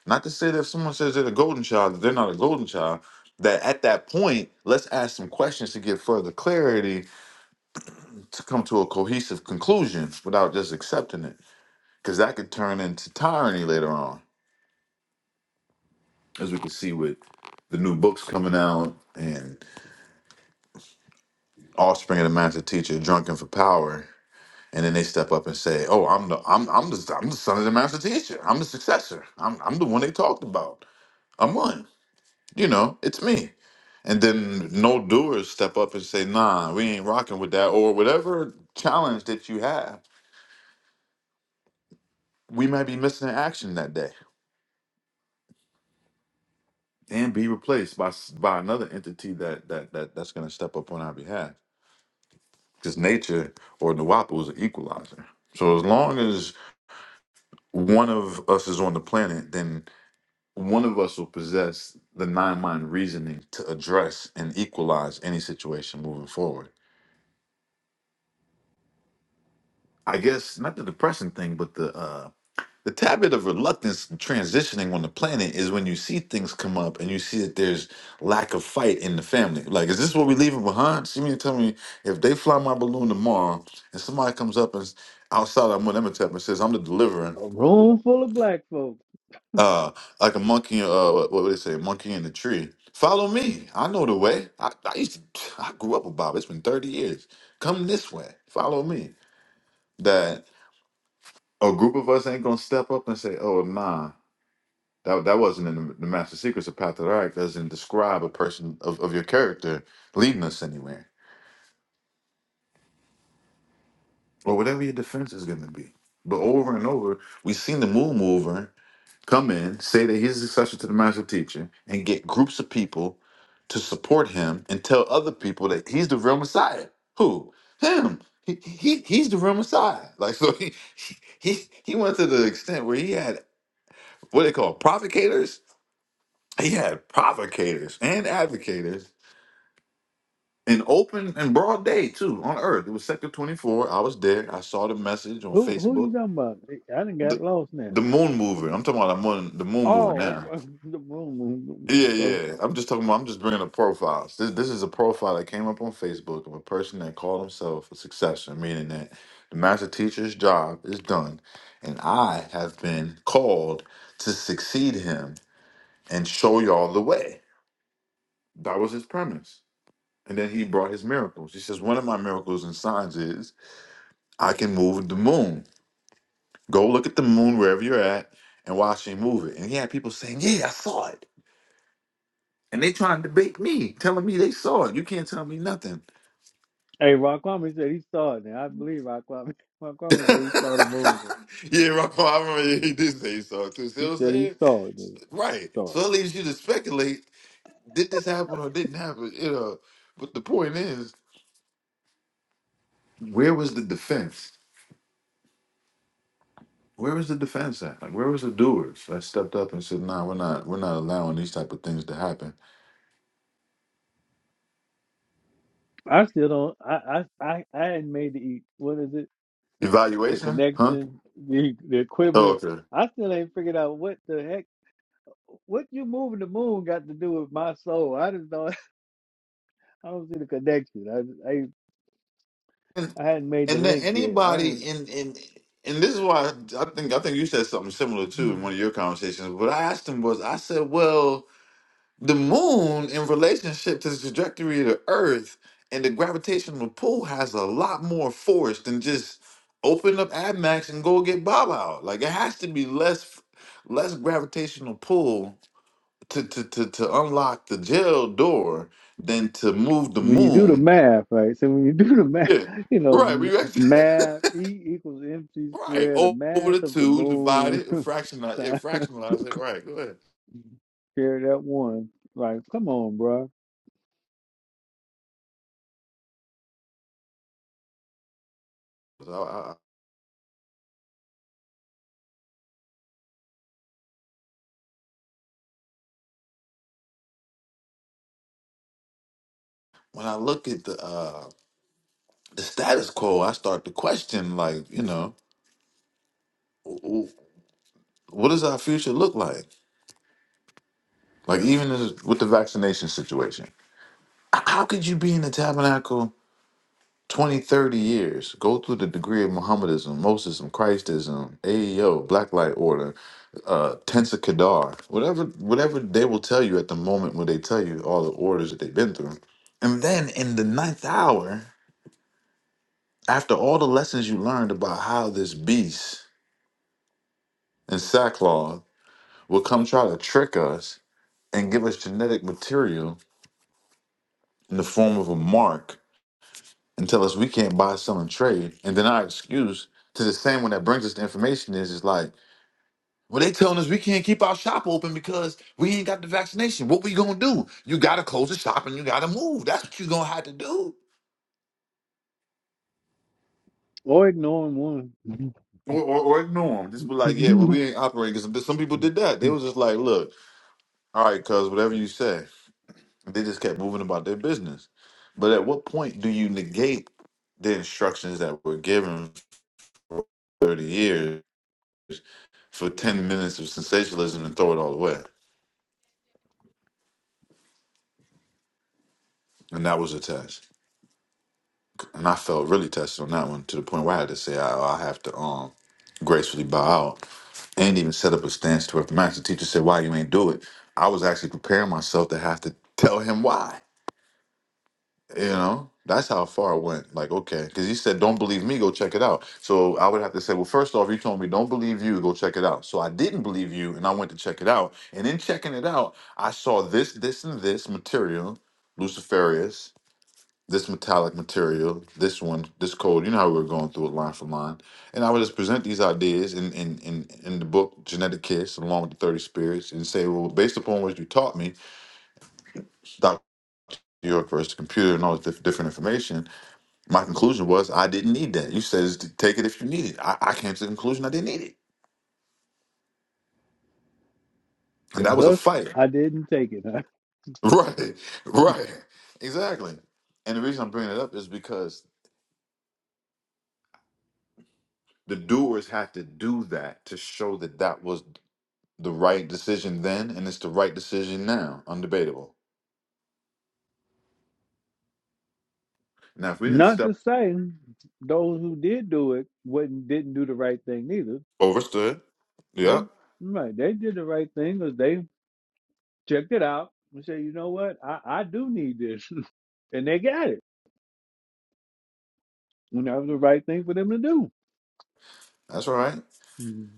S2: not to say that if someone says they're a golden child, that they're not a golden child. That at that point, let's ask some questions to get further clarity to come to a cohesive conclusion without just accepting it. Because that could turn into tyranny later on, as we can see with the new books coming out and offspring of the master teacher drunken for power. And then they step up and say, "Oh, I'm the I'm I'm the I'm the son of the master teacher. I'm the successor. I'm I'm the one they talked about. I'm one." You know, it's me. And then no doers step up and say, nah, we ain't rocking with that, or whatever challenge that you have, we might be missing an action that day and be replaced by s- by another entity that that, that that's gonna step up on our behalf. Because nature or the WAPA is an equalizer. So as long as one of us is on the planet, then one of us will possess the nine mind reasoning to address and equalize any situation moving forward. I guess not the depressing thing, but the uh The habit of reluctance transitioning on the planet is when you see things come up and you see that there's lack of fight in the family. Like, is this what we leaving behind? See me and tell me if they fly my balloon tomorrow and somebody comes up and s- outside of Amenemhotep and says, I'm the deliverer,
S5: A room full of black folks.
S2: uh, like a monkey, uh, what what would they say, monkey in the tree. Follow me. I know the way. I, I used to, I grew up with Bob. It's been 30 years. Come this way. Follow me. That a group of us ain't gonna step up and say, oh, nah. That that wasn't in the, the Master Secrets of Path Doesn't describe a person of, of your character leading us anywhere or whatever your defense is going to be. But over and over, we've seen the Moon Mover come in, say that he's the successor to the Master Teacher, and get groups of people to support him and tell other people that he's the real Messiah. Who? Him. He, he he's the real Messiah. Like so, he he he went to the extent where he had what they call provocators. He had provocators and advocators in open and broad day too on earth it was sector 24 i was there i saw the message on
S5: Who who you
S2: facebook
S5: talking about? I didn't got
S2: the,
S5: lost now.
S2: the moon mover i'm talking about the moon the moon mover
S5: Oh,
S2: now
S5: the room.
S2: yeah
S5: So,
S2: yeah i'm just talking about i'm just bringing up profiles this, this is a profile that came up on facebook of a person that called himself a successor, meaning that the master teacher's job is done and i have been called to succeed him and show y'all the way that was his premise and then he brought his miracles he says one of my miracles and signs is I can move the moon. Go look at the moon wherever you're at and watch me move it. And he had people saying, Yeah, I saw it. And they trying to debate me, telling me they saw it. You can't tell me nothing.
S5: hey, Raquami said he saw it now. I believe Raquami.
S2: yeah,
S5: Raquami said he saw the movement.
S2: Rafa, I remember he he did say he saw it too. See
S5: He
S2: what I'm
S5: said he
S2: saying?
S5: saw it. Dude.
S2: Right.
S5: Saw
S2: So
S5: it.
S2: it leaves you to speculate, did this happen or didn't happen? You know. But the point is, where was the defense? Where was the defense at? Like where was the doers that stepped up and said, nah, we're not we're not allowing these type of things to happen.
S5: I still don't. I I I, I hadn't made the. What is it? the
S2: Evaluation? huh?
S5: connection, the the
S2: Oh,
S5: equivalence.
S2: okay.
S5: I still ain't figured out what the heck what you moving the moon got to do with my soul. I just don't I don't see the connection. I I
S2: And,
S5: I hadn't made the
S2: and then
S5: link yet. I
S2: anybody
S5: don't
S2: in in and this is why I think I think you said something similar too in one of your conversations. What I asked him was, I said, well, the moon in relationship to the trajectory of the Earth and the gravitational pull has a lot more force than just open up AdMax and go get Bob out. Like it has to be less less gravitational pull to to to, to unlock the jail door than to move the
S5: when you do the
S2: moon.
S5: math, right? So when you do the math,
S2: Yeah,
S5: you know,
S2: right.
S5: m-
S2: We actually.
S5: math E equals mc
S2: Right.
S5: squared, the
S2: O- Over
S5: mass
S2: the
S5: of the
S2: two, divide
S5: moon
S2: it, and fractionize it,
S5: times
S2: fractionalize it. Right. Go ahead.
S5: carry that one. Like, come on, bro.
S2: So I, I- when I look at the uh, the status quo, I start to question, like, you know, w- w- what does our future look like? Like, even as, with the vaccination situation, h- how could you be in the tabernacle 20, 30 years, go through the degree of Mohammedism, Mosism, Christism, AEO, Black Light Order, uh Tensa Kadar, whatever whatever they will tell you at the moment when they tell you all the orders that they've been through. And then in the ninth hour, after all the lessons you learned about how this beast and sackcloth will come try to trick us and give us genetic material in the form of a mark and tell us we can't buy, sell, and trade, and then our excuse to the same one that brings us the information is is like Well, they telling us we can't keep our shop open because we ain't got the vaccination. What we gonna do? You gotta close the shop and you gotta move. That's what you gonna have to do.
S5: Or ignoring
S2: Or, or, or ignore them. Just be like, yeah, well,
S5: one.
S2: we ain't operating. Cause some people did that. They was just like, look, all right, cuz whatever you say. They just kept moving about their business. But at what point do you negate the instructions that were given for 30 years for 10 minutes of sensationalism and throw it all away? And that was a test. and I felt really touched on that one to the point where I had to say I, I have to um gracefully bow out and even set up a stance to where if the master teacher said why you ain't do it, I was actually preparing myself to have to tell him why. You know, that's how far I went. Like okay, because he said don't believe me, go check it out. So I would have to say well first off you told me don't believe you, go check it out. So I didn't believe you, and I went to check it out. And in checking it out, I saw this, this, and this material, Luciferius this metallic material, this one, this code. You know how we were going through it line for line. And I would just present these ideas in in in, in the book Genetic Kiss, along with the Thirty Spirits, and say, well, based upon what you taught me, Doctor York versus the computer and all this diff- different information, my conclusion was I didn't need that. You said is to take it if you need it. I, I came to the conclusion I didn't need it, and
S5: So
S2: that was a
S5: thus
S2: fight.
S5: I didn't take it. Huh?
S2: Right, right, exactly. And the reason I'm bringing it up is because the doers had to do that to show that that was the right decision then, and it's the right decision now, undebatable. Now, if we didn't
S5: Not
S2: step
S5: to say those who did do it wouldn't didn't do the right thing neither.
S2: overstood,
S5: They
S2: yep,
S5: right, they did the right thing because they checked it out and said, you know what, I, I do need this. and they got it. And that was the right thing for them to
S2: that's all right.
S5: do.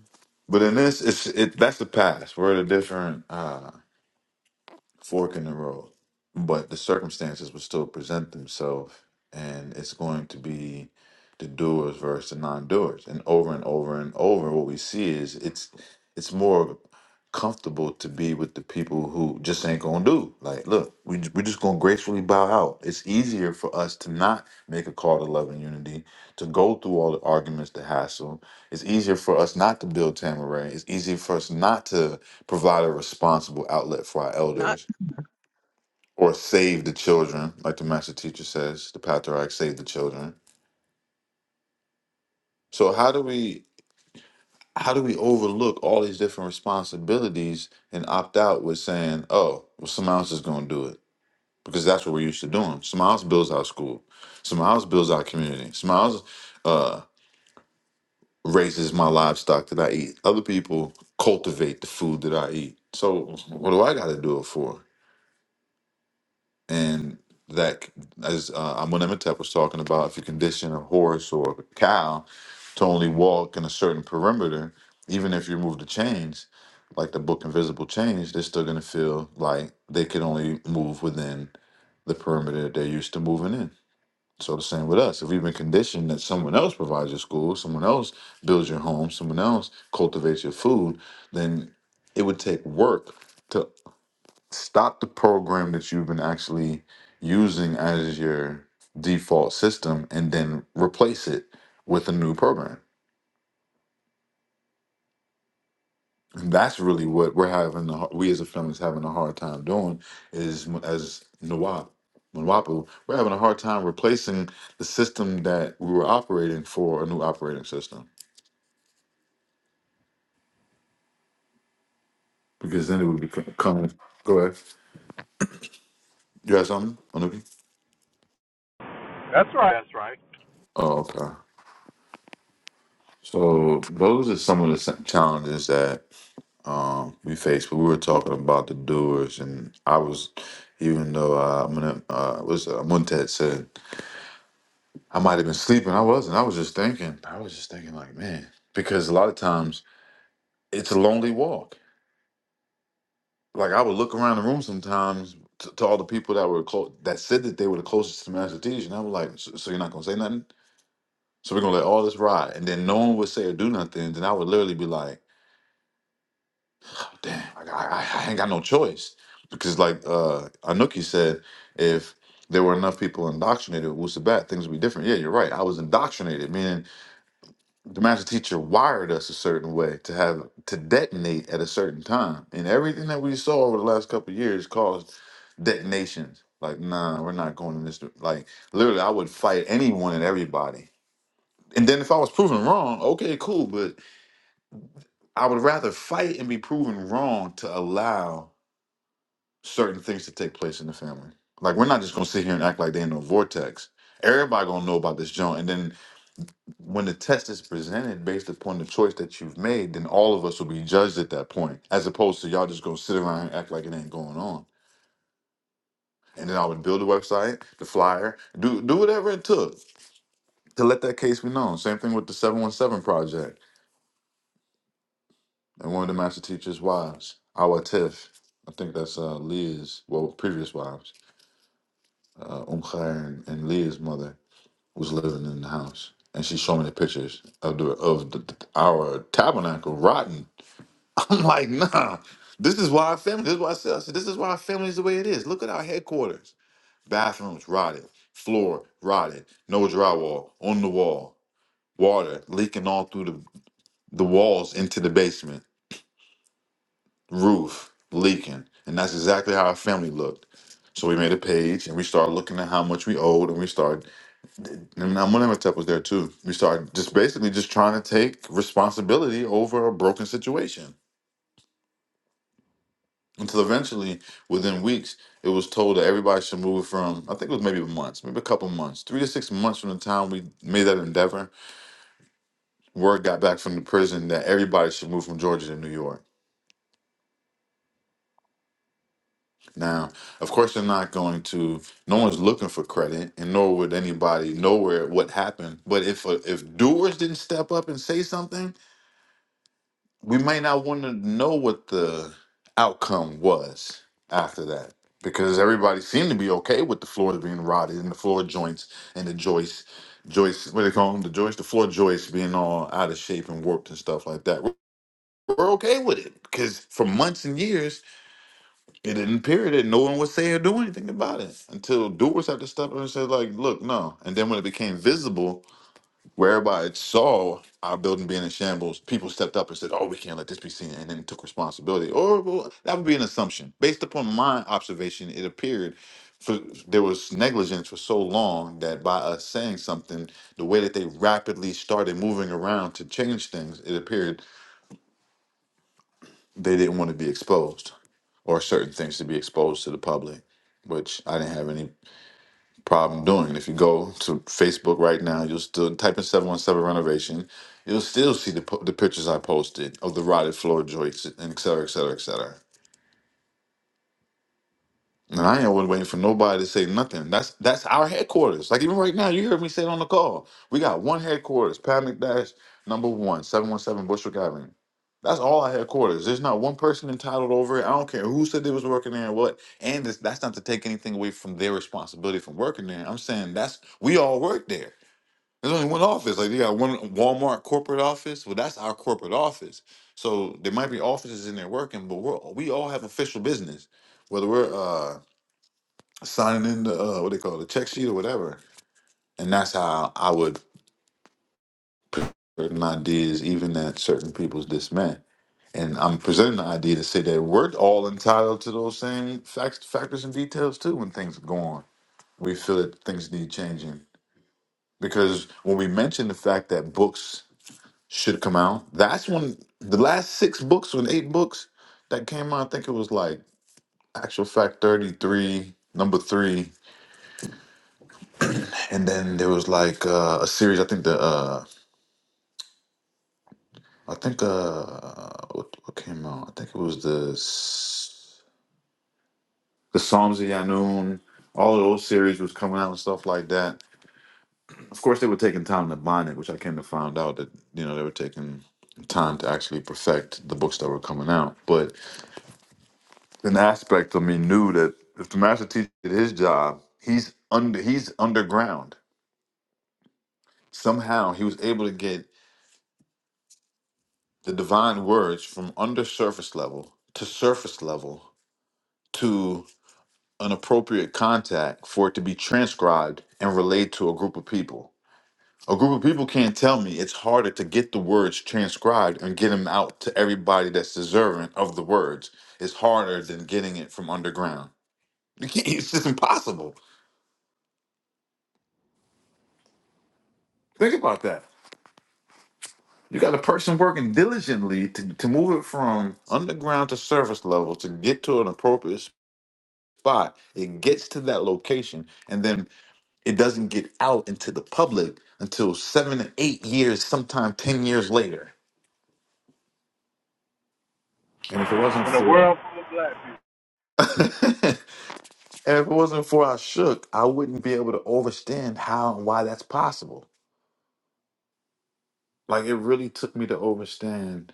S2: But in this, it's it that's the past. We're at a different. uh fork in the road, but the circumstances will still present themselves, and it's going to be the doers versus the non-doers, and over and over and over, what we see is it's it's more comfortable to be with the people who just ain't gonna do. Like, look, we ju- we just gonna gracefully bow out. It's easier for us to not make a call to love and unity, to go through all the arguments, the hassle. It's easier for us not to build Tamaray. It's easier for us not to provide a responsible outlet for our
S1: Not
S2: elders or save the children, like the master teacher says, the patriarch save the children. So how do we how do we overlook all these different responsibilities and opt out with saying, "Oh, well, someone else is going to do it," because that's what we're used to doing. Someone else builds our school. Someone else builds our community. Someone else uh, raises my livestock that I eat. Other people cultivate the food that I eat. So what do I got to do it for? and that as uh, Amun was talking about, if you condition a horse or a cow to only walk in a certain perimeter, even if you remove the chains, like the book Invisible Chains, they're still going to feel like they could only move within the perimeter they're used to moving in. So the same with us. If we've been conditioned that someone else provides your school, someone else builds your home, someone else cultivates your food, then it would take work to stop the program that you've been actually using as your default system and then replace it with a new program and that's really what we're having the, we as a family is having a hard time doing is m- as Nawab Nwapu, we're having a hard time replacing the system that we were operating for a new operating system because then it would become go ahead you have something Anuki?
S9: That's right. That's right.
S2: oh okay so those are some of the s- challenges um, we faced. But we were talking about the doers, and I was, even though uh, I'm gonna, uh, was uh, Montet said I might have been sleeping. I wasn't. I was just thinking. I was just thinking, like, man, because a lot of times it's a lonely walk. Like I would look around the room sometimes to, to all the people that were close that said that they were the closest to Master Teacher, and I was like, so, so you're not gonna say nothing. So we're gonna let all this ride, and then no one would say or do nothing. Then I would literally be like. damn, I, I, I ain't got no choice. Because like uh Anuki said, if there were enough people indoctrinated with Wusabat, things would be different. Yeah, you're right. I was indoctrinated, meaning the master teacher wired us a certain way to have to detonate at a certain time. And everything that we saw over the last couple of years caused detonations. Like, nah, we're not going in this. dir- Like, literally, I would fight anyone and everybody. And then if I was proven wrong, okay, cool. But I would rather fight and be proven wrong to allow certain things to take place in the family. Like we're not just gonna sit here and act like they ain't no vortex. Everybody gonna know about this joint, and then when the test is presented based upon the choice that you've made, then all of us will be judged at that point, as opposed to y'all just gonna sit around and act like it ain't going on. And then I would build a website, the flyer, do do whatever it took to let that case be known. Same thing with the seven one seven project and one of the master teachers' wives, our Tiff. I think that's uh, Leah's, well, previous wives, uh, Umkhar and, and Leah's mother was living in the house, and she showed me the pictures of the of the, the- our tabernacle rotten. I'm like, nah, this is why our family. This is why I said, I said this is why our family is the way it is. Look at our headquarters. Bathrooms rotted, floor rotted, no drywall on the wall, water leaking all through the the walls into the basement, roof leaking, and that's exactly how our family looked. So we made a page and we started looking at how much we owed and we started and now Moneymatep was there too. We started just basically just trying to take responsibility over a broken situation until eventually, within weeks, it was told that everybody should move from. I think it was maybe months, maybe a couple months, three to six months from the time we made that endeavor. Word got back from the prison that everybody should move from Georgia to New York. Now, of course, they're not going to. No one's looking for credit, and nor would anybody know where what happened. But if uh, if doers didn't step up and say something, we might not want to know what the outcome was after that because everybody seemed to be okay with the floors being rotted and the floor joints and the joists, joists, what do they call them? The joists, the floor joists being all out of shape and warped and stuff like that. We're, we're okay with it because for months and years, it didn't appear that no one would say or do anything about it until doers had to step up and say, like, look, no. And then when it became visible, whereby it saw our building being in shambles, people stepped up and said, "Oh, we can't let this be seen," and then took responsibility. Or well, that would be an assumption based upon my observation. It appeared for there was negligence for so long that by us saying something, the way that they rapidly started moving around to change things, it appeared they didn't want to be exposed or certain things to be exposed to the public, which I didn't have any problem doing. If you go to Facebook right now, you'll still type in 717 renovation. You'll still see the, po- the pictures I posted of the rotted floor joists and et cetera, et cetera, et cetera. And I ain't wa- waiting for nobody to say nothing. That's that's our headquarters. Like even right now, you heard me say it on the call. We got one headquarters, Pat McDash, number one, 717 Bushwick Avenue. That's all our headquarters. There's not one person entitled over it. I don't care who said they was working there and what. And this, that's not to take anything away from their responsibility from working there. I'm saying that's we all work there. There's only one office. Like they got one Walmart corporate office. Well, that's our corporate office. So there might be offices in there working, but we're we all have official business, whether we're uh, signing in the uh, what they call it, the check sheet or whatever. And that's how I would certain ideas, even at certain people's dismay. And I'm presenting the idea to say that we're all entitled to those same facts, factors, and details too. When things go on, we feel that things need changing because when we mention the fact that books should come out. That's when the last six books, when eight books that came out, I think it was like Actual Fact 33, number three. And then there was like uh, a series, I think the, uh, I think, uh, what, what came out? I think it was the, S- the Psalms of Yanun. All of those series was coming out and stuff like that. Of course, they were taking time to bind it, which I came to find out that, you know, they were taking time to actually perfect the books that were coming out. But an aspect of me knew that if the master teacher did his job, he's under he's underground. Somehow he was able to get the divine words from under surface level to surface level to an appropriate contact for it to be transcribed and relayed to a group of people. A group of people can't tell me it's harder to get the words transcribed and get them out to everybody that's deserving of the words. It's harder than getting it from underground. You can't- It's just impossible. Think about that. You got a person working diligently to, to move it from underground to surface level to get to an appropriate spot. It gets to that location and then it doesn't get out into the public until seven to eight years, sometime 10 years later. And if it wasn't
S9: In a
S2: for
S9: world full of black
S2: and if it wasn't for I shook, I wouldn't be able to understand how and why that's possible. Like it really took me to understand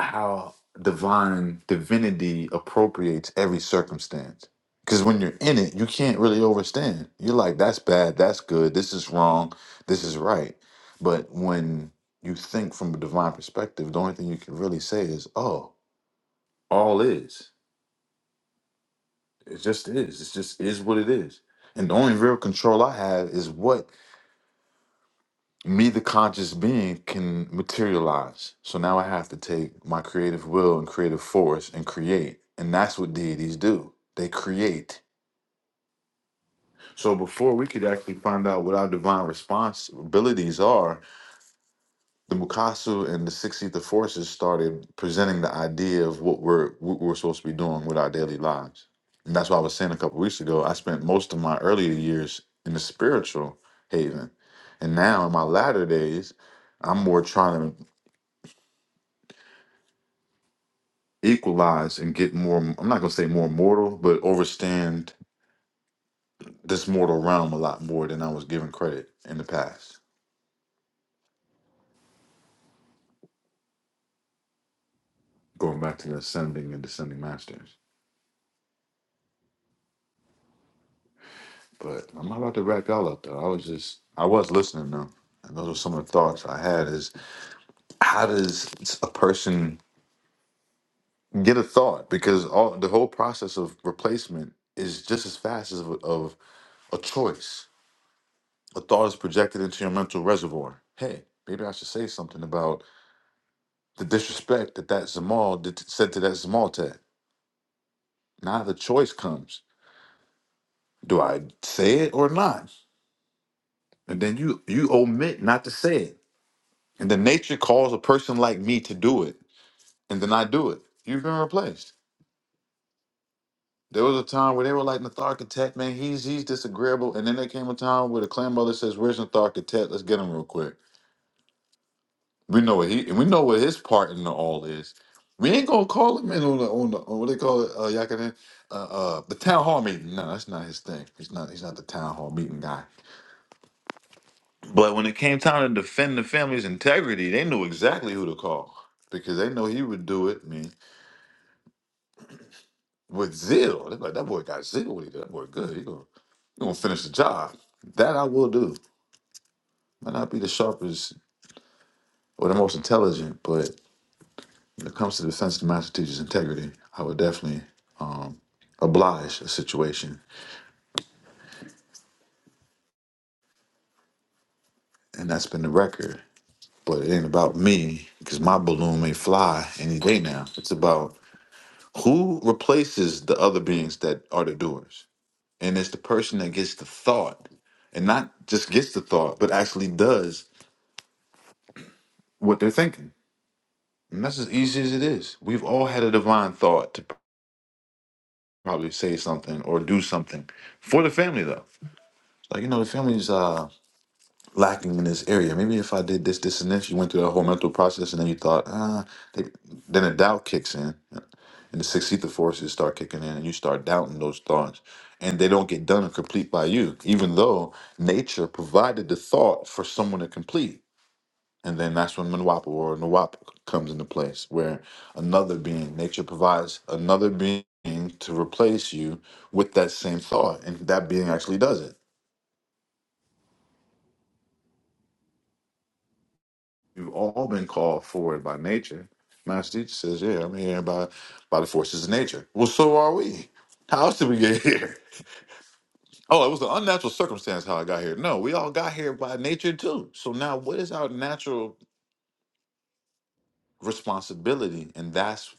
S2: how divine divinity appropriates every circumstance. Because when you're in it, you can't really overstand. You're like, that's bad, that's good, this is wrong, this is right. But when you think from a divine perspective, the only thing you can really say is, oh, all is. It just is. It just is what it is. And the only real control I have is what me, the conscious being, can materialize. So now I have to take my creative will and creative force and create. And that's what deities do they create. So before we could actually find out what our divine responsibilities are, the Mukasu and the 60th forces started presenting the idea of what we're what we're supposed to be doing with our daily lives. And that's why I was saying a couple weeks ago, I spent most of my earlier years in the spiritual haven. And now in my latter days, I'm more trying to equalize and get more i'm not going to say more mortal but overstand this mortal realm a lot more than i was given credit in the past going back to the ascending and descending masters but i'm not about to wrap y'all up though i was just i was listening though and those are some of the thoughts i had is how does a person get a thought because all the whole process of replacement is just as fast as of, of a choice a thought is projected into your mental reservoir hey maybe i should say something about the disrespect that that Zamal did, said to that Zamaltet. Now the choice comes: do I say it or not? And then you you omit not to say it, and then nature calls a person like me to do it, and then I do it. You've been replaced. There was a time where they were like Natharkatet, man, he's he's disagreeable, and then there came a time where the clan mother says, "Where's Natharkatet? Let's get him real quick." We know what he and we know what his part in the all is. We ain't gonna call him in on the on the on what they call it, uh Yakinen. Uh uh the town hall meeting. No, that's not his thing. He's not he's not the town hall meeting guy. But when it came time to defend the family's integrity, they knew exactly who to call. Because they know he would do it, I mean, with zeal. They're like, that boy got zeal when he did. That boy good. He gonna, he gonna finish the job. That I will do. Might not be the sharpest or the most intelligent, but. When it comes to the sensitive master teacher's integrity, I would definitely um, oblige a situation, and that's been the record. But it ain't about me because my balloon may fly any day now. It's about who replaces the other beings that are the doers, and it's the person that gets the thought, and not just gets the thought, but actually does what they're thinking. And that's as easy as it is. We've all had a divine thought to probably say something or do something for the family, though. Like you know, the family's. Uh, lacking in this area. Maybe if I did this, this, and this, you went through that whole mental process, and then you thought, ah, they, then a doubt kicks in, and the sixth forces start kicking in, and you start doubting those thoughts, and they don't get done and complete by you, even though nature provided the thought for someone to complete. And then that's when Manwapa or Nawap comes into place, where another being, nature provides another being to replace you with that same thought, and that being actually does it We've all been called forward by nature. Master teacher says, "Yeah, I'm here by by the forces of nature." Well, so are we. How else did we get here? Oh, it was an unnatural circumstance how I got here. No, we all got here by nature too. So now, what is our natural responsibility? And that's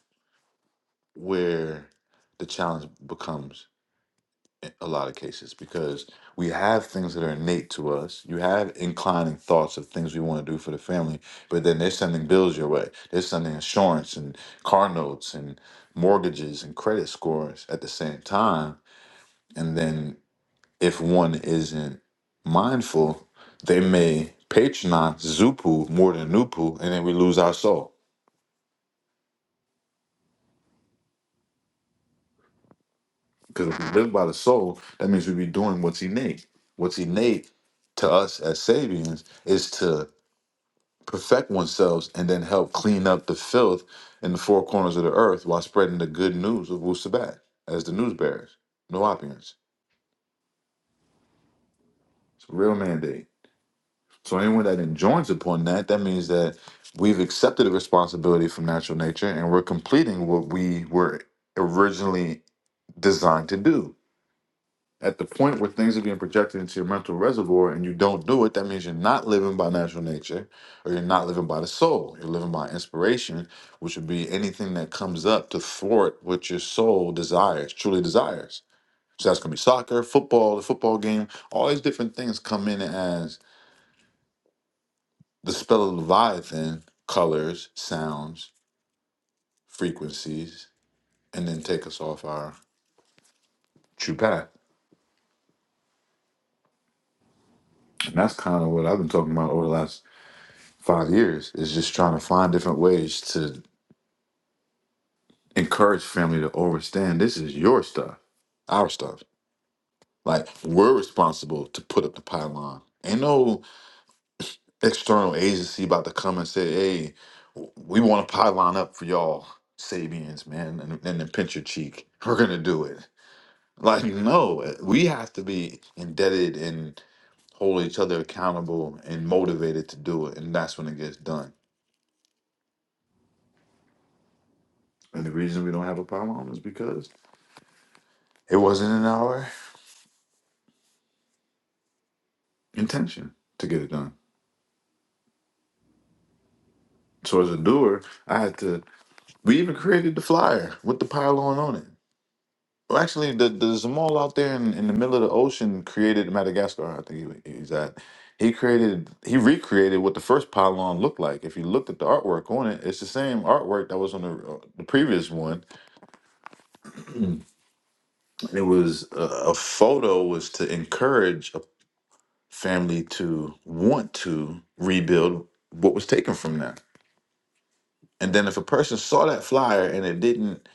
S2: where the challenge becomes. a lot of cases because we have things that are innate to us. You have inclining thoughts of things we want to do for the family, but then they're sending bills your way. They're sending insurance and car notes and mortgages and credit scores at the same time. And then if one isn't mindful, they may patronize Zupu more than Nupu, and then we lose our soul. Because if we live by the soul, that means we be doing what's innate. What's innate to us as Sabians is to perfect oneself and then help clean up the filth in the four corners of the earth while spreading the good news of Wu Sabat as the news bearers. No opulence. It's a real mandate. So anyone that enjoins upon that, that means that we've accepted a responsibility from natural nature and we're completing what we were originally designed to do. At the point where things are being projected into your mental reservoir and you don't do it, that means you're not living by natural nature or you're not living by the soul. You're living by inspiration, which would be anything that comes up to thwart what your soul desires, truly desires. So that's going to be soccer, football, the football game, all these different things come in as the spell of Leviathan, colors, sounds, frequencies, and then take us off our true path. And that's kind of what I've been talking about over the last five years is just trying to find different ways to encourage family to understand this is your stuff, our stuff. Like we're responsible to put up the pylon. Ain't no external agency about to come and say, "Hey, we want a pylon up for y'all, Sabians, man," and, and then pinch your cheek. We're gonna do it. Like no, we have to be indebted and hold each other accountable and motivated to do it, and that's when it gets done. And the reason we don't have a pylon is because It wasn't in our intention to get it done. So as a doer, I had to. We even created the flyer with the pylon on it. Well, actually, the, the Zamal out there in, in the middle of the ocean created Madagascar. I think he, he's at. He created, he recreated what the first pylon looked like. If you looked at the artwork on it, it's the same artwork that was on the, uh, the previous one. it was a, a photo was to encourage a family to want to rebuild what was taken from them And then if a person saw that flyer and it didn't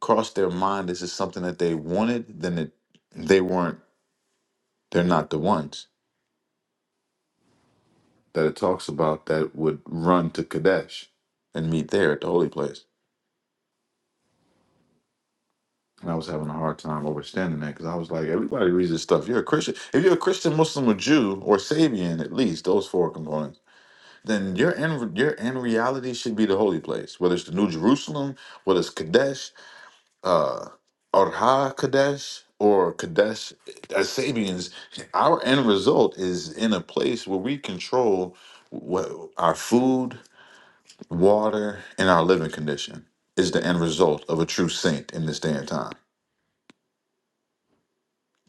S2: cross their mind this is something that they wanted, then it they weren't they're not the ones that it talks about that would run to Kadesh and meet there at the holy place. And I was having a hard time understanding that because I was like, everybody reads this stuff. You're a Christian. If you're a Christian, Muslim, or Jew, or Sabian, at least those four components, then your end, your end reality should be the holy place. Whether it's the New Jerusalem, whether it's Kadesh, uh Orha Kadesh or Kadesh as Sabians, our end result is in a place where we control what our food, water, and our living condition is the end result of a true saint in this day and time.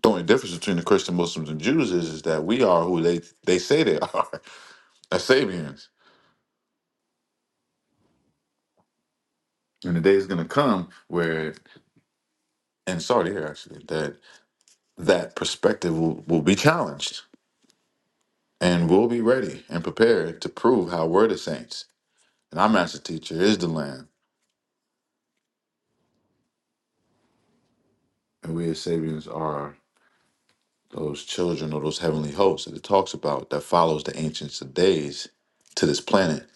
S2: The only difference between the Christian Muslims and Jews is, is that we are who they, they say they are, as Sabians. And the day is going to come where, and sorry here actually, that that perspective will, will be challenged and we'll be ready and prepared to prove how we're the saints. And our master teacher is the Lamb, and we as Sabians are those children or those heavenly hosts that it talks about that follows the ancients of days to this planet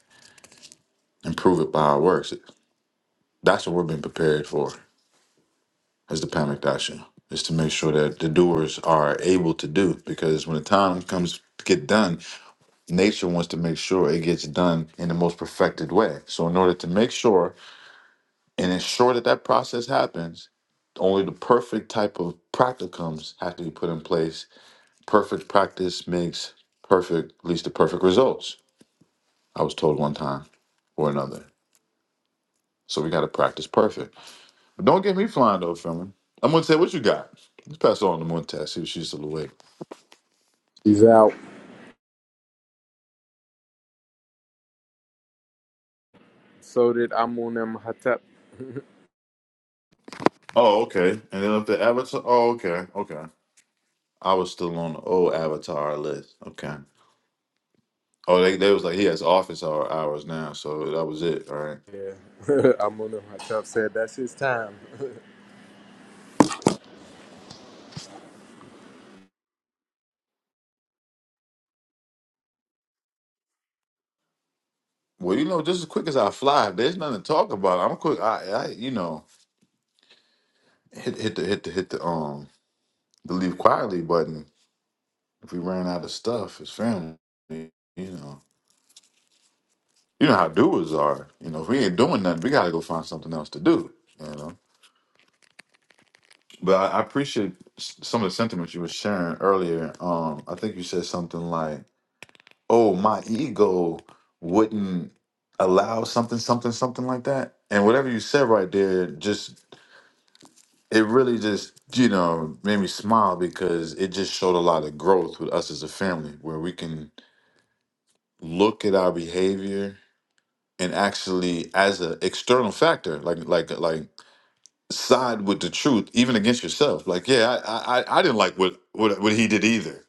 S2: and prove it by our works. That's what we're being prepared for as the Pamak Dasha, is to make sure that the doers are able to do. Because when the time comes to get done, nature wants to make sure it gets done in the most perfected way. So in order to make sure And ensure that that process happens. Only the perfect type of practicums have to be put in place. Perfect practice makes perfect, leads to perfect results. I was told one time or another. So we got to practice perfect. But don't get me flying though, Furman. I'm gonna say what you got. Let's pass it on to Montez. See if she's still awake. Oh, okay. And then up the avatar. Oh, okay, okay. I was still on the old avatar list. Okay. Oh, they, they was like he has office hour hours now, so that was it. All right.
S9: people. Yeah. I'm on them. myself said that's his time.
S2: Well, you know, just as quick as I fly, if there's nothing to talk about, I'm quick. I, I you know, hit hit the hit the hit the um the leave quietly button. If we ran out of stuff, it's family. You know, you know how doers are. You know, if we ain't doing nothing, we gotta go find something else to do. You know, but I, I appreciate s- some of the sentiments you were sharing earlier. Um, I think you said something like, "Oh, my ego wouldn't allow something, something, something like that." And whatever you said right there, just it really just you know made me smile because it just showed a lot of growth with us as a family where we can look at our behavior and actually as an external factor like like like side with the truth even against yourself like yeah i i, I I didn't like what, what what he did either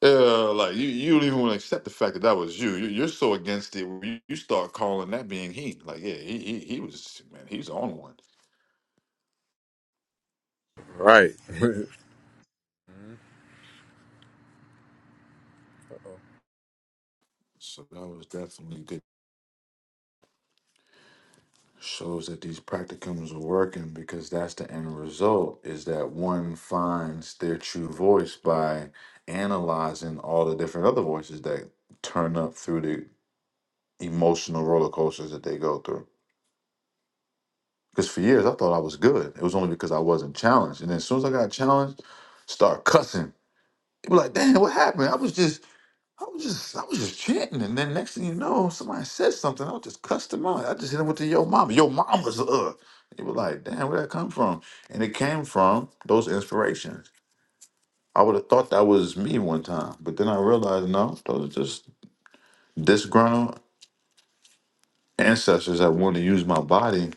S2: Yeah, like you, you don't even want to accept the fact that that was you. you you're so against it. You, you start calling that being he. Like, yeah, he, he he was man. He's on one. So that was definitely good. shows that these practicums are working because that's the end result is that one finds their true voice by analyzing all the different other voices that turn up through the emotional roller coasters that they go through. Because for years I thought I was good. It was only because I wasn't challenged. And then as soon as I got challenged, start cussing. People like, damn, what happened? I was just I was just I was just chanting, and then next thing you know, somebody said something. I just cussed them out. I just hit them with the yo mama. Yo mama's uh. They were like, damn, where that come from? And it came from those inspirations. I would have thought that was me one time, but then I realized no, those are just disgruntled ancestors that want to use my body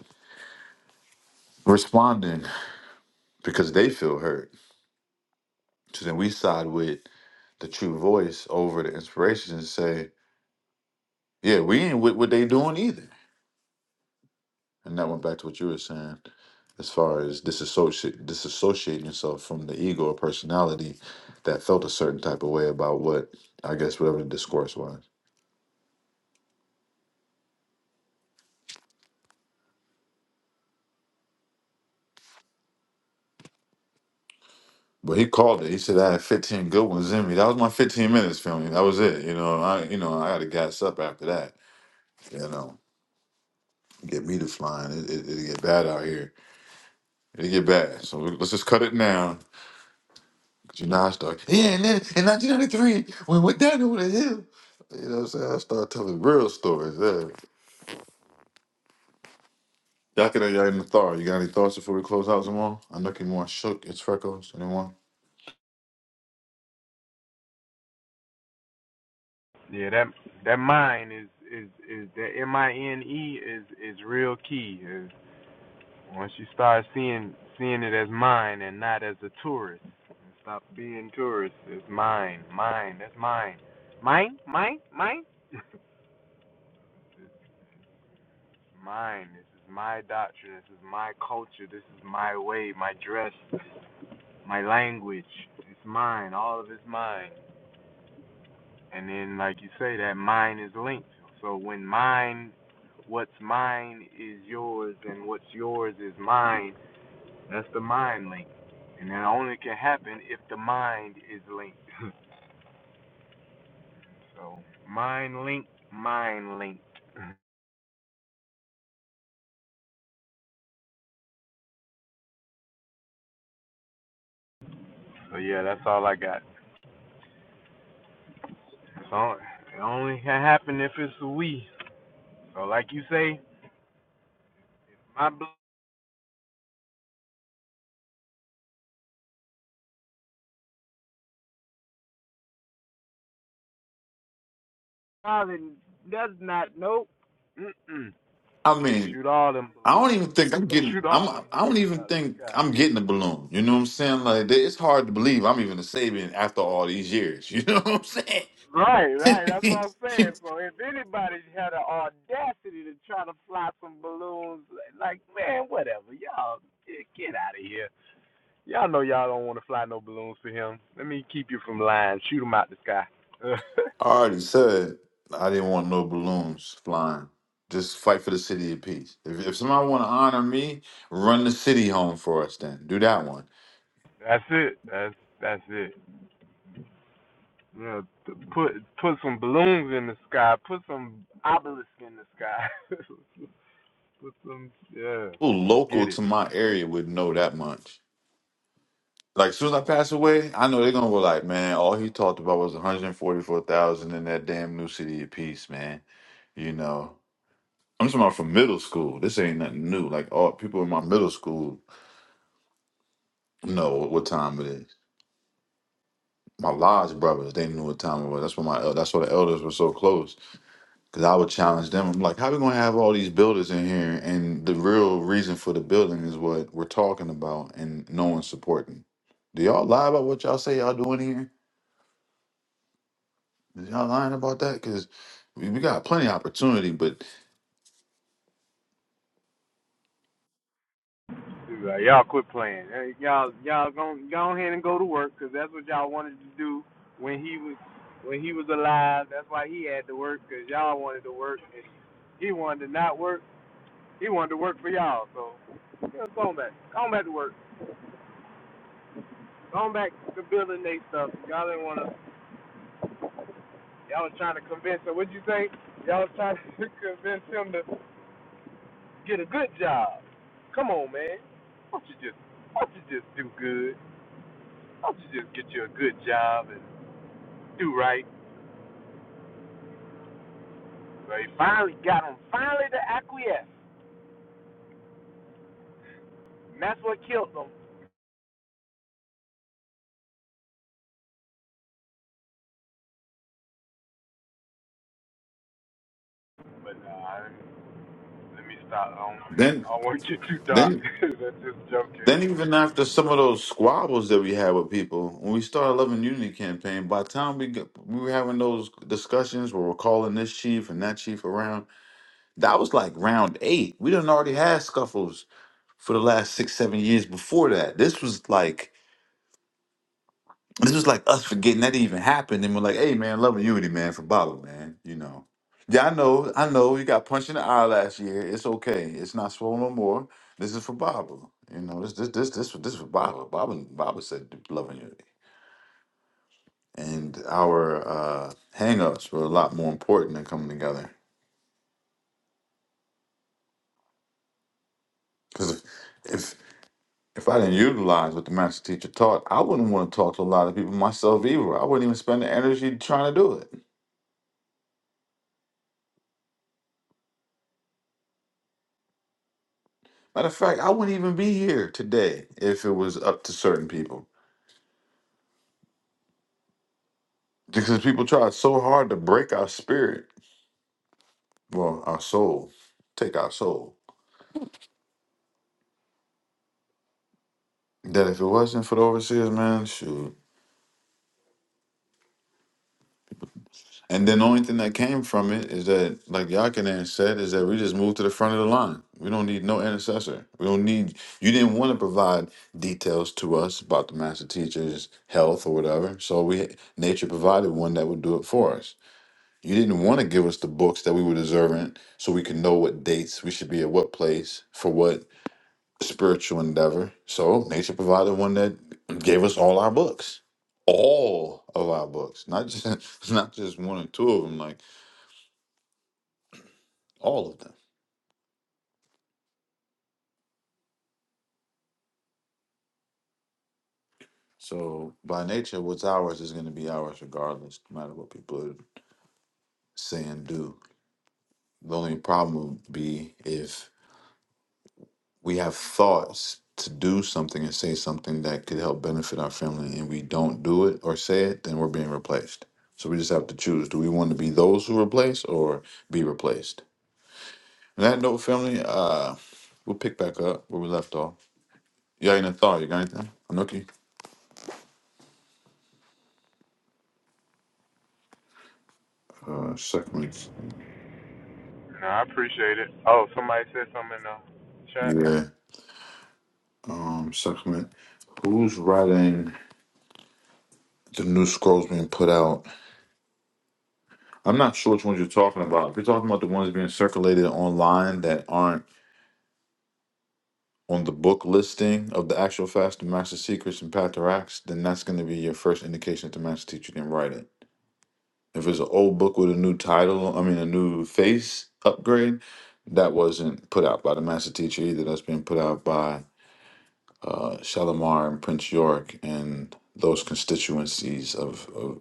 S2: responding because they feel hurt. So then we side with the true voice over the inspirations and say, yeah, we ain't with what they doing either. And that went back to what you were saying as far as disassociate disassociating yourself from the ego or personality that felt a certain type of way about what I guess whatever the discourse was. But he called it. He said I had 15 good ones in me. That was my 15 minutes filming. That was it. You know, I you know I got to gas up after that. You know, get me to flying. It, it, it get bad out here. It get bad. So let's just cut it down. 'Cause you know I start. Yeah, and then in 1993 when we went down over the hill. You know what I'm saying? I start telling real stories. Yeah. Yakida Yayin Nathar, you got any thoughts before we close out tomorrow? I know you want shook, it's freckles, anyone?
S9: Yeah, that that mine is is is that M I N E is is real key. Once you start seeing seeing it as mine and not as a tourist, stop being tourist. It's mine, mine. That's mine, mine, mine, mine. It's mine. This is my doctrine. This is my culture. This is my way. My dress, my language. It's mine. All of it's mine. And then, like you say, that mine is linked. So when mine, what's mine is yours, and what's yours is mine That's the mind link. And that only can happen if the mind is linked. so, mind linked, mind linked. so, yeah, that's all I got. So it only can happen if it's a we. So, like you say, my balloon does not, nope. Mm-mm.
S2: I mean,
S9: Shoot all them
S2: I don't
S9: balloons.
S2: even think I'm getting
S9: Shoot
S2: I'm
S9: all them
S2: I
S9: balloons
S2: don't even
S9: out of
S2: think
S9: the sky.
S2: I'm getting a balloon. You know what I'm saying? Like it's hard to believe I'm even a Sabian after all these years. You know what I'm
S9: Right, right. That's what
S2: saying?
S9: I'm saying. So if anybody had the audacity to try to fly some balloons, like man, whatever, y'all get, get out of here. Y'all know y'all don't want to fly no balloons for him. Let me keep you from lying. Shoot him out the sky.
S2: I already said I didn't want no balloons flying. Just fight for the city of peace. If, if somebody want to honor me, run the city home for us. Then do that one.
S9: that's it. That's that's it. Yeah, p- put put some balloons in the sky. Put some obelisk in the sky. put some yeah.
S2: People
S9: Let's
S2: local
S9: get it.
S2: to my area would know that much. Like soon as I pass away, I know they're gonna go like, man, all he talked about was 144,000 in that damn new city of peace, man. You know, I'm talking about from middle school. This ain't nothing new. Like all people in my middle school know what time it is. My lodge brothers, they knew what time it was. That's why my el- that's why the elders were so close. Cause I would challenge them. I'm like, how we gonna have all these builders in here? And the real reason for the building is what we're talking about, and no one's supporting. Do y'all lie about what y'all say y'all doing Is y'all lying about that? Because we, we got plenty of opportunity, but
S9: Right, y'all quit playing. Hey, y'all, y'all go go ahead and go to work 'cause that's what y'all wanted to do when he was when he was alive. That's why he had to work, 'cause y'all wanted to work and he wanted to not work. He wanted to work for y'all. So you know, go on back, go on back to work, go on back to building they stuff. Y'all didn't want to. Y'all was trying to convince her. What'd you say? Y'all was trying to convince him to get a good job. Come on, man. Why don't you just why don't you just do good? Why don't you just get you a good job and do right. So he finally got him finally to acquiesce. And that's what killed him. But nah, let me stop. I don't,
S2: then
S9: I don't want to get too dark.
S2: then
S9: That's just
S2: then
S9: joking.
S2: even after some of those squabbles that we had with people, when we started Loving Unity campaign, by the time we got, we were having those discussions where we're calling this chief and that chief around, that was like round eight. We done already had scuffles for the last six, seven years before that. This was like This was like us forgetting that even happened, and we're like, "Hey, man, love and unity, man, for Baba, man." You know. Yeah, I know, I know. You got punched in the eye last year. It's okay. It's not swollen no more. This is for Baba. You know, this, this, this, this, this is for Baba. Baba, Baba said love and unity, and our uh, hang-ups were a lot more important than coming together. Because if, if if I didn't utilize what the master teacher taught, I wouldn't want to talk to a lot of people myself either. I wouldn't even spend the energy trying to do it. Matter of fact, I wouldn't even be here today if it was up to certain people. Because people try so hard to break our spirit, well, our soul, take our soul, that if it wasn't for the overseers, man, shoot. And then the only thing that came from it is that, like Yakinan said, is that we just moved to the front of the line. We don't need no intercessor. We don't need, you didn't want to provide details to us about the master teacher's health or whatever. So we, nature provided one that would do it for us. You didn't want to give us the books that we were deserving so we could know what dates we should be at what place for what spiritual endeavor. So nature provided one that gave us all our books. All of our books. Not just not just one or two of them, like all of them. So by nature, what's ours is gonna be ours regardless, no matter what people are say and do. The only problem would be if. we have thoughts to do something and say something that could help benefit our family and we don't do it or say it, then we're being replaced. So we just have to choose. Do we want to be those who replace or be replaced? On that note, family, uh, we'll pick back up where we left off. You got any thought? You got anything? Anuki? Uh, segment.
S9: Nah, I appreciate it. Oh, somebody said something in the chat.
S2: Yeah. Um, segment. Who's writing the new scrolls being put out? I'm not sure which ones you're talking about. If you're talking about the ones being circulated online that aren't on the book listing of the actual fast, the Master Secrets and Path to Racks, then that's going to be your first indication that the Master Teacher didn't write it. If it's an old book with a new title, I mean a new face upgrade, that wasn't put out by the Master Teacher either. That's been put out by uh, Shalimar and Prince York and those constituencies of of,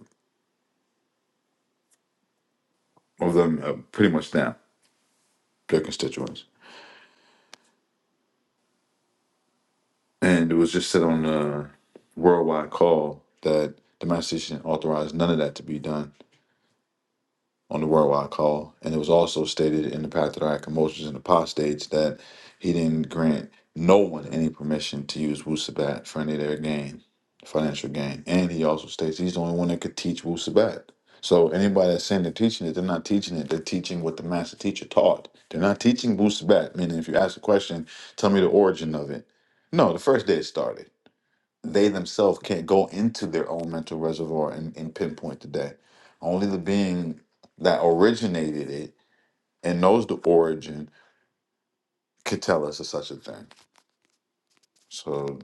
S2: of them, uh, pretty much now their constituents. And it was just said on the worldwide call that the Master Teacher didn't authorize none of that to be done on the worldwide call. And it was also stated in the Patriarch of Moses and the Apostates that he didn't grant no one any permission to use Wusabat for any of their gain, financial gain. And he also states he's the only one that could teach Wusabat. So anybody that's saying they're teaching it, they're not teaching it. They're teaching what the master teacher taught. They're not teaching Wusabat, meaning if you ask a question, tell me the origin of it. No, the first day it started they themselves can't go into their own mental reservoir and, and pinpoint the day. Only the being that originated it and knows the origin could tell us of such a thing. So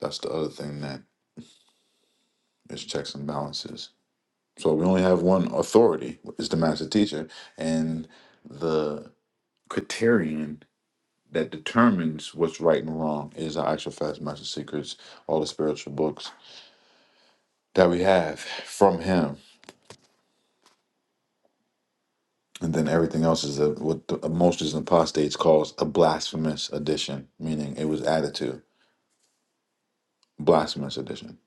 S2: that's the other thing that is checks and balances. So we only have one authority is the master teacher and the criterion that determines what's right and wrong is our actual facts, master secrets, all the spiritual books that we have from him and then everything else is a, what the, most is apostates calls a blasphemous addition, meaning it was added to blasphemous addition.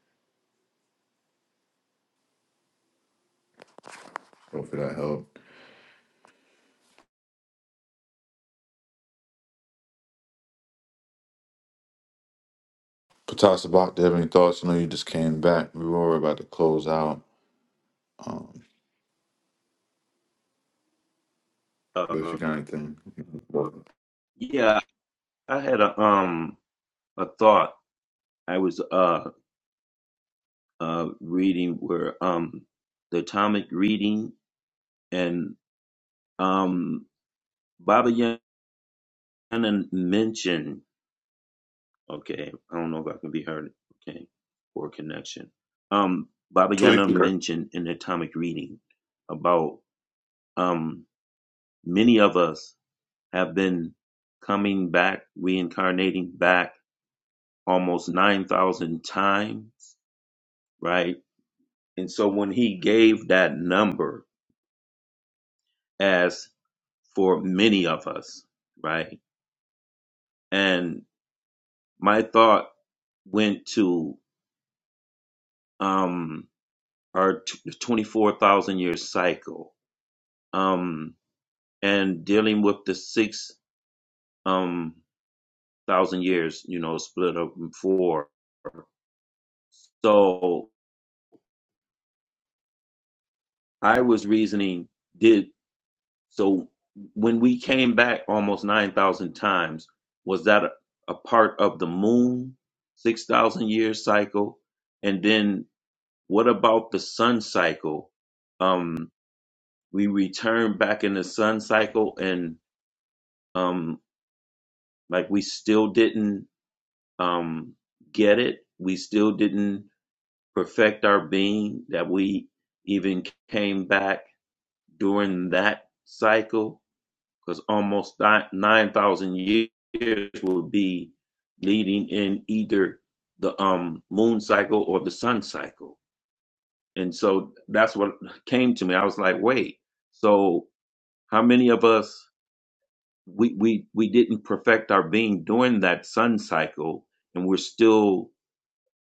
S2: Hopefully that helped. Patasabat, do you have any thoughts? I know you just came back. We were about to close out, um, but if
S8: Uh,
S2: you got anything,
S8: yeah, I had a um a thought. I was uh uh reading where um the atomic reading and um Baba Yana mentioned. Okay, I don't know if I can be heard. Okay, for connection. Um, Baba
S2: tweet
S8: Yana
S2: here.
S8: mentioned in the atomic reading about um Many of us have been coming back, reincarnating back almost 9,000 times, right? And so when he gave that number as for many of us, right? And my thought went to um, our t- 24,000 year cycle um, and dealing with the six um, thousand years, you know, split up in four. So I was reasoning, did So when we came back almost 9,000 times, was that a, a part of the moon 6,000 year cycle? And then what about the sun cycle? Um, we returned back in the sun cycle and um, like we still didn't um, get it. We still didn't perfect our being that we even came back during that cycle because almost 9,000 years will be leading in either the um, moon cycle or the sun cycle. And so that's what came to me. I was like, wait, so how many of us, we, we, we didn't perfect our being during that sun cycle and we're still,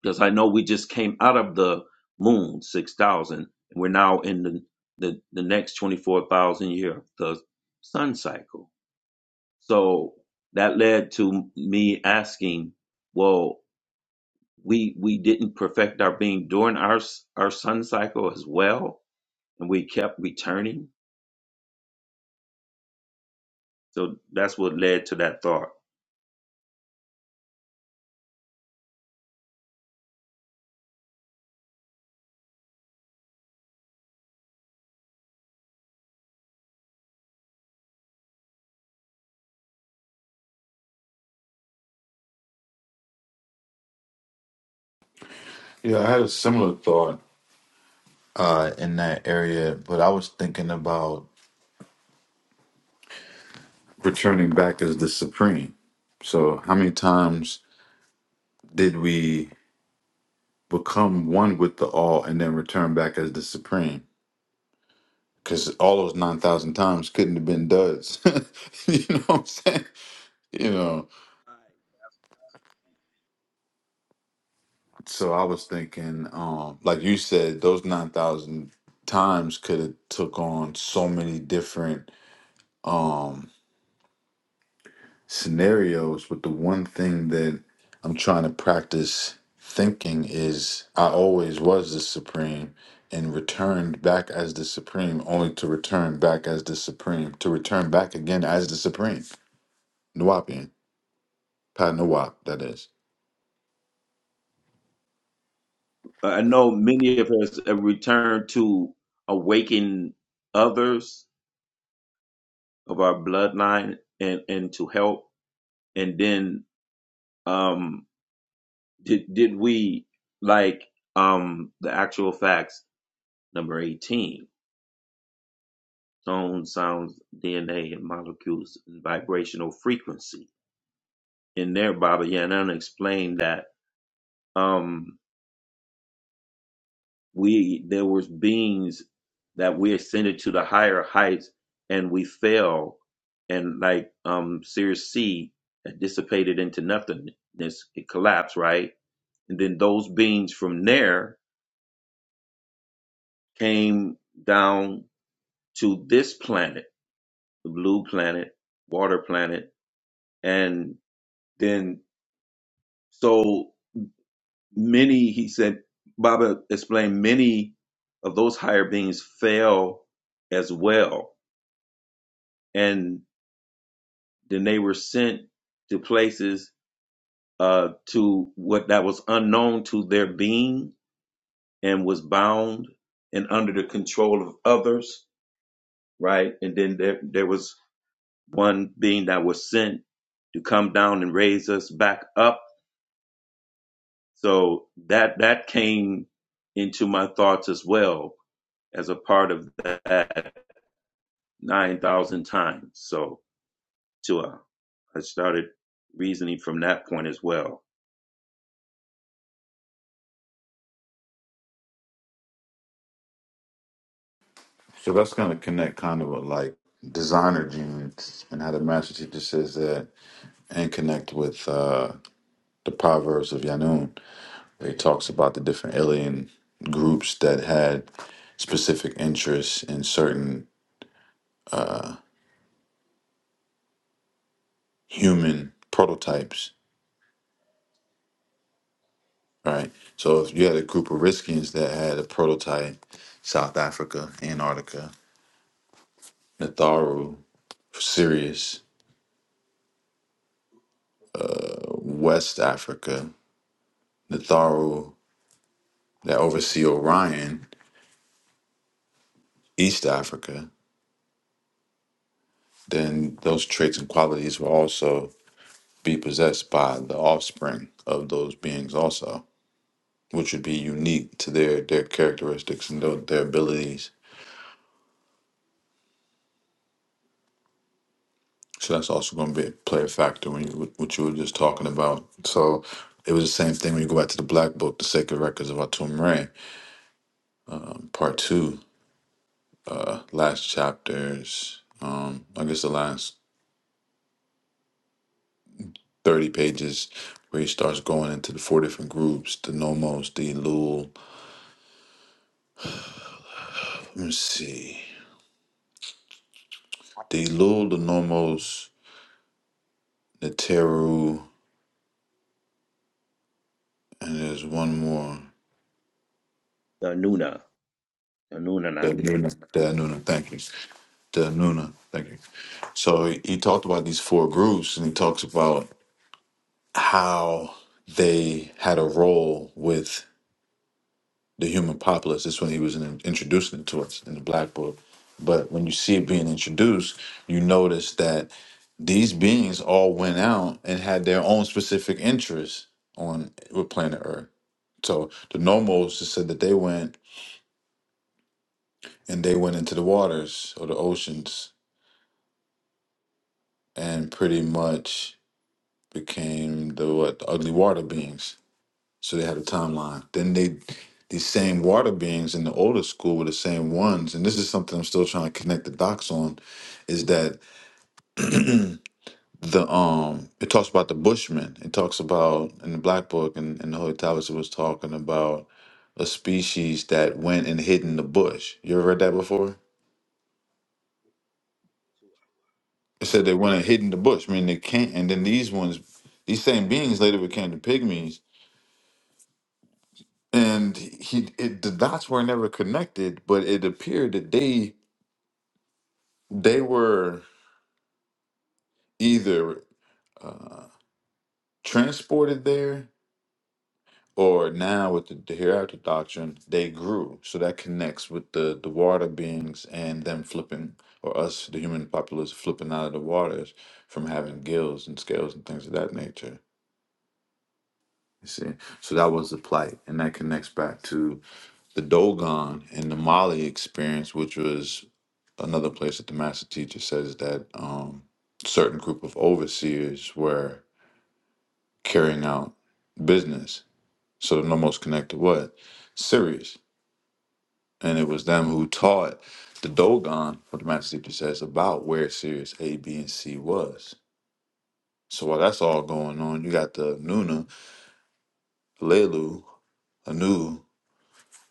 S8: because I know we just came out of the moon, 6,000, and we're now in the, the, the next 24,000 year, the sun cycle. So that led to me asking, well, we we didn't perfect our being during our s- our sun cycle as well, and we kept returning. So that's what led to that thought.
S2: Yeah, I had a similar thought uh, in that area, but I was thinking about returning back as the supreme. So, how many times did we become one with the all and then return back as the supreme? because all those 9,000 times couldn't have been duds. you know what I'm saying? You know, so I was thinking, um, like you said, those 9,000 times could have took on so many different um, scenarios. But the one thing that I'm trying to practice thinking is I always was the supreme and returned back as the supreme, only to return back as the supreme, to return back again as the supreme. Nuwapian. Patna Wap, that is.
S8: I know many of us have returned to awaken others of our bloodline and and to help. And then um did did we like um the actual facts number 18 tone, sounds, DNA, and molecules and vibrational frequency. In there, Baba Yanana explained that um, we there was beings that we ascended to the higher heights and we fell and like um Sirius C it dissipated into nothingness. It collapsed, right? And then those beings from there came down to this planet, the blue planet, water planet, and then so Many, he said, Baba explained, many of those higher beings fell as well. And then they were sent to places uh, to what that was unknown to their being and was bound and under the control of others, right? And then there, there was one being that was sent to come down and raise us back up. So that that came into my thoughts as well as a part of that. 9,000 times. So to uh, I started reasoning from that point as well.
S2: So that's going to connect kind of with like designer genes and how the master teacher says that and connect with uh, the Proverbs of Yanun. where He talks about the different alien groups that had specific interests in certain human prototypes, right? So if you had a group of Riskians that had a prototype, South Africa, Antarctica, Natharu, Sirius, uh, West Africa, Natharu that oversee Orion, East Africa, then those traits and qualities will also be possessed by the offspring of those beings also, which would be unique to their their characteristics and their, their abilities. So that's also going to be play a factor when you what you were just talking about. So it was the same thing when you go back to the Black Book, the Sacred Records of Atum Re, um, Part Two, uh, last chapters. Um, I guess the last 30 pages where he starts going into the four different groups the nomos the lul let me see the lul the nomos the teru and there's one more
S8: The Anuna,
S2: the
S8: Anunnaki.
S2: Anuna. The Anuna, thank you. The Anuna, thank you. So he, he talked about these four groups and he talks about how they had a role with the human populace. This when he was in, introducing it to us in the Black Book. But when you see it being introduced, you notice that these beings all went out and had their own specific interests on with planet Earth. So the Nomos just said that they went and they went into the waters or the oceans and pretty much became the what the ugly water beings So they had a timeline. Then they, these same water beings in the older school were the same ones. And this is something I'm still trying to connect the dots on, is that the um it talks about the Bushmen. It talks about in the Black Book and, and the Holy Tablets it was talking about a species that went and hid in the bush. You ever read that before? It said they went and hid in the bush, meaning they can't and then these ones these same beings later became the pygmies. And he it, the dots were never connected, but it appeared that they They were either uh, transported there or now with the, the hereafter doctrine, they grew. So that connects with the, the water beings and them flipping, or us, the human populace, flipping out of the waters from having gills and scales and things of that nature. You see? So that was the plight. And that connects back to the Dogon and the Mali experience, which was another place that the master teacher says that um, certain group of overseers were. carrying out business. So the Nomos connected what? Sirius. And it was them who taught the Dogon, what the Master Teacher says, about where Sirius A, B, and C was. So while that's all going on, you got the Nuna, Lelu, Anu,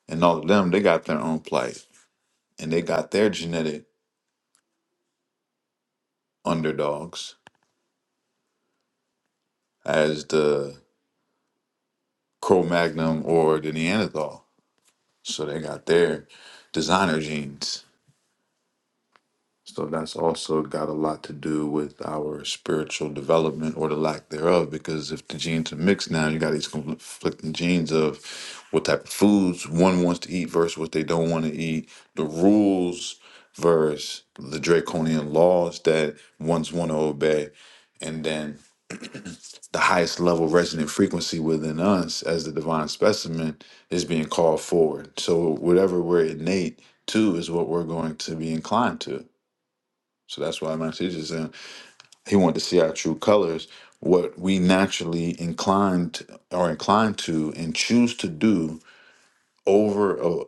S2: and all of them, they got their own plight. And they got their genetic underdogs as the Cro Magnum or the Neanderthal. So they got their designer genes So that's also got a lot to do with our spiritual development or the lack thereof. Because if the genes are mixed now, you got these conflicting genes of what type of foods one wants to eat versus what they don't want to eat, the rules versus the draconian laws that ones want to obey, and then the highest level resonant frequency within us as the divine specimen is being called forward. So whatever we're innate to is what we're going to be inclined to. So that's why my teacher said he wanted to see our true colors, what we naturally inclined are inclined to and choose to do over a,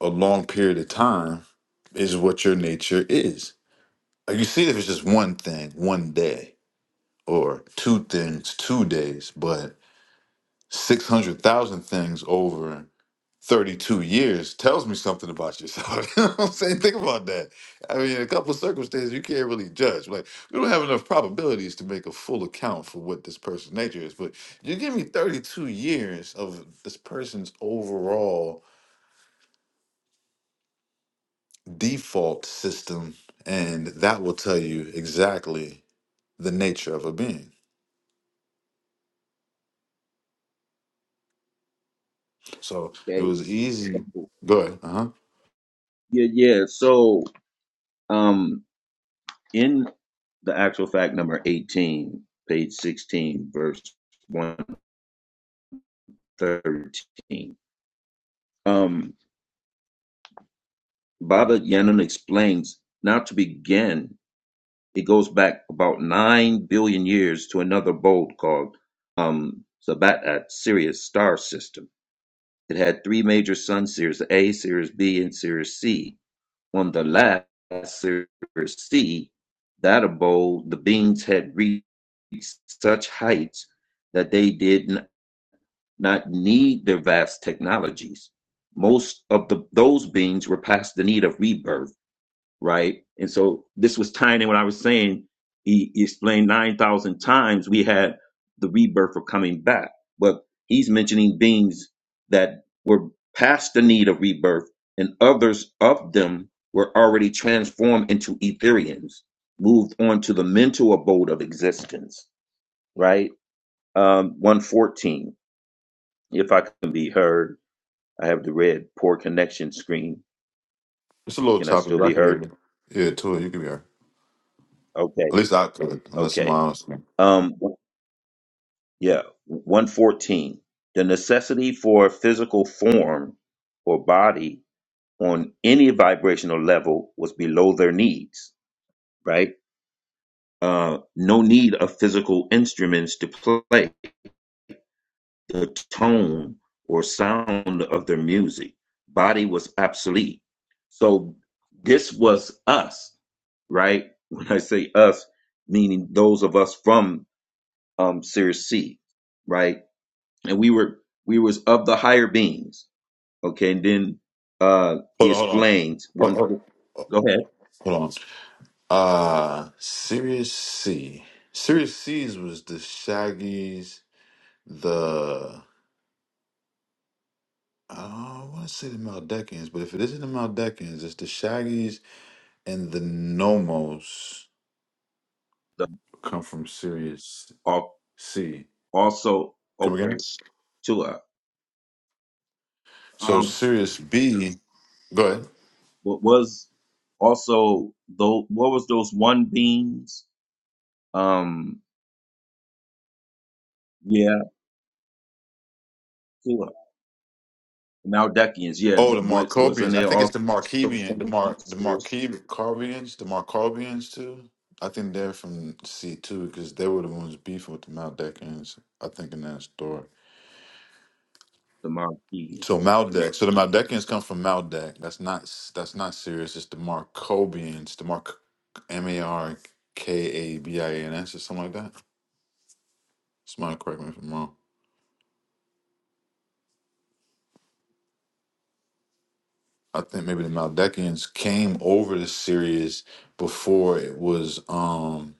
S2: a long period of time is what your nature is. Like you see if it's just one thing, one day, or two things, two days, but 600,000 things over 32 years tells me something about yourself. you know what I'm saying? Think about that. I mean, in a couple of circumstances, you can't really judge. Like, we don't have enough probabilities to make a full account for what this person's nature is. But you give me 32 years of this person's overall default system, and that will tell you exactly the nature of a being. So it
S8: Okay.
S2: was easy. Go ahead. Uh huh.
S8: Yeah, yeah. So um in the actual fact number 18, page 16, verse 113, um, Baba Yanon explains now to begin, it goes back about 9 billion years to another bolt called um, Sabat at Sirius star system It had three major Sun Series A, Series B, and Series C. On the last Series C, that of bowl, the beans had reached such heights that they did not need their vast technologies. Most of the, those beings were past the need of rebirth right? And so this was tying in what I was saying. He, he explained 9,000 times we had the rebirth of coming back, but he's mentioning beings that were past the need of rebirth, and others of them were already transformed into Etherians, moved on to the mental abode of existence, right? Um, 114. If I can be heard, I have the red poor connection screen.
S2: It's a little
S8: Can I
S2: choppy,
S8: still
S2: but I
S8: be
S2: can hear
S8: heard?
S2: you. Yeah, Tua, you can be all right.
S8: Okay,
S2: At least I could, unless someone
S8: okay.
S2: else. Hold
S8: Um, Yeah, 114. The necessity for physical form or body on any vibrational level was below their needs, right? Uh, no need of physical instruments to play the tone or sound of their music. Body was obsolete. So this was us, right? When I say us, meaning those of us from um, Series C, right? and we were we was of the higher beings. Okay, and then uh
S2: on,
S8: he
S2: hold on.
S8: explains one.
S2: Oh, oh,
S8: Go ahead.
S2: hold on. Uh, Sirius C. Sirius C's was the Shaggies, the. I don't want to say the Maldecans, but if it isn't the Maldecans, it's the Shaggies and the Nomos
S8: The,
S2: come from Sirius
S8: al-
S2: C.
S8: also,
S2: Come again?
S8: okay, to uh,
S2: So
S8: um,
S2: Sirius B. Go ahead.
S8: what was also though what was those one beings? Um, yeah, to uh, Maldakians. Yeah,
S2: Oh,
S8: th-
S2: the
S8: what wasn't
S2: Markovians. I
S8: there
S2: think it's
S8: also
S2: the Markevian, the
S8: from
S2: Mar, the
S8: the
S2: Markevians, the Markovians too. I think they're from C two because they were the ones beefing with the Maldecans. I think in that story. So
S8: Maldakians?
S2: Maldek. So the Maldecans come from Maldek. That's not that's not serious. It's the Markovians, the Mark M A R K A B I A N S or something like that. Somebody correct me if I'm wrong. I think maybe the Maldekians came over to Sirius before it was. um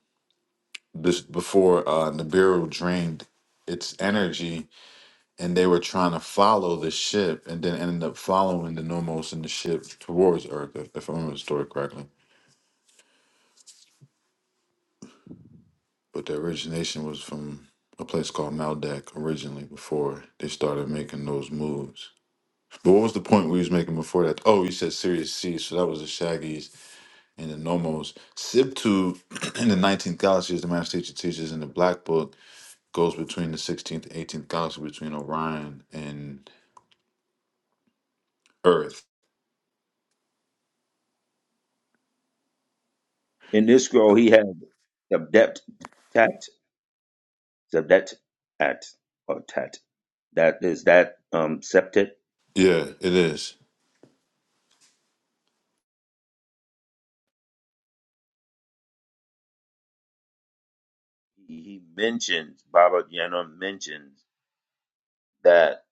S2: this before uh Nibiru drained its energy and they were trying to follow the ship and then ended up following the Nomos and the ship towards Earth, if, if I remember the story correctly. But the origination was from a place called Maldak originally before they started making those moves. But what was the point we was making before that? Oh, you said Sirius C, so that was the Shaggies and the Nomos. Sibtu in the 19th galaxy is the master teacher teaches in the Black Book goes between the 16th and 18th galaxy between Orion and Earth.
S8: In this scroll, he had the depth. So that at or tat, that is that um septet.
S2: Yeah, it is.
S8: He mentions Baba Yana mentions that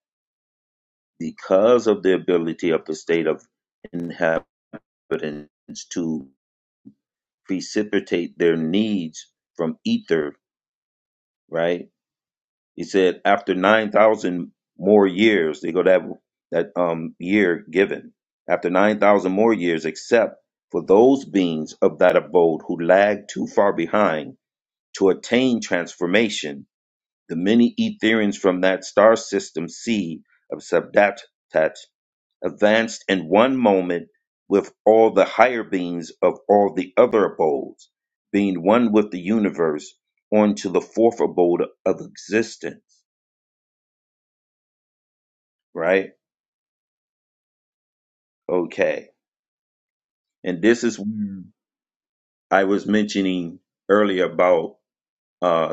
S8: because of the ability of the state of inhabitants to precipitate their needs from ether, right? He said after nine thousand more years, they go that that um year given. After nine thousand more years, except for those beings of that abode who lag too far behind To attain transformation, the many Etherians from that star system seed of Sabdatat advanced in one moment with all the higher beings of all the other abodes, being one with the universe, onto the fourth abode of existence. Right? Okay. And this is where I was mentioning earlier about uh,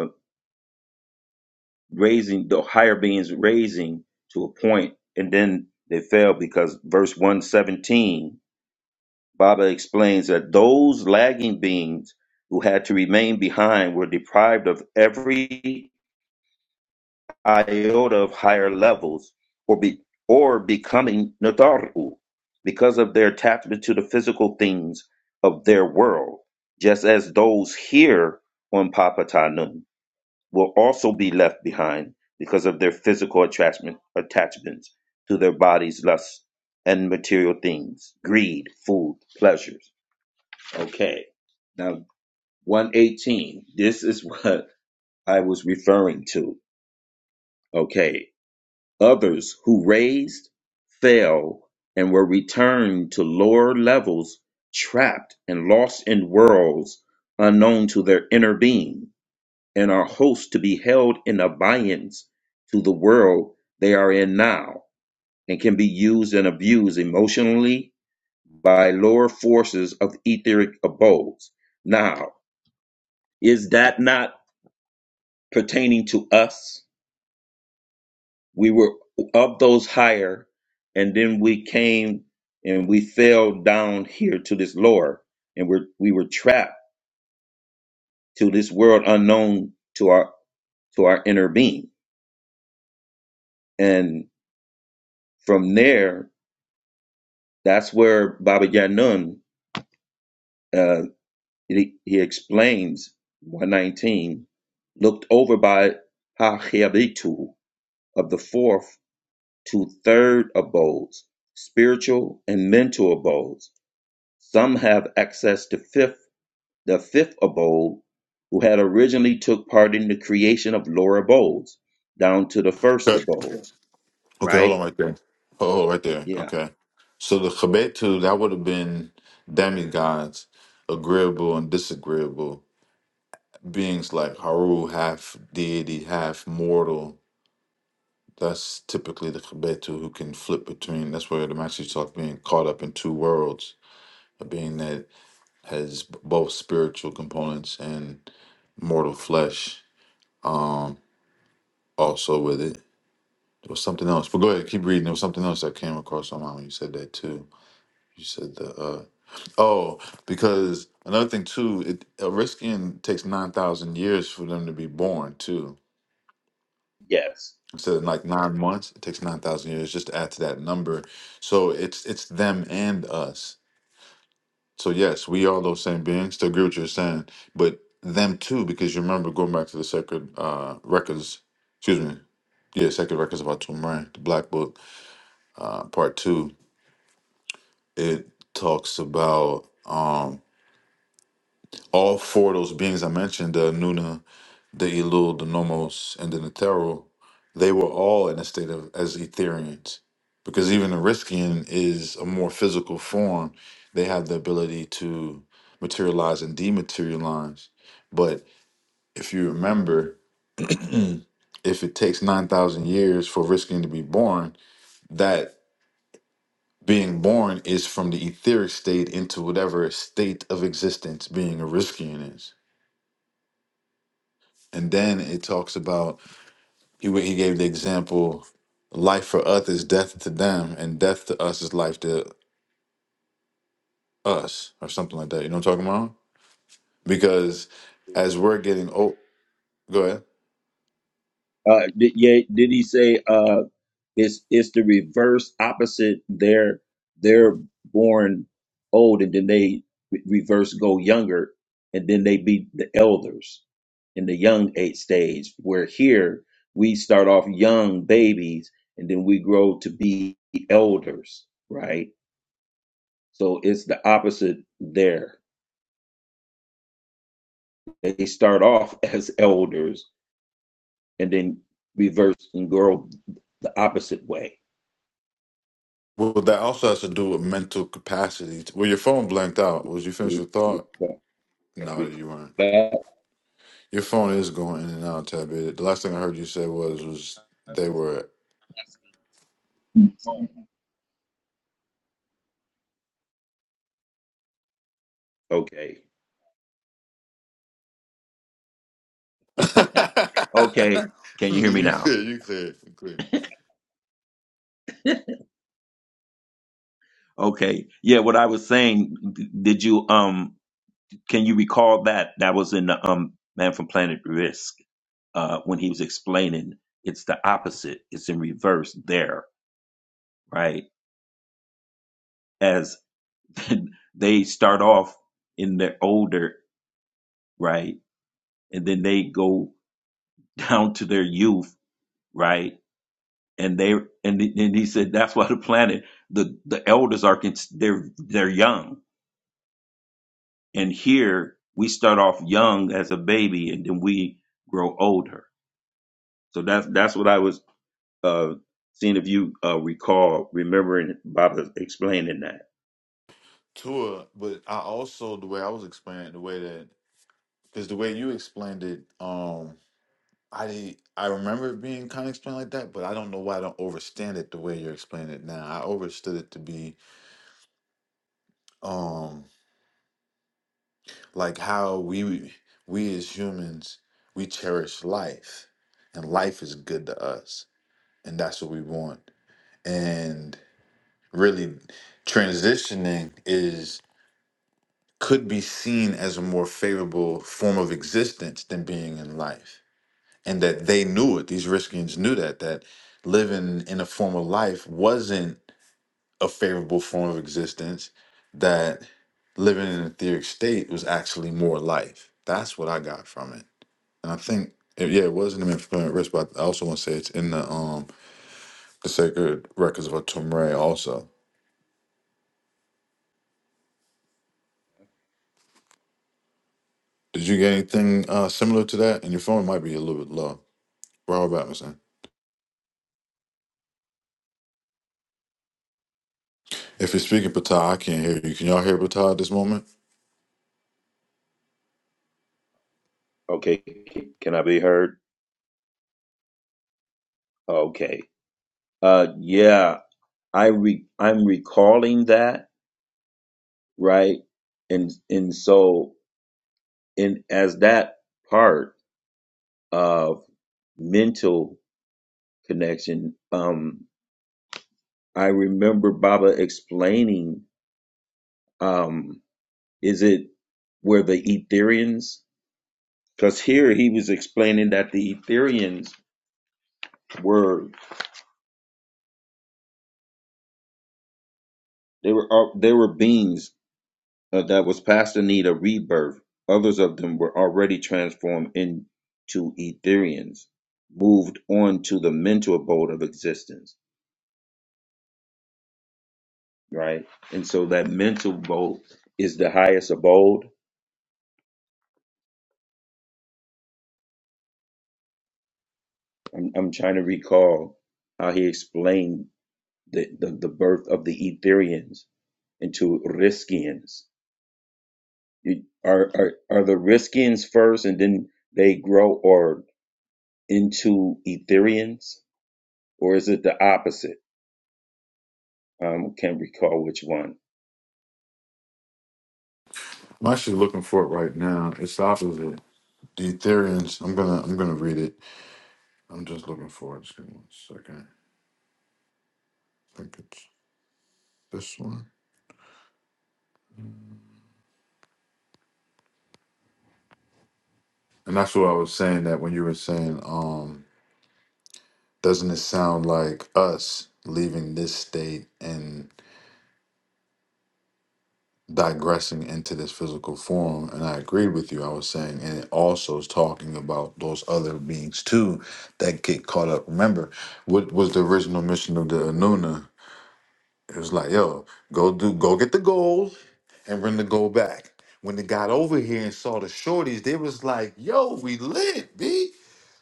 S8: raising the higher beings raising to a point and then they fell because verse 117 baba explains that those lagging beings who had to remain behind were deprived of every iota of higher levels or be or becoming nadaru because of their attachment to the physical things of their world just as those here on papatanum will also be left behind because of their physical attachment, attachments to their bodies, lusts, and material things, greed, food, pleasures. Okay. Now, 118. This is what I was referring to. Okay. Others who raised, fell, and were returned to lower levels, trapped and lost in worlds unknown to their inner being and are hosts to be held in abeyance to the world they are in now and can be used and abused emotionally by lower forces of etheric abodes. Now, is that not pertaining to us? We were of those higher, and then we came and we fell down here to this lower, and we're, we were trapped to this world unknown to our to our inner being. And from there, That's where Baba Yanun, uh, he, he explains 119, looked over by Ha Hachiabitu of the fourth to third abodes, spiritual and mental abodes. Some have access to fifth, the fifth abode, who had originally took part in the creation of lower abodes, down to the first
S2: Okay,
S8: abode.
S2: okay, hold
S8: Right?
S2: on right there. Oh, right there.
S8: Yeah.
S2: Okay. So the Chabetu, that would have been demigods, agreeable and disagreeable beings like Haru, half deity, half mortal. That's typically the Chabetu who can flip between. That's where the Master talk being caught up in two worlds, a being that has both spiritual components and mortal flesh Um, also with it, there was something else. But go ahead, keep reading. There was something else I came across on mine when you said that too. You said the uh, oh, because another thing too, it a Ariskian takes nine thousand years for them to be born too.
S8: Yes.
S2: Instead of like nine months, it takes nine thousand years just to add to that number. So it's it's them and us. So yes, we are those same beings. To agree with what you're saying, but them too, because you remember going back to the sacred uh, records. Excuse me, yeah, Sacred Records of Atum Ran, the Black Book uh, part two, it talks about um, all four of those beings I mentioned the Nuna, the Elul, the Nomos, and the Netero. They were all in a state of as Etherians because even the Riskian is a more physical form. They have the ability to materialize and dematerialize. But if you remember, if it takes 9,000 years for Riskian to be born, that being born is from the etheric state into whatever state of existence being a Riskian is. And then it talks about he he gave the example, life for us is death to them, and death to us is life to us, or something like that. You know what I'm talking about? Because as we're getting old, go ahead.
S8: Uh, did, yeah, did he say? Uh, It's it's the reverse opposite. They're they're born old and then they re- reverse go younger and then they be the elders in the young age stage. Where here we start off young babies and then we grow to be elders, right? So it's the opposite there. They start off as elders and then reverse and grow the opposite way.
S2: Well, that also has to do with mental capacity. Well, your phone blanked out. Was you finished
S8: We-
S2: your
S8: we-
S2: thought? No,
S8: we-
S2: you weren't. Your phone is going in and out, Tabby. The last thing I heard you say was was they were
S8: Okay. Okay. Can you hear me
S2: you
S8: now?
S2: clear, you clear, you clear.
S8: Okay. Yeah, what I was saying, d- did you um can you recall that that was in the um Man from Planet Risk uh when he was explaining it's the opposite. It's in reverse there, right? As they start off in their older, right? And then they go down to their youth, right? And they and, and he said that's why the planet the the elders are cons- they're they're young And here we start off young as a baby, and then we grow older. So that's that's what I was uh, seeing if you uh, recall remembering Baba explaining that.
S2: Tua, but I also the way I was explaining the way that because the way you explained it, um, I didn't- I remember it being kind of explained like that, but I don't know why I don't understand it the way you're explaining it now. I understood it to be um like how we we as humans we cherish life, and life is good to us, and that's what we want, and really transitioning could be seen as a more favorable form of existence than being in life. And that they knew it, these Riskians knew that, that living in a form of life wasn't a favorable form of existence, that living in an etheric state was actually more life. That's what I got from it. And I think, eh, yeah, it wasn't an impermanent risk, but I also want to say it's in the um the sacred records of Atumre also. Did you get anything uh, similar to that? And your phone might be a little bit low. Rob Robinson. If you're speaking Patah, I can't hear you. Can y'all hear Patah at this moment?
S8: Okay, can I be heard? Okay, uh, yeah, I re- I'm recalling that right, and and so in as that part of mental connection, um, I remember Baba explaining. Um, Is it where the Etherians? Because here he was explaining that the Etherians were they were al- they were beings uh, that was past the need of rebirth. Others of them were already transformed into Etherians, moved on to the mental abode of existence, right? And so that mental abode is the highest abode. I'm, I'm trying to recall how he explained the, the, the birth of the Etherians into Riskians You- Are, are are the Riskians first, and then they grow or into Etherians, or is it the opposite? Um, can't recall which one.
S2: I'm actually looking for it right now. It's off of The Ethereans. I'm gonna I'm gonna read it. I'm just looking for it. Just give me one second. I think it's this one. And that's what I was saying that when you were saying, um, doesn't it sound like us leaving this state and. digressing into this physical form and i agreed with you i was saying and it also is talking about those other beings too that get caught up remember what was the original mission of the anuna it was like yo go do go get the gold and bring the gold back when they got over here and saw the shorties they was like yo we lit b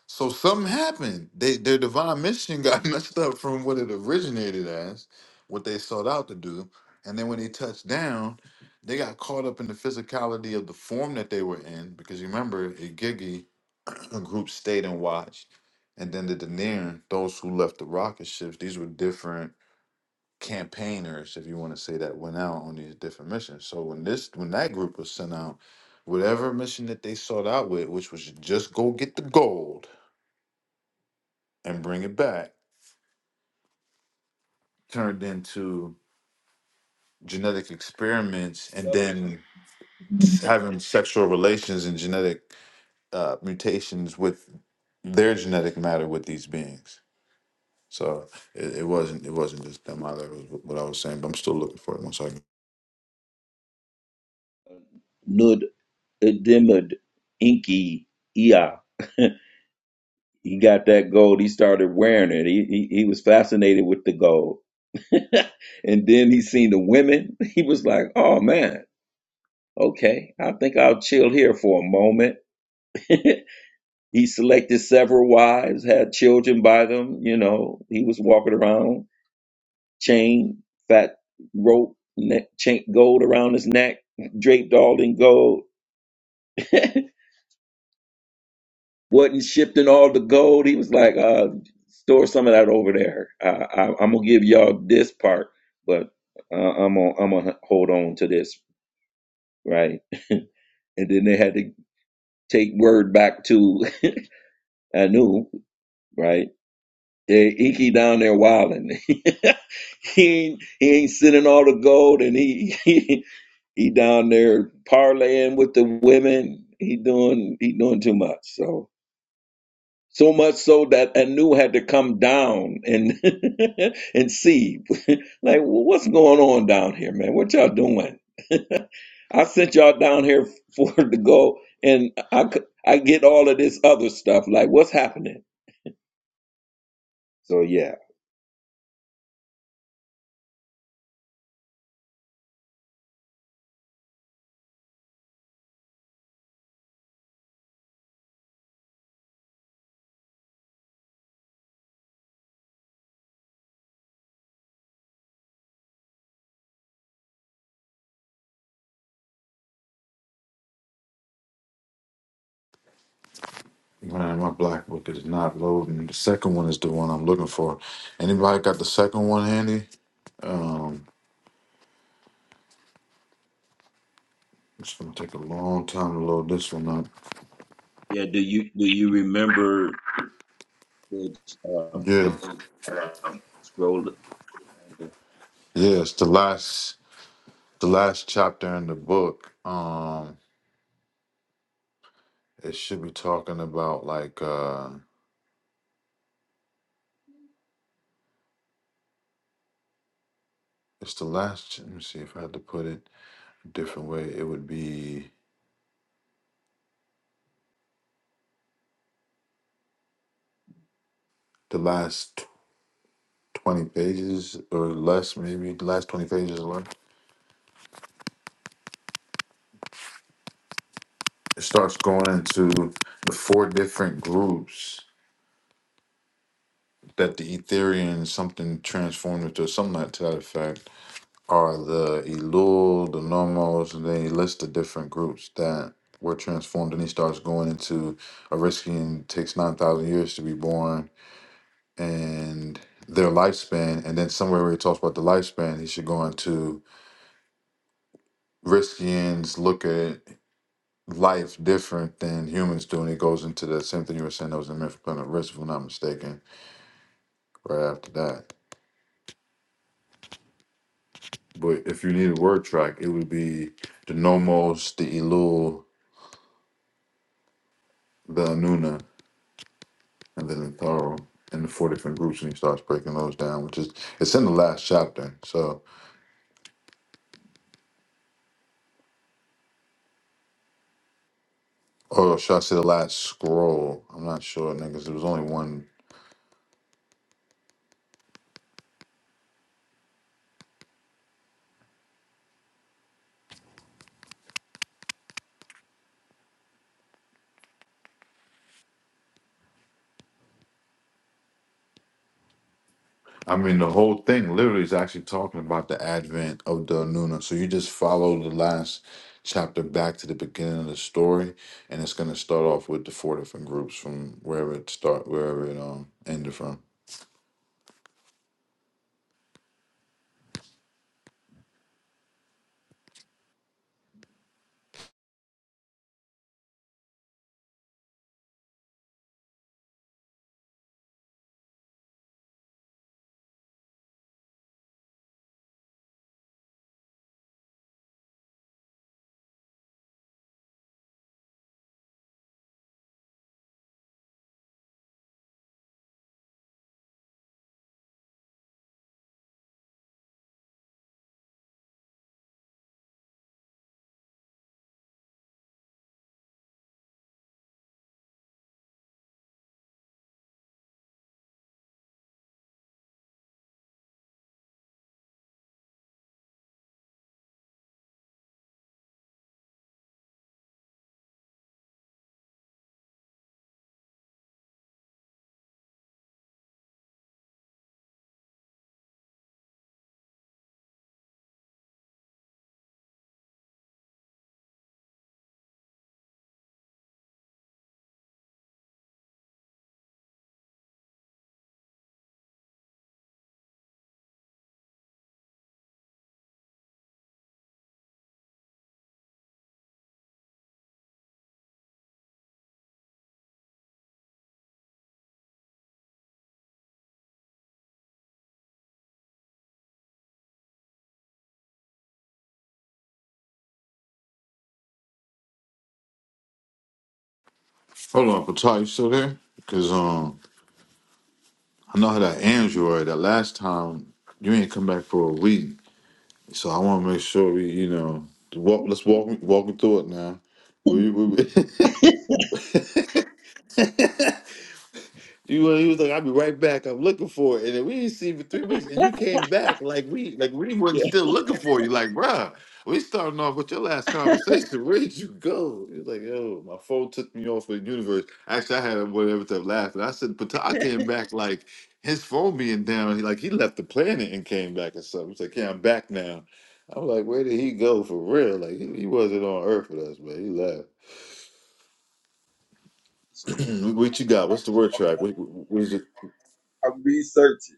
S2: so something happened. They their divine mission got messed up from what it originated as, what they sought out to do. And then when they touched down, they got caught up in the physicality of the form that they were in. Because you remember, Igigi a group stayed and watched. And then the Daenerys, those who left the rocket ships, these were different campaigners, if you want to say that, went out on these different missions. So when this when that group was sent out, whatever mission that they sought out with, which was just go get the gold and bring it back turned into genetic experiments and
S8: Another
S2: then s- having sexual relations and genetic uh, mutations with their genetic matter with these beings so it, it wasn't it wasn't just them either it was what i was saying but i'm still looking for it one second
S8: one. Nud Edimud Inky Ea. He got that gold. He started wearing it. He he, he was fascinated with the gold, and then he seen the women. He was like, "Oh man, okay, I think I'll chill here for a moment." He selected several wives, had children by them. You know, he was walking around, chain, fat rope, neck, chain, gold around his neck, draped all in gold. Wasn't shifting all the gold. He was like, uh, store some of that over there. I, I, I'm gonna give y'all this part, but uh, I'm gonna I'm gonna hold on to this, right? And then they had to take word back to Anu, right? Yeah, Inky down there wilding. he ain't he ain't sending all the gold, and he he, he down there parlaying with the women. He doing he doing too much. So so much so that Anu had to come down and and see like "Well, what's going on down here, man. What y'all doing? I sent y'all down here for to go, and I c- I get all of this other stuff. Like what's happening? So yeah,
S2: man my black book is not loading the second one is the one i'm looking for anybody got the second one handy um it's gonna take a long time to load this one up
S8: Yeah, do you do you remember? Good. Uh,
S2: yeah
S8: scroll
S2: yeah it's the last the last chapter in the book um it should be talking about like uh it's the last ch- let me see if i had to put it a different way it would be the last tw- 20 pages or less maybe the last 20 pages or less it starts going into the four different groups that the ethereum something transformed into something like to that effect are the Elul, the Nomos, and then he lists the different groups that were transformed. And he starts going into Aristian takes 9,000 years to be born and their lifespan. And then somewhere where he talks about the lifespan, he should go into Riskians look at life different than humans do. And he goes into the same thing you were saying that was in Myth Planet Risk, if I'm not mistaken, right after that. But if you need a word track, it would be the Nomos, the Elul, the Anuna and then the thorough and the four different groups and he starts breaking those down which is it's in the last chapter so or should i say the last scroll i'm not sure niggas there was only one i mean the whole thing literally is actually talking about the advent of the nuna so you just follow the last chapter back to the beginning of the story and it's going to start off with the four different groups from wherever it start wherever it um ended from hold on Patai, you still there because um i know how that ends you were that last time you ain't come back for a week So I want to make sure we, you know, walk. Let's walk walk through it now. Will you? we- You he was like, I'll be right back. I'm looking for it. And then we didn't see you for three weeks. And you came back like we like we wasn't still looking for you. Like, bruh, we starting off with your last conversation. Where did you go? He was like, yo, my phone took me off the universe. Actually, I had whatever time laughing. I said, but I came back like his phone being down. He like he left the planet and came back or something. He's like, Yeah, I'm back now. I'm like, where did he go for real? Like he, he wasn't on Earth with us, man. He left. what you got? What's the word track? What, what what is it?
S8: I'm researching.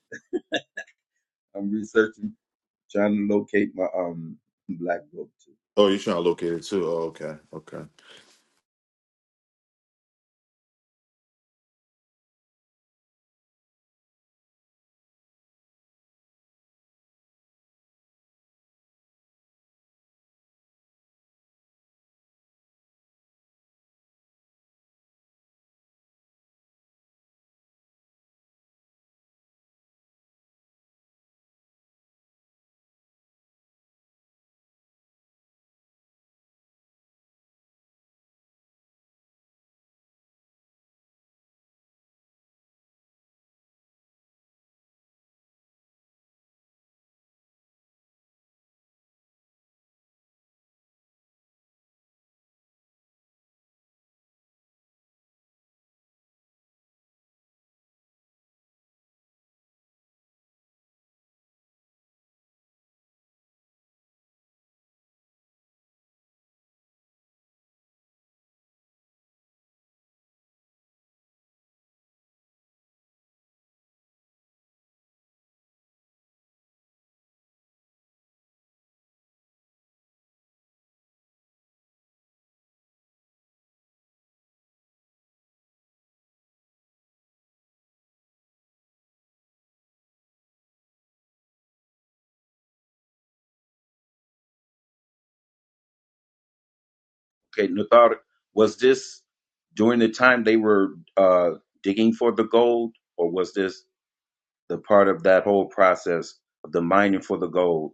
S8: I'm researching, trying to locate my um black book.
S2: Oh, you're trying to locate it too. Oh, okay. Okay.
S8: Okay, Nuthar, was this during the time they were uh, digging for the gold, or was this the part of that whole process of the mining for the gold?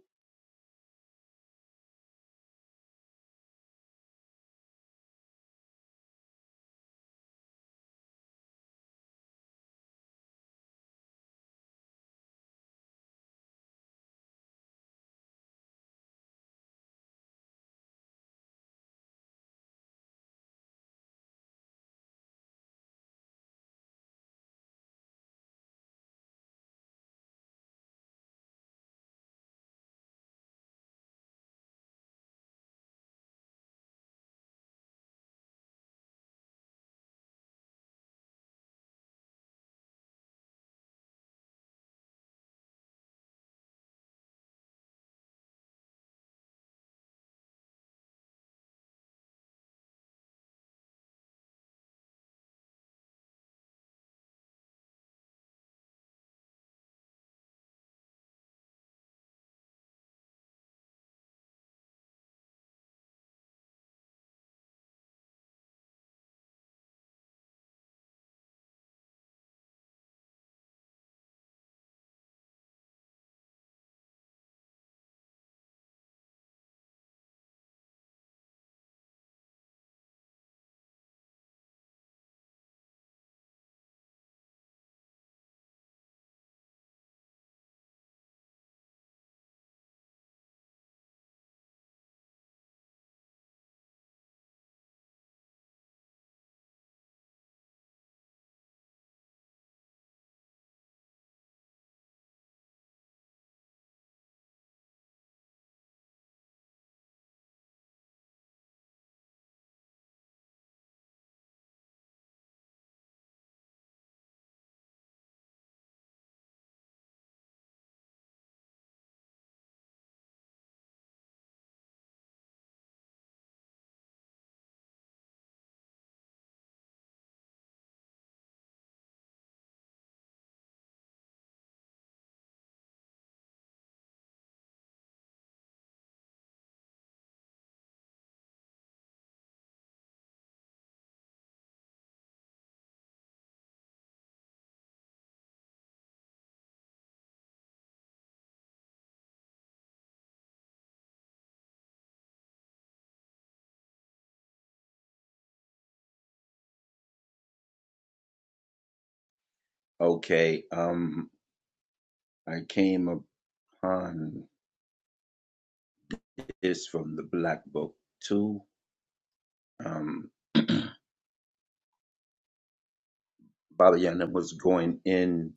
S8: Okay, um, I came upon this from the Black Book too. Um, Baba Yana was going in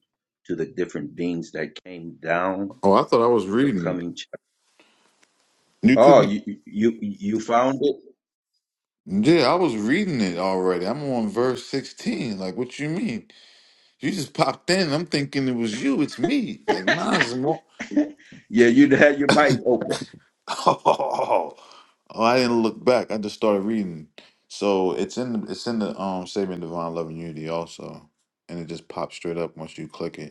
S8: to the different beings that came down,
S2: Oh, I thought I was
S8: the
S2: reading it.
S8: coming
S2: You
S8: Oh,
S2: couldn't.
S8: you you you found it?
S2: Yeah, I was reading it already. I'm on verse 16. Like, what you mean? You just popped in. I'm thinking it was you. It's me. Like, nah, it's more.
S8: Yeah, you had your mic open.
S2: Oh, I didn't look back. I just started reading. So it's in the it's in the um Saving Divine Love and Unity also, and it just pops straight up once you click it.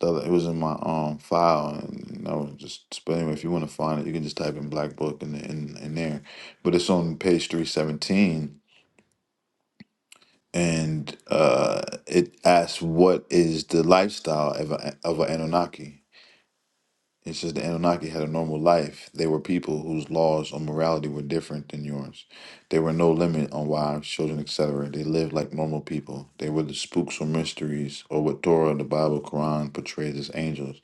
S2: The other, it was in my um file, and I was just. But anyway, if you want to find it, you can just type in Black Book in, in in there. But it's on page three seventeen, and uh, it asks what is the lifestyle of a, of an Anunnaki, it's just the Anunnaki had a normal life. They were people whose laws on morality were different than yours. There were no limit on wives, children, etc. They lived like normal people. They were the spooks or mysteries, or what Torah, the Bible, Quran portrays as angels.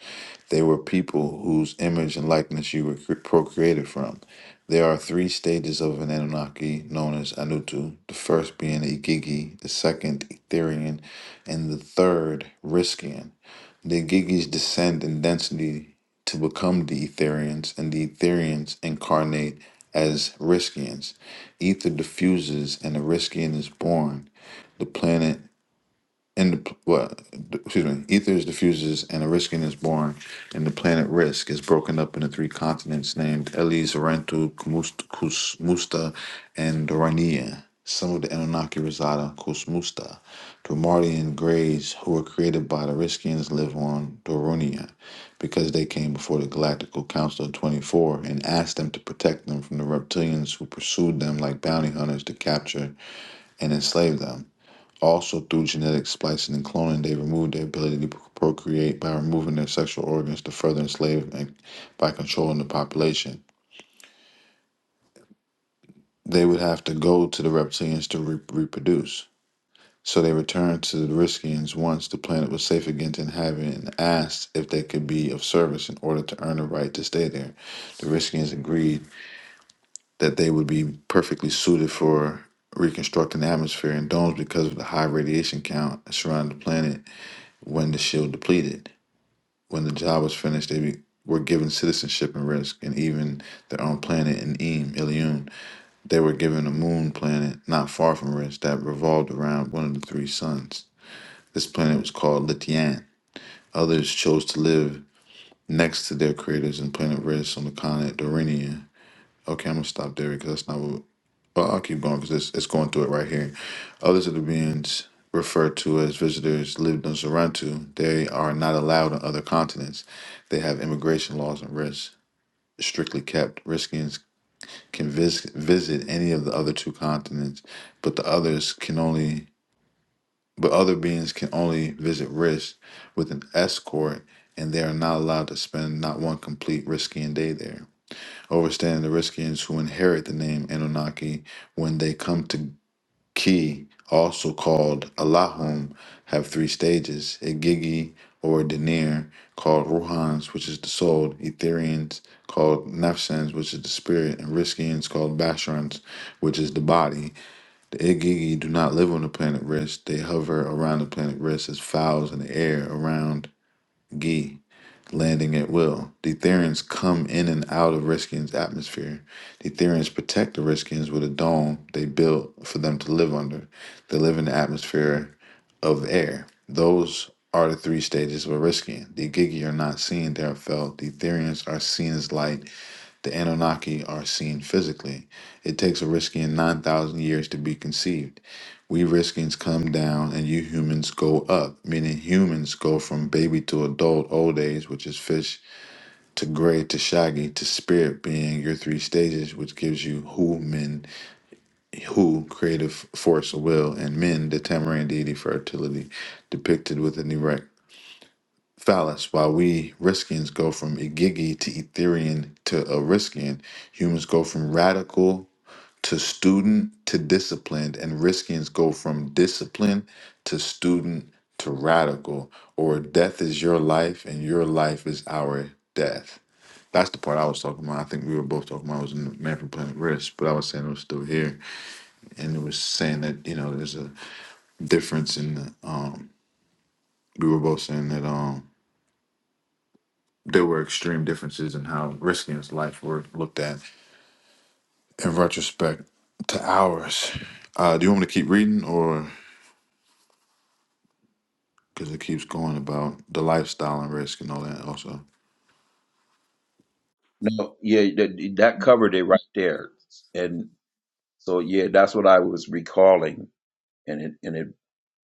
S2: They were people whose image and likeness you were cre- procreated from. There are three stages of an Anunnaki known as Anutu, the first being the Igigi, the second Etherian, and the third Riskian. The Gigis descend in density to become the Etherians, and the Etherians incarnate as Riskians. Ether diffuses, and a Riskian is born. The planet and the, p- what excuse me ethers diffuses and Oriskin is born and the planet risk is broken up into three continents named elis Rentu, Kumust- Kus- musta and dorania some of the anunnaki reside on kusmusta dromardian greys who were created by the riskians live on doronia because they came before the galactical council of 24 and asked them to protect them from the reptilians who pursued them like bounty hunters to capture and enslave them also, through genetic splicing and cloning, they removed their ability to procreate by removing their sexual organs to further enslave and by controlling the population. They would have to go to the reptilians to re- reproduce. So they returned to the Riskians once the planet was safe again to inhabit and asked if they could be of service in order to earn a right to stay there. The Riskians agreed that they would be perfectly suited for reconstructing the atmosphere and domes because of the high radiation count surrounding the planet when the shield depleted. when the job was finished, they be, were given citizenship and risk, and even their own planet in Eem, Ilion. They were given a moon planet not far from Risk that revolved around one of the three suns. This planet was called Litian. Others chose to live next to their creators in planet Risk on the continent Dorinia. Okay, I'm gonna stop there because that's not what. Well, I'll keep going because it's, it's going through it right here. Others of the beings referred to as visitors lived on Sarantu. They are not allowed on other continents. They have immigration laws and risks strictly kept. Riskians can vis- visit any of the other two continents, but the others can only. But other beings can only visit Risk with an escort, and they are not allowed to spend not one complete Riskian day there. Overstand the Riskians who inherit the name Anunnaki when they come to Ki, also called Allahum, have three stages a gigi or Denir, called Ruhans, which is the soul, Etherians, called Nefsans, which is the spirit, and Riskians, called Basharans, which is the body. The Igigi do not live on the planet Risk, they hover around the planet Risk as fowls in the air around Gi landing at will. Deuterians come in and out of Riskian's atmosphere. Deuterians protect the Riskians with a dome they built for them to live under. They live in the atmosphere of air. Those are the three stages of a Riskian. The Gigi are not seen, they are felt. The Etherians are seen as light. The Anunnaki are seen physically. It takes a Riskian 9,000 years to be conceived. We riskings come down and you humans go up, meaning humans go from baby to adult old age, which is fish, to gray to shaggy, to spirit being your three stages, which gives you who men, who creative force, will, and men, the tamarind deity fertility, depicted with an erect phallus. While we riskings go from igigi to Etherian to Ariskian, humans go from radical to student to disciplined, and riskings go from discipline to student to radical, or death is your life and your life is our death. That's the part I was talking about. I think we were both talking about. I was in the Man from Planet Risk, but I was saying it was still here, and it was saying that you know there's a difference in the. Um, we were both saying that um, there were extreme differences in how Risking's life were looked at in retrospect to ours. Uh, do you want me to keep reading or? because it keeps going about the lifestyle and risk and all that also
S8: No, yeah, that, that covered it right there. And so yeah, that's what I was recalling, and it and it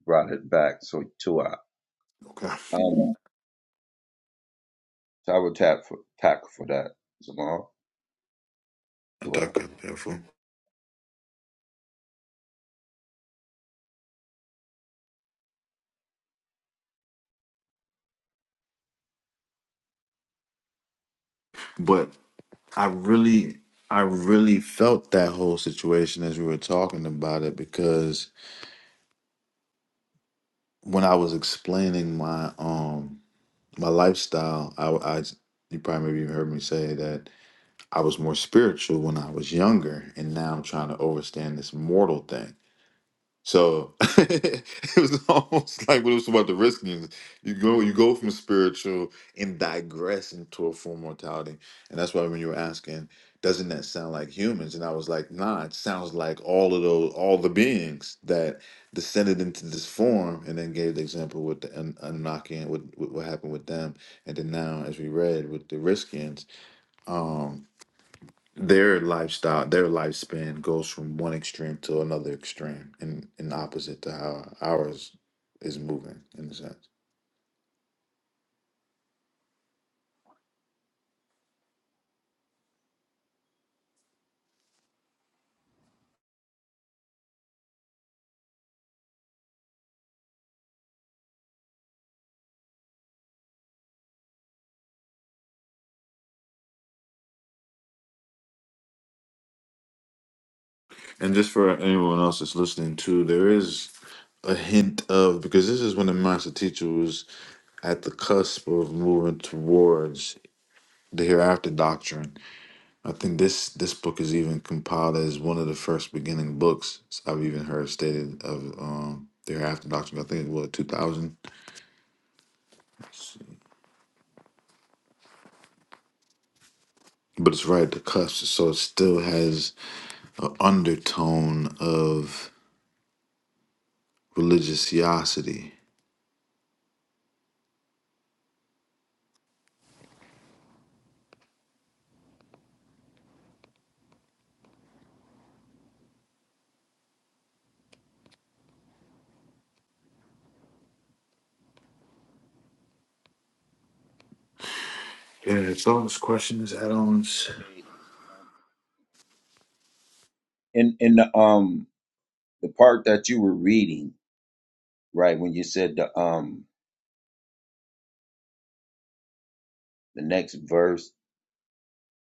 S8: brought it back. So two out.
S2: okay I
S8: Um, so I would tap for tack for that. Jamal,
S2: thought
S8: two
S2: that
S8: out.
S2: could be helpful but i really i really felt that whole situation as we were talking about it because when i was explaining my um my lifestyle i i you probably maybe heard me say that i was more spiritual when i was younger and now i'm trying to overstand this mortal thing So it was almost like what it was about the risking. You go, you go from spiritual and digress into a form of mortality, and that's why when you were asking, doesn't that sound like humans? And I was like, nah, it sounds like all of those, all the beings that descended into this form, and then gave the example with the Un- Anunnaki and what, what what happened with them, and then now, as we read with the Riskians, their lifestyle, their lifespan goes from one extreme to another extreme, and in, in opposite to how ours is moving in a sense. And just for anyone else that's listening too, there is a hint of because this is when the master teacher was at the cusp of moving towards the hereafter doctrine. I think this this book is even compiled as one of the first beginning books I've even heard stated of um, the hereafter doctrine. I think it was two thousand. but it's right at the cusp, so it still has an undertone of religiosity. Yeah, thoughts, questions, add-ons.
S8: And and the, um the part that you were reading right when you said the um the next verse.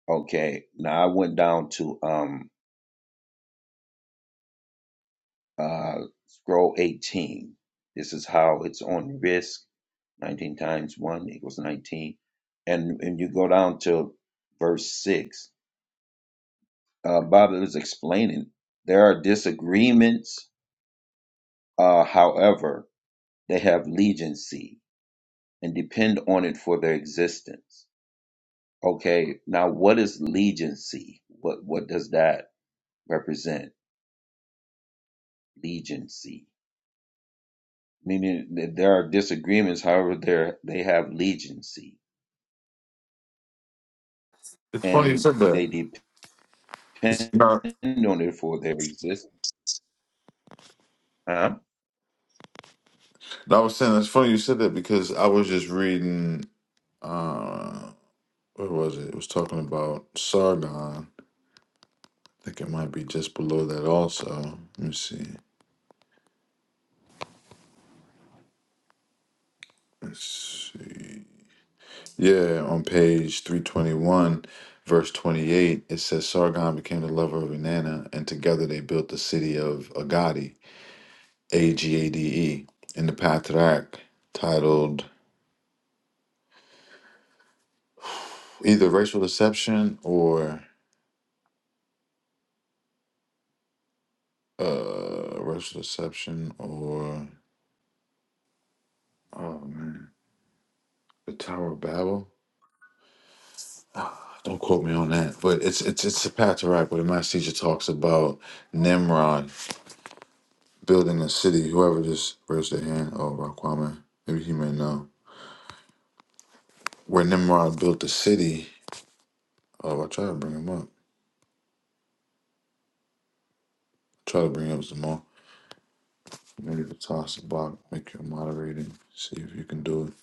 S8: Okay, now I went down to um uh scroll eighteen. This is how it's on risk 19 times 1 equals 19. And and you go down to verse 6, uh, Bob is explaining there are disagreements, uh, however, they have legiancy and depend on it for their existence. Okay, now what is legiancy? What, what does that represent? Legiancy. Meaning that there are disagreements, however, there they have legiancy
S2: It's funny you
S8: and
S2: said that.
S8: they
S2: 'cause-
S8: depend
S2: no,
S8: on it for their existence. Huh?
S2: no, I was saying it's funny you said that because I was just reading. uh Where was it? It was talking about Sargon. I think it might be just below that. Also, let me see. Yeah, on page 321, verse 28, it says Sargon became the lover of Inanna, and together they built the city of Agadi, A G A D E, in the Patriarch, titled either Racial Deception or uh, Racial Deception or, oh man, the Tower of Babel. Don't quote me on that, but it's it's it's a Patriarch, but the Master Teacher talks about Nimrod building a city. Whoever just raised their hand, oh, Raquaman, maybe he may know. where Nimrod built the city. Oh, I try to bring him up. Try to bring up Zamal. Maybe to toss the block, make you a moderator, see if you can do it.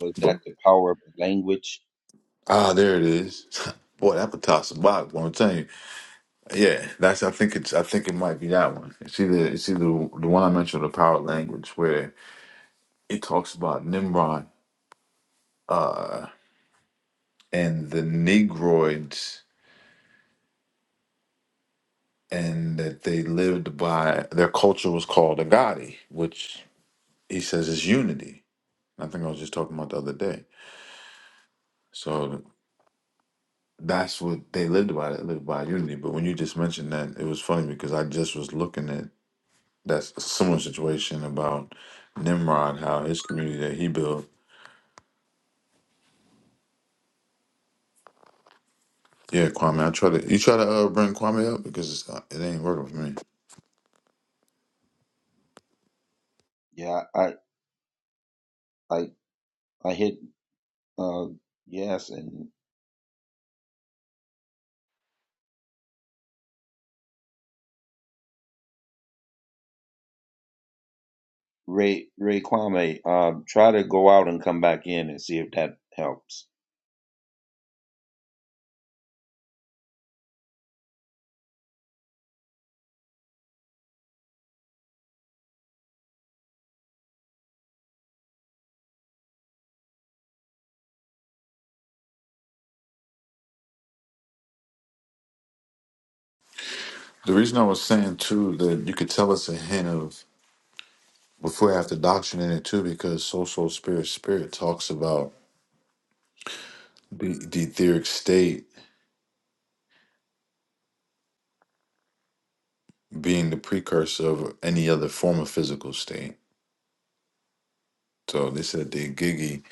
S8: was that
S2: But
S8: the power of language?
S2: ah, there it is. Boy, that would toss the block. What I'm telling you, yeah, that's. I think it's. I think it might be that one. It's either. It's either the one I mentioned, the power language, where it talks about Nimrod uh, and the Negroids, and that they lived by their culture was called Agadi, which he says is unity I think I was just talking about the other day. So that's what they lived by. They lived by unity. But when you just mentioned that, it was funny because I just was looking at that s- similar situation about Nimrod, how his community that he built. Yeah, Kwame, I try to you try to uh, bring Kwame up because it's, uh, it ain't working for me.
S8: Yeah, I I I hit uh yes and Ray Ray Kwame, um try to go out and come back in and see if that helps.
S2: The reason I was saying too that you could tell us a hint of before after doctrine in it too because soul soul spirit spirit talks about the, the etheric state being the precursor of any other form of physical state So they said the Igigi,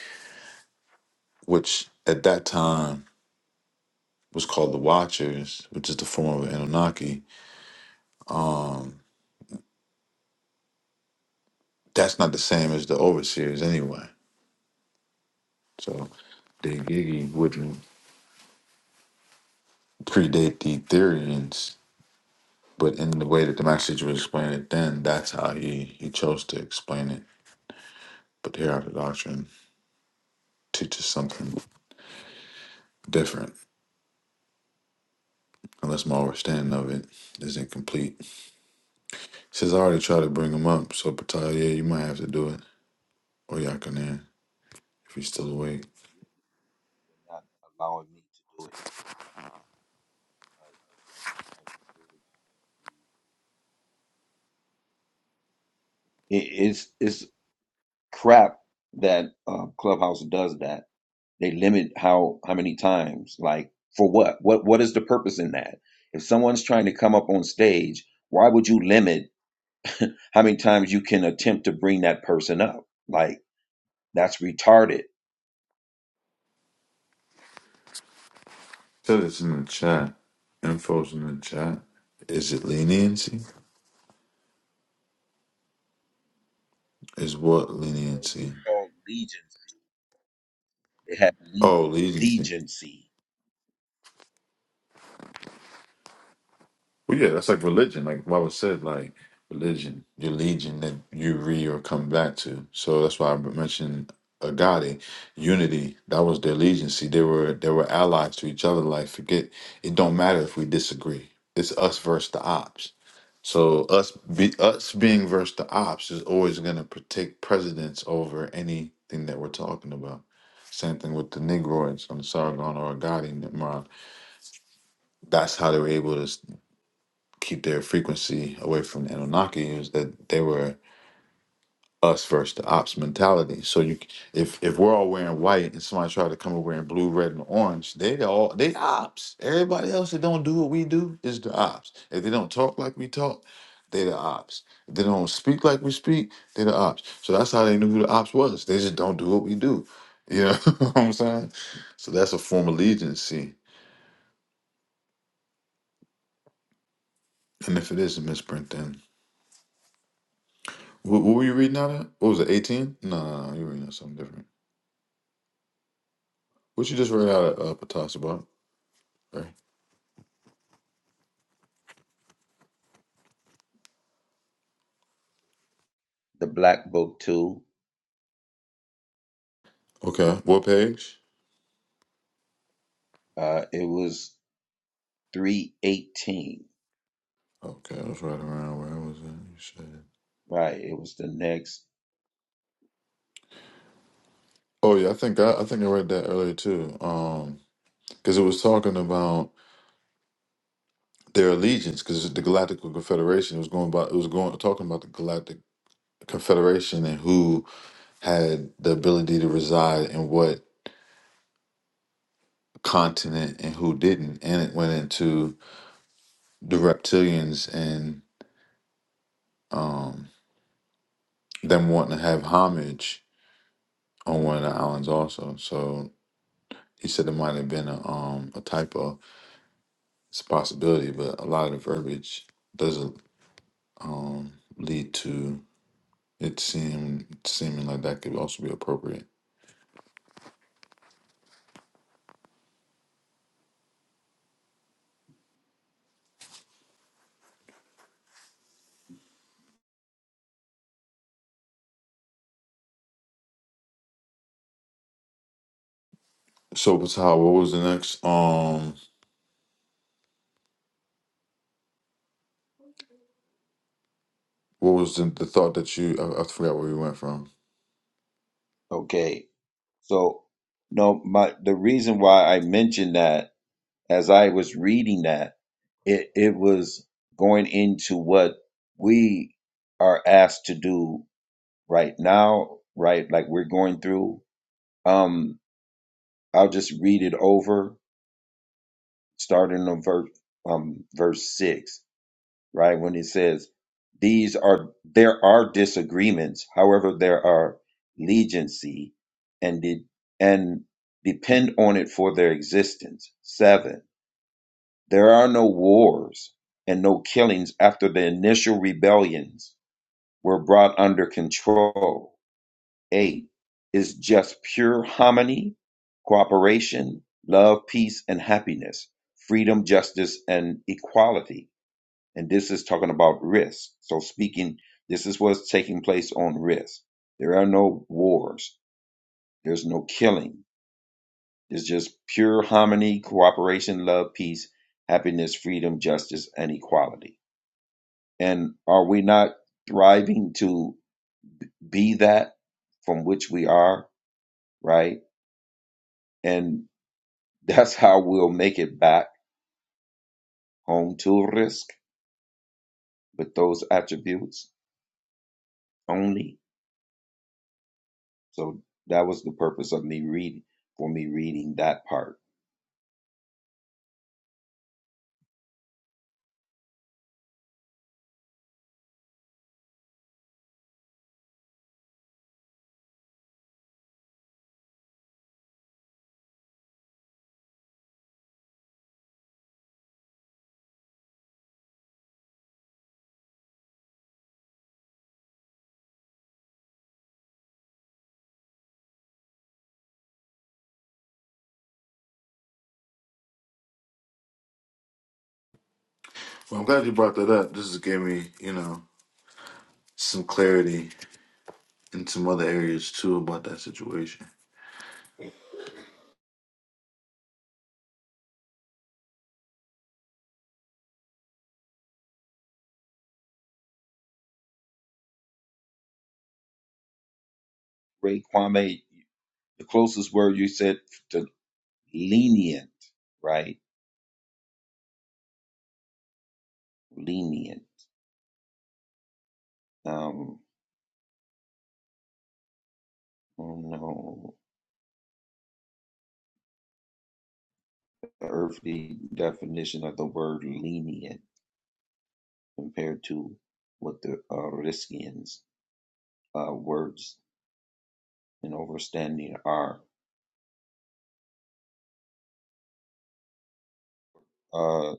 S2: which at that time was called the Watchers, which is the form of Anunnaki, that's not the same as the Overseers anyway. So the Igigi wouldn't predate the Etherians, but in the way that the Master Teacher would explain it then, that's how he, he chose to explain it. But the Hereafter Doctrine teaches something different, unless my understanding of it is incomplete. He Says I already tried to bring him up, so Patalia, you might have to do it, or Yakanan, if he's still awake.
S8: They're Not allowing me to do it. I- I- It- It's it's crap that uh, Clubhouse does that. They limit how how many times. Like for what? What what is the purpose in that? If someone's trying to come up on stage, why would you limit? how many times you can attempt to bring that person up. Like that's retarded.
S2: Said it's in the chat. Info's in the chat. Is it leniency? Is what
S8: So it was
S2: leniency?
S8: called legions. It had le-
S2: Oh, leniency.
S8: legiancy.
S2: Well, yeah, that's like religion. Like Baba said, like religion, your legion that you re or come back to. So that's why I mentioned Agadi, unity. That was their legiancy. They were they were allies to each other. Like forget, it don't matter if we disagree. It's us versus the ops. So us be us being versus the ops is always gonna take precedence over anything that we're talking about. Same thing with the Negroids on the Sargon or Agadi Nimrod. That's how they were able to s- keep their frequency away from the Anunnaki is that they were us versus the ops mentality. So you, if if we're all wearing white and somebody try to come over wearing blue, red, and orange, they the all they ops. Everybody else that don't do what we do is the ops. If they don't talk like we talk, they the ops. If they don't speak like we speak, they the ops. So that's how they knew who the ops was. They just don't do what we do. You know what I'm saying? So that's a form of allegiancy. And if it is a misprint, then what, what were you reading out of? What was it? 18? No, no, no, you were reading out something different. What you just read out of uh, Patas about?
S8: The black book too.
S2: Okay. What page?
S8: Uh, it was three eighteen.
S2: Okay, I was right around where I was at. You said.
S8: Right. It was the next.
S2: Oh yeah, I think I, I think I read that earlier too. Um, because it was talking about their allegiance, because the Galactic Confederation was going about it was going talking about the Galactic Confederation and who had the ability to reside in what continent and who didn't, and it went into the reptilians and um them wanting to have homage on one of the islands also. So he said it might have been a um a typo it's a possibility, but a lot of the verbiage doesn't um, lead to it seem seeming like that could also be appropriate. So, Patal, what was the next? Um, what was the, the thought that you? I, I forgot where we went from.
S8: Okay. So no, my the reason why I mentioned that as I was reading that it it was going into what we are asked to do right now. Right. Like we're going through. Um I'll just read it over, starting on verse um, verse six, right when it says, "These are there are disagreements, however, there are legiancy, and de- and depend on it for their existence." Seven, there are no wars and no killings after the initial rebellions were brought under control. A is just pure harmony, cooperation, love, peace, and happiness, freedom, justice, and equality. And this is talking about risk. So speaking, this is what's taking place on risk. There are no wars. There's no killing. There's just pure harmony, cooperation, love, peace, happiness, freedom, justice, and equality. And are we not thriving to be that from which we are, right? And That's how we'll make it back home to risk with those attributes only. So that was the purpose of me reading for me reading Mark.
S2: Well, I'm glad you brought that up. This has gave me, you know, some clarity in some other areas too about that situation.
S8: Ray Kwame, the closest word you said to lenient, right? Lenient. Um, oh no, the earthly definition of the word lenient compared to what the uh, Riskians' uh, words and overstanding are. Uh,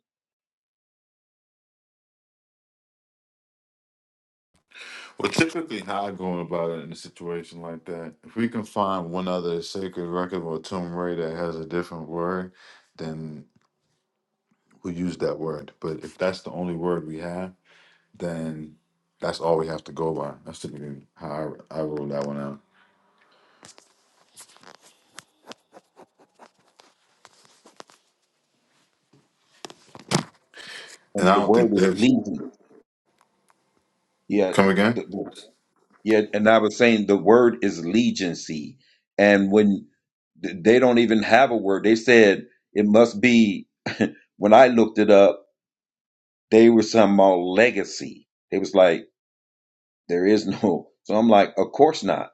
S2: Well, typically, how I go about it in a situation like that, if we can find one other sacred record or tomb ray that has a different word, then. who used that word. But if that's the only word we have, then that's all we have to go by. That's typically how I, I ruled that one out. And
S8: and
S2: I
S8: the
S2: don't
S8: word
S2: think
S8: is
S2: there's
S8: lenient. Yeah,
S2: come again.
S8: the- yeah, and I was saying the word is legiancy, and when th- they don't even have a word, they said it must be. When I looked it up, they were talking about legacy. They was like, there is no. So I'm like, of course not.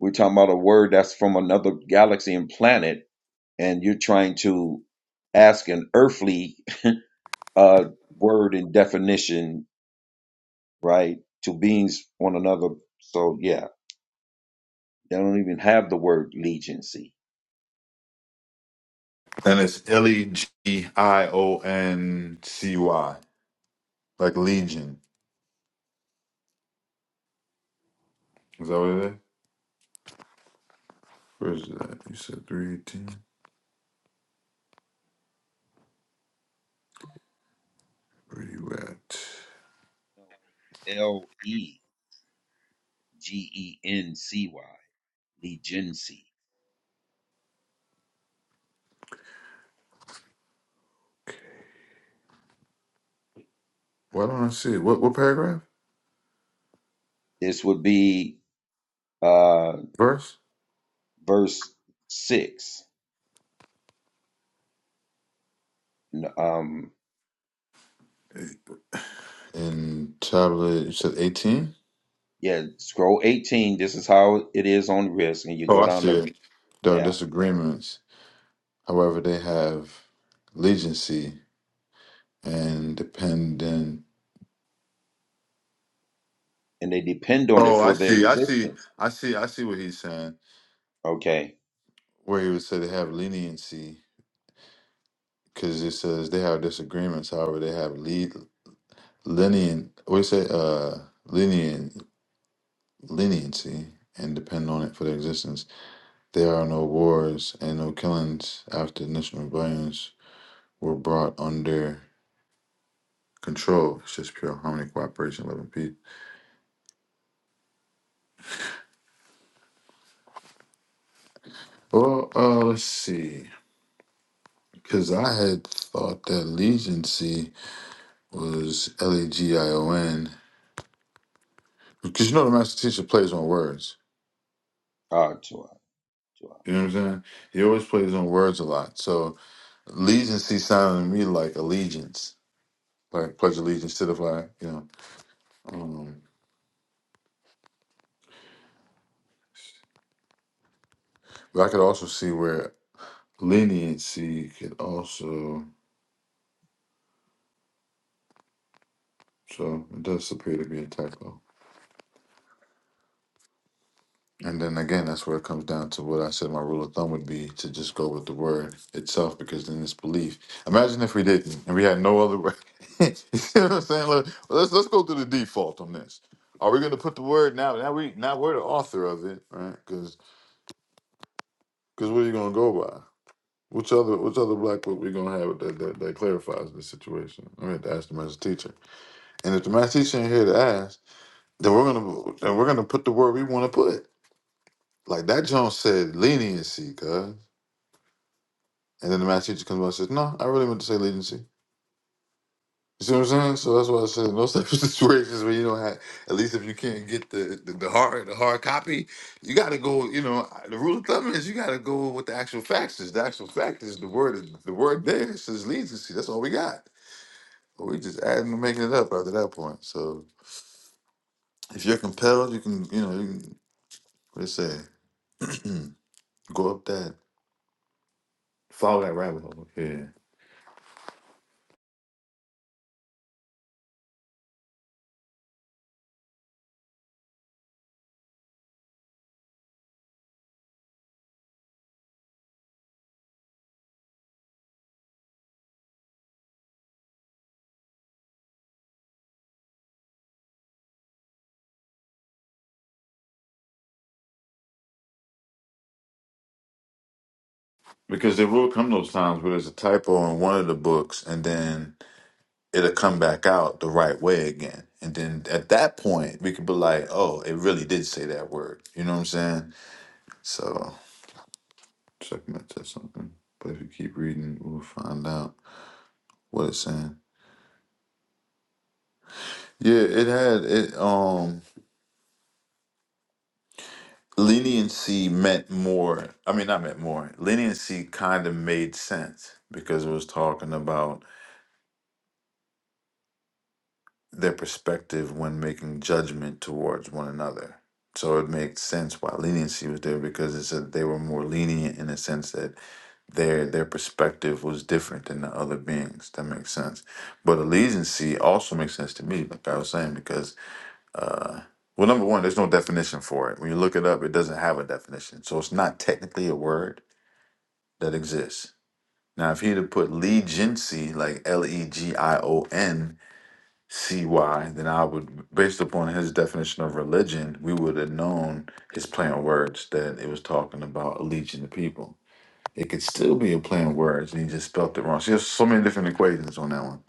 S8: We're talking about a word that's from another galaxy and planet, and you're trying to ask an earthly uh, word and definition, right, to beings on another. So yeah. They don't even have the word legency.
S2: And it's L E G I O N C Y, like Legion. Is that what it is? Where is that? You said three eighteen. Where you at?
S8: L E G E N C Y, legency.
S2: Okay. Why don't I see it? What what paragraph?
S8: This would be uh,
S2: Verse?
S8: verse 6. Um,
S2: In tablet, you said eighteen.
S8: yeah, scroll 18. This is how it is on risk. And you
S2: Oh,
S8: go
S2: I
S8: down
S2: see
S8: to,
S2: it. There are
S8: yeah,
S2: disagreements. However, they have legency. and dependent.
S8: and they depend on it
S2: Oh, I
S8: for their
S2: see. I see.
S8: existence.
S2: I see. I see what he's saying.
S8: Okay.
S2: Where he would say they have leniency because it says they have disagreements. However, they have lead lenient. What do you say? Uh, lenient leniency and depend on it for their existence. There are no wars and no killings after initial rebellions were brought under control. It's just pure harmony, cooperation, love, and peace. Well, uh, let's see. Because I had thought that leniency was L E G I O N because you know the master teacher plays on words.
S8: Uh, to,
S2: You know what I'm saying? He always plays on words a lot. So allegiance sounded to me like allegiance, like pledge allegiance to the flag. You know, um, but I could also see where leniency could also. So it does appear to be a typo. And then again, that's where it comes down to what I said my rule of thumb would be to just go with the word itself because then it's belief. Imagine if we didn't and we had no other word. you see what I'm saying? Let- Let's let's go to the default on this. Are we gonna put the word now? Now we now we're the author of it, right? Because because what are you gonna go by? Which other which other black book we gonna have that, that that clarifies the situation? I mean, to ask the master teacher. And if the master teacher ain't here to ask, then we're gonna then we're gonna put the word we want to put. Like that Jones said, leniency, cuz. And then the math teacher comes by and says, No, I really meant to say latency. You see what I'm saying? So that's why I said in those types of situations where you don't have at least if you can't get the, the, the hard the hard copy, you gotta go, you know, the rule of thumb is you gotta go with the actual facts is. The actual fact is the word the word there says latency. That's all we got. But we just adding and making it up after that point. So if you're compelled, you can, you know, you can what they say, go up that follow that rabbit hole. Yeah. Because there will come those times where there's a typo in one of the books and then it'll come back out the right way again. And then at that point, we could be like, oh, it really did say that word. You know what I'm saying? So, checkmate said something. But if you keep reading, we'll find out what it's saying. Yeah, it had it. Um, leniency meant more. I mean, not meant more. Leniency kind of made sense because it was talking about their perspective when making judgment towards one another. So it makes sense why leniency was there because it's that they were more lenient in the sense that their their perspective was different than the other beings. That makes sense. But allegiancy also makes sense to me, like I was saying, because uh, well, number one, there's no definition for it. When you look it up, it doesn't have a definition, so it's not technically a word that exists. Now, if he'd have put legiancy, like L E G I O N, see why, then I would, based upon his definition of religion, we would have known his play on words that it was talking about a legion of people. It could still be a play on words, and he just spelt it wrong. So there's so many different equations on that one.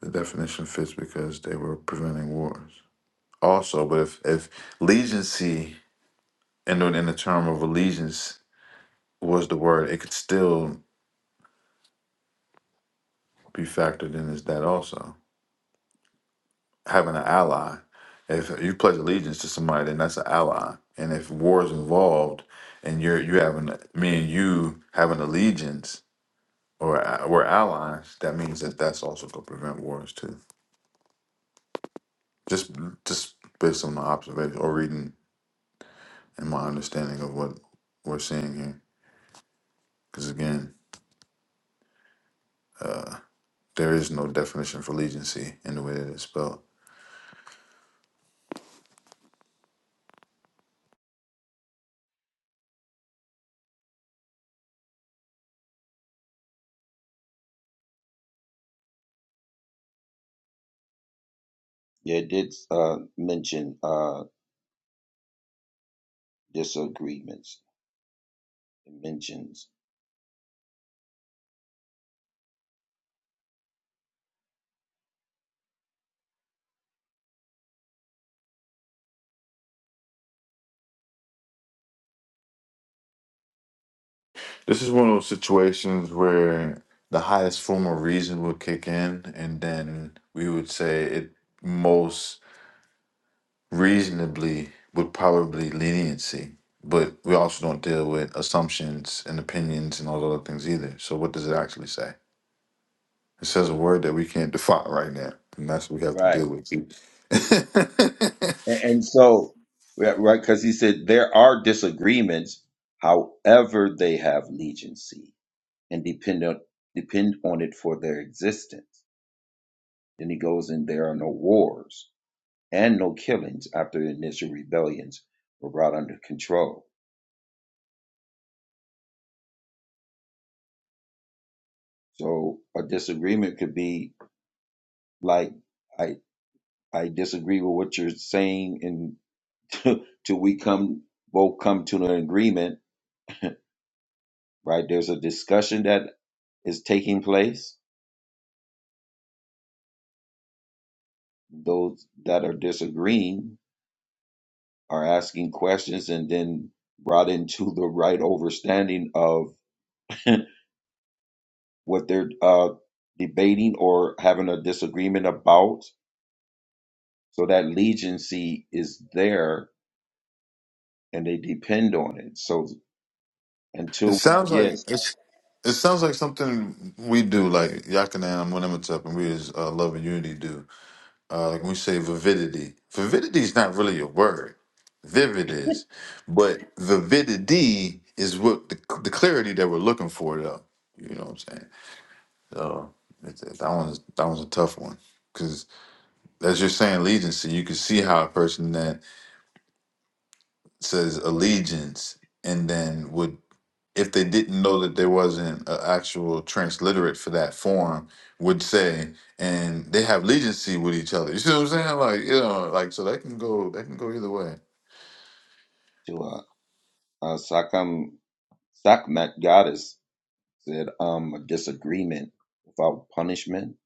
S2: The definition fits because they were preventing wars. Also, but if if legiancy and in the term of allegiance was the word, it could still be factored in as that also. having an ally. If you pledge allegiance to somebody, then that's an ally. And if war is involved, and you're you having me and you have an allegiance or a- we're allies, that means that that's also going to prevent wars too. Just just based on my observation or reading and my understanding of what we're seeing here, because again, uh, there is no definition for allegiance in the way that it's spelled.
S8: yeah, it did uh, mention uh, disagreements, it mentions.
S2: This is one of those situations where the highest form of reason would kick in, and then we would say it most reasonably would probably leniency. But we also don't deal with assumptions and opinions and all those other things either. So what does it actually say? It says a word that we can't define right now, and that's what we have to
S8: Right.
S2: deal with.
S8: And, and so, yeah, right, because he said there are disagreements, however, they have legency and depend on, depend on it for their existence. Then he goes in, there are no wars and no killings after the initial rebellions were brought under control. So a disagreement could be like, I, I disagree with what you're saying and till we come, both come to an agreement, right? There's a discussion that is taking place those that are disagreeing are asking questions and then brought into the right overstanding of what they're uh, debating or having a disagreement about. So that legiancy is there and they depend on it
S2: it
S8: until we
S2: sounds
S8: get
S2: like it's. It sounds like something we do, like Yakanan Winnemitzep and we as uh, Love and Unity do Uh, like when we say vividity, vividity is not really a word. Vivid is, but vividity is what the, the clarity that we're looking for, though. You know what I'm saying? So it's, that one's that one's a tough one because as you're saying, legency, you can see how a person that says allegiance, and then would if they didn't know that there wasn't an actual transliterate for that form, would say, and they have legency with each other. You see what I'm saying? Like, you know, like so that can go that can go either way.
S8: to a, a Sakam, Sakmat goddess said, um, a disagreement without punishment.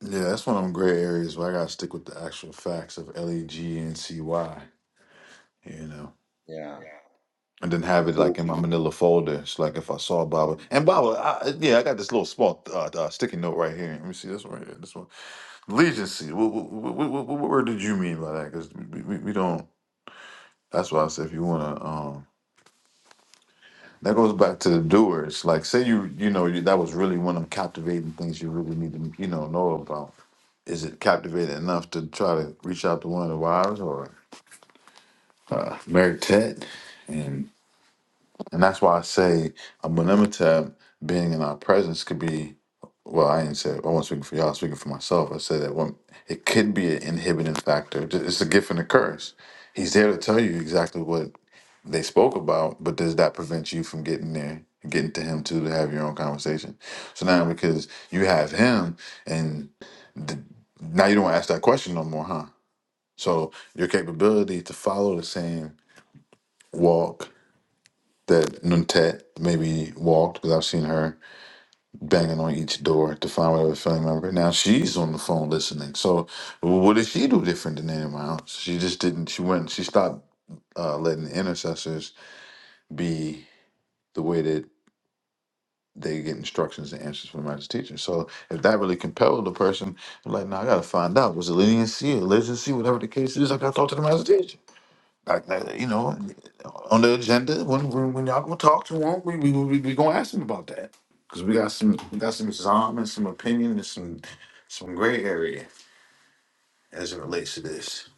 S2: Yeah, that's one of them gray areas where I gotta stick with the actual facts of L E G and C Y, you know.
S8: Yeah.
S2: And then have it like
S8: Until,
S2: in my manila folder. It's like if I saw Baba and Baba, I, yeah, I got this little small uh, uh, sticky note right here. Let me see this one right here. This one. Legacy. What, what, what, what, what word did you mean by that? Because we, we, we don't. That's why I said if you want to. um That goes back to the doers. Like, say you you know you, that was really one of them captivating things you really need to you know know about. Is it captivating enough to try to reach out to one of the wives or uh, Mary Ted? and And that's why I say Amenemhotep being in our presence could be, well, I didn't say, I wasn't speaking for y'all, i was speaking for myself. I said that one, it could be an inhibiting factor. Ju- It's a gift and a curse. He's there to tell you exactly what they spoke about, but does that prevent you from getting there, getting to him too, to have your own conversation? So now because you have him and th- now you don't ask that question no more, huh? So your capability to follow the same walk that Nuntet maybe walked because I've seen her banging on each door to find whatever family member. Now she's on the phone listening. So what did she do different than anyone else? She just didn't. She went. She stopped uh, letting the intercessors be the way that they get instructions and answers from the master teacher. So if that really compelled the person, I'm like, no, I gotta find out. Was it leniency or see whatever the case is? I gotta talk to the master teacher. Like that, you know, on the agenda when when, when y'all gonna talk to him, we we we, we gonna ask him about that because we got some we got some zom and some opinion and some some gray area as it relates to this.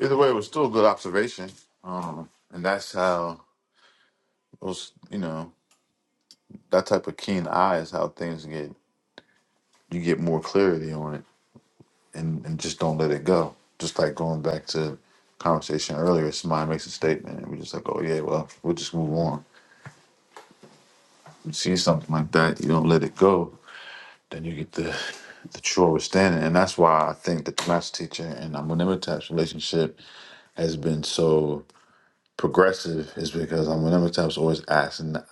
S2: Either way, it was still a good observation, um, and that's how those you know that type of keen eye is how things get you get more clarity on it and and just don't let it go. Just like going back to conversation earlier, somebody makes a statement and we're just like, oh yeah, well we'll just move on you see something like that, you don't let it go, then you get the the truest standing. And that's why I think the class teacher and Amunimatap's relationship has been so progressive is because Amunimatap's always asking the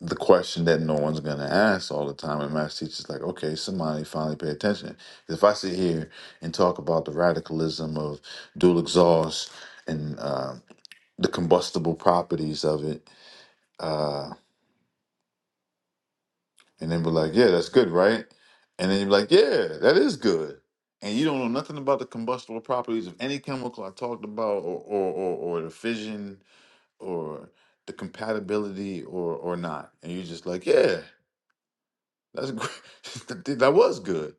S2: the question that no one's gonna ask all the time. And math teacher's like, okay, somebody finally pay attention. If I sit here and talk about the radicalism of dual exhaust and uh, the combustible properties of it, uh, And they were like, yeah, that's good, right? And then you're like, yeah, that is good. And you don't know nothing about the combustible properties of any chemical I talked about or or, or, or the fission or the compatibility or or not. And you're just like, yeah, that's great. that was good.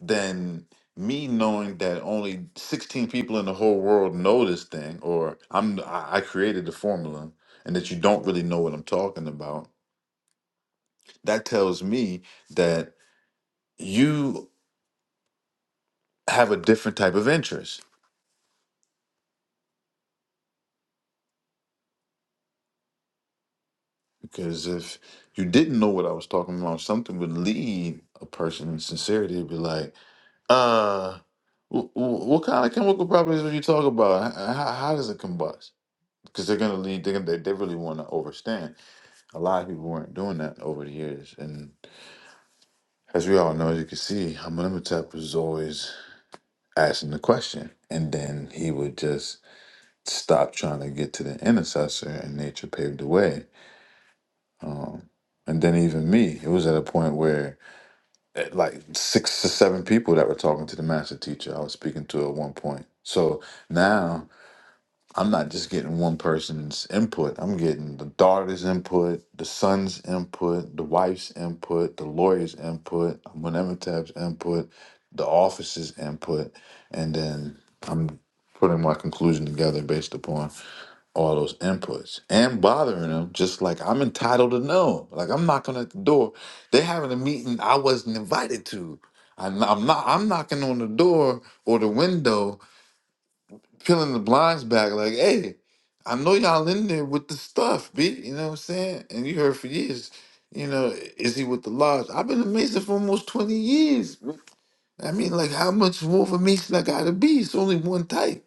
S2: Then me knowing that only 16 people in the whole world know this thing or I'm I I created the formula and that you don't really know what I'm talking about. That tells me that you have a different type of interest because if you didn't know what I was talking about, something would lead a person in sincerity to be like, uh, wh- wh- what kind of chemical properties are you talking about? H- How, how does it combust? Because they're gonna lead. They're gonna, they they really want to overstand. A lot of people weren't doing that over the years, and as we all know, as you can see, Amenemhotep was always asking the question, and then he would just stop trying to get to the intercessor, and nature paved the way Um, and then even me, it was at a point where eh, like six to seven people that were talking to the master teacher I was speaking to at one point. So now I'm not just getting one person's input. I'm getting the daughter's input, the son's input, the wife's input, the lawyer's input, Munemetab's input, the office's input, and then I'm putting my conclusion together based upon all those inputs and bothering them just like I'm entitled to know. Like I'm knocking at the door. They're having a meeting I wasn't invited to. I'm not, I'm not I'm knocking on the door or the window, peeling the blinds back like, hey, I know y'all in there with the stuff, B. You know what I'm saying? And you heard for years, you know, is he with the lodge? I've been a Mason for almost 20 years. I mean, like how much more of a Mason I gotta be? It's only one type.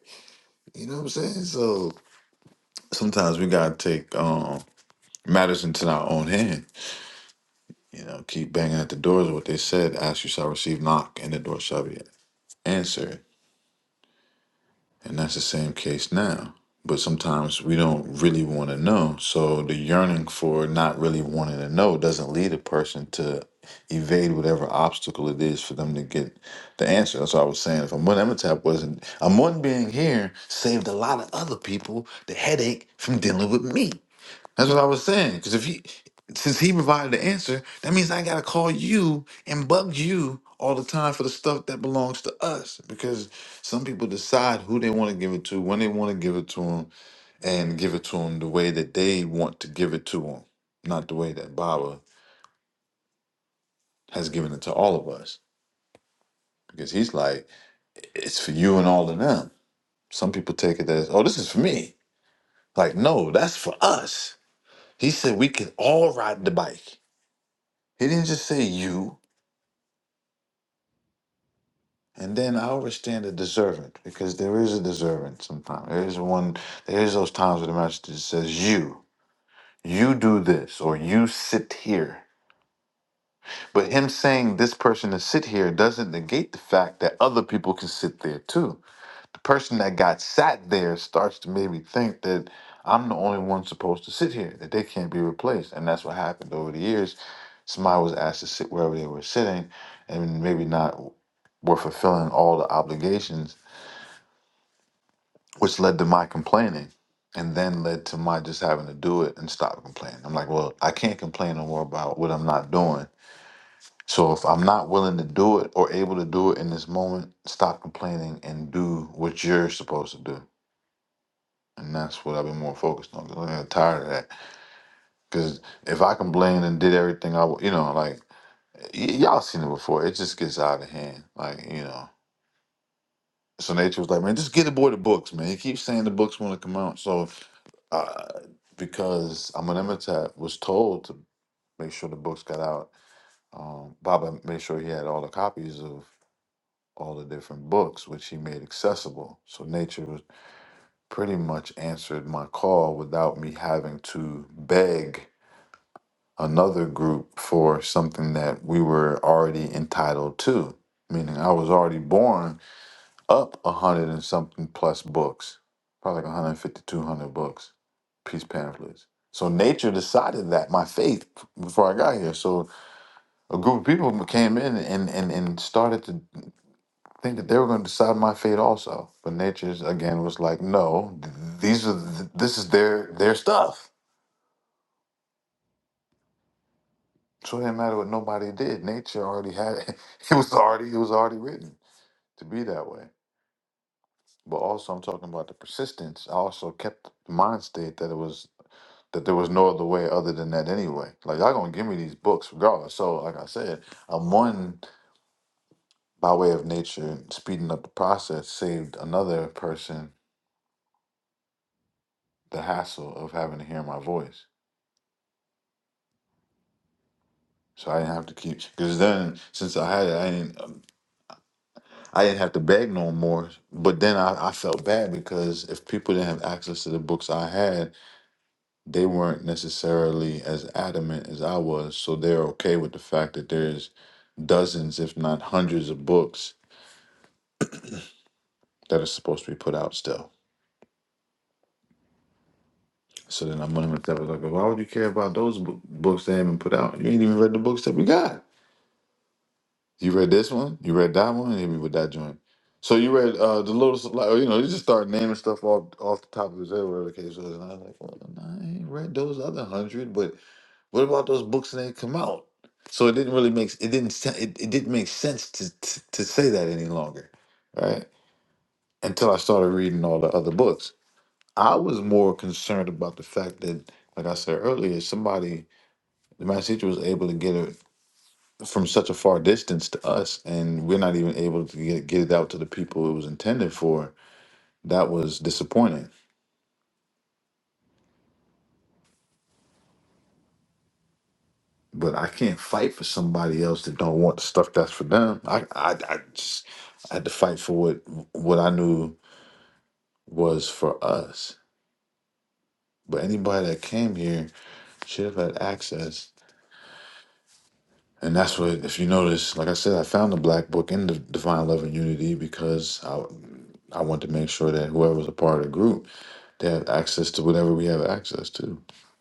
S2: You know what I'm saying? So sometimes we gotta take um matters into our own hand. You know, keep banging at the doors. of What they said, ask you shall receive, knock, and the door shall be answered. And that's the same case now. But sometimes we don't really want to know. So the yearning for not really wanting to know doesn't lead a person to evade whatever obstacle it is for them to get the answer. That's what I was saying. If Amun Amenhotep wasn't, Amun being here saved a lot of other people the headache from dealing with me. That's what I was saying. Because if he, since he provided the answer, that means I gotta call you and bug you all the time for the stuff that belongs to us. Because some people decide who they want to give it to, when they want to give it to them, and give it to them the way that they want to give it to them, not the way that Baba has given it to all of us. Because he's like, it's for you and all of them. Some people take it as, oh, this is for me. Like, no, that's for us. He said we can all ride the bike. He didn't just say you. And then I understand the deservant because there is a deservant sometimes. There is one, there is those times where the master just says, You, you do this, or you sit here. But him saying this person to sit here doesn't negate the fact that other people can sit there too. The person that got sat there starts to maybe think that I'm the only one supposed to sit here, that they can't be replaced. And that's what happened over the years. Somebody was asked to sit wherever they were sitting and maybe not were fulfilling all the obligations which led to my complaining and then led to my just having to do it and stop complaining. I'm like, well, I can't complain no more about what I'm not doing. So if I'm not willing to do it or able to do it in this moment, stop complaining and do what you're supposed to do. And that's what I've been more focused on. 'cause I'm tired of that. Because if I complained and did everything I, w- you know, like y- y'all seen it before, it just gets out of hand. Like you know, so nature was like, man, just get aboard the books, man. He keeps saying the books want to come out, so uh, because Amenemhotep was told to make sure the books got out. Um, Baba made sure he had all the copies of all the different books, which he made accessible. So nature was pretty much answered my call without me having to beg another group for something that we were already entitled to. Meaning, I was already born up a hundred and something plus books, probably like 150, 200 books, peace pamphlets. So nature decided that my faith before I got here. So a group of people came in and, and, and started to think that they were going to decide my fate also. But nature's again was like, no, th- these are th- this is their their stuff. So it didn't matter what nobody did. Nature already had it. It was already it was already written to be that way. But also, I'm talking about the persistence. I also kept the mind state that it was. that there was no other way other than that anyway. Like y'all gonna give me these books regardless. So like I said, I'm one by way of nature, speeding up the process saved another person the hassle of having to hear my voice. So I didn't have to keep because then since I had it, I didn't um, I didn't have to beg no more. But then I, I felt bad because if people didn't have access to the books I had, they weren't necessarily as adamant as I was. So they're okay with the fact that there's dozens, if not hundreds, of books that are supposed to be put out still. So then I'm wondering if that was like, why would you care about those bo- books that haven't been put out? You ain't even read the books that we got. You read this one, you read that one, hit me with that joint. So you read uh, the Lotus, of Light- you know, you just start naming stuff off off the top of his head, whatever the case was. And I was like, well, nah, I ain't read those other hundred, but what about those books that ain't come out? So it didn't really make it didn't sen- it, it didn't make sense to, to to say that any longer, right? Until I started reading all the other books. I was more concerned about the fact that, like I said earlier, somebody, the mass teacher was able to get it from such a far distance to us, and we're not even able to get, get it out to the people it was intended for. That was disappointing. But I can't fight for somebody else that don't want the stuff that's for them. I, I, I just I had to fight for what what I knew was for us. But anybody that came here should have had access And that's what, if you notice, like I said, I found the black book in the Divine Love and Unity because I, I want to make sure that whoever's a part of the group, they have access to whatever we have access to,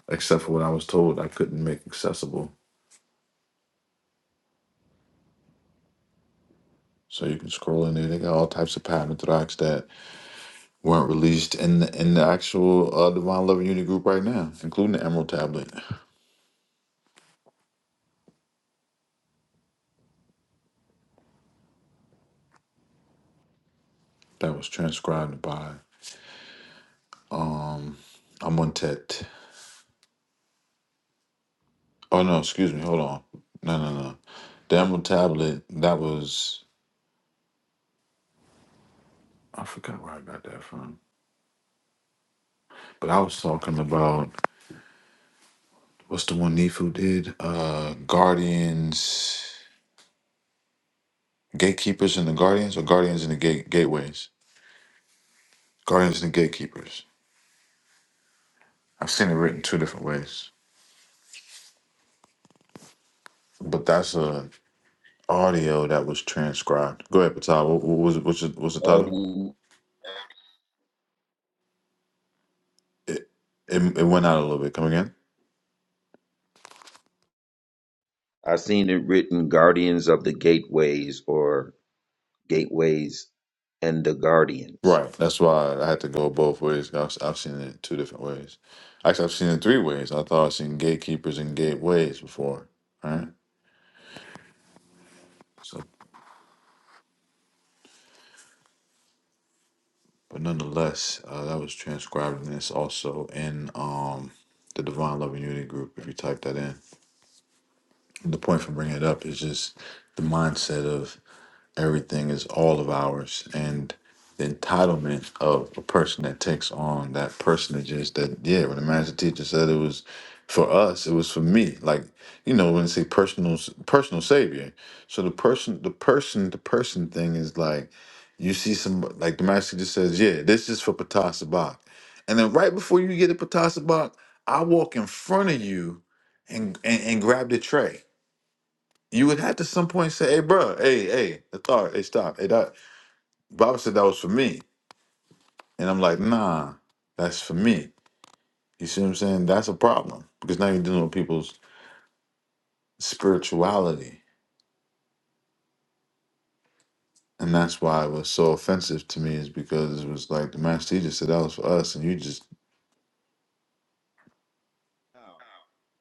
S2: except for what I was told I couldn't make accessible. So you can scroll in there. They got all types of patent tracks that weren't released in the, in the actual uh, Divine Love and Unity group right now, including the Emerald Tablet that was transcribed by um, Amontet. Oh no, excuse me. Hold on. No, no, no. Daniel Tablet. That was I forgot where I got that from. But I was talking about what's the one Nefu did? Uh, Guardians, Gatekeepers and the Guardians, or Guardians and the Gate Gateways. Guardians and the Gatekeepers. I've seen it written two different ways, but that's a audio that was transcribed. Go ahead, Patal. What, what was what's the, what's the title?
S8: until-
S2: It, it it went out a little bit. Come again.
S8: I seen it written guardians of the gateways or Gateways, and the Guardians.
S2: Right. That's why I had to go both ways. I've, I've seen it two different ways. Actually, I've seen it three ways. I thought I've seen gatekeepers and gateways before. Right. So, but nonetheless, uh, that was transcribed and it's also in um the Divine Love and Unity group. If you type that in, the point for bringing it up is just the mindset of Everything is all of ours. And the entitlement of a person that takes on that personages that, yeah, when the master teacher said it was for us, it was for me. Like, you know, when they say personal personal savior. So the person the person the person thing is like you see some like the master just says, Yeah, this is for Patasabak. And then right before you get to Patasabak, I walk in front of you and, and and grab the tray you would have to some point say, "Hey, bro, hey, hey, that's all right. Hey, stop. Hey, that Baba said that was for me," and I'm like, "Nah, that's for me." You see what I'm saying? That's a problem because now you're dealing with people's spirituality, and that's why it was so offensive to me is because it was like the master teacher said that was for us, and you just
S8: Now,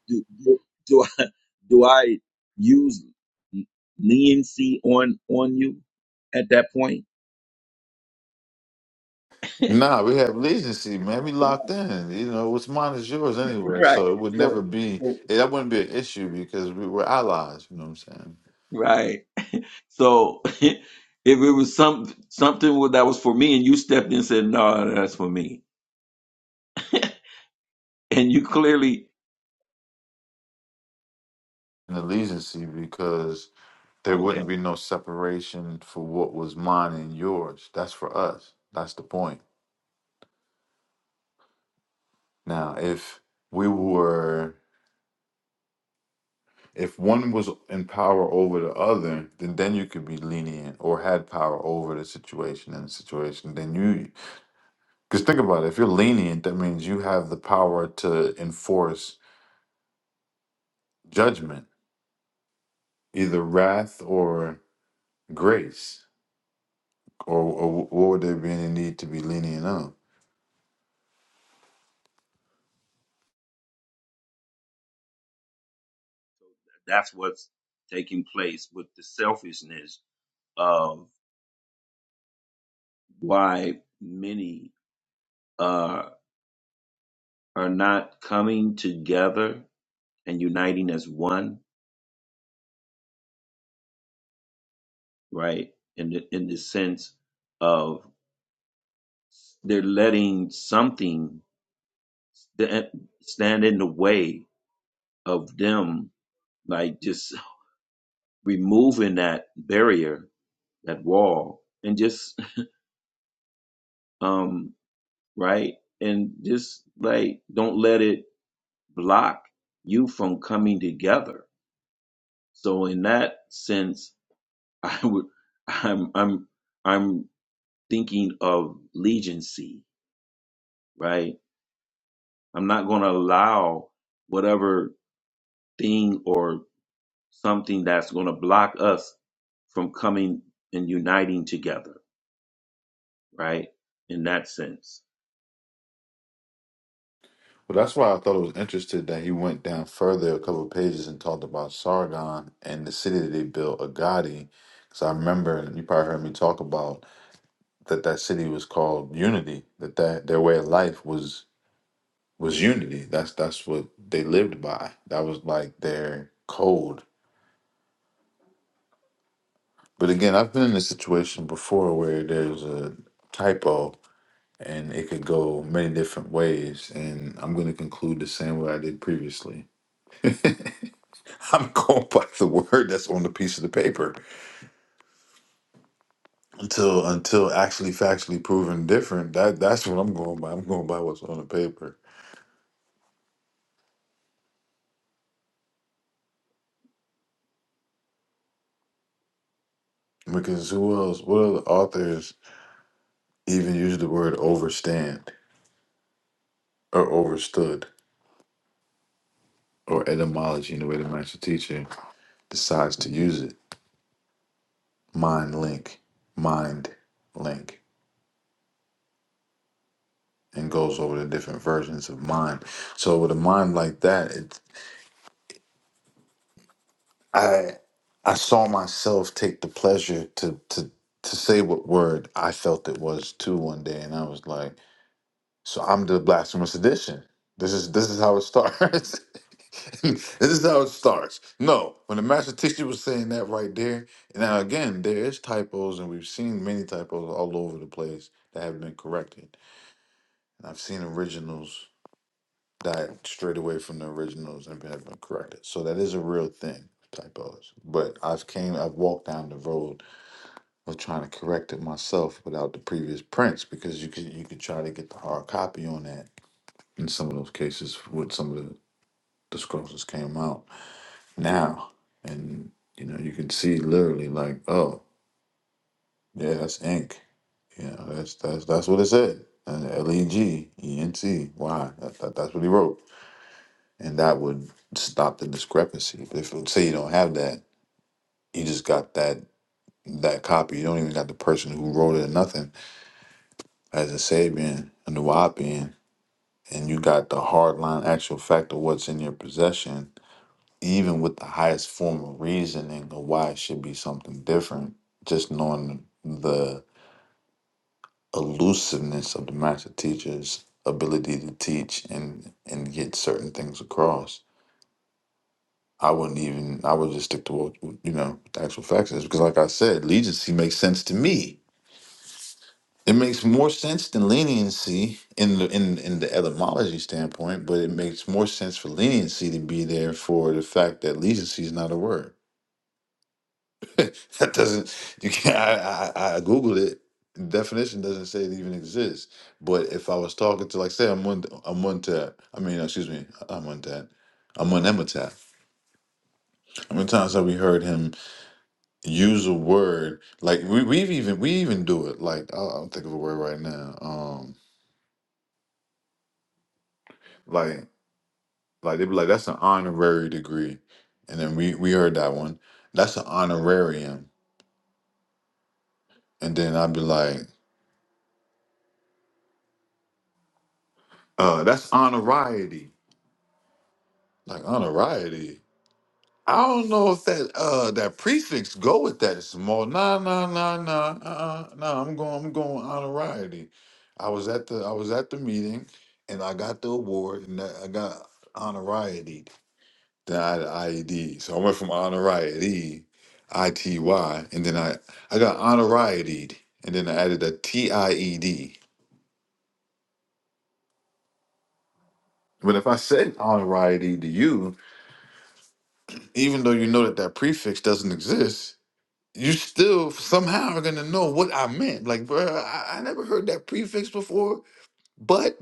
S8: do, do, do I do I use leniency on on you at that point?
S2: nah, we have legency, man. We locked in. You know, what's mine is yours anyway,
S8: Right.
S2: so it would never
S8: So
S2: be that wouldn't be an issue because we were allies. You know what I'm saying?
S8: right. So if it was some something that was for me, and you stepped in and said, "No, that's for me," and you clearly
S2: An allegiancy because There
S8: okay,
S2: wouldn't be no separation for what was mine and yours. That's for us. That's the point. Now, if we were, if one was in power over the other, then then you could be lenient or had power over the situation and the situation. Then you, because think about it, if you're lenient, that means you have the power to enforce judgment, either wrath or grace, or, or what would there be any need to be lenient on?
S8: that's what's taking place with the selfishness of why many. uh, are not coming together and uniting as one, right? In the, in the sense of they're letting something sta- stand in the way of them, like just removing that barrier, that wall, and just um right, and just like don't let it block you from coming together. So in that sense, I would, I'm, I'm. I'm thinking of legency, right? I'm not going to allow whatever thing or something that's going to block us from coming and uniting together, right? In that sense.
S2: Well, that's why I thought it was interesting that he went down further a couple of pages and talked about Sargon and the city that they built, Agadi. Because I remember, and you probably heard me talk about that that city was called Unity. That that their way of life was was unity. That's that's what they lived by. That was like their code. But again, I've been in a situation before where there's a typo and it could go many different ways. And I'm going to conclude the same way I did previously. I'm going by the word that's on the piece of the paper until until actually factually proven different. That that's what I'm going by. I'm going by what's on the paper because who else? What other authors even use the word overstand or overstood or etymology in the way the master teacher decides to use it? Mind link, mind link, and goes over the different versions of mind. So with a mind like that, it I I saw myself take the pleasure to to to say what word I felt it was too one day, and I was like, "So I'm the blasphemous edition. This is this is how it starts. this is how it starts." No, when the master teacher was saying that right there, now again, there is typos, and we've seen many typos all over the place that have been corrected, and I've seen originals that strayed away from the originals and have been corrected. So that is a real thing, typos. But I've came, I've walked down the road of trying to correct it myself without the previous prints because you could you could try to get the hard copy on that in some of those cases with some of the, the scrolls that came out now, and you know you can see literally like oh yeah that's ink, you know that's that's that's what it said. And L E G E N T Y. That, that, that's what he wrote. and that would stop the discrepancy. But if let's say you don't have that, you just got that that copy. You don't even got the person who wrote it or nothing as a Sabian, a Nuwapian, and you got the hard line actual fact of what's in your possession, even with the highest form of reasoning of why it should be something different, just knowing the elusiveness of the master teacher's ability to teach and and get certain things across I wouldn't even. I would just stick to what you know the actual facts is because, like I said, legacy makes sense to me. It makes more sense than leniency in the in in the etymology standpoint, but it makes more sense for leniency to be there for the fact that legacy is not a word. That doesn't. You can't. I I, I googled it. The definition doesn't say it even exists. But if I was talking to, like, say, I'm one, I'm one tat. I mean, excuse me, I'm one tat. I'm on Emma tat. How many times have we heard him? use a word like we, we've even we even do it like I, i'm thinking of a word right now um like like they'd be like that's an honorary degree and then we we heard that one that's an honorarium and then i'd be like uh that's honoriety like honoriety I don't know if that uh that prefix go with that small. Nah, nah, nah, nah, uh, uh, nah. I'm going. I'm going honorariety. I was at the I was at the meeting, and I got the award, and I I got honorariety. Then I had IED, so I went from honorariety, I T Y, and then I I got honorariety, and then I added a T I E D. But if I said honorariety to you, even though you know that that prefix doesn't exist, you still somehow are gonna know what I meant. Like, bro, I, I never heard that prefix before, but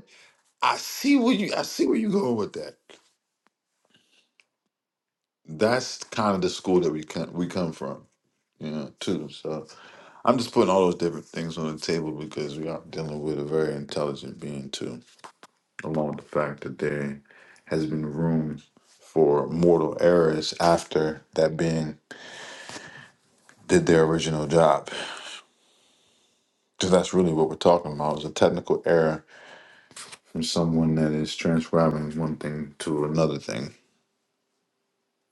S2: I see where you I see where you going with that. That's kind of the school that we come we come from, you know, too. So I'm just putting all those different things on the table because we are dealing with a very intelligent being too, along with the fact that there has been room for mortal errors after that being did their original job. Because that's really what we're talking about is a technical error from someone that is transcribing one thing to another thing.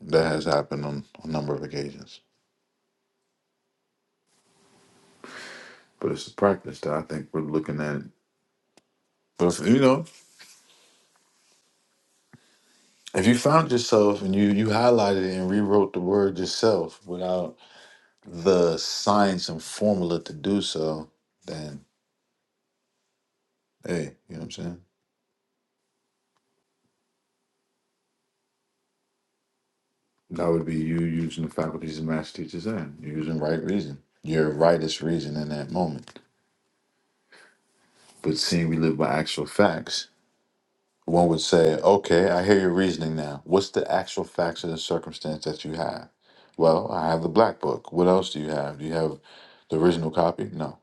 S2: That has happened on a number of occasions. But it's a practice that I think we're looking at. But if, you know, if you found yourself and you you highlighted it and rewrote the word yourself without the science and formula to do so, then hey, you know what I'm saying? That would be you using the faculties and master teachers and you're using right reason, your rightest reason in that moment. But seeing we live by actual facts, One would say, okay, I hear your reasoning now. What's the actual facts and circumstance that you have? Well, I have the black book. What else do you have? Do you have the original copy? No.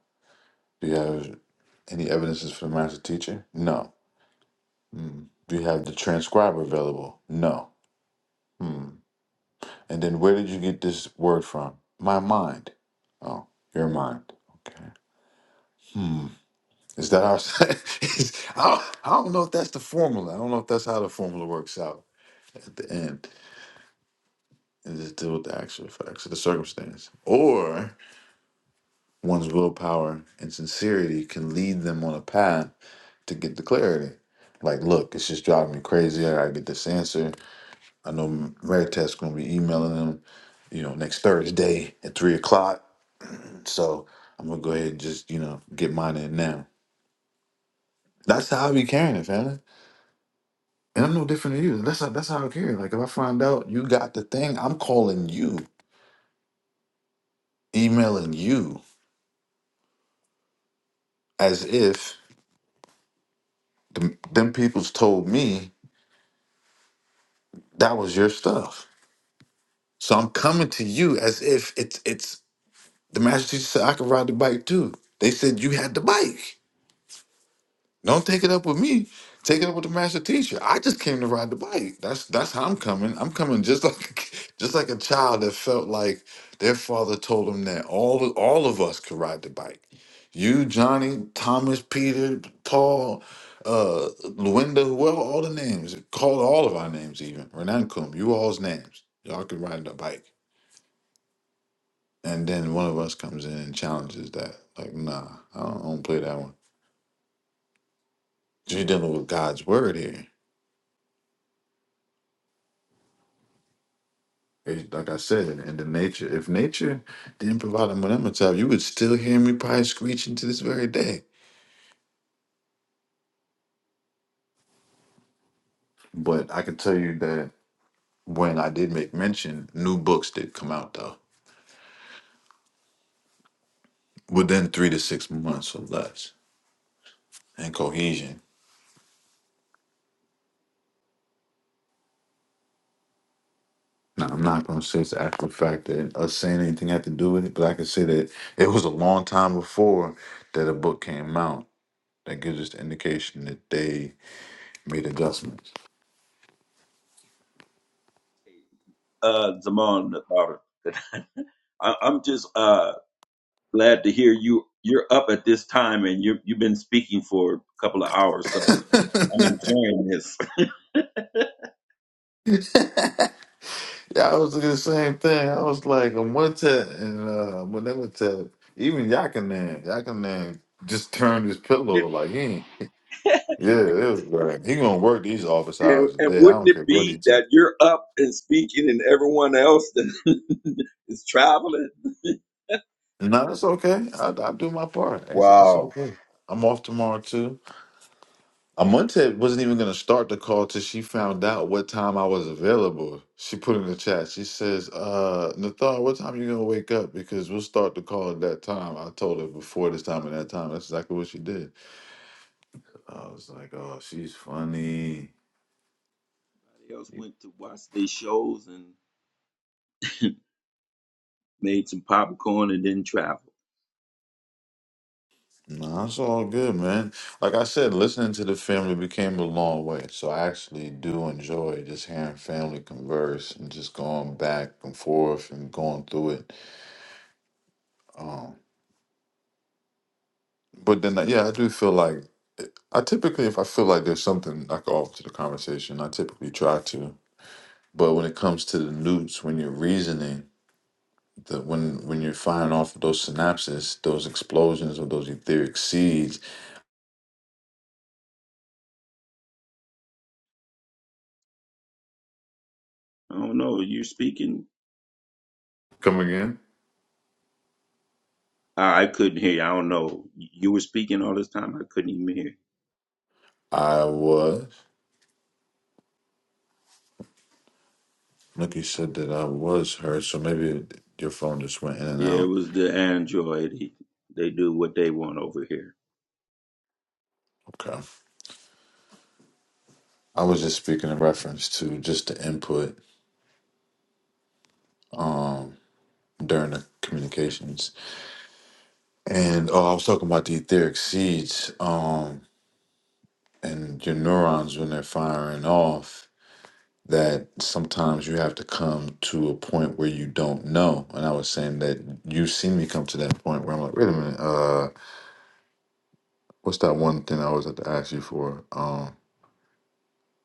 S2: Do you have any evidences for the master teacher? No. Hmm. Do you have the transcriber available? No. Hmm. And then where did you get this word from? My mind. Oh, your mind. Okay. Hmm. Is that our? is, I, don't, I don't know if that's the formula. I don't know if that's how the formula works out at the end. and just deal with the actual facts of the circumstance. Or one's willpower and sincerity can lead them on a path to get the clarity. Like, look, it's just driving me crazy. I gotta get this answer. I know Veritas gonna be emailing them, you know, next Thursday at three o'clock. So I'm gonna go ahead and just, you know, get mine in now. That's how I be carrying it, family. And I'm no different than you. That's how that's how I carry. it. Like if I find out you got the thing, I'm calling you, emailing you as if them, them people's told me that was your stuff. So I'm coming to you as if it's it's the master teacher said I could ride the bike too. They said you had the bike. Don't take it up with me. Take it up with the master teacher. I just came to ride the bike. That's that's how I'm coming. I'm coming just like just like a child that felt like their father told them that all all of us could ride the bike. You, Johnny, Thomas, Peter, Paul, uh, Luenda, whoever, all the names. Call all of our names even. Renankum, you all's names. Y'all could ride the bike. And then one of us comes in and challenges that. Like, nah, I don't, I don't play that one. You're dealing with God's word here It- Like I said, in, the nature, if nature didn't provide a monometaph, you would still hear me probably screeching to this very day. But I can tell you that when I did make mention, new books did come out though, within three to six months or less, and cohesion. Now I'm not gonna say it's after the fact that us saying anything had to do with it, but I can say that it was a long time before that a book came out. That gives us the indication that they made adjustments.
S8: Uh, Zaman, the daughter, I- I'm just uh, glad to hear you. You're up at this time and you you've been speaking for a couple of hours, so I'm enjoying this.
S2: Yeah, I was thinking the same thing. I was like, on one tap, and uh, when they would tap, even Yakinan, Yakinan just turned his pillow like he ain't. Yeah, it was right. He gonna work these office
S8: And,
S2: hours a
S8: and
S2: day. I
S8: wouldn't
S2: don't
S8: it
S2: care what he
S8: be
S2: tell.
S8: that you're up and speaking and everyone else that is traveling?
S2: No, it's okay. I, I do my part. It's, it's
S8: Wow.
S2: okay. I'm off tomorrow too. Amonte wasn't even going to start the call till she found out what time I was available. She put in the chat. She says, uh, Nathar, what time you going to wake up? Because we'll start the call at that time. I told her before this time and that time. That's exactly what she did. I was like, oh, she's funny.
S8: Everybody else went to watch their shows and made some popcorn and then traveled.
S2: Nah, it's all good, man. Like I said, listening to the family became a long way. So I actually do enjoy just hearing family converse and just going back and forth and going through it. Um, But then, yeah, I do feel like I typically, if I feel like there's something like off to the conversation, I typically try to. But when it comes to the newts, when you're reasoning, the when when you're firing off those synapses, those explosions or those etheric seeds.
S8: I don't know. You speaking?
S2: Come again?
S8: I, I couldn't hear you. I don't know. You were speaking all this time. I couldn't even hear.
S2: I was. Nikki said that I was heard, so maybe your phone just went in and
S8: Yeah, it
S2: out.
S8: was the Android. They they do what they want over here.
S2: Okay. I was just speaking in reference to just the input um during the communications And oh, I was talking about the etheric seeds, um, and your neurons when they're firing off. That sometimes you have to come to a point where you don't know. And I was saying that you've seen me come to that point where I'm like, wait a minute, uh, what's that one thing I always have to ask you for? Um,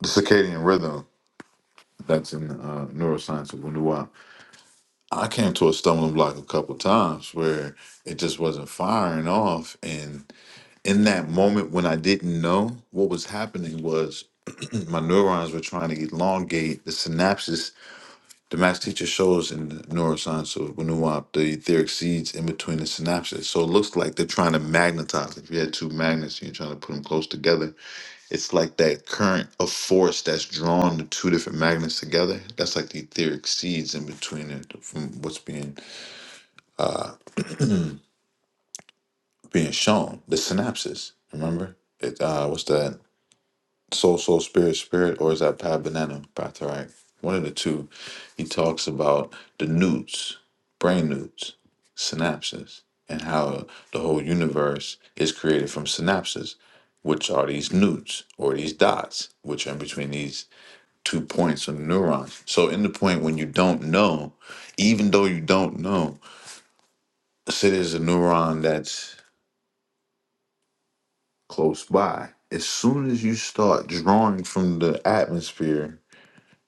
S2: the circadian rhythm. That's in uh, neuroscience of Wunderwap. I came to a stumbling block a couple times where it just wasn't firing off, and in that moment when I didn't know what was happening was my neurons were trying to elongate the synapses. The math teacher shows in the neuroscience of Winuwap, the etheric seeds in between the synapses. So it looks like they're trying to magnetize. If you had two magnets and you're trying to put them close together, it's like that current of force that's drawn the two different magnets together. That's like the etheric seeds in between it from what's being being shown, the synapses. Remember? It uh what's that? Soul, Soul, Spirit, Spirit, or is that Pat Banana, Patrick? One of the two. He talks about the newts, brain newts, synapses, and how the whole universe is created from synapses, which are these newts or these dots, which are in between these two points of neurons. So, in the point when you don't know, even though you don't know, say there's a neuron that's close by. As soon as you start drawing from the atmosphere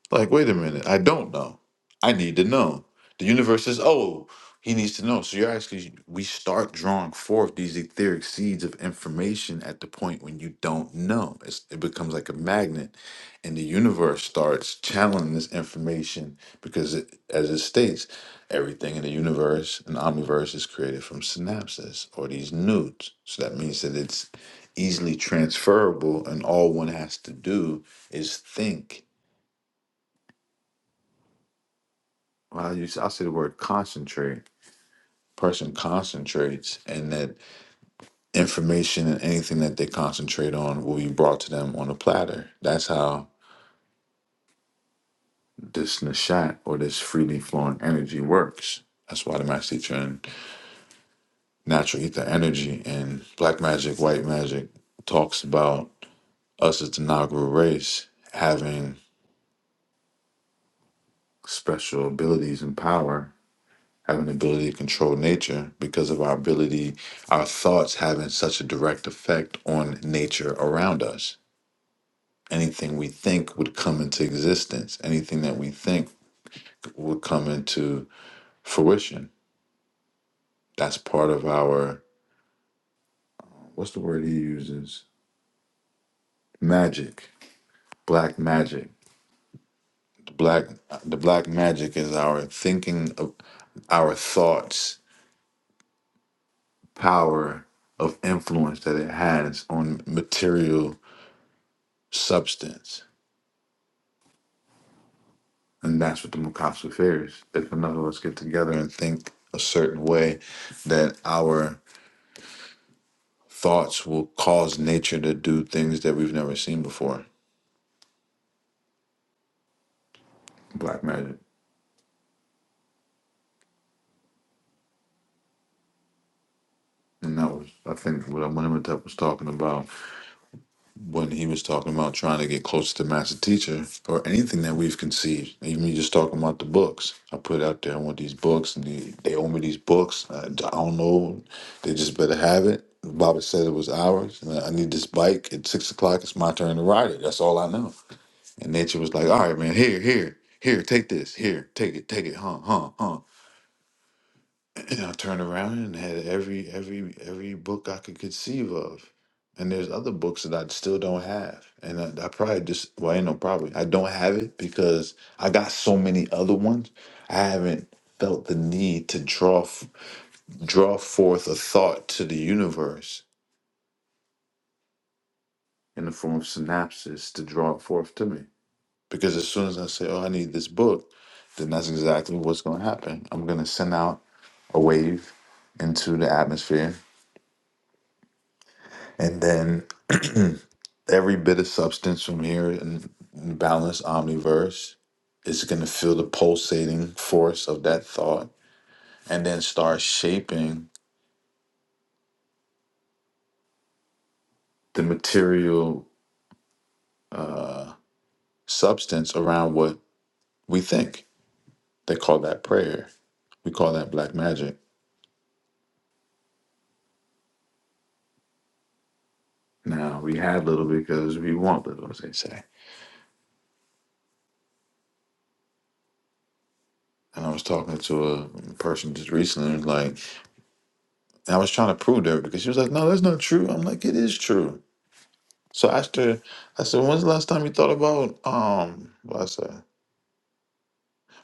S2: Like, wait a minute, I don't know. I need to know. The universe says, oh, he needs to know. So you're actually, we start drawing forth these etheric seeds of information at the point when you don't know. It's, it becomes like a magnet, and the universe starts channeling this information because, it, as it states, everything in the universe and omniverse is created from synapses or these nudes. So that means that it's easily transferable, and all one has to do is think Well, I use I say the word concentrate. Person concentrates, and that information and anything that they concentrate on will be brought to them on a platter. That's how this nishat or this freely flowing energy works. That's why the master teacher in natural ether energy and black magic, white magic talks about us as the Nagaru race having special abilities and power have an ability to control nature because of our ability, our thoughts having such a direct effect on nature around us. Anything we think would come into existence, anything that we think would come into fruition. That's part of our, what's the word he uses? Magic, black magic. The black, the black magic is our thinking of our thoughts, power of influence that it has on material substance And that's what the Mukasu fear is. If enough of us get together and think a certain way, that our thoughts will cause nature to do things that we've never seen before. Black magic. And that was, I think, what Amenemhotep was talking about when he was talking about trying to get closer to master teacher or anything that we've conceived even you just talking about the books i put out there i want these books and they, they owe me these books I, I don't know they just better have it baba said it was ours and i need this bike at six o'clock it's my turn to ride it that's all i know and nature was like all right man here here here take this here take it take it huh huh huh and I turned around and had every every every book I could conceive of. And there's other books that I still don't have. And I, I probably just well, ain't no probably. I don't have it because I got so many other ones. I haven't felt the need to draw f- draw forth a thought to the universe in the form of synapses to draw it forth to me. Because as soon as I say, "Oh, I need this book," then that's exactly what's going to happen. I'm going to send out a wave into the atmosphere and then every bit of substance from here in, in balanced omniverse is going to feel the pulsating force of that thought and then start shaping the material uh, substance around what we think. They call that prayer. We call that black magic. Now, we had little because we want little, as they say. And I was talking to a person just recently, and like, and I was trying to prove to her because she was like, no, that's not true. I'm like, it is true So I asked her, I said, when's the last time you thought about um what I said?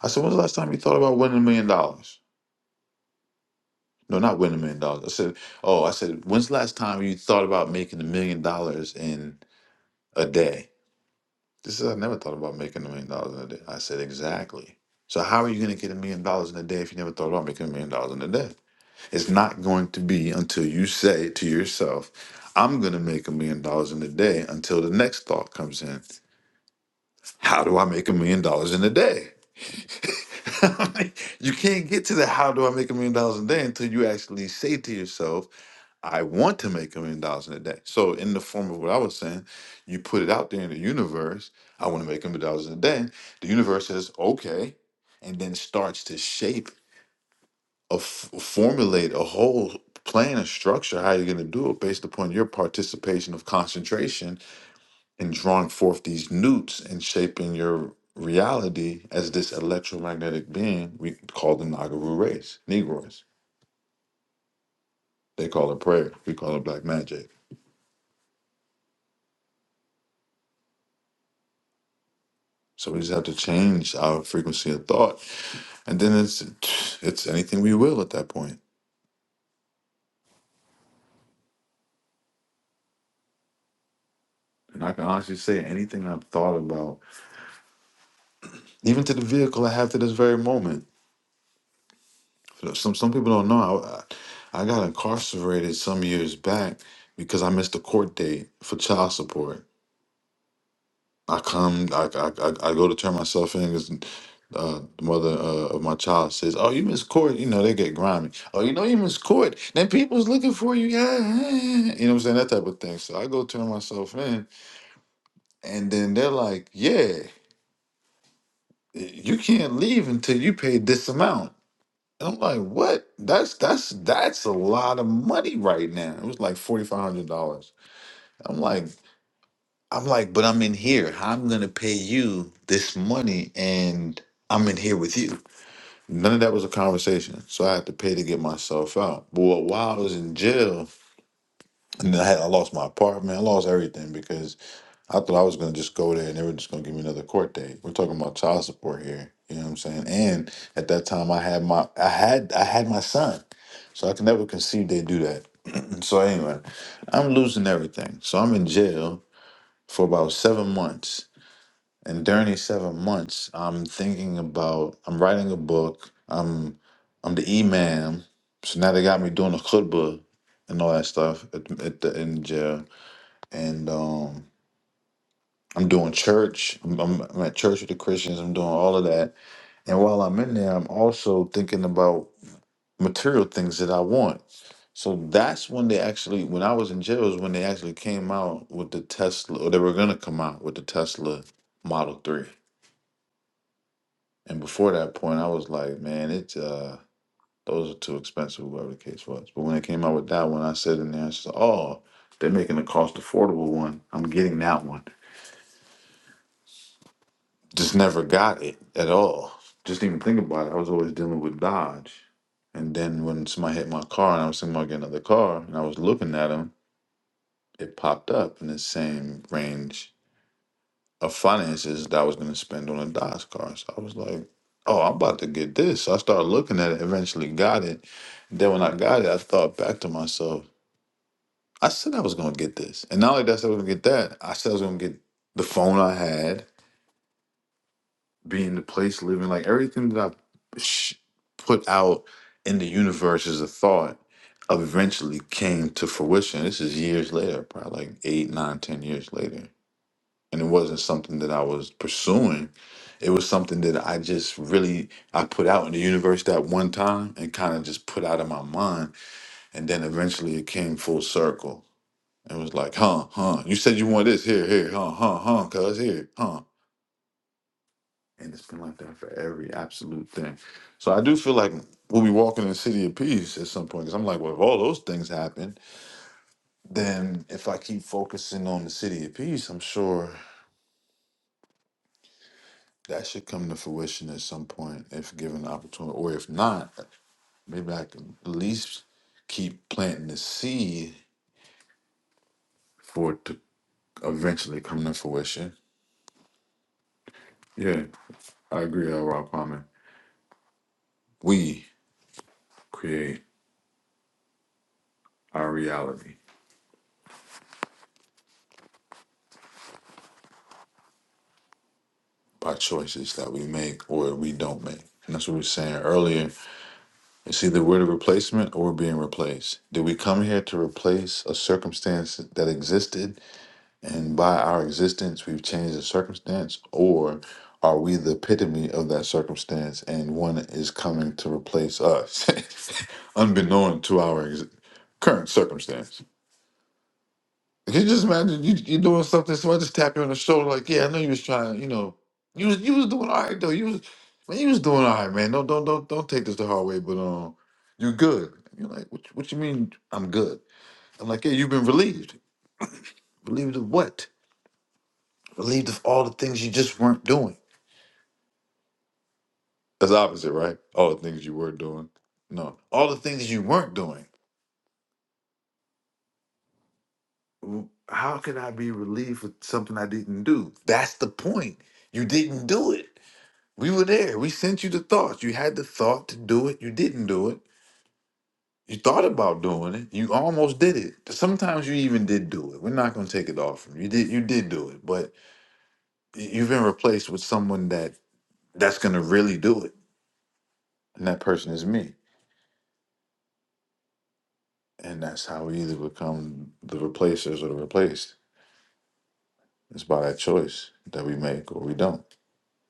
S2: I said, when's the last time you thought about winning a million dollars? No, not winning a million dollars. I said, oh, I said, when's the last time you thought about making a million dollars in a day? This is I never thought about making a million dollars in a day. I said, exactly. So how are you gonna get a million dollars in a day if you never thought about making a million dollars in a day? It's not going to be until you say to yourself, I'm gonna make a million dollars in a day until the next thought comes in. How do I make a million dollars in a day? you can't get to the how do I make a million dollars in a day until you actually say to yourself, I want to make a million dollars in a day. So, in the form of what I was saying, you put it out there in the universe, I want to make a million dollars in a day. The universe says, okay, and then starts to shape, a f- formulate a whole plan, a structure, how you're going to do it based upon your participation of concentration and drawing forth these newts and shaping your reality as this electromagnetic being we call the Nagaru race, Negroes. They call it prayer. We call it black magic. So we just have to change our frequency of thought. And then it's it's anything we will at that point. And I can honestly say anything I've thought about, even to the vehicle I have to this very moment. Some some people don't know. I, I I got incarcerated some years back because I missed a court date for child support I come, I, I, I I go to turn myself in because uh, the mother uh, of my child says, "Oh, you miss court." You know they get grimy. Oh, you know you miss court. Then people's looking for you. Yeah, yeah, yeah." yeah." you know what I'm saying that type of thing. So I go turn myself in, and then they're like, "Yeah, you can't leave until you pay this amount." And I'm like, "What? That's that's that's a lot of money right now." It was like forty five hundred dollars. I'm like, I'm like, but I'm in here. I'm gonna pay you this money, and I'm in here with you. None of that was a conversation, so I had to pay to get myself out. But while I was in jail, and then I had I lost my apartment, I lost everything because I thought I was gonna just go there and they were just gonna give me another court date. We're talking about child support here, you know what I'm saying? And at that time, I had my, I had, I had my son, so I can never conceive they do that. so anyway, I'm losing everything. So I'm in jail for about seven months and during these seven months, I'm thinking about I'm writing a book. I'm I'm the imam, so now they got me doing the khutbah and all that stuff at, at the in jail. And um, I'm doing church. I'm, I'm, I'm at church with the Christians. I'm doing all of that. And while I'm in there, I'm also thinking about material things that I want. So that's when they actually, when I was in jail, is when they actually came out with the Tesla, or they were gonna come out with the Tesla Model Three And before that point, I was like, man, it uh, those are too expensive, whoever the case was. But when they came out with that one, I said in there, I said, oh, they're making a cost affordable one. I'm getting that one. Just never got it at all. Just didn't even think about it. I was always dealing with Dodge. And then when somebody hit my car and I was thinking about getting another car and I was looking at them, it popped up in the same range of finances that I was going to spend on a Dodge car. So I was like, oh, I'm about to get this. So I started looking at it, eventually got it. Then when I got it, I thought back to myself, I said I was going to get this. And not only that, I said I was going to get that, I said I was going to get the phone I had, being the place, living, like everything that I sh- put out in the universe as a thought eventually came to fruition. This is years later, probably like eight, nine, ten years later and it wasn't something that I was pursuing. It was something that I just really I put out in the universe that one time and kind of just put out of my mind, and then eventually it came full circle. It was like, huh, huh. You said you want this here, here, huh, huh, huh, cuz here, huh. And it's been like that for every absolute thing. So I do feel like we'll be walking in the city of peace at some point. Because I'm like, well, if all those things happen, then if I keep focusing on the city of peace, I'm sure that should come to fruition at some point if given the opportunity, or if not, maybe I can at least keep planting the seed for it to eventually come to fruition. Yeah, I agree, L. Rob Palmer. We create our reality by choices that we make or we don't make. And that's what we were saying earlier. It's either we're the replacement or we're being replaced. Did we come here to replace a circumstance that existed And by our existence, we've changed the circumstance, or are we the epitome of that circumstance and one is coming to replace us, unbeknown to our ex- current circumstance? Can you just imagine you you doing something, somebody just tap you on the shoulder, like, yeah, I know you was trying, you know, you was you was doing all right though. You was man, you was doing all right, man. Don't don't don't don't take this the hard way, but um, you good. And You're like, what, what you mean I'm good? I'm like, yeah, you've been relieved. Relieved of what? relieved of all the things you just weren't doing. That's opposite, right? All the things you were doing. No, all the things you weren't doing. W- How can I be relieved for something I didn't do? That's the point. You didn't do it. We were there. We sent you the thoughts. You had the thought to do it. You didn't do it. You thought about doing it. You almost did it. Sometimes you even did do it. We're not going to take it off from you. You did. You did do it, but y- you've been replaced with someone that that's going to really do it, and that person is me. And that's how we either become the replacers or the replaced. It's by that choice that we make or we don't.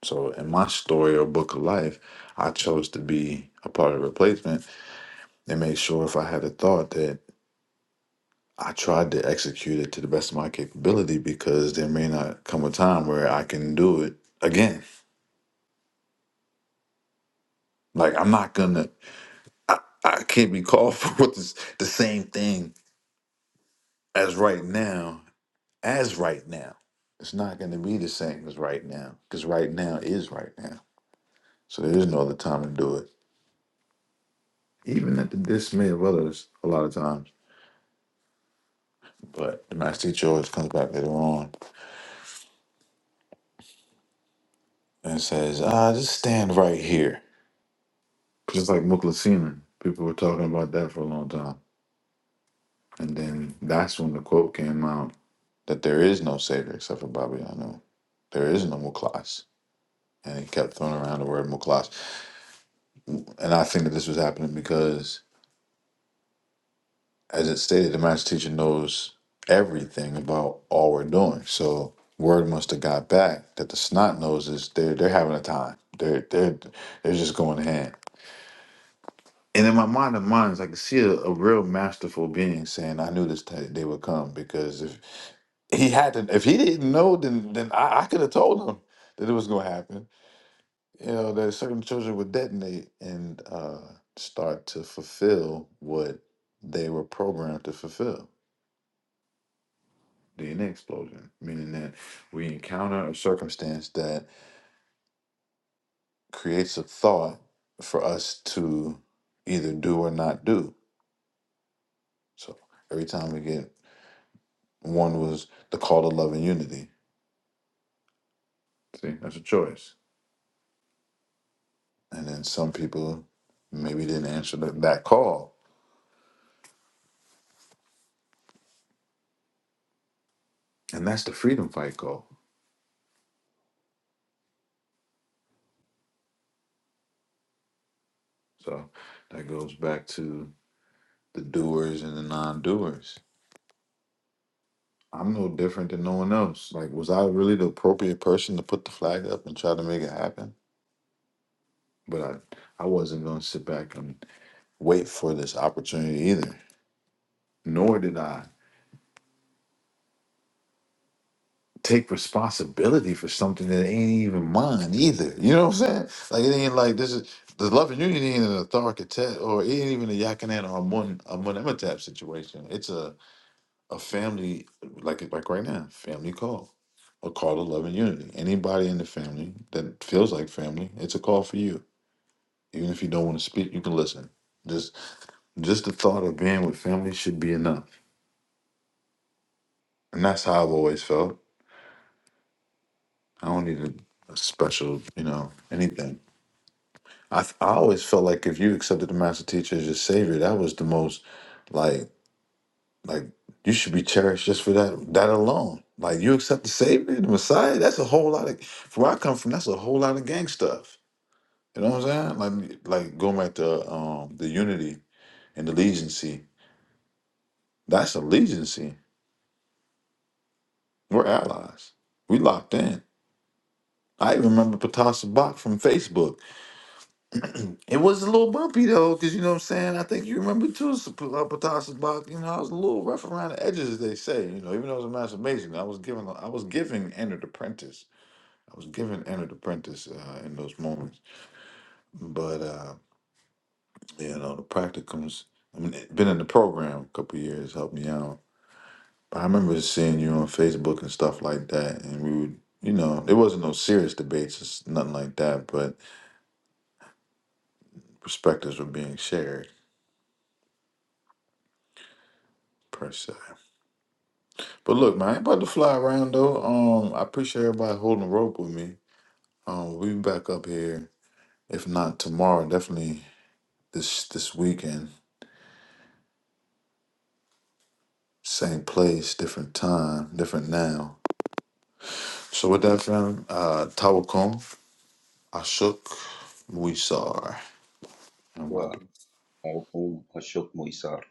S2: So in my story or book of life, I chose to be a part of the replacement and made sure if I had a thought that I tried to execute it to the best of my capability because there may not come a time where I can do it again. Like I'm not gonna I, I can't be called for this the same thing as right now as right now. It's not going to be the same as right now because right now is right now. So there is no other time to do it. Even at the dismay of others, a lot of times. But the master teacher always comes back later on and says, "Ah, just stand right here." Just like Muklasina, people were talking about that for a long time, and then that's when the quote came out that there is no savior except for Baba Yanu. There is no Muklas, and he kept throwing around the word Muklas. And I think that this was happening because as it stated, the master teacher knows everything about all we're doing. So word must have got back that the snot noses they're they're having a time. They're they're they're just going hand. And in my mind of minds, I could see a, a real masterful being saying, "I knew this t- day would come because if he had to, if he didn't know, then then I, I could have told him that it was going to happen. You know that certain children would detonate and uh, start to fulfill what they were programmed to fulfill." DNA explosion, meaning that we encounter a circumstance that creates a thought for us to either do or not do. So every time we get one was the call to love and unity. See, that's a choice. And then some people maybe didn't answer that, that call. And that's the freedom fight call. So that goes back to the doers and the non doers. I'm no different than no one else. Like, was I really the appropriate person to put the flag up and try to make it happen? But I, I wasn't going to sit back and wait for this opportunity either. Nor did I take responsibility for something that ain't even mine either. You know what I'm saying? Like it ain't like this is the love and unity ain't an authoritative or it ain't even a Yakinan or a Mun a Mun situation. It's a a family like like right now, family call. A call to love and unity. Anybody in the family that feels like family, it's a call for you. Even if you don't want to speak, you can listen Just. Just the thought of being with family should be enough. And that's how I've always felt. I don't need a, a special, you know, anything. I, th- I always felt like if you accepted the master teacher as your savior, that was the most, like, like you should be cherished just for that, that alone. Like you accept the savior, the Messiah, that's a whole lot of, from where I come from, that's a whole lot of gang stuff. You know what I'm saying? Like, like going back to um, the unity and allegiance. that's allegiance. We're allies. We locked in. I remember Patasha Bach from Facebook. It was a little bumpy though, because you know what I'm saying? I think you remember too, S- uh, Patasha Bach. You know, I was a little rough around the edges, as they say. You know, even though it was a masturbation, I was giving, I was giving Enter the Apprentice. I was giving Enter the Apprentice uh, in those moments. But, uh, you know, the practicums, I mean, it- been in the program a couple years, helped me out. But I remember seeing you on Facebook and stuff like that, and we would, you know, there wasn't no serious debates, it's nothing like that, but perspectives were being shared per se. But look, man, I ain't about to fly around though. Um, I appreciate everybody holding the rope with me. Um, we be back up here, if not tomorrow, definitely this this weekend. Same place, different time, different now. So with that, fam, uh, Tawakom, Ashok, Muisar, and
S8: Wa-
S2: Wadu.
S8: Aukum Ashok Moisar